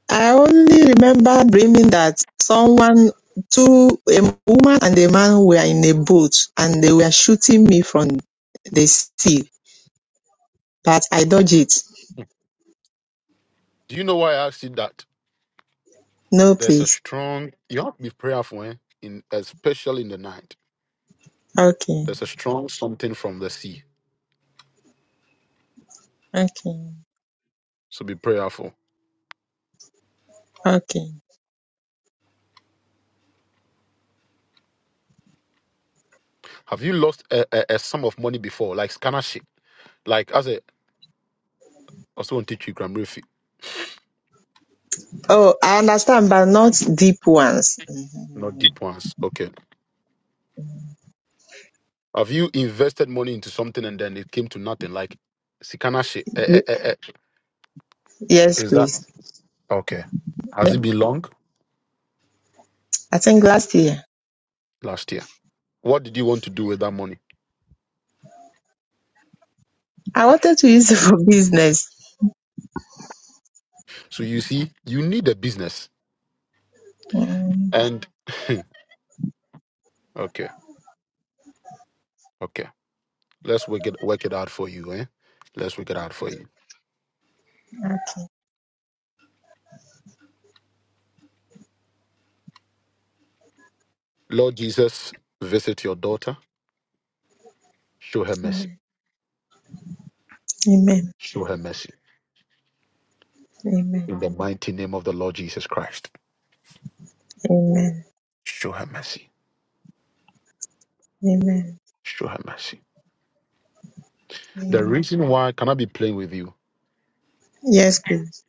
[SPEAKER 9] I only remember dreaming that someone, two, a woman and a man were in a boat and they were shooting me from the sea, but I dodged it.
[SPEAKER 1] Do you know why I asked you that?
[SPEAKER 9] No,
[SPEAKER 1] There's a
[SPEAKER 9] please.
[SPEAKER 1] strong, you have to be prayerful, eh? in especially in the night.
[SPEAKER 9] Okay,
[SPEAKER 1] There's a strong something from the sea.
[SPEAKER 9] okay,
[SPEAKER 1] So be prayerful.
[SPEAKER 9] okay.
[SPEAKER 1] Have you lost a, a, a sum of money before, like scanner shit? Like, as a, also on teach you grammar, if you-
[SPEAKER 9] Oh, I understand, but not deep ones. Mhm.
[SPEAKER 1] not deep ones. Okay. Have you invested money into something and then it came to nothing, like scanner shit? Eh,
[SPEAKER 9] Ye-
[SPEAKER 1] eh, eh, eh.
[SPEAKER 9] Yes,
[SPEAKER 1] Is that?
[SPEAKER 9] please.
[SPEAKER 1] Okay. Has
[SPEAKER 9] Yes.
[SPEAKER 1] it been long?
[SPEAKER 9] I think last year
[SPEAKER 1] Last year. What did you want to do with that money?
[SPEAKER 9] I wanted to use it for business.
[SPEAKER 1] So you see, you need a business.
[SPEAKER 9] Mm,
[SPEAKER 1] And (laughs) okay, okay. Let's work it work it out for you, eh? Let's work it out for you. Lord Jesus, visit your daughter. Show her mercy.
[SPEAKER 9] okay. Amen.
[SPEAKER 1] Show her mercy.
[SPEAKER 9] Amen.
[SPEAKER 1] In the mighty name of the Lord Jesus Christ.
[SPEAKER 9] Amen.
[SPEAKER 1] Show her mercy.
[SPEAKER 9] Amen.
[SPEAKER 1] Show her mercy. The
[SPEAKER 9] Amen.
[SPEAKER 1] reason why can I be playing with you?
[SPEAKER 9] Yes, please.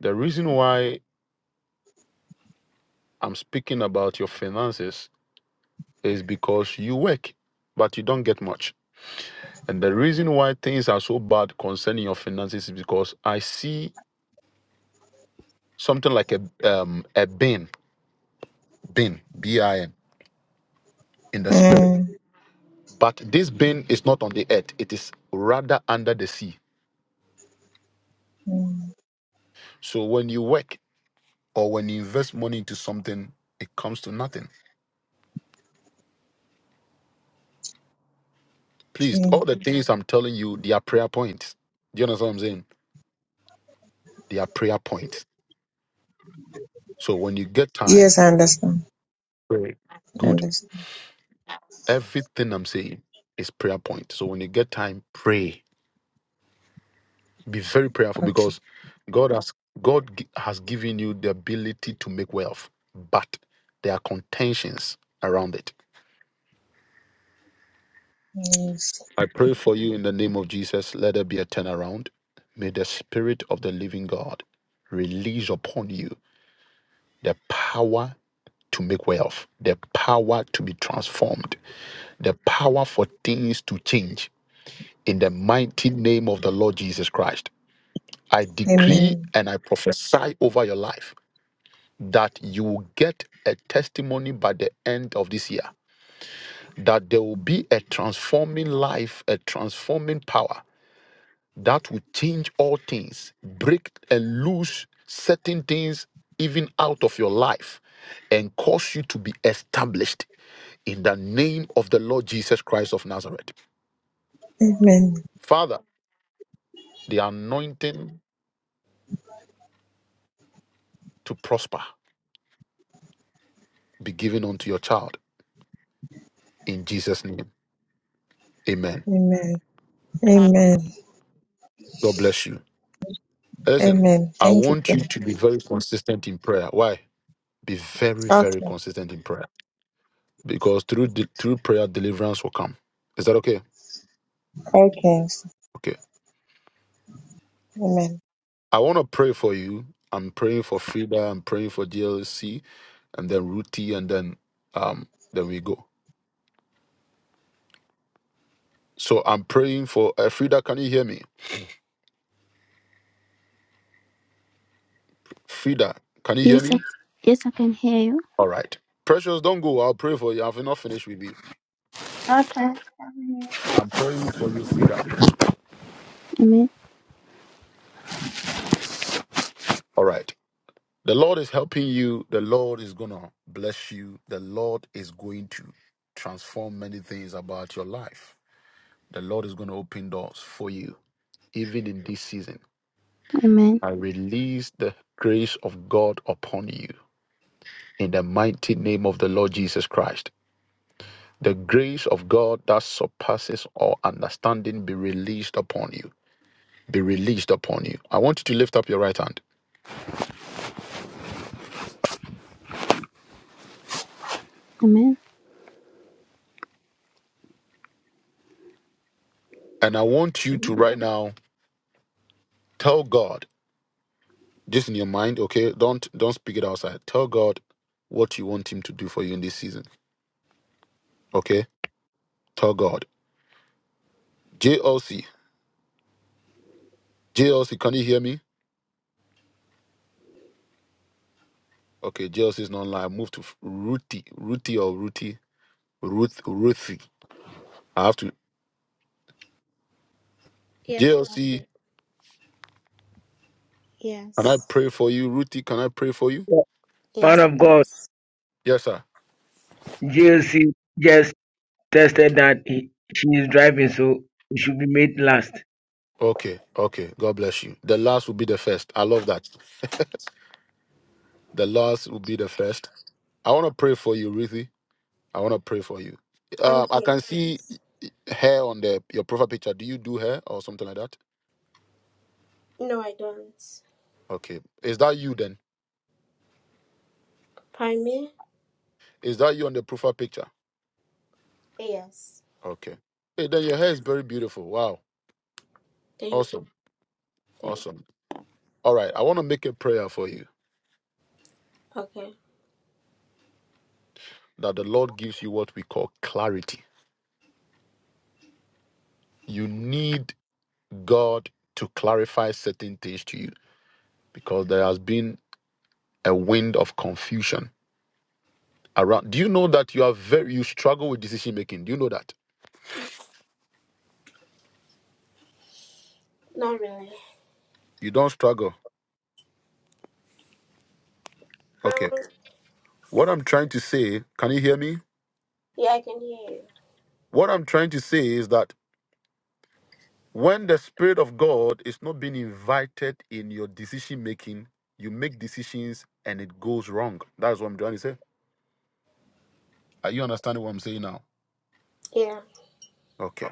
[SPEAKER 1] The reason why I'm speaking about your finances is because you work, but you don't get much And the reason why things are so bad concerning your finances is because I see something like a um a bin, bin, B-I-N in the spirit.
[SPEAKER 9] Mm.
[SPEAKER 1] But this bin is not on the earth, it is rather under the sea.
[SPEAKER 9] mm.
[SPEAKER 1] So when you work or when you invest money into something, it comes to nothing. Please,
[SPEAKER 9] Okay.
[SPEAKER 1] all the things I'm telling you, they are prayer points. Do you understand what I'm saying? They are prayer points. So when you get time,
[SPEAKER 9] Yes, I understand. I
[SPEAKER 1] good.
[SPEAKER 9] understand.
[SPEAKER 1] Everything I'm saying is prayer point. So when you get time, pray Be very prayerful
[SPEAKER 9] Okay.
[SPEAKER 1] because God has God gi- has given you the ability to make wealth, but there are contentions around it.
[SPEAKER 9] Yes.
[SPEAKER 1] I pray for you in the name of Jesus. Let there be a turnaround. May the Spirit of the Living God release upon you the power to make wealth, the power to be transformed, the power for things to change. In the mighty name of the Lord Jesus Christ, I decree
[SPEAKER 9] Amen.
[SPEAKER 1] and I prophesy over your life that you will get a testimony by the end of this year. That there will be a transforming life, a transforming power that will change all things, break and loose certain things even out of your life, and cause you to be established in the name of the Lord Jesus Christ of Nazareth.
[SPEAKER 9] Amen.
[SPEAKER 1] Father, the anointing to prosper be given unto your child in Jesus' name. Amen.
[SPEAKER 9] Amen. Amen.
[SPEAKER 1] God bless you. Listen,
[SPEAKER 9] Amen.
[SPEAKER 1] I
[SPEAKER 9] Thank you.
[SPEAKER 1] want you
[SPEAKER 9] sir.
[SPEAKER 1] to be very consistent in prayer. Why? Be very, very
[SPEAKER 9] Okay.
[SPEAKER 1] consistent in prayer because through the, through prayer, deliverance will come. Is that okay?
[SPEAKER 9] Okay.
[SPEAKER 1] Okay.
[SPEAKER 9] Amen.
[SPEAKER 1] I want to pray for you. I'm praying for Frida. I'm praying for DLC, and then Ruti, and then um, then we go. So I'm praying for uh, Frida. Can you hear me? Frida, can you hear
[SPEAKER 10] Yes, I,
[SPEAKER 1] me?
[SPEAKER 10] yes, I can hear you.
[SPEAKER 1] All right. Precious, don't go. I'll pray for you. I've not finished with you.
[SPEAKER 8] Okay.
[SPEAKER 10] Amen.
[SPEAKER 1] All right. The Lord is helping you. The Lord is going to bless you. The Lord is going to transform many things about your life. The Lord is going to open doors for you, even in this season.
[SPEAKER 10] Amen.
[SPEAKER 1] I release the grace of God upon you in the mighty name of the Lord Jesus Christ. The grace of God that surpasses all understanding be released upon you. Be released upon you. I want you to lift up your right hand.
[SPEAKER 10] Amen.
[SPEAKER 1] And I want you to right now tell God Just in your mind, okay? Don't don't speak it outside. Tell God what you want him to do for you in this season. Okay? Tell God. JLC. JLC, can you hear me? Okay, JLC is not online. Move to F- Ruthie. Ruthie or Ruthie. Ruth Ruthie. I have to
[SPEAKER 11] Yes,
[SPEAKER 1] JLC,
[SPEAKER 11] Prophet.
[SPEAKER 1] can I
[SPEAKER 11] Yes.
[SPEAKER 1] pray for you? Ruthie, can I pray for you?
[SPEAKER 11] Yes,
[SPEAKER 7] of God,
[SPEAKER 11] please.
[SPEAKER 1] Yes, sir.
[SPEAKER 7] JLC just tested that he, she is driving, so we should be made last.
[SPEAKER 1] Okay, okay. God bless you. The last will be the first. I love that. The last will be the first. I want to pray for you, Ruthie. I want to pray for you.
[SPEAKER 11] I'm
[SPEAKER 1] Uh, I
[SPEAKER 11] here,
[SPEAKER 1] can see
[SPEAKER 11] please.
[SPEAKER 1] hair on the your profile picture. Do you do hair or something like that?
[SPEAKER 11] No, I don't.
[SPEAKER 1] Okay. Is that you then?
[SPEAKER 11] Pardon me?
[SPEAKER 1] Is that you on the profile picture?
[SPEAKER 11] Yes.
[SPEAKER 1] Okay. Hey, then your hair is very beautiful. Wow.
[SPEAKER 11] Thank you.
[SPEAKER 1] Awesome.
[SPEAKER 11] Thank
[SPEAKER 1] Awesome. All right. I want to make a prayer for you
[SPEAKER 11] you. Okay.
[SPEAKER 1] that the Lord gives you what we call clarity. You need God to clarify certain things to you because there has been a wind of confusion around. Do you know that you are very you struggle with decision making? Do you know that?
[SPEAKER 11] Not really.
[SPEAKER 1] You don't struggle. Okay.
[SPEAKER 11] Um,
[SPEAKER 1] What I'm trying to say, can you hear me?
[SPEAKER 11] yeah, I can hear you.
[SPEAKER 1] What I'm trying to say is that when the Spirit of God is not being invited in your decision making, you make decisions and it goes wrong. That's what I'm trying to say. Are you understanding what I'm saying now?
[SPEAKER 11] Yeah.
[SPEAKER 1] Okay.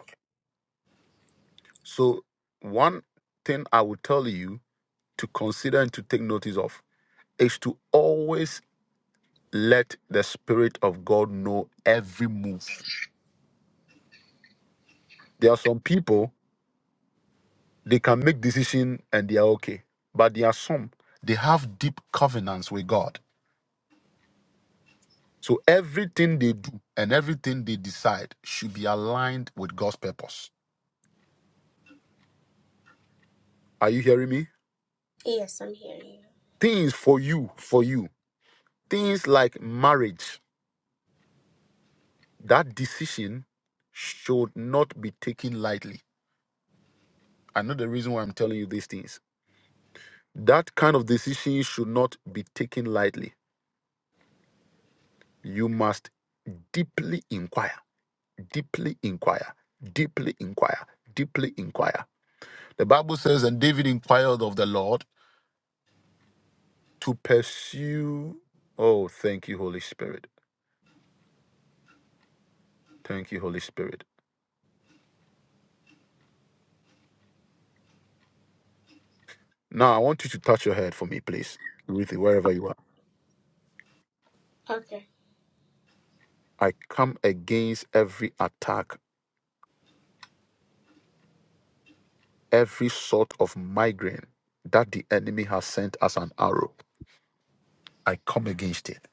[SPEAKER 1] So, one thing I would tell you to consider and to take notice of is to always let the Spirit of God know every move. There are some people They can make decision and they are okay. But there are some, they have deep covenants with God. So everything they do and everything they decide should be aligned with God's purpose. Are you hearing me?
[SPEAKER 11] Yes, I'm hearing you.
[SPEAKER 1] Things for you, for you. Things like marriage, that decision should not be taken lightly. I know the reason why I'm telling you these things. That kind of decision should not be taken lightly. You must deeply inquire deeply inquire, deeply inquire, deeply inquire. The Bible says, and David inquired of the Lord to pursue. Oh, thank you, Holy Spirit. Thank you, Holy Spirit. Now, I want you to touch your head for me, please. Ruthie, wherever you are.
[SPEAKER 11] Okay.
[SPEAKER 1] I come against every attack, every sort of migraine that the enemy has sent as an arrow. I come against it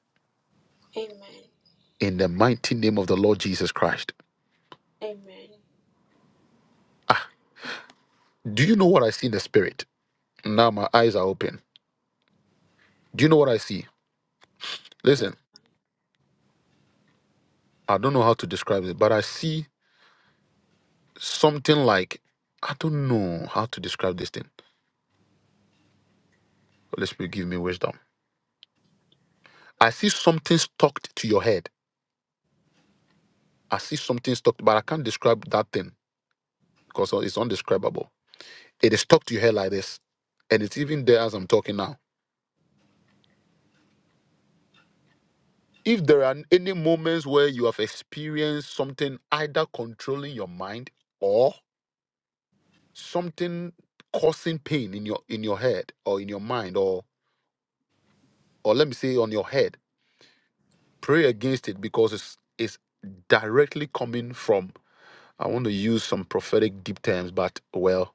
[SPEAKER 11] Amen.
[SPEAKER 1] in the mighty name of the Lord Jesus Christ.
[SPEAKER 11] Amen.
[SPEAKER 1] Ah, do you know what I see in the spirit? Now my eyes are open. Do you know what I see? Listen, I don't know how to describe it, but I see something like I don't know how to describe this thing. Holy Spirit, give me wisdom. I see something stuck to your head. I see something stuck, but I can't describe that thing because it's undescribable. It is stuck to your head like this, and it's even there as I'm talking now. If there are any moments where you have experienced something either controlling your mind or something causing pain in your in your head or in your mind or or let me say on your head Pray against it because it's it's directly coming from. I want to use some prophetic deep terms, but well,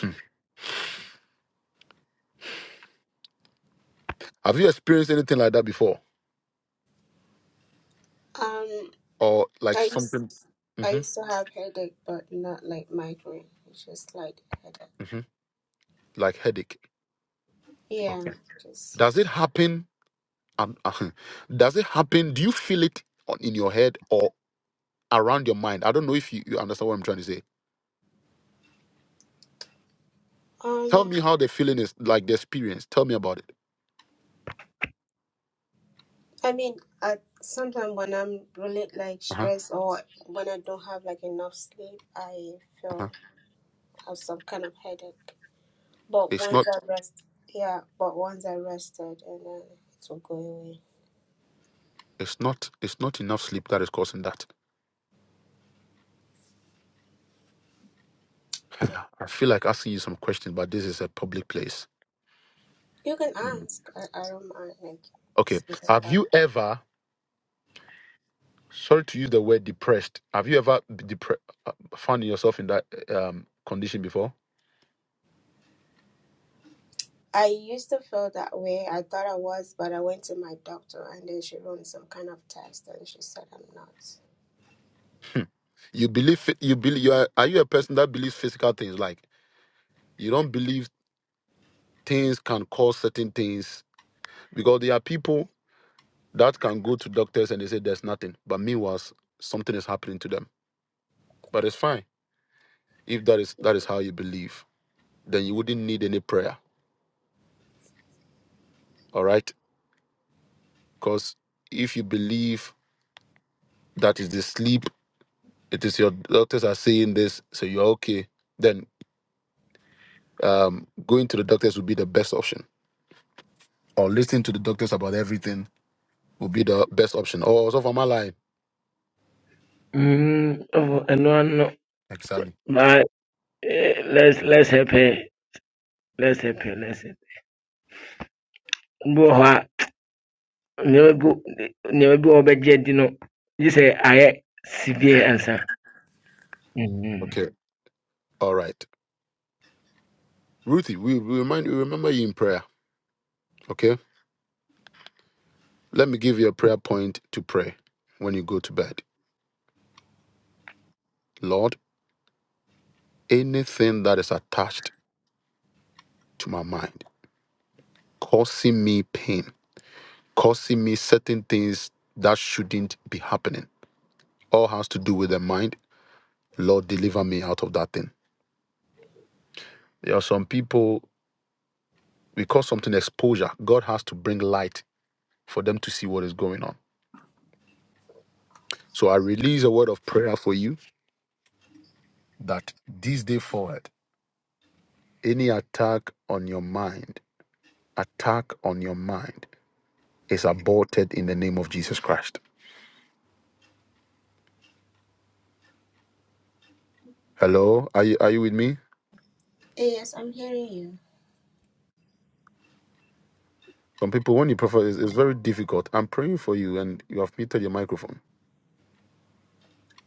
[SPEAKER 1] hmm. have you experienced anything like that before,
[SPEAKER 11] Um,
[SPEAKER 1] or like
[SPEAKER 11] I used,
[SPEAKER 1] something
[SPEAKER 11] I
[SPEAKER 1] hmm
[SPEAKER 11] used to have headache, but not like migraine. It's just like headache.
[SPEAKER 1] hmm like headache?
[SPEAKER 11] Yeah.
[SPEAKER 1] Okay.
[SPEAKER 11] Just,
[SPEAKER 1] Does it happen? Um, uh, (laughs) does it happen? Do you feel it on, in your head or around your mind? I don't know if you, you understand what I'm trying to say.
[SPEAKER 11] Um.
[SPEAKER 1] Tell me how the feeling is, like the experience. Tell me about it.
[SPEAKER 11] I mean, at sometimes when I'm really like
[SPEAKER 1] Uh huh.
[SPEAKER 11] stressed or when I don't have like enough sleep, I
[SPEAKER 1] Uh huh.
[SPEAKER 11] feel have some kind of headache. But
[SPEAKER 1] It's
[SPEAKER 11] once
[SPEAKER 1] not.
[SPEAKER 11] I rest, yeah. But once I rested, and then it will go away.
[SPEAKER 1] It's not. It's not enough sleep that is causing that.
[SPEAKER 11] Okay,
[SPEAKER 1] I feel like asking you some questions, but this is a public place.
[SPEAKER 11] you can ask. I, I don't mind. Like,
[SPEAKER 1] Okay.
[SPEAKER 11] it's not a
[SPEAKER 1] Have
[SPEAKER 11] problem.
[SPEAKER 1] you ever, sorry to use the word depressed, have you ever been depre- uh, found yourself in that um, condition before?
[SPEAKER 11] I used to feel that way. I thought I was, but I went to my doctor, and then she ran some kind of test, and she said I'm not.
[SPEAKER 1] You believe, phy- you believe, you are, are you a person that believes physical things? Like, you don't believe things can cause certain things because there are people that can go to doctors and they say there's nothing, but meanwhile, s- something is happening to them. But it's fine. If that is that is how you believe, then you wouldn't need any prayer. All right? Because if you believe that is the sleep. It is your doctors are saying this, so you're okay. Then um, going to the doctors would be the best option, or listening to the doctors about everything would be the best option. Or so from my line,
[SPEAKER 7] Mm, oh, and no,
[SPEAKER 1] exactly.
[SPEAKER 7] no. Eh, let's let's help her. Let's help her. Let's help. Mbu hɔ a nneɛma bi nneɛma bi a ɔbɛgye no yi sɛ ayɛ severe answer. Mm-hmm.
[SPEAKER 1] Okay, all right, Ruthie. We, we remind we remember you in prayer. Okay, let me give you a prayer point to pray when you go to bed. Lord, anything that is attached to my mind, causing me pain, causing me certain things that shouldn't be happening, all has to do with the mind Lord, deliver me out of that thing. There are some people, we call something exposure. God has to bring light for them to see what is going on. So I release a word of prayer for you that this day forward, any attack on your mind, attack on your mind is aborted in the name of Jesus Christ. Hello, are you, are you with me?
[SPEAKER 11] Yes, I'm hearing you.
[SPEAKER 1] Some people, when you prefer, it's, it's very difficult. I'm praying for you and you have muted your microphone.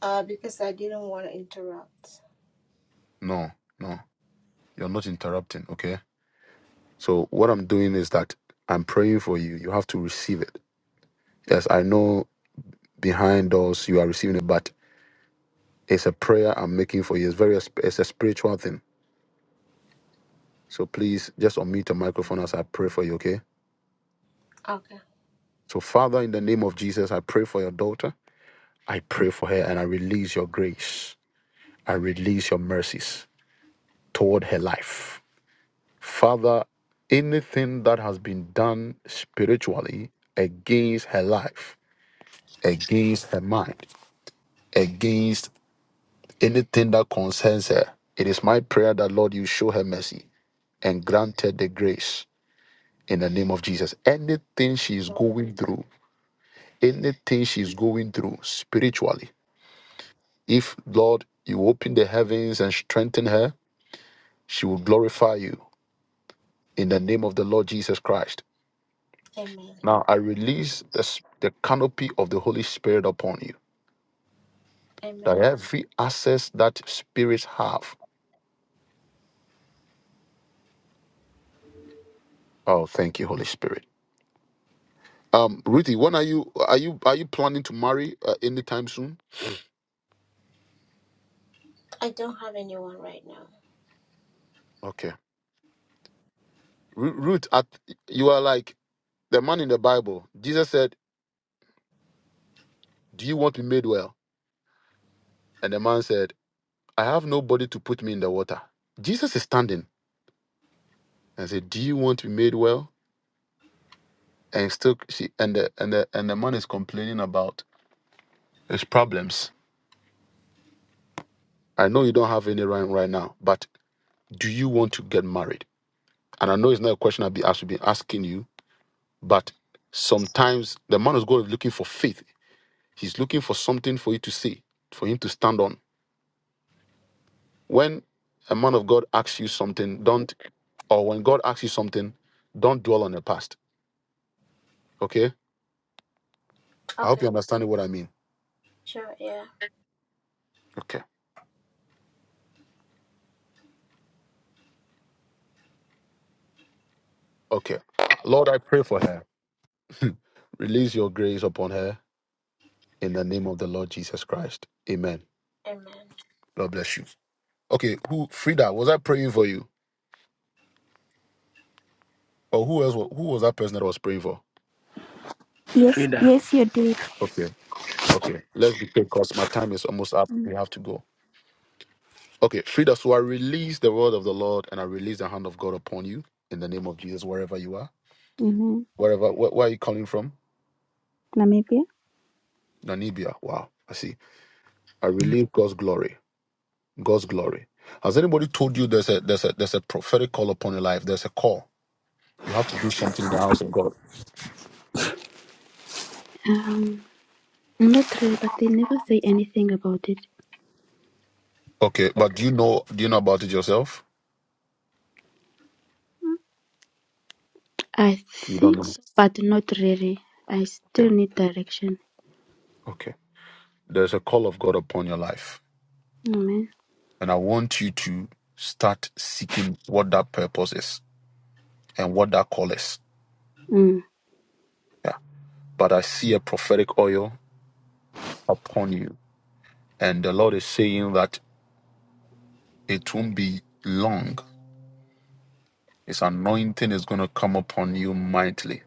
[SPEAKER 11] Uh, because I didn't want to interrupt.
[SPEAKER 1] No, no, you're not interrupting, okay? So what I'm doing is that I'm praying for you. You have to receive it. Yes, I know behind doors you are receiving it, but it's a prayer I'm making for you. It's very it's a spiritual thing. So please just unmute your microphone as I pray for you, okay?
[SPEAKER 11] Okay.
[SPEAKER 1] So Father, in the name of Jesus, I pray for your daughter. I pray for her and I release your grace. I release your mercies toward her life. Father, anything that has been done spiritually against her life, against her mind, against Anything that concerns her, it is my prayer that, Lord, you show her mercy and grant her the grace in the name of Jesus. Anything she is going through, anything she is going through spiritually, if, Lord, you open the heavens and strengthen her, she will glorify you in the name of the Lord Jesus Christ.
[SPEAKER 11] Amen.
[SPEAKER 1] Now, I release the, s- the canopy of the Holy Spirit upon you, that
[SPEAKER 11] Amen.
[SPEAKER 1] every access that spirits have, oh, thank you, Holy Spirit Um, Ruthie, when are you are you are you planning to marry uh, anytime soon?
[SPEAKER 11] I don't have anyone right now.
[SPEAKER 1] Okay, Ru- Ruth, at, you are like the man in the Bible. Jesus said, "Do you want to be made well?" And the man said, "I have nobody to put me in the water." Jesus is standing and said, "Do you want to be made well?" And still, she and the and the and the man is complaining about his problems. I know you don't have any right right now, but do you want to get married? And I know it's not a question I'll be I should be asking you, but sometimes the man is going looking for faith He's looking for something for you to say, for him to stand on. When a man of God asks you something, don't, or when God asks you something, don't dwell on the past. Okay? I hope
[SPEAKER 11] Okay.
[SPEAKER 1] you're understanding what I mean.
[SPEAKER 11] Sure. Yeah.
[SPEAKER 1] Okay. Okay. Uh, Lord, I pray for her. (laughs) Release your grace upon her in the name of the Lord Jesus Christ. Amen.
[SPEAKER 11] Amen.
[SPEAKER 1] God bless you. Okay, who Frida, was I praying for you? Or who else wa- who was that person that I was praying for?
[SPEAKER 10] Yes,
[SPEAKER 7] Frida.
[SPEAKER 10] yes, you did.
[SPEAKER 1] Okay, okay. Let's be quick because my time is almost up.
[SPEAKER 10] Mm,
[SPEAKER 1] We have to go. Okay, Frida, so I release the word of the Lord and I release the hand of God upon you in the name of Jesus, wherever you are.
[SPEAKER 10] Amen.
[SPEAKER 1] Wherever, where, where are you coming from?
[SPEAKER 10] Namibia.
[SPEAKER 1] Namibia. Wow, I see. I release God's glory. God's glory. Has anybody told you there's a there's a there's a prophetic call upon your life? There's a call. You have to do something.
[SPEAKER 10] Um, not really, but they never say anything about it.
[SPEAKER 1] Okay, but do you know do you know about it yourself?
[SPEAKER 10] I think
[SPEAKER 1] No.
[SPEAKER 10] so, but not really. I still
[SPEAKER 1] Okay.
[SPEAKER 10] need direction.
[SPEAKER 1] Okay. There's a call of God upon your life,
[SPEAKER 10] Amen.
[SPEAKER 1] and I want you to start seeking what that purpose is and what that call is.
[SPEAKER 10] Mm.
[SPEAKER 1] Yeah. But I see a prophetic oil upon you. And the Lord is saying that it won't be long. His anointing is going to come upon you mightily,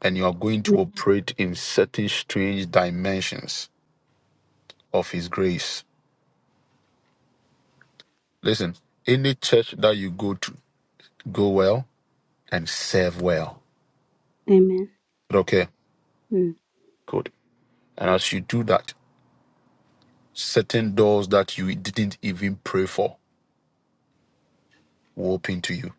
[SPEAKER 1] and you are going to
[SPEAKER 10] Amen.
[SPEAKER 1] operate in certain strange dimensions of His grace. Listen, any church that you go to, go well and serve well.
[SPEAKER 10] Amen.
[SPEAKER 1] Okay,
[SPEAKER 10] Mm.
[SPEAKER 1] good. And as you do that, certain doors that you didn't even pray for will open to you.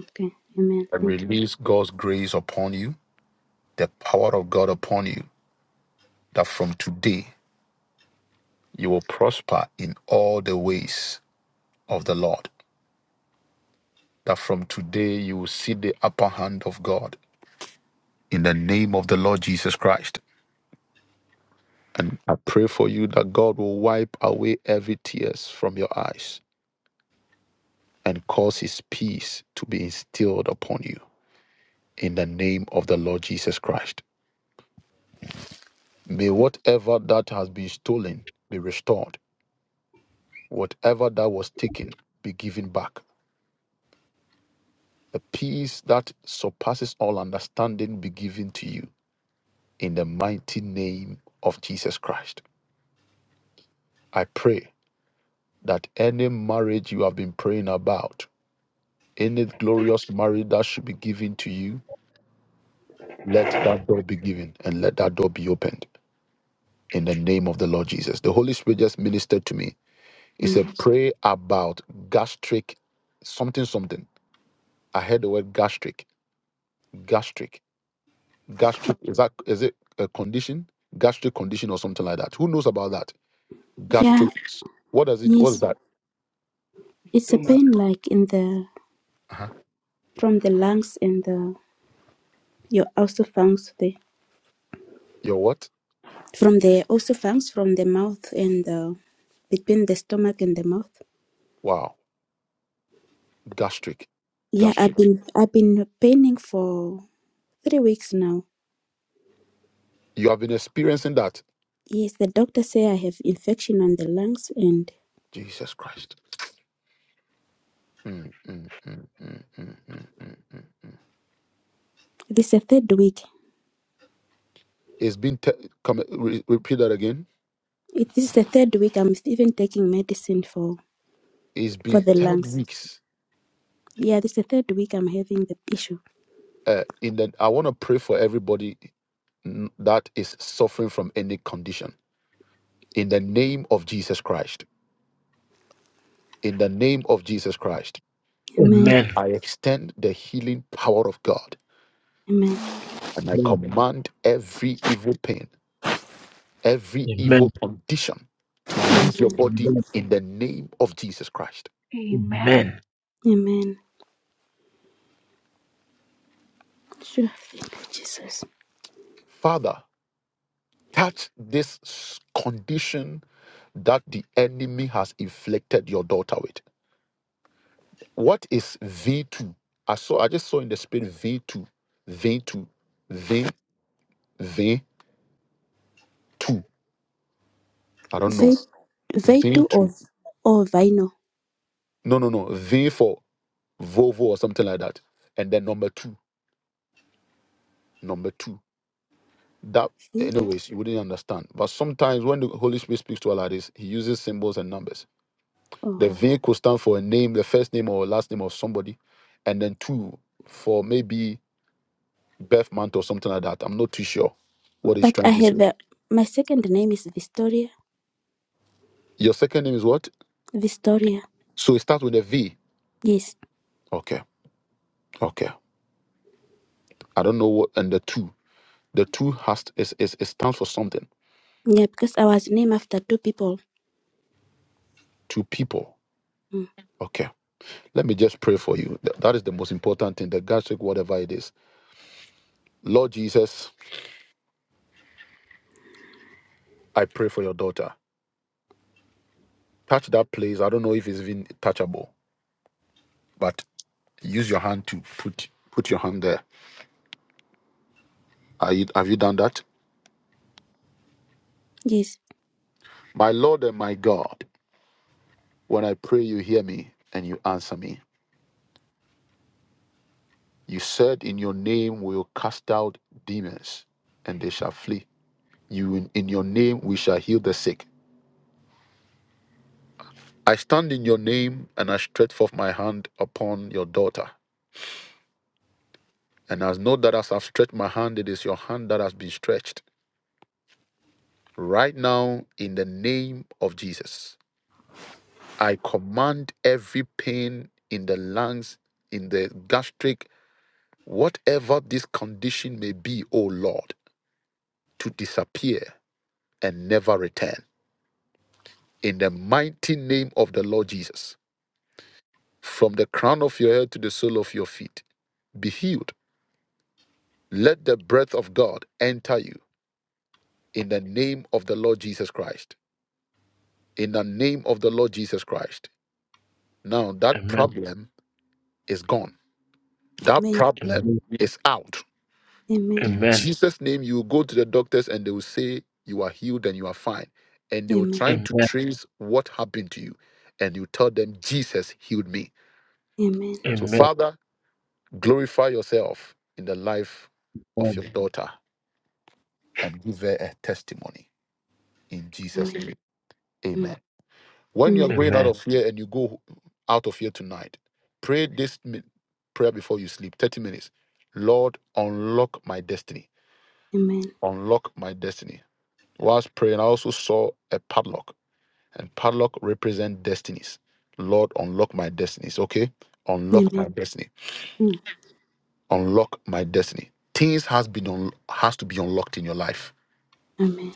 [SPEAKER 10] Okay. Amen.
[SPEAKER 1] And
[SPEAKER 10] Thank you.
[SPEAKER 1] release God's grace upon you, the power of God upon you, that from today You will prosper in all the ways of the Lord. That from today you will see the upper hand of God in the name of the Lord Jesus Christ. And I pray for you that God will wipe away every tears from your eyes and cause his peace to be instilled upon you in the name of the Lord Jesus Christ. May whatever that has been stolen be restored, whatever that was taken be given back. A peace that surpasses all understanding be given to you in the mighty name of Jesus Christ. I pray that any marriage you have been praying about, any glorious marriage that should be given to you, let that door be given and let that door be opened in the name of the Lord Jesus. The Holy Spirit just ministered to me. It's a
[SPEAKER 10] Amen.
[SPEAKER 1] prayer about gastric something something. I heard the word gastric, gastric, gastric. Is that is it a condition? Gastric condition or something like that. Who knows about that?
[SPEAKER 10] Yeah.
[SPEAKER 1] Gastric. What does it? What is
[SPEAKER 10] Yes.
[SPEAKER 1] that?
[SPEAKER 10] It's a pain like in the
[SPEAKER 1] Uh-huh.
[SPEAKER 10] from the lungs and the your also fungs the
[SPEAKER 1] Your what?
[SPEAKER 10] from the also fungs from the mouth and the between the stomach and the mouth.
[SPEAKER 1] Wow. Gastric.
[SPEAKER 10] Yeah, I've
[SPEAKER 1] Gastric.
[SPEAKER 10] been I've been paining for three weeks now.
[SPEAKER 1] You have been experiencing that.
[SPEAKER 10] Yes, the doctor say I have infection on the lungs, and
[SPEAKER 1] Jesus Christ. Mm, mm, mm, mm, mm, mm, mm, mm, mm.
[SPEAKER 10] this is the third week.
[SPEAKER 1] It's been, te- come, re- repeat that again.
[SPEAKER 10] It this is the third week I'm even taking medicine for
[SPEAKER 1] It's
[SPEAKER 10] for
[SPEAKER 1] been
[SPEAKER 10] the
[SPEAKER 1] 10
[SPEAKER 10] lungs.
[SPEAKER 1] weeks.
[SPEAKER 10] Yeah, this is the third week I'm having the issue.
[SPEAKER 1] Uh, in the, I want to pray for everybody mm, that is suffering from any condition. In the name of Jesus Christ. In the name of Jesus Christ.
[SPEAKER 10] Amen.
[SPEAKER 7] Amen.
[SPEAKER 1] I extend the healing power of God
[SPEAKER 10] Amen.
[SPEAKER 1] and I
[SPEAKER 7] Amen.
[SPEAKER 1] command every evil pain. every
[SPEAKER 7] Amen.
[SPEAKER 1] evil condition to leave your body
[SPEAKER 7] Amen.
[SPEAKER 1] in the name of Jesus Christ.
[SPEAKER 8] Amen.
[SPEAKER 10] Amen. Sure. Thank you, Jesus.
[SPEAKER 1] Father, touch this s- condition that the enemy has inflicted your daughter with. What is V2? I saw I just saw in the spirit V2, V2, V, V2. I don't know.
[SPEAKER 10] Ve Vetu
[SPEAKER 1] V2.
[SPEAKER 10] or or Vino.
[SPEAKER 1] No, no, no. V for Volvo or something like that. And then number two, number two. That,
[SPEAKER 10] V
[SPEAKER 1] anyways, you wouldn't understand. But sometimes when the Holy Spirit speaks to us like this, He uses symbols and numbers. The
[SPEAKER 10] oh.
[SPEAKER 1] V could stand for a name, the first name or last name of somebody, and then two for maybe birth month or something like that. I'm not too sure what He's
[SPEAKER 10] But I
[SPEAKER 1] trying to say.
[SPEAKER 10] have a, my second name is Victoria.
[SPEAKER 1] Your second name is what?
[SPEAKER 10] Victoria.
[SPEAKER 1] So it starts with a V.
[SPEAKER 10] Yes.
[SPEAKER 1] Okay, okay. I don't know what. And the two, the two has is is it stands for something.
[SPEAKER 10] Yeah, because I was named after two people.
[SPEAKER 1] Two people.
[SPEAKER 10] Mm.
[SPEAKER 1] Okay. Let me just pray for you. Th- That is the most important thing. The God take whatever it is. Lord Jesus. I pray for your daughter. Touch that place. I don't know if it's even touchable, but use your hand to put put your hand there. Are you, have you done that?
[SPEAKER 10] Yes.
[SPEAKER 1] My Lord and my God, when I pray, you hear me and you answer me. You said, In your name we will cast out demons, and they shall flee. You in, in your name we shall heal the sick. I stand in your name and I stretch forth my hand upon your daughter. And as know that as I've stretched my hand, it is your hand that has been stretched Right now, in the name of Jesus, I command every pain in the lungs, in the gastric, whatever this condition may be, O Lord, to disappear and never return. In the mighty name of the Lord Jesus, from the crown of your head to the sole of your feet, be healed. Let the breath of God enter you in the name of the Lord Jesus Christ. In the name of the Lord Jesus Christ. Now
[SPEAKER 7] Amen.
[SPEAKER 1] that
[SPEAKER 7] Amen.
[SPEAKER 1] problem is gone That
[SPEAKER 10] Amen.
[SPEAKER 1] problem is out.
[SPEAKER 10] Amen.
[SPEAKER 1] In
[SPEAKER 7] Amen.
[SPEAKER 1] Jesus' name, you will go to the doctors and they will say you are healed and you are fine. And they were
[SPEAKER 10] Amen.
[SPEAKER 1] trying to
[SPEAKER 7] Amen.
[SPEAKER 1] trace what happened to you. And you tell them, Jesus healed me.
[SPEAKER 10] Amen.
[SPEAKER 1] So,
[SPEAKER 7] Amen.
[SPEAKER 1] Father, glorify yourself in the life of your daughter and give her a testimony. In Jesus'
[SPEAKER 10] Amen.
[SPEAKER 1] name,
[SPEAKER 10] Mm.
[SPEAKER 1] amen. When you are
[SPEAKER 10] Amen.
[SPEAKER 1] going out
[SPEAKER 7] Amen.
[SPEAKER 1] of here and you go out of here tonight, pray this mi- prayer before you sleep 30 minutes. Lord, unlock my destiny.
[SPEAKER 10] Amen.
[SPEAKER 1] Unlock my destiny Whilst praying, I also saw a padlock, and padlock represent destinies. Lord, unlock my destinies. Okay, unlock
[SPEAKER 10] Amen.
[SPEAKER 1] my destiny.
[SPEAKER 10] Mm.
[SPEAKER 1] Unlock my destiny. Things has been un- has to be unlocked in your life.
[SPEAKER 10] Amen.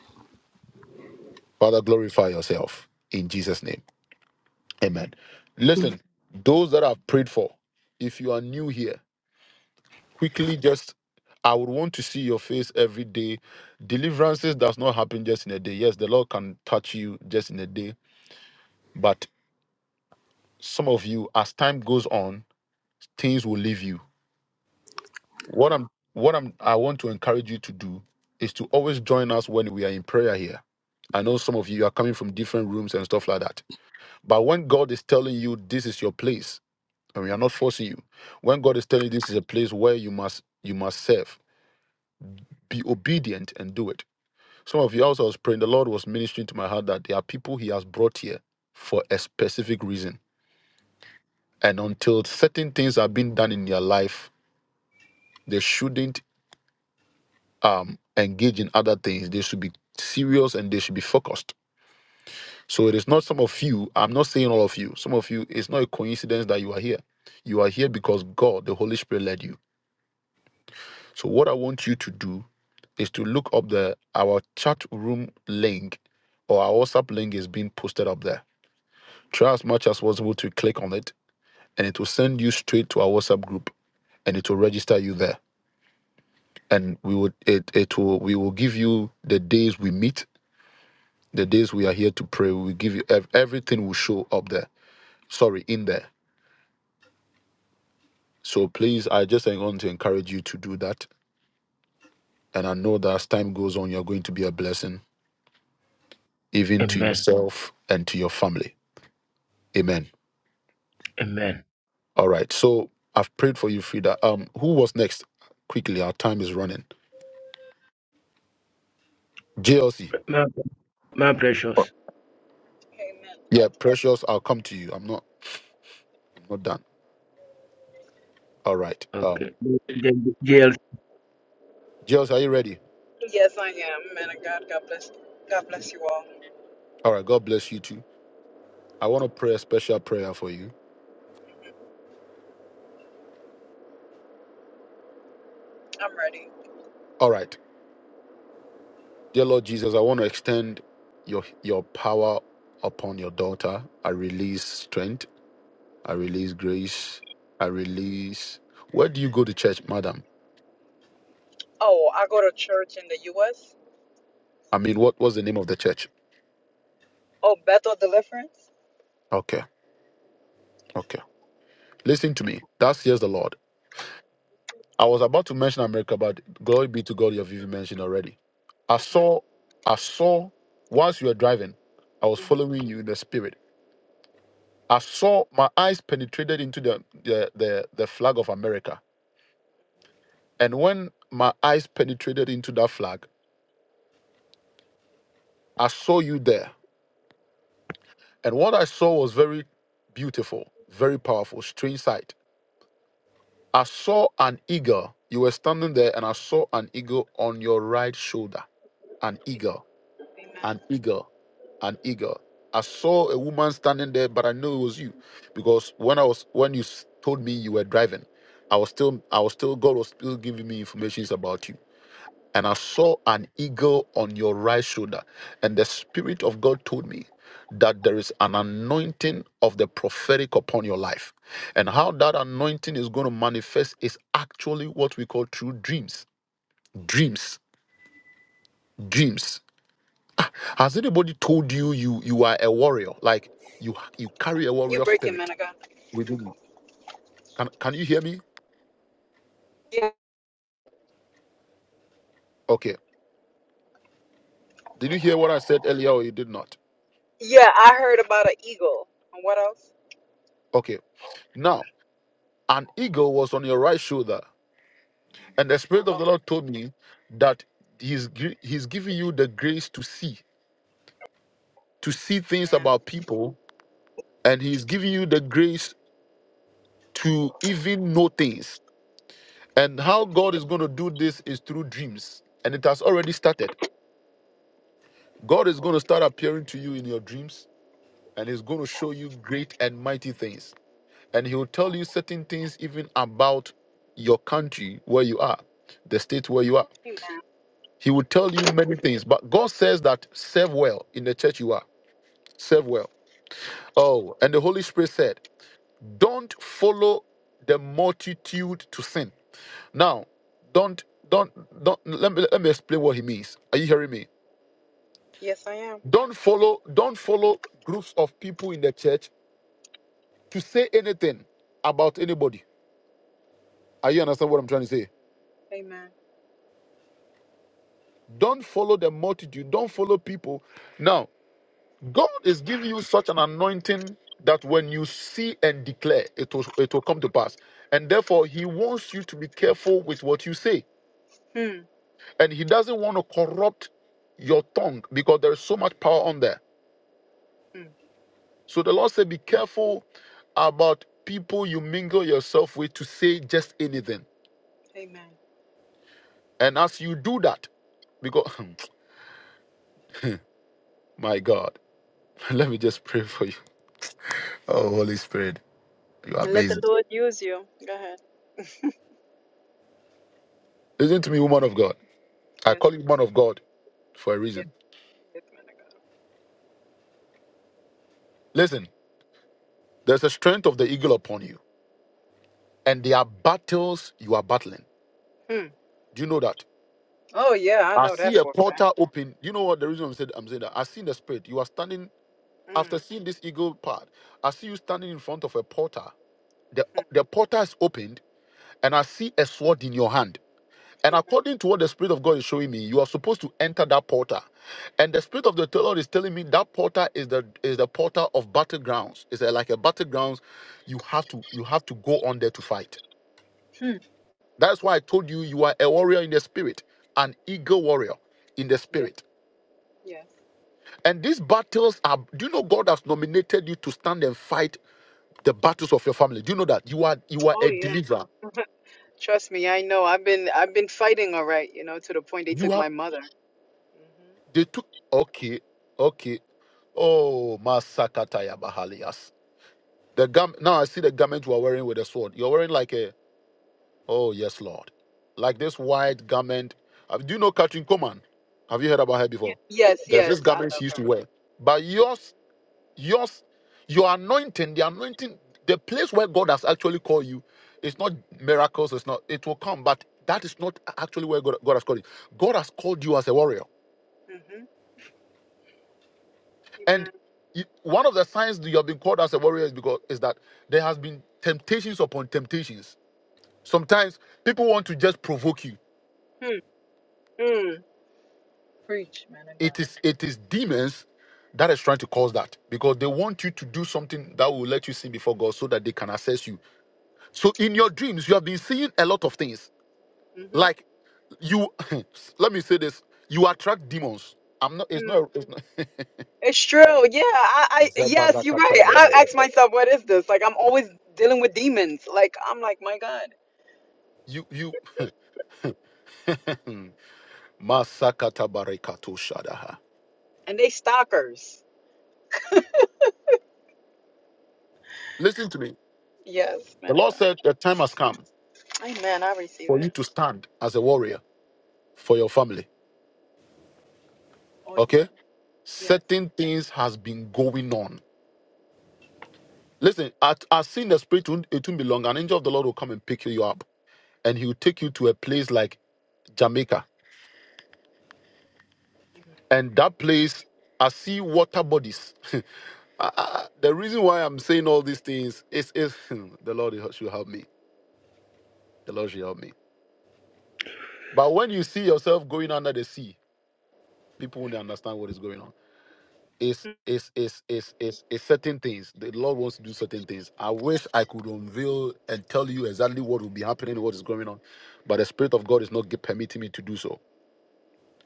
[SPEAKER 1] Father, glorify yourself in Jesus' name. Amen.
[SPEAKER 10] Amen.
[SPEAKER 1] Listen, those that I've prayed for, if you are new here, quickly just I would want to see your face every day. Deliverances does not happen just in a day. Yes, the Lord can touch you just in a day, but some of you, as time goes on. things will leave you. What I'm what I'm I want to encourage you to do is to always join us when we are in prayer here. I know some of you are coming from different rooms and stuff like that. But when God is telling you this is your place, and we are not forcing you, when God is telling you this is a place where you must you must serve, be obedient and do it. Some of you also I was praying, the Lord was ministering to my heart that there are people He has brought here for a specific reason. And until certain things are being done in their life, they shouldn't um, engage in other things, they should be serious and they should be focused. So it is not some of you, I'm not saying all of you, some of you, it's not a coincidence that you are here. You are here because God, the Holy Spirit, led you. So what I want you to do is to look up the our chat room link or our WhatsApp link is being posted up there. Try as much as possible to click on it and it will send you straight to our WhatsApp group and it will register you there. And we would it it will we will give you the days we meet The days we are here to pray, we give you ev- everything will show up there. Sorry, in there. So please, I just want to encourage you to do that. And I know that as time goes on, you're going to be a blessing, even to
[SPEAKER 7] Amen.
[SPEAKER 1] yourself and to your family. Amen.
[SPEAKER 7] Amen.
[SPEAKER 1] All right. So I've prayed for you, Frida. Um, who was next? Quickly, our time is running. JLC.
[SPEAKER 7] My, my precious.
[SPEAKER 12] Amen. Oh,
[SPEAKER 1] Yeah, precious. I'll come to you. I'm not. I'm not done. All right.
[SPEAKER 7] Okay.
[SPEAKER 1] Um,
[SPEAKER 7] J- JLC.
[SPEAKER 1] JLC, are you ready?
[SPEAKER 12] yes, I am. Man of God, God bless. God bless you all.
[SPEAKER 1] All right. God bless you too. I want to pray a special prayer for you.
[SPEAKER 12] I'm ready.
[SPEAKER 1] All right. Dear Lord Jesus, I want to extend your your power upon your daughter. I release strength. I release grace. I release. Where do you go to church, madam?
[SPEAKER 12] Oh, I go to church in the U.S.
[SPEAKER 1] I mean, what was the name of the church?
[SPEAKER 12] Oh, Bethel Deliverance.
[SPEAKER 1] Okay, okay. Listen to me. That's here's the Lord. I was about to mention America, but glory be to God, you've even mentioned already. I
[SPEAKER 12] hmm
[SPEAKER 1] saw, I saw. Whilst you were driving, I was
[SPEAKER 12] hmm
[SPEAKER 1] following you in the spirit. I saw my eyes penetrated into the the the, the flag of America And when my eyes penetrated into that flag, I saw you there. And what I saw was very beautiful, very powerful, strange sight. I saw an eagle. You were standing there, and I saw an eagle on your right shoulder. An eagle,
[SPEAKER 12] Amen.
[SPEAKER 1] an eagle, an eagle. I saw a woman standing there, but I knew it was you because when I was when you s- told me you were driving, I was still I was still God was still giving me informations about you. and I saw an eagle on your right shoulder. And the Spirit of God told me that there is an anointing of the prophetic upon your life. And how that anointing is going to manifest is actually what we call true dreams. Dreams. Dreams. Ah, Has anybody told you you you are a warrior? Like you you carry a
[SPEAKER 12] You
[SPEAKER 1] warrior
[SPEAKER 12] breaking, man
[SPEAKER 1] spirit.
[SPEAKER 12] of God.
[SPEAKER 1] With can can you hear me?
[SPEAKER 12] Yeah.
[SPEAKER 1] Okay. Did you hear what I said earlier or you did not?
[SPEAKER 12] Yeah, I heard about an eagle. And what else?
[SPEAKER 1] Okay. Now, an eagle was on your right shoulder And the Spirit of the
[SPEAKER 12] Okay.
[SPEAKER 1] Lord told me that He's gi- He's giving you the grace to see, to see things
[SPEAKER 12] Amen.
[SPEAKER 1] about people, and He's giving you the grace to even know things. And how God is going to do this is through dreams, and it has already started. God is going to start appearing to you in your dreams, and He's going to show you great and mighty things. And He will tell you certain things even about your country where you are, the state where you are.
[SPEAKER 12] Amen.
[SPEAKER 1] He will tell you many things. But God says that serve well in the church you are Serve well. Oh, and the Holy Spirit said, Don't follow the multitude to sin. Now, don't don't don't let me let me explain what he means. Are you hearing me?
[SPEAKER 12] Yes, I am.
[SPEAKER 1] Don't follow, don't follow groups of people in the church to say anything about anybody. Are you understand what
[SPEAKER 12] Hmm.
[SPEAKER 1] I'm trying to say?
[SPEAKER 12] Amen.
[SPEAKER 1] Don't follow the multitude, don't follow people. Now. God is giving you such an anointing that when you see and declare, it will, it will come to pass. And therefore, He wants you to be careful with what you say.
[SPEAKER 12] Hmm.
[SPEAKER 1] And He doesn't want to corrupt your tongue because there is so much power on there.
[SPEAKER 12] hmm.
[SPEAKER 1] So the Lord said, Be careful about people you mingle yourself with to say just anything.
[SPEAKER 12] Amen.
[SPEAKER 1] And as you do that, because, (clears throat) my God, (laughs) let me just pray for you. Oh, Holy Spirit, you're
[SPEAKER 12] And let the
[SPEAKER 1] amazing.
[SPEAKER 12] Lord use you. Go ahead.
[SPEAKER 1] Listen to me, woman of God. I
[SPEAKER 12] Yes.
[SPEAKER 1] call you woman of God for a
[SPEAKER 12] Yes.
[SPEAKER 1] reason.
[SPEAKER 12] Yes, man
[SPEAKER 1] Listen. There's a strength of the eagle upon you, and there are battles you are battling.
[SPEAKER 12] of God. Hmm.
[SPEAKER 1] Do you know that?
[SPEAKER 12] Oh yeah, I
[SPEAKER 1] I
[SPEAKER 12] know that
[SPEAKER 1] see a
[SPEAKER 12] for a fact.
[SPEAKER 1] portal open. You know what the reason I'm saying, I'm saying that? I see in the spirit. You are standing
[SPEAKER 12] Hmm.
[SPEAKER 1] after seeing this eagle part. I see you standing in front of a portal. The
[SPEAKER 12] hmm.
[SPEAKER 1] the portal is opened, and I see a sword in your hand. And
[SPEAKER 12] Amen.
[SPEAKER 1] according to what the spirit of God is showing me, you are supposed to enter that portal. And the spirit of the Lord is telling me that portal is the is the portal of battlegrounds. It's a, like a battlegrounds. You have to you have to go on there to fight.
[SPEAKER 12] Hmm.
[SPEAKER 1] That's why I told you you are a warrior in the spirit, an eagle warrior in the
[SPEAKER 12] Yeah.
[SPEAKER 1] spirit.
[SPEAKER 12] Yes.
[SPEAKER 1] And these battles are do you know God has nominated you to stand and fight the battles of your family? Do you know that you are you are
[SPEAKER 12] Oh
[SPEAKER 1] a
[SPEAKER 12] yeah.
[SPEAKER 1] deliverer?
[SPEAKER 12] Trust me, I know. I've been I've been fighting all right, you know, to the point they
[SPEAKER 1] You
[SPEAKER 12] took
[SPEAKER 1] have
[SPEAKER 12] my mother. hmm
[SPEAKER 1] they took okay, okay. Oh Masakataya Bahalias. The gam now I see the garment you are wearing with a sword. You're wearing like a oh yes, Lord. Like this white garment. Uh, Do you know Katrin Coman? Have you heard about her
[SPEAKER 12] Y-
[SPEAKER 1] before?
[SPEAKER 12] yes,
[SPEAKER 1] There's
[SPEAKER 12] yes,
[SPEAKER 1] this
[SPEAKER 12] I
[SPEAKER 1] garment
[SPEAKER 12] love
[SPEAKER 1] she used to
[SPEAKER 12] her.
[SPEAKER 1] wear. But yours Yours, your anointing, the anointing, the place where God has actually called you, it's not miracles, it's not, it will come, but that is not actually where God, God has called you. God has called you as a warrior.
[SPEAKER 12] Mm-hmm.
[SPEAKER 1] And you- one of the signs that you have been called as a warrior is because is that there has been temptations upon temptations. Sometimes people want to just provoke you.
[SPEAKER 12] Amen. Hmm. Hmm. Preach, man of
[SPEAKER 1] It
[SPEAKER 12] God.
[SPEAKER 1] is it is demons that is trying to cause that because they want you to do something that will let you sin before God so that they can assess you. So in your dreams, you have been seeing a lot of things
[SPEAKER 12] Mm-hmm.
[SPEAKER 1] Like you, (laughs) let me say this: you attract demons. I'm not. It's
[SPEAKER 12] Mm.
[SPEAKER 1] not. It's not
[SPEAKER 12] It's true. Yeah. I, I. Yes, you're right. I ask myself, what is this? Like, I'm always dealing with demons. Like, I'm like, my God.
[SPEAKER 1] you. You. (laughs) Masakata barekato shadaha.
[SPEAKER 12] And they stalkers.
[SPEAKER 1] Listen to me.
[SPEAKER 12] Yes,
[SPEAKER 1] The
[SPEAKER 12] man of
[SPEAKER 1] Lord
[SPEAKER 12] God.
[SPEAKER 1] said the time has come
[SPEAKER 12] Amen. I receive
[SPEAKER 1] for you
[SPEAKER 12] it.
[SPEAKER 1] to stand as a warrior for your family.
[SPEAKER 12] Oh
[SPEAKER 1] Okay.
[SPEAKER 12] yeah. Yes.
[SPEAKER 1] Certain things has been going on. Listen, at as soon as spirit won't- it won't be long, an angel of the Lord will come and pick you up, and he will take you to a place like Jamaica,
[SPEAKER 12] Amen.
[SPEAKER 1] and that place I see water bodies. (laughs) I, I, the reason why I'm saying all these things is, is (laughs) the Lord should help me. The Lord should help me. But when you see yourself going under the sea, people won't understand what is going on. It's
[SPEAKER 12] Hmm.
[SPEAKER 1] it's it's it's it's, it's certain things. The Lord wants to do certain things. I wish I could unveil and tell you exactly what will be happening, what is going on, but the Spirit of God is not gi- permitting me to do so.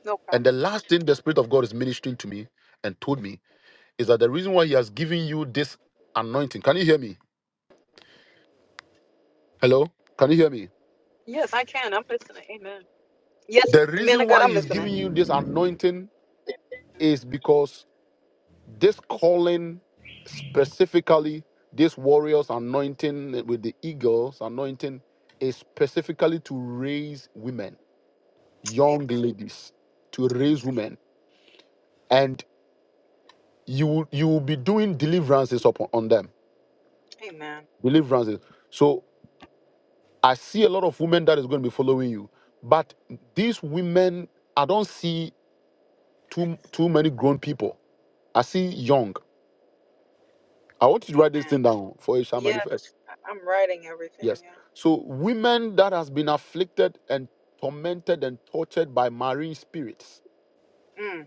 [SPEAKER 12] No
[SPEAKER 1] And the
[SPEAKER 12] problem.
[SPEAKER 1] last thing the Spirit of God is ministering to me and told me is that the reason why He has given you this anointing. Can you hear me? Hello? Can you hear me?
[SPEAKER 12] Yes, I can. I'm listening. Amen. Yes,
[SPEAKER 1] The
[SPEAKER 12] man
[SPEAKER 1] reason
[SPEAKER 12] of God,
[SPEAKER 1] why
[SPEAKER 12] I'm
[SPEAKER 1] he's
[SPEAKER 12] listening.
[SPEAKER 1] giving you this anointing is because this calling, specifically, this warrior's anointing with the eagle's anointing, is specifically to raise women, young
[SPEAKER 12] Amen.
[SPEAKER 1] ladies, to raise women. And you, will- you will be doing deliverances upon on them.
[SPEAKER 12] Amen.
[SPEAKER 1] Deliverances. So I see a lot of women that is going to be following you. But these women, I don't see too, too many grown people. I see young. I want you to write this
[SPEAKER 12] Amen.
[SPEAKER 1] thing down for it shall
[SPEAKER 12] Yes,
[SPEAKER 1] manifest.
[SPEAKER 12] I- I'm writing everything.
[SPEAKER 1] Yes.
[SPEAKER 12] Yeah.
[SPEAKER 1] So women that has been afflicted and tormented and tortured by marine spirits,
[SPEAKER 12] Mm,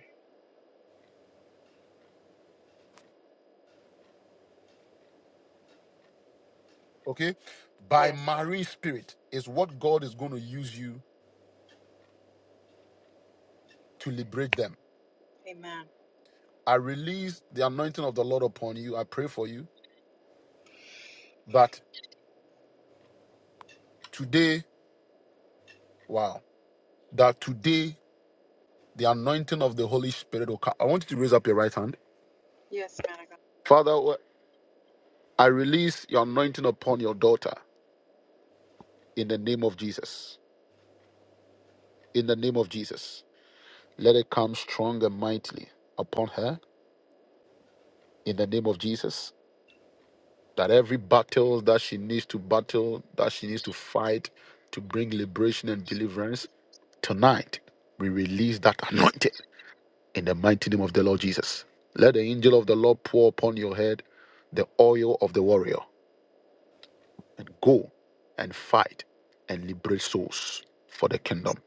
[SPEAKER 1] okay, by
[SPEAKER 12] yes.
[SPEAKER 1] marine spirit is what God is going to use you to liberate them.
[SPEAKER 12] Amen.
[SPEAKER 1] I release the anointing of the Lord upon you. I pray for you that today, wow, that today the anointing of the Holy Spirit will come. I want you to raise up your right hand,
[SPEAKER 12] Yes, man of God.
[SPEAKER 1] Father. I release your anointing upon your daughter in the name of Jesus. In the name of Jesus Let it come strong and mightily upon her in the name of Jesus. That every battle that she needs to battle, that she needs to fight to bring liberation and deliverance, tonight we release that anointing in the mighty name of the Lord Jesus. Let the angel of the Lord pour upon your head the oil of the warrior and go and fight and liberate souls for the kingdom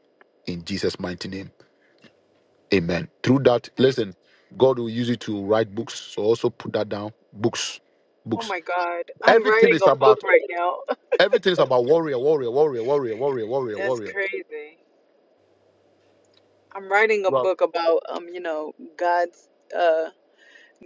[SPEAKER 1] in Jesus' mighty name. Amen. Through that, listen, God will use you to write books. So also put that down. Books.
[SPEAKER 12] Oh
[SPEAKER 1] Books.
[SPEAKER 12] my God, I'm
[SPEAKER 1] Everything
[SPEAKER 12] writing
[SPEAKER 1] is
[SPEAKER 12] a book
[SPEAKER 1] about
[SPEAKER 12] right now.
[SPEAKER 1] everything is about warrior, warrior, warrior, warrior, warrior,
[SPEAKER 12] (laughs)
[SPEAKER 1] warrior,
[SPEAKER 12] That's
[SPEAKER 1] warrior.
[SPEAKER 12] crazy. I'm writing a
[SPEAKER 1] Well,
[SPEAKER 12] book about um, you know, God's uh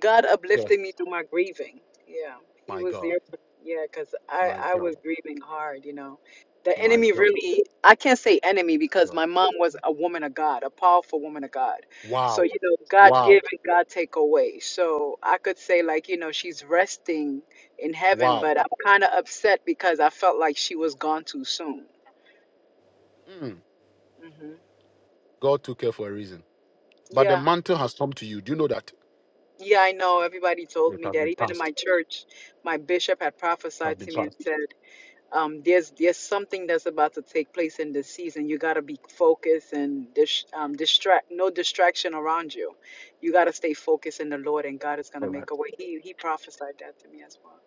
[SPEAKER 12] God
[SPEAKER 1] yeah.
[SPEAKER 12] uplifted me through my grieving. Yeah, He
[SPEAKER 1] My
[SPEAKER 12] was
[SPEAKER 1] God.
[SPEAKER 12] there. For, yeah, because I
[SPEAKER 1] My
[SPEAKER 12] I was
[SPEAKER 1] God.
[SPEAKER 12] grieving hard. You know, the
[SPEAKER 1] My
[SPEAKER 12] enemy
[SPEAKER 1] God.
[SPEAKER 12] really. I can't say enemy because
[SPEAKER 1] God.
[SPEAKER 12] my mom was a woman of God, a powerful woman of God. So
[SPEAKER 1] Wow.
[SPEAKER 12] you know, God
[SPEAKER 1] Wow.
[SPEAKER 12] give and God take away. So I could say like you know she's resting in heaven,
[SPEAKER 1] Wow.
[SPEAKER 12] but I'm kind of upset because I felt like she was gone too soon.
[SPEAKER 1] Mm.
[SPEAKER 12] hmm
[SPEAKER 1] God took care for a reason. But the
[SPEAKER 12] Yeah.
[SPEAKER 1] mantle has come to you. Do you know that?
[SPEAKER 12] Yeah, I know. Everybody told
[SPEAKER 1] It
[SPEAKER 12] me
[SPEAKER 1] has
[SPEAKER 12] that.
[SPEAKER 1] been
[SPEAKER 12] Even in my
[SPEAKER 1] passed.
[SPEAKER 12] church, my bishop had prophesied to me and
[SPEAKER 1] Passed.
[SPEAKER 12] said. um, there's there's something that's about to take place in this season. You got to be focused and dis- um, distract no distraction around you. You got to stay focused in the Lord, and God is gonna
[SPEAKER 1] All right.
[SPEAKER 12] make a way. He he prophesied that to me as well.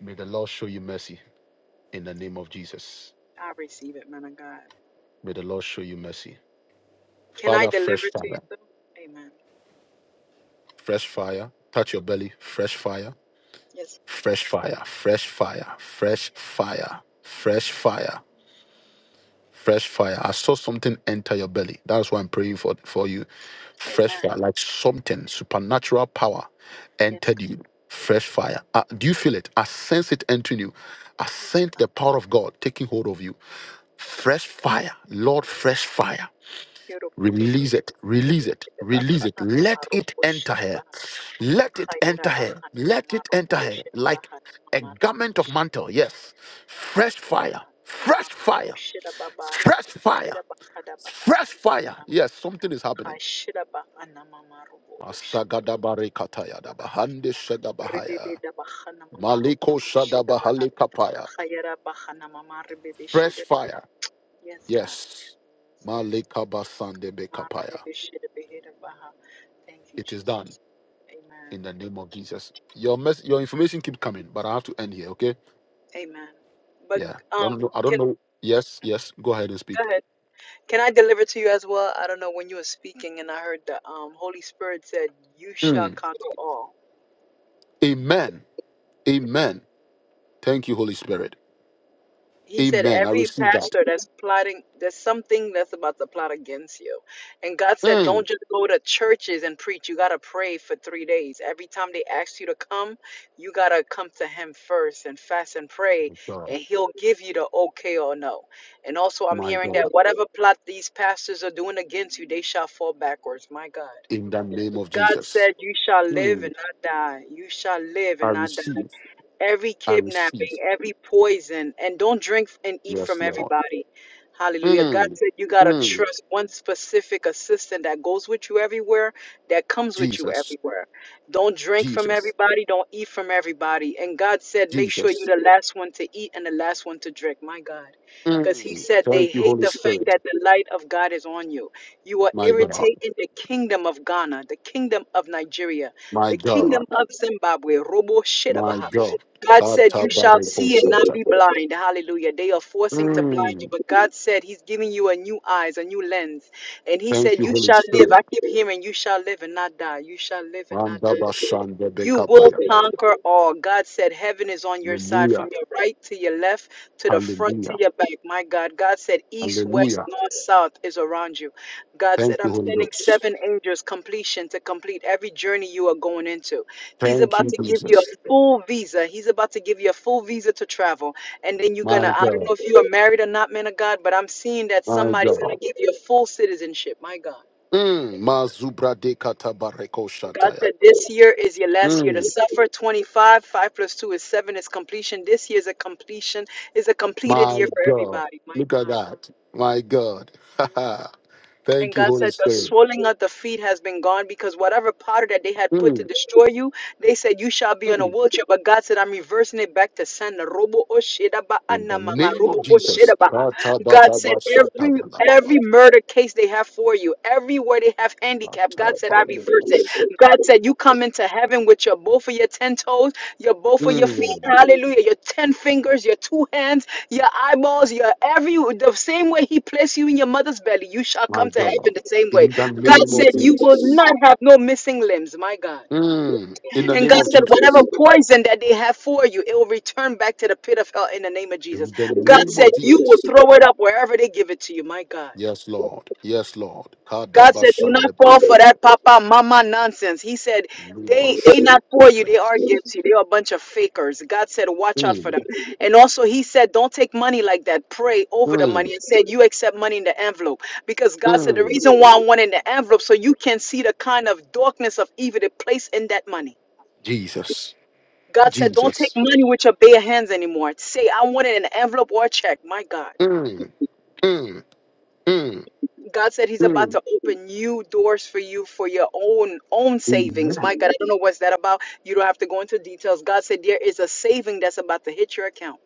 [SPEAKER 1] May the Lord show you mercy in the name of Jesus.
[SPEAKER 12] I receive it, man of God.
[SPEAKER 1] May the Lord show you mercy.
[SPEAKER 12] Can I
[SPEAKER 1] Father,
[SPEAKER 12] deliver
[SPEAKER 1] fresh
[SPEAKER 12] to you?
[SPEAKER 1] Father.
[SPEAKER 12] Though? Amen.
[SPEAKER 1] fresh fire. Touch your belly, fresh fire,
[SPEAKER 12] Yes.
[SPEAKER 1] fresh fire, fresh fire, fresh
[SPEAKER 12] Yes.
[SPEAKER 1] fire, fresh fire, fresh fire. I saw something enter your belly. That's why I'm praying for, for you. Fresh
[SPEAKER 12] Amen.
[SPEAKER 1] fire, like something, supernatural power
[SPEAKER 12] Yes.
[SPEAKER 1] entered you.
[SPEAKER 12] God.
[SPEAKER 1] Fresh fire. Uh, do you feel it? I sense it entering you. I
[SPEAKER 12] Yes.
[SPEAKER 1] sense
[SPEAKER 12] God.
[SPEAKER 1] the power of God taking hold of you. Fresh fire, Lord, fresh fire.
[SPEAKER 12] Yorubosh.
[SPEAKER 1] Release it, release it, release it.
[SPEAKER 12] Rebekebakana
[SPEAKER 1] Let it
[SPEAKER 12] mamarobosh.
[SPEAKER 1] enter here.
[SPEAKER 12] Reba-
[SPEAKER 1] Let it enter her.
[SPEAKER 12] Hayarabahan
[SPEAKER 1] Let it enter
[SPEAKER 12] mamarobosh.
[SPEAKER 1] her like
[SPEAKER 12] Rebahan
[SPEAKER 1] a garment of
[SPEAKER 12] mamarobosh.
[SPEAKER 1] mantle. Yes. Fresh fire. Fresh
[SPEAKER 12] Mamaru
[SPEAKER 1] fire.
[SPEAKER 12] Shira Babar
[SPEAKER 1] Fresh fire.
[SPEAKER 12] Shira Bakada Babaru
[SPEAKER 1] Fresh fire. Yes, something is happening.
[SPEAKER 12] Kashira Bakana Mamaru Oshi
[SPEAKER 1] Masagadabare
[SPEAKER 12] Baka
[SPEAKER 1] dabahande shagabahaya.
[SPEAKER 12] Rebebe Dabahana Mamaru
[SPEAKER 1] Maliko
[SPEAKER 12] Shida Baha
[SPEAKER 1] shadabahale kapaya.
[SPEAKER 12] Hayara Bahana Mamari Bebe
[SPEAKER 1] Fresh
[SPEAKER 12] Shida Baha
[SPEAKER 1] fire.
[SPEAKER 12] Yes God
[SPEAKER 1] Yes.
[SPEAKER 12] Yes
[SPEAKER 1] Malika basande
[SPEAKER 12] Mara
[SPEAKER 1] bekapaya.
[SPEAKER 12] Bebe Shida Behira Baha Thank you
[SPEAKER 1] It is done
[SPEAKER 12] Jesus Amen
[SPEAKER 1] in the name of Jesus. Your mess, your information keep coming, but I have to end here, okay?
[SPEAKER 12] Amen But
[SPEAKER 1] Yeah. I
[SPEAKER 12] um
[SPEAKER 1] don't know. I don't
[SPEAKER 12] can
[SPEAKER 1] know. Yes, yes. Go ahead and
[SPEAKER 12] go
[SPEAKER 1] speak.
[SPEAKER 12] ahead Can I deliver to you as well? I don't know when you were speaking, and I heard the um, Holy Spirit said, "You shall
[SPEAKER 1] Mm.
[SPEAKER 12] conquer all."
[SPEAKER 1] Amen. Amen. Thank you, Holy Spirit.
[SPEAKER 12] He said,
[SPEAKER 1] Amen. I
[SPEAKER 12] "Every
[SPEAKER 1] receive that.
[SPEAKER 12] pastor that's plotting, there's something that's about to plot against you." And God said, "Don't
[SPEAKER 1] Mm.
[SPEAKER 12] just go to churches and preach. You gotta pray for three days. Every time they ask you to come, you gotta come to Him first and fast and pray,
[SPEAKER 1] My God.
[SPEAKER 12] and He'll give you the okay or no." And also, I'm
[SPEAKER 1] My
[SPEAKER 12] hearing that
[SPEAKER 1] God.
[SPEAKER 12] whatever plot these pastors are doing against you, they shall fall backwards. My God.
[SPEAKER 1] In the name of
[SPEAKER 12] God
[SPEAKER 1] Jesus.
[SPEAKER 12] said, You shall live
[SPEAKER 1] Mm.
[SPEAKER 12] and not die. You shall live
[SPEAKER 1] I
[SPEAKER 12] and not die
[SPEAKER 1] receive.
[SPEAKER 12] every
[SPEAKER 1] I receive.
[SPEAKER 12] kidnapping, every poison, and don't drink and eat
[SPEAKER 1] Yes,
[SPEAKER 12] from
[SPEAKER 1] Lord.
[SPEAKER 12] everybody. Hallelujah. God
[SPEAKER 1] Mm.
[SPEAKER 12] said you got to
[SPEAKER 1] Mm.
[SPEAKER 12] trust one specific assistant that goes with you everywhere, that comes with you
[SPEAKER 1] Jesus.
[SPEAKER 12] everywhere. Don't drink from
[SPEAKER 1] Jesus.
[SPEAKER 12] everybody, don't eat from everybody. And God said, make sure
[SPEAKER 1] Jesus.
[SPEAKER 12] you're the last one to eat and the last one to drink. My God. Because He
[SPEAKER 1] Mm.
[SPEAKER 12] said they
[SPEAKER 1] Thank you,
[SPEAKER 12] hate
[SPEAKER 1] Holy
[SPEAKER 12] the fact
[SPEAKER 1] Spirit.
[SPEAKER 12] that the light of God is on you. You are
[SPEAKER 1] My God.
[SPEAKER 12] irritating the kingdom of Ghana, the kingdom of Nigeria,
[SPEAKER 1] My
[SPEAKER 12] the
[SPEAKER 1] God.
[SPEAKER 12] kingdom of Zimbabwe. Robo shit
[SPEAKER 1] My
[SPEAKER 12] about
[SPEAKER 1] God.
[SPEAKER 12] God said, You shall see and not
[SPEAKER 1] Atabarekosata.
[SPEAKER 12] be blind. Hallelujah. They are forcing to blind you,
[SPEAKER 1] Mm.
[SPEAKER 12] but God said, He's giving you a new eyes, a new lens. And He
[SPEAKER 1] Thank
[SPEAKER 12] said,
[SPEAKER 1] you,
[SPEAKER 12] You
[SPEAKER 1] Holy
[SPEAKER 12] shall live.
[SPEAKER 1] Spirit.
[SPEAKER 12] I keep hearing, You shall live and not die. You shall live and not die. You will
[SPEAKER 1] Mandabashandebekapayadaba.
[SPEAKER 12] conquer all. God said, Heaven is on your side
[SPEAKER 1] Hallelujah.
[SPEAKER 12] from your right to your left, to the front
[SPEAKER 1] Hallelujah.
[SPEAKER 12] to your back. My God. God said, East, west,
[SPEAKER 1] Hallelujah.
[SPEAKER 12] north, south is around you. God
[SPEAKER 1] Thank
[SPEAKER 12] said,
[SPEAKER 1] you,
[SPEAKER 12] I'm
[SPEAKER 1] Holy
[SPEAKER 12] sending
[SPEAKER 1] Ghost.
[SPEAKER 12] seven angels completion to complete every journey you are going into. He's
[SPEAKER 1] Thank
[SPEAKER 12] about
[SPEAKER 1] you,
[SPEAKER 12] to give you
[SPEAKER 1] Jesus.
[SPEAKER 12] a full visa. He's about to give you a full visa to travel. And then you're going to,
[SPEAKER 1] My
[SPEAKER 12] I don't
[SPEAKER 1] God.
[SPEAKER 12] know if you are married or not, man of God, but I'm seeing that
[SPEAKER 1] My
[SPEAKER 12] somebody's going
[SPEAKER 1] God.
[SPEAKER 12] to give you a full citizenship. My God.
[SPEAKER 1] Mm. Mazubra de katabareko
[SPEAKER 12] God
[SPEAKER 1] shataya.
[SPEAKER 12] said this year is your last year to
[SPEAKER 1] Mm.
[SPEAKER 12] suffer. 25, 5 plus 2 is 7 is completion. This year is a completion, is a completed
[SPEAKER 1] My
[SPEAKER 12] year for
[SPEAKER 1] God.
[SPEAKER 12] everybody. My
[SPEAKER 1] Look at
[SPEAKER 12] God.
[SPEAKER 1] that. My God. (laughs)
[SPEAKER 12] And
[SPEAKER 1] Thank you,
[SPEAKER 12] God said
[SPEAKER 1] Holy
[SPEAKER 12] the
[SPEAKER 1] Spirit.
[SPEAKER 12] swelling of the feet has been gone because whatever powder that they had put to
[SPEAKER 1] Mm.
[SPEAKER 12] destroy you, they said you shall be on a
[SPEAKER 1] Mm.
[SPEAKER 12] wheelchair. But God said, I'm reversing it back to sender. Robo oshedaba
[SPEAKER 1] In the
[SPEAKER 12] anamama,
[SPEAKER 1] name of
[SPEAKER 12] robo
[SPEAKER 1] Jesus.
[SPEAKER 12] oshedaba. God said every
[SPEAKER 1] Katabadabashatabala.
[SPEAKER 12] every murder case they have for you, everywhere they have handicap. God said, I reverse
[SPEAKER 1] Katabareko
[SPEAKER 12] it.
[SPEAKER 1] shataya.
[SPEAKER 12] God said, You come into heaven with your both of your ten toes, your both of your feet,
[SPEAKER 1] Mm.
[SPEAKER 12] hallelujah, your ten fingers, your two hands, your eyeballs, your every the same way He placed you in your mother's belly, you shall
[SPEAKER 1] My
[SPEAKER 12] come to heaven
[SPEAKER 1] God.
[SPEAKER 12] the same way.
[SPEAKER 1] In the
[SPEAKER 12] God
[SPEAKER 1] name of
[SPEAKER 12] said, You will not
[SPEAKER 1] Jesus.
[SPEAKER 12] have no missing limbs, my God.
[SPEAKER 1] Mm, in the
[SPEAKER 12] And
[SPEAKER 1] name
[SPEAKER 12] God
[SPEAKER 1] of
[SPEAKER 12] said, Whatever
[SPEAKER 1] Jesus.
[SPEAKER 12] poison that they have for you, it will return back to the pit of hell in the name of Jesus.
[SPEAKER 1] In the
[SPEAKER 12] God
[SPEAKER 1] name
[SPEAKER 12] said,
[SPEAKER 1] of
[SPEAKER 12] You will
[SPEAKER 1] Jesus.
[SPEAKER 12] throw it up wherever they give it to you, my God.
[SPEAKER 1] Yes, Lord. Yes, Lord.
[SPEAKER 12] God said, "Do not fall for
[SPEAKER 1] Kadabashanda-
[SPEAKER 12] that papa mama nonsense." He said, "They they
[SPEAKER 1] Libashanda.
[SPEAKER 12] not for you. They are against you. They are a bunch of fakers." God said, "Watch out for
[SPEAKER 1] Mm,
[SPEAKER 12] them." And also, He said, "Don't take money like that. Pray over the money."
[SPEAKER 1] mm,
[SPEAKER 12] And said, "You accept money in the envelope because God said the
[SPEAKER 1] mm.
[SPEAKER 12] reason why I want in the envelope so you can see the kind of darkness of evil they place in that money."
[SPEAKER 1] Jesus.
[SPEAKER 12] God said, "Don't take
[SPEAKER 1] Jesus.
[SPEAKER 12] money with your bare hands anymore. Say, I want it in an envelope or a check." My God.
[SPEAKER 1] Mm, mm, mm,
[SPEAKER 12] God said He's about
[SPEAKER 1] mm.
[SPEAKER 12] to open new doors for you for your own own savings.
[SPEAKER 1] Amen.
[SPEAKER 12] My God, I don't know what's that about. You don't have to go into details. God said there is a saving that's about to hit your account,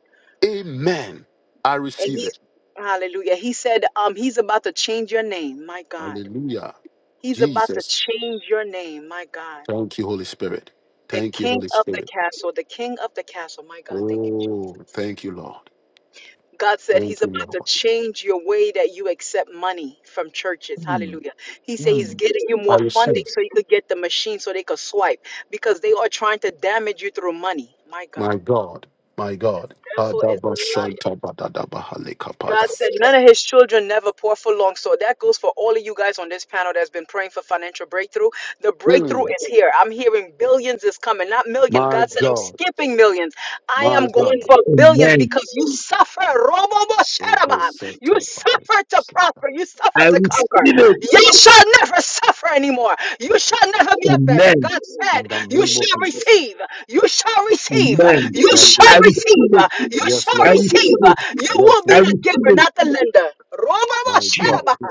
[SPEAKER 1] Amen. I
[SPEAKER 12] and
[SPEAKER 1] receive
[SPEAKER 12] He,
[SPEAKER 1] it.
[SPEAKER 12] Hallelujah. He said um, He's about to change your name. My God,
[SPEAKER 1] Hallelujah.
[SPEAKER 12] He's about to
[SPEAKER 1] Jesus.
[SPEAKER 12] change your name. My God,
[SPEAKER 1] Thank you, Holy Spirit.
[SPEAKER 12] the
[SPEAKER 1] Thank you,
[SPEAKER 12] King
[SPEAKER 1] Holy
[SPEAKER 12] of the
[SPEAKER 1] Spirit.
[SPEAKER 12] Castle, the King of the Castle. My God, thank you.
[SPEAKER 1] Oh, thank you, Lord.
[SPEAKER 12] God said He's about to change your way that you accept money from churches. Hallelujah. He said He's getting you more funding so you could get the machine so they could swipe because they are trying to damage you through money. My God.
[SPEAKER 1] My God, my God.
[SPEAKER 12] Therefore is a liar. God
[SPEAKER 1] Adabashantabadadabahalekapaya.
[SPEAKER 12] said none of his children never poor for long. So that goes for all of you guys on this panel that's been praying for financial breakthrough. The breakthrough
[SPEAKER 1] Mm.
[SPEAKER 12] is here. I'm hearing billions is coming, not million.
[SPEAKER 1] My
[SPEAKER 12] God said, I'm
[SPEAKER 1] God,
[SPEAKER 12] skipping millions. I
[SPEAKER 1] my
[SPEAKER 12] am going
[SPEAKER 1] God.
[SPEAKER 12] for billions
[SPEAKER 7] Amen.
[SPEAKER 12] because you suffer. Robo-bo-sharaba. You suffer suffer to
[SPEAKER 1] Sobosatabadesadab.
[SPEAKER 12] prosper. You suffer
[SPEAKER 7] I
[SPEAKER 12] to conquer.
[SPEAKER 7] receive
[SPEAKER 1] Mm.
[SPEAKER 7] it.
[SPEAKER 12] You shall never suffer anymore. You shall never be a beggar.
[SPEAKER 7] Amen.
[SPEAKER 12] God said,
[SPEAKER 1] In the
[SPEAKER 12] You
[SPEAKER 1] name of
[SPEAKER 12] shall
[SPEAKER 1] Jesus.
[SPEAKER 12] receive. You shall receive.
[SPEAKER 7] Amen.
[SPEAKER 12] You
[SPEAKER 1] Yes,
[SPEAKER 12] shall
[SPEAKER 7] I
[SPEAKER 1] Lord.
[SPEAKER 7] receive it.
[SPEAKER 12] receive. You
[SPEAKER 1] Yes,
[SPEAKER 12] shall
[SPEAKER 7] I
[SPEAKER 1] Lord.
[SPEAKER 12] receive.
[SPEAKER 7] receive it.
[SPEAKER 12] You will
[SPEAKER 1] Yes,
[SPEAKER 7] I
[SPEAKER 12] be
[SPEAKER 1] Lord.
[SPEAKER 12] the
[SPEAKER 7] receive
[SPEAKER 12] giver,
[SPEAKER 7] it,
[SPEAKER 12] not the lender. Romama
[SPEAKER 1] My
[SPEAKER 7] Jesus.
[SPEAKER 1] God.
[SPEAKER 12] Sharabaha.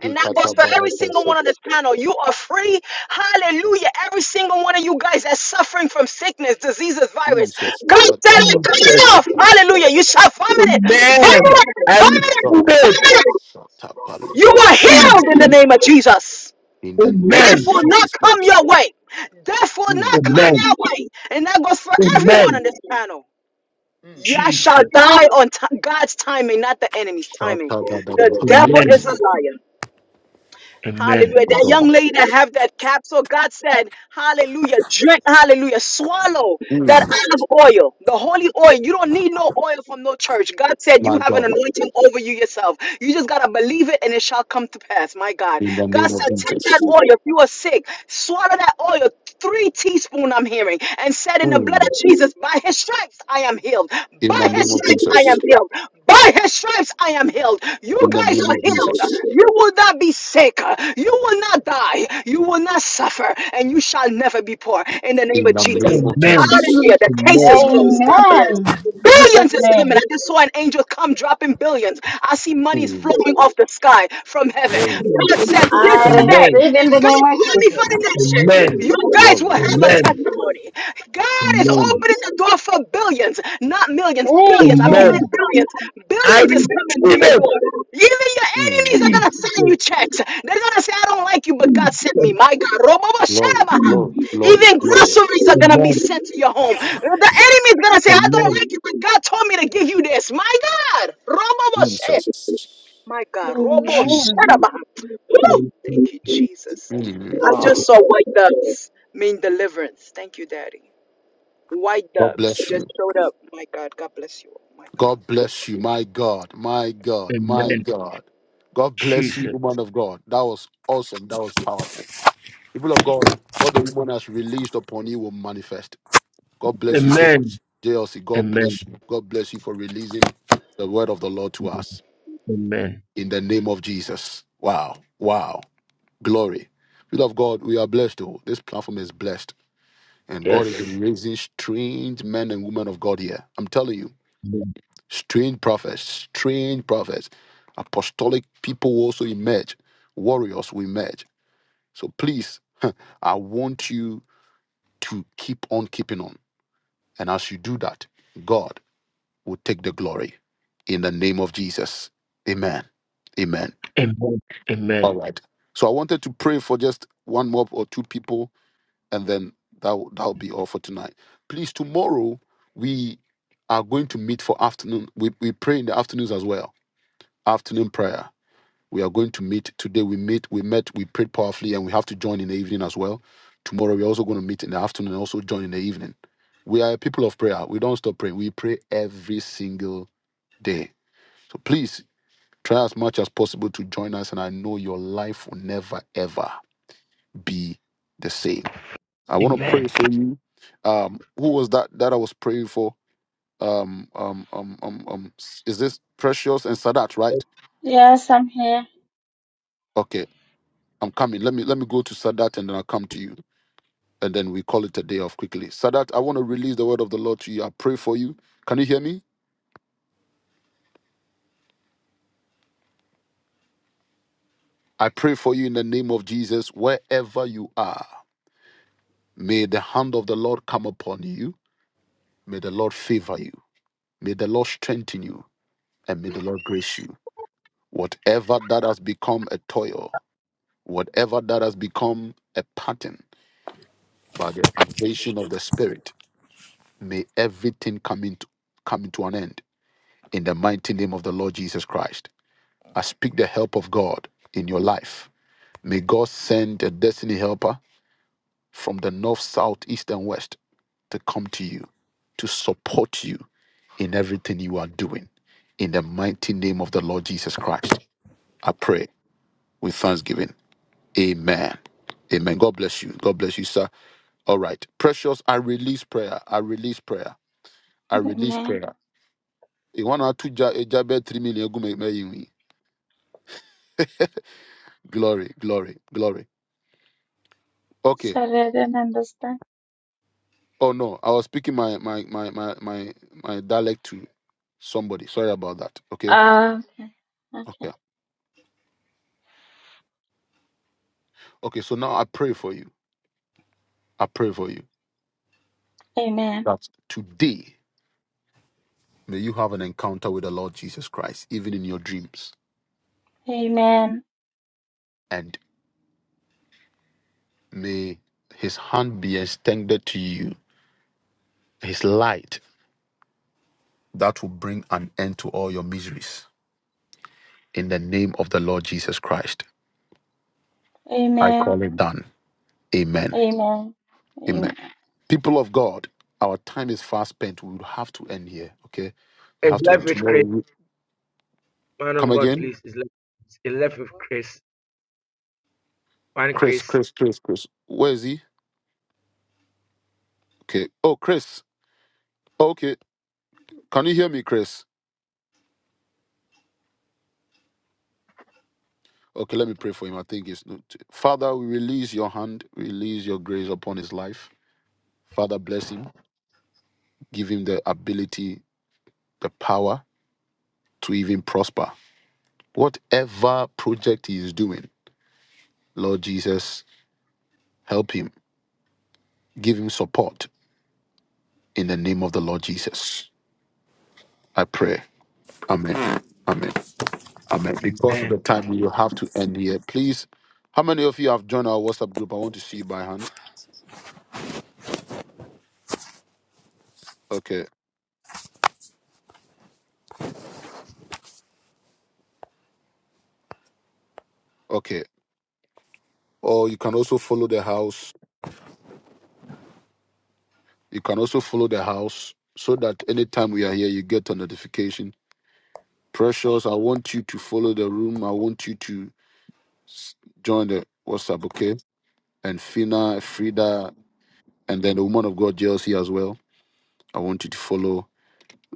[SPEAKER 12] And that goes for every single one on this panel. You are free. Hallelujah. Every single one of you guys that's suffering from sickness, diseases, virus.
[SPEAKER 1] Jesus.
[SPEAKER 12] God said, "I cut it off.
[SPEAKER 1] Patabadosata.
[SPEAKER 12] Hallelujah. You shall vomit it. Vomit
[SPEAKER 7] Amen.
[SPEAKER 12] it.
[SPEAKER 7] I
[SPEAKER 12] Vomit
[SPEAKER 1] My
[SPEAKER 7] receive
[SPEAKER 12] it.
[SPEAKER 1] God.
[SPEAKER 7] it,
[SPEAKER 12] Vomit it.
[SPEAKER 1] Satabale.
[SPEAKER 12] You are healed
[SPEAKER 7] Jesus.
[SPEAKER 12] in the name of Jesus.
[SPEAKER 1] In
[SPEAKER 12] Death
[SPEAKER 7] Amen.
[SPEAKER 12] will not
[SPEAKER 1] Jesus
[SPEAKER 12] come
[SPEAKER 1] Christ.
[SPEAKER 12] your way. Death will
[SPEAKER 1] Mm.
[SPEAKER 12] not come
[SPEAKER 7] Amen.
[SPEAKER 12] your way. And that goes for everyone
[SPEAKER 7] Amen.
[SPEAKER 12] on this panel. Y'all shall
[SPEAKER 7] Jesus.
[SPEAKER 12] die on ti- God's timing, not the enemy's timing. The
[SPEAKER 1] Shatadadabaha.
[SPEAKER 12] devil
[SPEAKER 7] Amen.
[SPEAKER 12] is a liar.
[SPEAKER 7] Amen.
[SPEAKER 12] Hallelujah.
[SPEAKER 1] My
[SPEAKER 12] That young
[SPEAKER 1] God.
[SPEAKER 12] lady that have that capsule, God said, hallelujah, drink, hallelujah, swallow that
[SPEAKER 1] Mm.
[SPEAKER 12] olive oil, the holy oil. You don't need no oil from no church. God said you
[SPEAKER 1] My
[SPEAKER 12] have an
[SPEAKER 1] God.
[SPEAKER 12] anointing over you yourself. You just got to believe it and it shall come to pass. My God.
[SPEAKER 1] In the
[SPEAKER 12] God
[SPEAKER 1] name of
[SPEAKER 12] said, take that
[SPEAKER 1] Jesus.
[SPEAKER 12] oil. If you are sick, swallow that oil, three teaspoon I'm hearing, and said in the blood of
[SPEAKER 1] Mm.
[SPEAKER 12] Jesus, by his stripes I am healed.
[SPEAKER 1] In
[SPEAKER 12] By
[SPEAKER 1] the
[SPEAKER 12] his
[SPEAKER 1] name
[SPEAKER 12] his
[SPEAKER 1] of
[SPEAKER 12] stripes I am
[SPEAKER 1] Jesus.
[SPEAKER 12] healed. By his stripes I am healed. You
[SPEAKER 1] In the
[SPEAKER 12] guys
[SPEAKER 1] name
[SPEAKER 12] are
[SPEAKER 1] of
[SPEAKER 12] healed.
[SPEAKER 1] Jesus.
[SPEAKER 12] You will not be sick. You will not die. You will not suffer. And you shall never be poor. In the name
[SPEAKER 1] In
[SPEAKER 12] of
[SPEAKER 1] the
[SPEAKER 12] Jesus.
[SPEAKER 1] name of
[SPEAKER 7] Amen.
[SPEAKER 1] Jesus.
[SPEAKER 12] Hallelujah. The case
[SPEAKER 7] Amen.
[SPEAKER 12] is closed. God bless.
[SPEAKER 8] In Jesus'
[SPEAKER 12] Billions is coming. I
[SPEAKER 8] name.
[SPEAKER 12] just saw an angel come dropping billions. I see money is
[SPEAKER 1] Mm.
[SPEAKER 12] flowing off the sky from heaven.
[SPEAKER 1] Glory,
[SPEAKER 12] God said this
[SPEAKER 8] I
[SPEAKER 12] today.
[SPEAKER 7] Amen.
[SPEAKER 8] receive in
[SPEAKER 12] If
[SPEAKER 8] the
[SPEAKER 12] God called me for the nation, (laughs)
[SPEAKER 7] Amen.
[SPEAKER 12] You guys will
[SPEAKER 1] glory,
[SPEAKER 12] have a
[SPEAKER 7] Amen.
[SPEAKER 12] testimony. God is
[SPEAKER 7] Amen.
[SPEAKER 12] opening the door for billions, not millions, billions. I'm hearing
[SPEAKER 7] Amen.
[SPEAKER 8] Amen.
[SPEAKER 12] billions.
[SPEAKER 7] I
[SPEAKER 12] Billions is
[SPEAKER 7] receive
[SPEAKER 12] coming through your
[SPEAKER 7] it,
[SPEAKER 12] door. Even your
[SPEAKER 1] mm.
[SPEAKER 12] enemies are
[SPEAKER 7] Jesus.
[SPEAKER 12] going to send you checks. They're going to say, I don't like you, but God sent
[SPEAKER 7] Jesus.
[SPEAKER 12] me. My God. Robobo
[SPEAKER 1] glory,
[SPEAKER 12] Shadaba.
[SPEAKER 7] Jesus.
[SPEAKER 1] glory, glory,
[SPEAKER 12] Even
[SPEAKER 1] glory.
[SPEAKER 12] groceries are going to be
[SPEAKER 7] Amen.
[SPEAKER 12] sent to your home. The enemy is going to say, I don't
[SPEAKER 7] Amen.
[SPEAKER 12] like you, but God told me to give you this. My God. Robobo Shadaba.
[SPEAKER 1] Jesus.
[SPEAKER 12] My God, Robo
[SPEAKER 7] Jesus.
[SPEAKER 8] Amen.
[SPEAKER 12] Sharaba. Woo!
[SPEAKER 7] Amen.
[SPEAKER 12] Thank you, Jesus.
[SPEAKER 8] Thank you,
[SPEAKER 1] Mm.
[SPEAKER 12] I
[SPEAKER 8] Lord.
[SPEAKER 12] just saw white doves mean deliverance. Thank you, Daddy. White
[SPEAKER 1] God
[SPEAKER 12] doves
[SPEAKER 1] bless
[SPEAKER 12] just
[SPEAKER 1] you.
[SPEAKER 12] showed up. My God, God bless you. Oh, my God.
[SPEAKER 1] God bless you. My God, my God, my Mm. God. God bless you,
[SPEAKER 7] Jesus.
[SPEAKER 1] woman of God. That was awesome. That was powerful. People of God, what the woman has released upon you will manifest God bless you so
[SPEAKER 7] Amen.
[SPEAKER 1] much. JLC, God
[SPEAKER 7] Amen.
[SPEAKER 1] bless you. God bless you for releasing the word of the Lord to us
[SPEAKER 7] Amen.
[SPEAKER 1] in the name of Jesus. Wow. Wow. Glory. People of God, we are blessed. Oh, this platform is blessed. And God is
[SPEAKER 7] Yes.
[SPEAKER 1] raising strange men and women of God here. I'm telling you, strange prophets, strange prophets, apostolic people will also emerge, warriors will emerge. So please, (laughs) I want you to keep on keeping on. And as you do that, God. will take the glory in the name of Jesus. Amen. Amen.
[SPEAKER 7] Amen.
[SPEAKER 1] All
[SPEAKER 7] Amen.
[SPEAKER 1] right. So I wanted to pray for just one more or two people, and then that will- that'll be all for tonight. Please, tomorrow we are going to meet for afternoon. We, we pray in the afternoons as well. Afternoon prayer. We are going to meet today. We meet. We met. We prayed powerfully, and we have to join in the evening as well. Tomorrow we're also going to meet in the afternoon and also join in the evening. We are a people of prayer. We don't stop praying. We pray every single day. So please Try as much as possible to join us, and I know your life will never ever be the same. I want to
[SPEAKER 7] Amen.
[SPEAKER 1] pray for you. Um, who was that that I was praying for? Um, um, um, um, um, is this Precious and Sadat, right?
[SPEAKER 8] Yes, I'm here.
[SPEAKER 1] Okay, I'm coming. Let me let me go to Sadat, and then I'll come to you, and then we call it a day off quickly. Sadat, I want to release the word of the Lord to you. I pray for you. Can you hear me? I pray for you in the name of Jesus, wherever you are. May the hand of the Lord come upon you. May the Lord favor you. May the Lord strengthen you and may the Lord grace you. Whatever that has become a toil, whatever that has become a pattern by the invasion of the Spirit, may everything come into, come into an end in the mighty name of the Lord Jesus Christ. I speak the help of God in your life. May God send a destiny helper from the north, south, east, and west to come to you, to support you in everything you are doing. In the mighty name of the Lord Jesus Christ, I pray. with thanksgiving. Amen. Amen. God bless you. God bless you, sir. All right. Precious, I release prayer. I release prayer. I release
[SPEAKER 8] Amen.
[SPEAKER 1] prayer. You want to two ja eh, jabe three million go make me. (laughs) Glory, glory, glory. Okay.
[SPEAKER 8] Sorry, I didn't understand.
[SPEAKER 1] Oh no, I was speaking my my my my my, my dialect to somebody. Sorry about that. Okay.
[SPEAKER 8] Ah, okay. Okay.
[SPEAKER 1] Okay. Okay. So now I pray for you. I pray for you.
[SPEAKER 8] Amen.
[SPEAKER 1] That Today, may you have an encounter with the Lord Jesus Christ, even in your dreams.
[SPEAKER 8] Amen.
[SPEAKER 1] and. May his hand be extended to you, his light that will bring an end to all your miseries. In the name of the Lord Jesus Christ, I
[SPEAKER 8] Amen.
[SPEAKER 1] call it done. Amen.
[SPEAKER 8] Amen. Amen.
[SPEAKER 1] Amen. People of God, our time is fast spent. We will have to end here. Okay. We have to end tomorrow. Come again. Chris, Chris, Chris, Chris. Where is he? Okay. Oh, Chris. Okay. Can you hear me, Chris? Okay, let me pray for him. I think it's not. Father, we release your hand, release your grace upon his life. Father, bless him. give him the ability, the power to even prosper. Whatever project he is doing, Lord Jesus, help him. Give him support in the name of the Lord Jesus. I pray. Amen. Amen. Amen. Because of the time, we will have to end here. Please, how many of you have joined our WhatsApp group? I want to see you by hand. Okay. Okay. Or you can also follow the house. You can also follow the house so that anytime we are here, you get a notification precious i want you to follow the room i want you to s- join the WhatsApp, okay? And Fina, Frida, and then the woman of God JLC as well. I want you to follow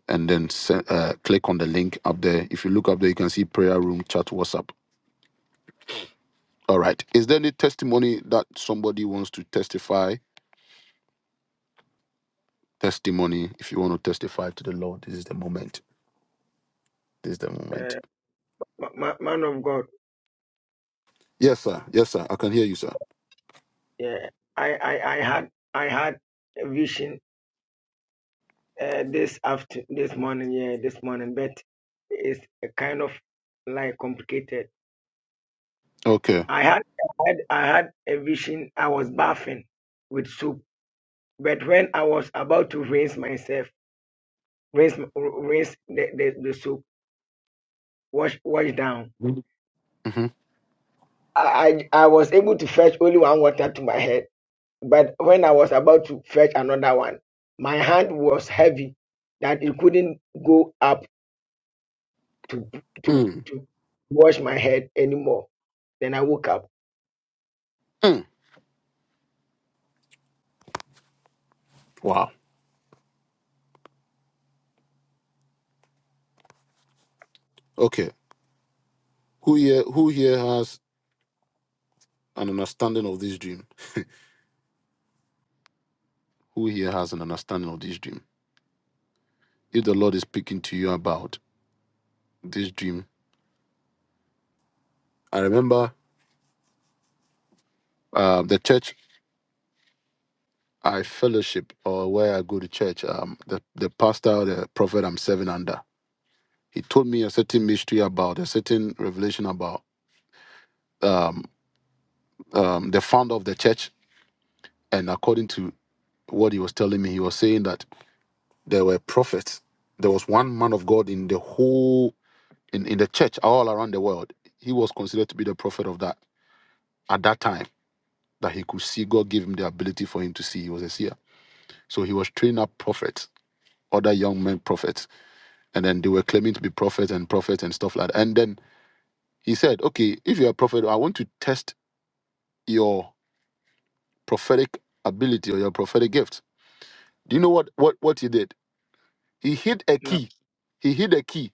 [SPEAKER 1] and then se- uh, click on the link up there. If you look up there, you can see prayer room chat WhatsApp. All right. Is there any testimony that somebody wants to testify? Testimony. If you want to testify to the Lord, this is the moment. This is the moment. Yes, sir. Yes, sir. I can hear you, sir. Okay. hmm Mm. Mm. Wow. Okay. Who here? Who here has an understanding of this dream? Who here has an understanding of this dream? If the Lord is speaking to you about this dream, I remember uh, the church I fellowship or where I go to church, um, the, the pastor, the prophet I'm serving under, he told me a certain mystery about a certain revelation about um, um, the founder of the church. And according to what he was telling me, he was saying that there were prophets. There was one man of God in the whole, in, in the church all around the world. He was considered to be the prophet of that at that time that he could see. God gave him the ability for him to see. He was a seer. So he was training up prophets, other young men prophets. And then they were claiming to be prophets and prophets and stuff like that. And then he said, Okay, if you're a prophet, I want to test your prophetic ability or your prophetic gift. Do you know what what what he did? He hid a key. He hid a key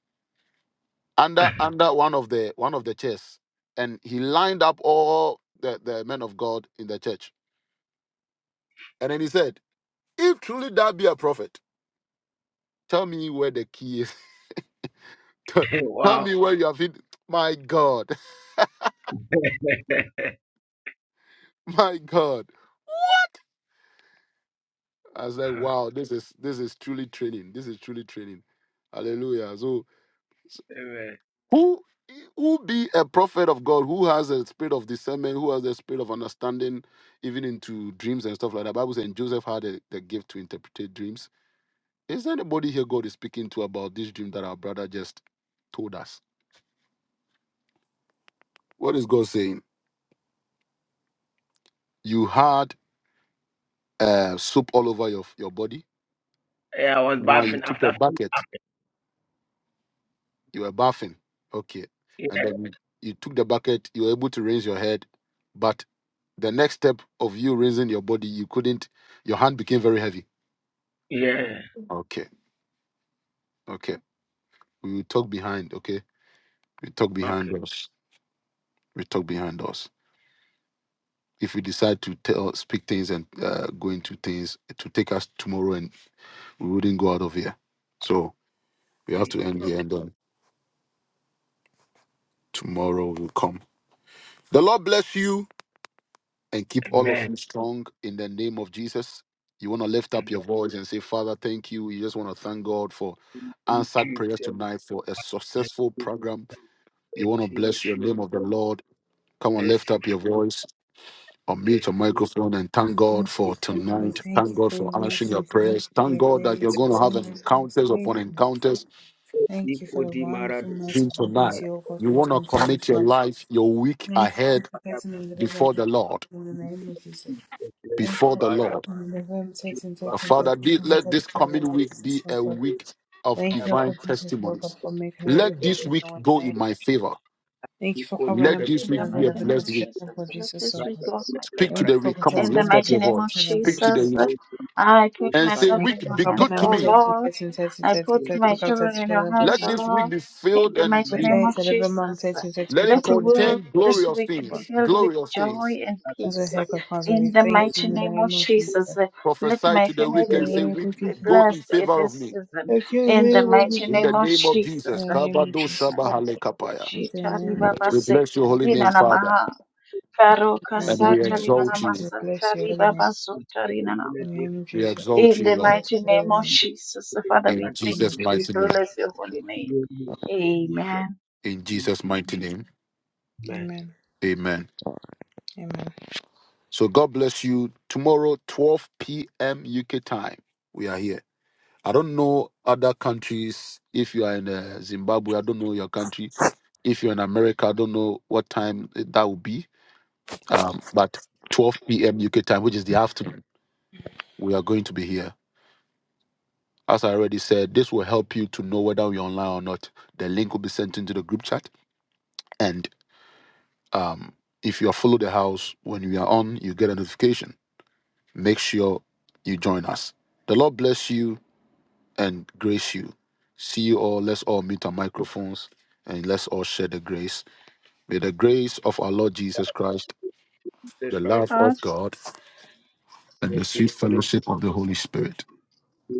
[SPEAKER 1] under under one of the one of the chairs. And he lined up all the, the men of God in the church. And then he said, If truly that be a prophet, tell me where the key is. (laughs) Tell me where you have hidden. My God, (laughs) my God. I was like, wow, this is this is truly training. This is truly training. Hallelujah. So who who be a prophet of God who has a spirit of discernment, who has a spirit of understanding, even into dreams and stuff like that. Bible says Joseph had a, the gift to interpret dreams. Is there anybody here God is speaking to about this dream that our brother just told us? What is God saying? You had uh, soup all over your your body.
[SPEAKER 7] Yeah, I was
[SPEAKER 1] Now you
[SPEAKER 7] bathing
[SPEAKER 1] took a
[SPEAKER 7] after.
[SPEAKER 1] bucket You were bathing. Okay. And then you you took the bucket, you were able to raise your head, but the next step of you raising your body, you couldn't, your hand became very heavy.
[SPEAKER 7] Yeah.
[SPEAKER 1] Okay. Okay. We will talk behind, okay? We talk
[SPEAKER 7] Okay.
[SPEAKER 1] behind us. We talk behind us. If we decide to tell, speak things and uh, go into things, it will take us tomorrow and we wouldn't go out of here. So we have to end here and then tomorrow will come. The Lord bless you. and keep all of you strong in the name of Jesus. You want to lift up your voice and say, Father, thank you. You just want to thank God for answered prayers tonight for a successful program. You want to bless your name of the Lord. Come on, lift up your voice, unmute your microphone, and thank God
[SPEAKER 2] Merciful
[SPEAKER 1] for
[SPEAKER 2] Father, we
[SPEAKER 1] tonight.
[SPEAKER 2] thank
[SPEAKER 1] Thank
[SPEAKER 2] you
[SPEAKER 1] God
[SPEAKER 2] for your
[SPEAKER 1] for answering
[SPEAKER 2] mercy.
[SPEAKER 1] your
[SPEAKER 2] We thank
[SPEAKER 1] prayers.
[SPEAKER 2] you for
[SPEAKER 1] Thank
[SPEAKER 2] your
[SPEAKER 1] God that you're
[SPEAKER 2] grace. We
[SPEAKER 1] going to
[SPEAKER 2] thank
[SPEAKER 1] have
[SPEAKER 2] you for your
[SPEAKER 1] encounters upon
[SPEAKER 2] faithfulness.
[SPEAKER 1] encounters
[SPEAKER 2] Thank you for the wonderful
[SPEAKER 1] even
[SPEAKER 2] merciful things
[SPEAKER 1] tonight.
[SPEAKER 2] you, O God,
[SPEAKER 1] You want to
[SPEAKER 2] continue to do
[SPEAKER 1] commit your
[SPEAKER 2] for us.
[SPEAKER 1] life, your week
[SPEAKER 2] Thank you
[SPEAKER 1] ahead
[SPEAKER 2] for protecting and delivering
[SPEAKER 1] before
[SPEAKER 2] us
[SPEAKER 1] the Lord.
[SPEAKER 2] in the name of Jesus. Thank you
[SPEAKER 1] Before
[SPEAKER 2] for
[SPEAKER 1] the
[SPEAKER 2] protecting
[SPEAKER 1] Lord
[SPEAKER 2] and delivering Satan, Satan,
[SPEAKER 1] Father,
[SPEAKER 2] Satan,
[SPEAKER 1] thi-
[SPEAKER 2] from the
[SPEAKER 1] let
[SPEAKER 2] attack of
[SPEAKER 1] this coming week
[SPEAKER 2] Jesus.
[SPEAKER 1] be a week of
[SPEAKER 2] Thank you for protecting and delivering us in the name of Jesus, O God. Thank you, O
[SPEAKER 1] divine
[SPEAKER 2] God, Jesus, O God,
[SPEAKER 1] testimonies.
[SPEAKER 2] for making a way with
[SPEAKER 1] Let
[SPEAKER 2] us
[SPEAKER 1] this
[SPEAKER 2] in
[SPEAKER 1] week
[SPEAKER 2] our
[SPEAKER 1] go
[SPEAKER 2] way.
[SPEAKER 1] in my favor.
[SPEAKER 2] Thank you for covering them
[SPEAKER 1] Let this
[SPEAKER 8] In the
[SPEAKER 1] week
[SPEAKER 2] and the
[SPEAKER 1] be a
[SPEAKER 8] mighty name
[SPEAKER 1] blessed
[SPEAKER 2] evidence
[SPEAKER 8] of
[SPEAKER 1] week.
[SPEAKER 8] Jesus,
[SPEAKER 2] children for
[SPEAKER 8] let
[SPEAKER 2] Jesus'
[SPEAKER 8] this week
[SPEAKER 2] sake.
[SPEAKER 8] was my prayer.
[SPEAKER 1] Speak to
[SPEAKER 2] Thank you
[SPEAKER 1] the
[SPEAKER 2] for
[SPEAKER 1] week. Come on,
[SPEAKER 8] In
[SPEAKER 2] protecting
[SPEAKER 8] the
[SPEAKER 1] lift
[SPEAKER 2] them
[SPEAKER 1] up
[SPEAKER 8] mighty
[SPEAKER 2] and
[SPEAKER 1] your
[SPEAKER 2] the
[SPEAKER 8] name of
[SPEAKER 1] voice.
[SPEAKER 2] children for
[SPEAKER 1] Speak to the
[SPEAKER 2] Jesus'
[SPEAKER 8] Jesus,
[SPEAKER 2] sake.
[SPEAKER 1] week
[SPEAKER 8] I put
[SPEAKER 1] and say,
[SPEAKER 8] myself
[SPEAKER 2] Thank you
[SPEAKER 8] in
[SPEAKER 1] Week,
[SPEAKER 2] for
[SPEAKER 8] your
[SPEAKER 1] be
[SPEAKER 2] covering
[SPEAKER 8] hands,
[SPEAKER 1] good to
[SPEAKER 2] them,
[SPEAKER 8] O
[SPEAKER 1] me.
[SPEAKER 2] protecting,
[SPEAKER 8] Lord.
[SPEAKER 2] protecting, protecting,
[SPEAKER 8] I
[SPEAKER 2] protecting,
[SPEAKER 8] put
[SPEAKER 2] protecting,
[SPEAKER 8] my
[SPEAKER 2] protecting,
[SPEAKER 8] children
[SPEAKER 2] the
[SPEAKER 8] in your
[SPEAKER 2] children for
[SPEAKER 8] hands,
[SPEAKER 1] Let
[SPEAKER 2] Jesus'
[SPEAKER 8] O
[SPEAKER 1] this
[SPEAKER 2] sake.
[SPEAKER 1] week
[SPEAKER 8] Lord.
[SPEAKER 1] be
[SPEAKER 8] In
[SPEAKER 1] filled
[SPEAKER 8] the
[SPEAKER 1] and
[SPEAKER 8] mighty
[SPEAKER 1] be,
[SPEAKER 8] name of
[SPEAKER 2] Protect, deliver mom,
[SPEAKER 8] Jesus,
[SPEAKER 2] protecting, protecting,
[SPEAKER 1] let it
[SPEAKER 2] become
[SPEAKER 8] let
[SPEAKER 2] the children
[SPEAKER 8] work
[SPEAKER 1] contain
[SPEAKER 2] for Jesus'
[SPEAKER 8] this
[SPEAKER 1] glorious
[SPEAKER 8] week be
[SPEAKER 2] sake.
[SPEAKER 1] things,
[SPEAKER 8] filled with
[SPEAKER 1] glorious things.
[SPEAKER 8] joy and
[SPEAKER 2] As we
[SPEAKER 8] peace.
[SPEAKER 2] thank God, Father,
[SPEAKER 8] In
[SPEAKER 2] we
[SPEAKER 8] the
[SPEAKER 2] thank you
[SPEAKER 8] mighty
[SPEAKER 2] in the
[SPEAKER 8] name of
[SPEAKER 2] name of Jesus.
[SPEAKER 8] Jesus,
[SPEAKER 2] Thank
[SPEAKER 8] let
[SPEAKER 1] Prophesy
[SPEAKER 8] my
[SPEAKER 1] to the week
[SPEAKER 2] you
[SPEAKER 8] family
[SPEAKER 1] and
[SPEAKER 2] in the
[SPEAKER 1] say,
[SPEAKER 8] be
[SPEAKER 2] name of
[SPEAKER 1] Week,
[SPEAKER 8] be
[SPEAKER 2] Jesus. oh
[SPEAKER 1] go in
[SPEAKER 8] blessed in
[SPEAKER 1] favor
[SPEAKER 8] this
[SPEAKER 1] of me.
[SPEAKER 8] season.
[SPEAKER 2] Thank you in the
[SPEAKER 8] In the
[SPEAKER 2] name of Jesus.
[SPEAKER 8] mighty
[SPEAKER 1] In the
[SPEAKER 8] name of
[SPEAKER 1] name of
[SPEAKER 8] Jesus,
[SPEAKER 2] In
[SPEAKER 1] Jesus.
[SPEAKER 2] the name of
[SPEAKER 1] Kabado
[SPEAKER 2] Jesus.
[SPEAKER 1] Shabahale Kapaya.
[SPEAKER 2] Thank you in the name of
[SPEAKER 1] We bless your holy name,
[SPEAKER 8] Shitaribabasetarinana
[SPEAKER 1] Father,
[SPEAKER 8] maha. Farokasatarinana masatarinabasutarinana maha.
[SPEAKER 2] in
[SPEAKER 8] Faroka
[SPEAKER 2] the
[SPEAKER 1] and
[SPEAKER 2] name
[SPEAKER 1] we
[SPEAKER 2] of
[SPEAKER 8] Satari Nana
[SPEAKER 1] exalt
[SPEAKER 2] Jesus.
[SPEAKER 1] you.
[SPEAKER 2] I will bless your
[SPEAKER 8] Masatari
[SPEAKER 2] holy name.
[SPEAKER 8] Baba Sotari Nana.
[SPEAKER 2] In the name of
[SPEAKER 1] We
[SPEAKER 2] Jesus.
[SPEAKER 1] exalt
[SPEAKER 8] In
[SPEAKER 1] you,
[SPEAKER 8] the
[SPEAKER 1] Lord,
[SPEAKER 2] Bless
[SPEAKER 8] mighty
[SPEAKER 2] your holy
[SPEAKER 8] name of
[SPEAKER 2] name. In
[SPEAKER 8] Jesus, Father,
[SPEAKER 1] in
[SPEAKER 8] we
[SPEAKER 2] the
[SPEAKER 8] thank
[SPEAKER 2] name
[SPEAKER 1] Jesus'
[SPEAKER 2] of
[SPEAKER 8] you. We
[SPEAKER 2] Jesus.
[SPEAKER 1] mighty name.
[SPEAKER 8] bless your holy name. Amen.
[SPEAKER 1] In Jesus' mighty name.
[SPEAKER 2] Amen.
[SPEAKER 1] Amen.
[SPEAKER 2] Amen.
[SPEAKER 1] So God bless you. Tomorrow, 12 p.m. UK time, we are here. I don't know other countries. If you are in uh, Zimbabwe, I don't know your country. If you're in America, I don't know what time that will be. Um, but 12 p.m. UK time, which is the afternoon, we are going to be here. As I already said, this will help you to know whether you're online or not. The link will be sent into the group chat. and. Um, if you are follow the house, when we are on, you get a notification. Make sure you join us. The Lord bless you and grace you. See you all. Let's all meet our microphones and let's all share the grace. May the grace of our Lord Jesus Christ, the love
[SPEAKER 8] God,
[SPEAKER 1] of God, and the sweet fellowship of the Holy Spirit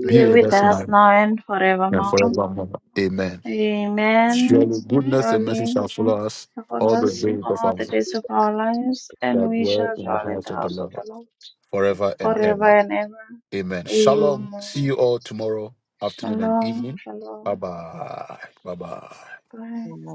[SPEAKER 8] be
[SPEAKER 1] be with
[SPEAKER 8] with
[SPEAKER 1] us
[SPEAKER 8] us
[SPEAKER 1] now
[SPEAKER 8] now and
[SPEAKER 1] and
[SPEAKER 8] forevermore.
[SPEAKER 1] forevermore. Amen.
[SPEAKER 8] Amen.
[SPEAKER 1] Surely goodness and mercy
[SPEAKER 8] Surely
[SPEAKER 1] shall follow us
[SPEAKER 8] upon
[SPEAKER 1] all the
[SPEAKER 8] us
[SPEAKER 1] days of
[SPEAKER 8] all
[SPEAKER 1] our
[SPEAKER 8] the
[SPEAKER 1] life,
[SPEAKER 8] days of our lives, and
[SPEAKER 1] shall
[SPEAKER 8] we
[SPEAKER 1] dwell
[SPEAKER 8] shall
[SPEAKER 1] in the
[SPEAKER 8] dwell in the
[SPEAKER 1] house of the
[SPEAKER 8] house of
[SPEAKER 1] Lord
[SPEAKER 8] the Lord
[SPEAKER 1] forever and ever.
[SPEAKER 8] forever and ever.
[SPEAKER 1] Amen. Shalom.
[SPEAKER 8] Amen.
[SPEAKER 1] See you all tomorrow afternoon and
[SPEAKER 8] Shalom,
[SPEAKER 1] evening. Bye
[SPEAKER 8] shalom.
[SPEAKER 1] bye. Bye bye.
[SPEAKER 8] Bye.
[SPEAKER 9] Amen.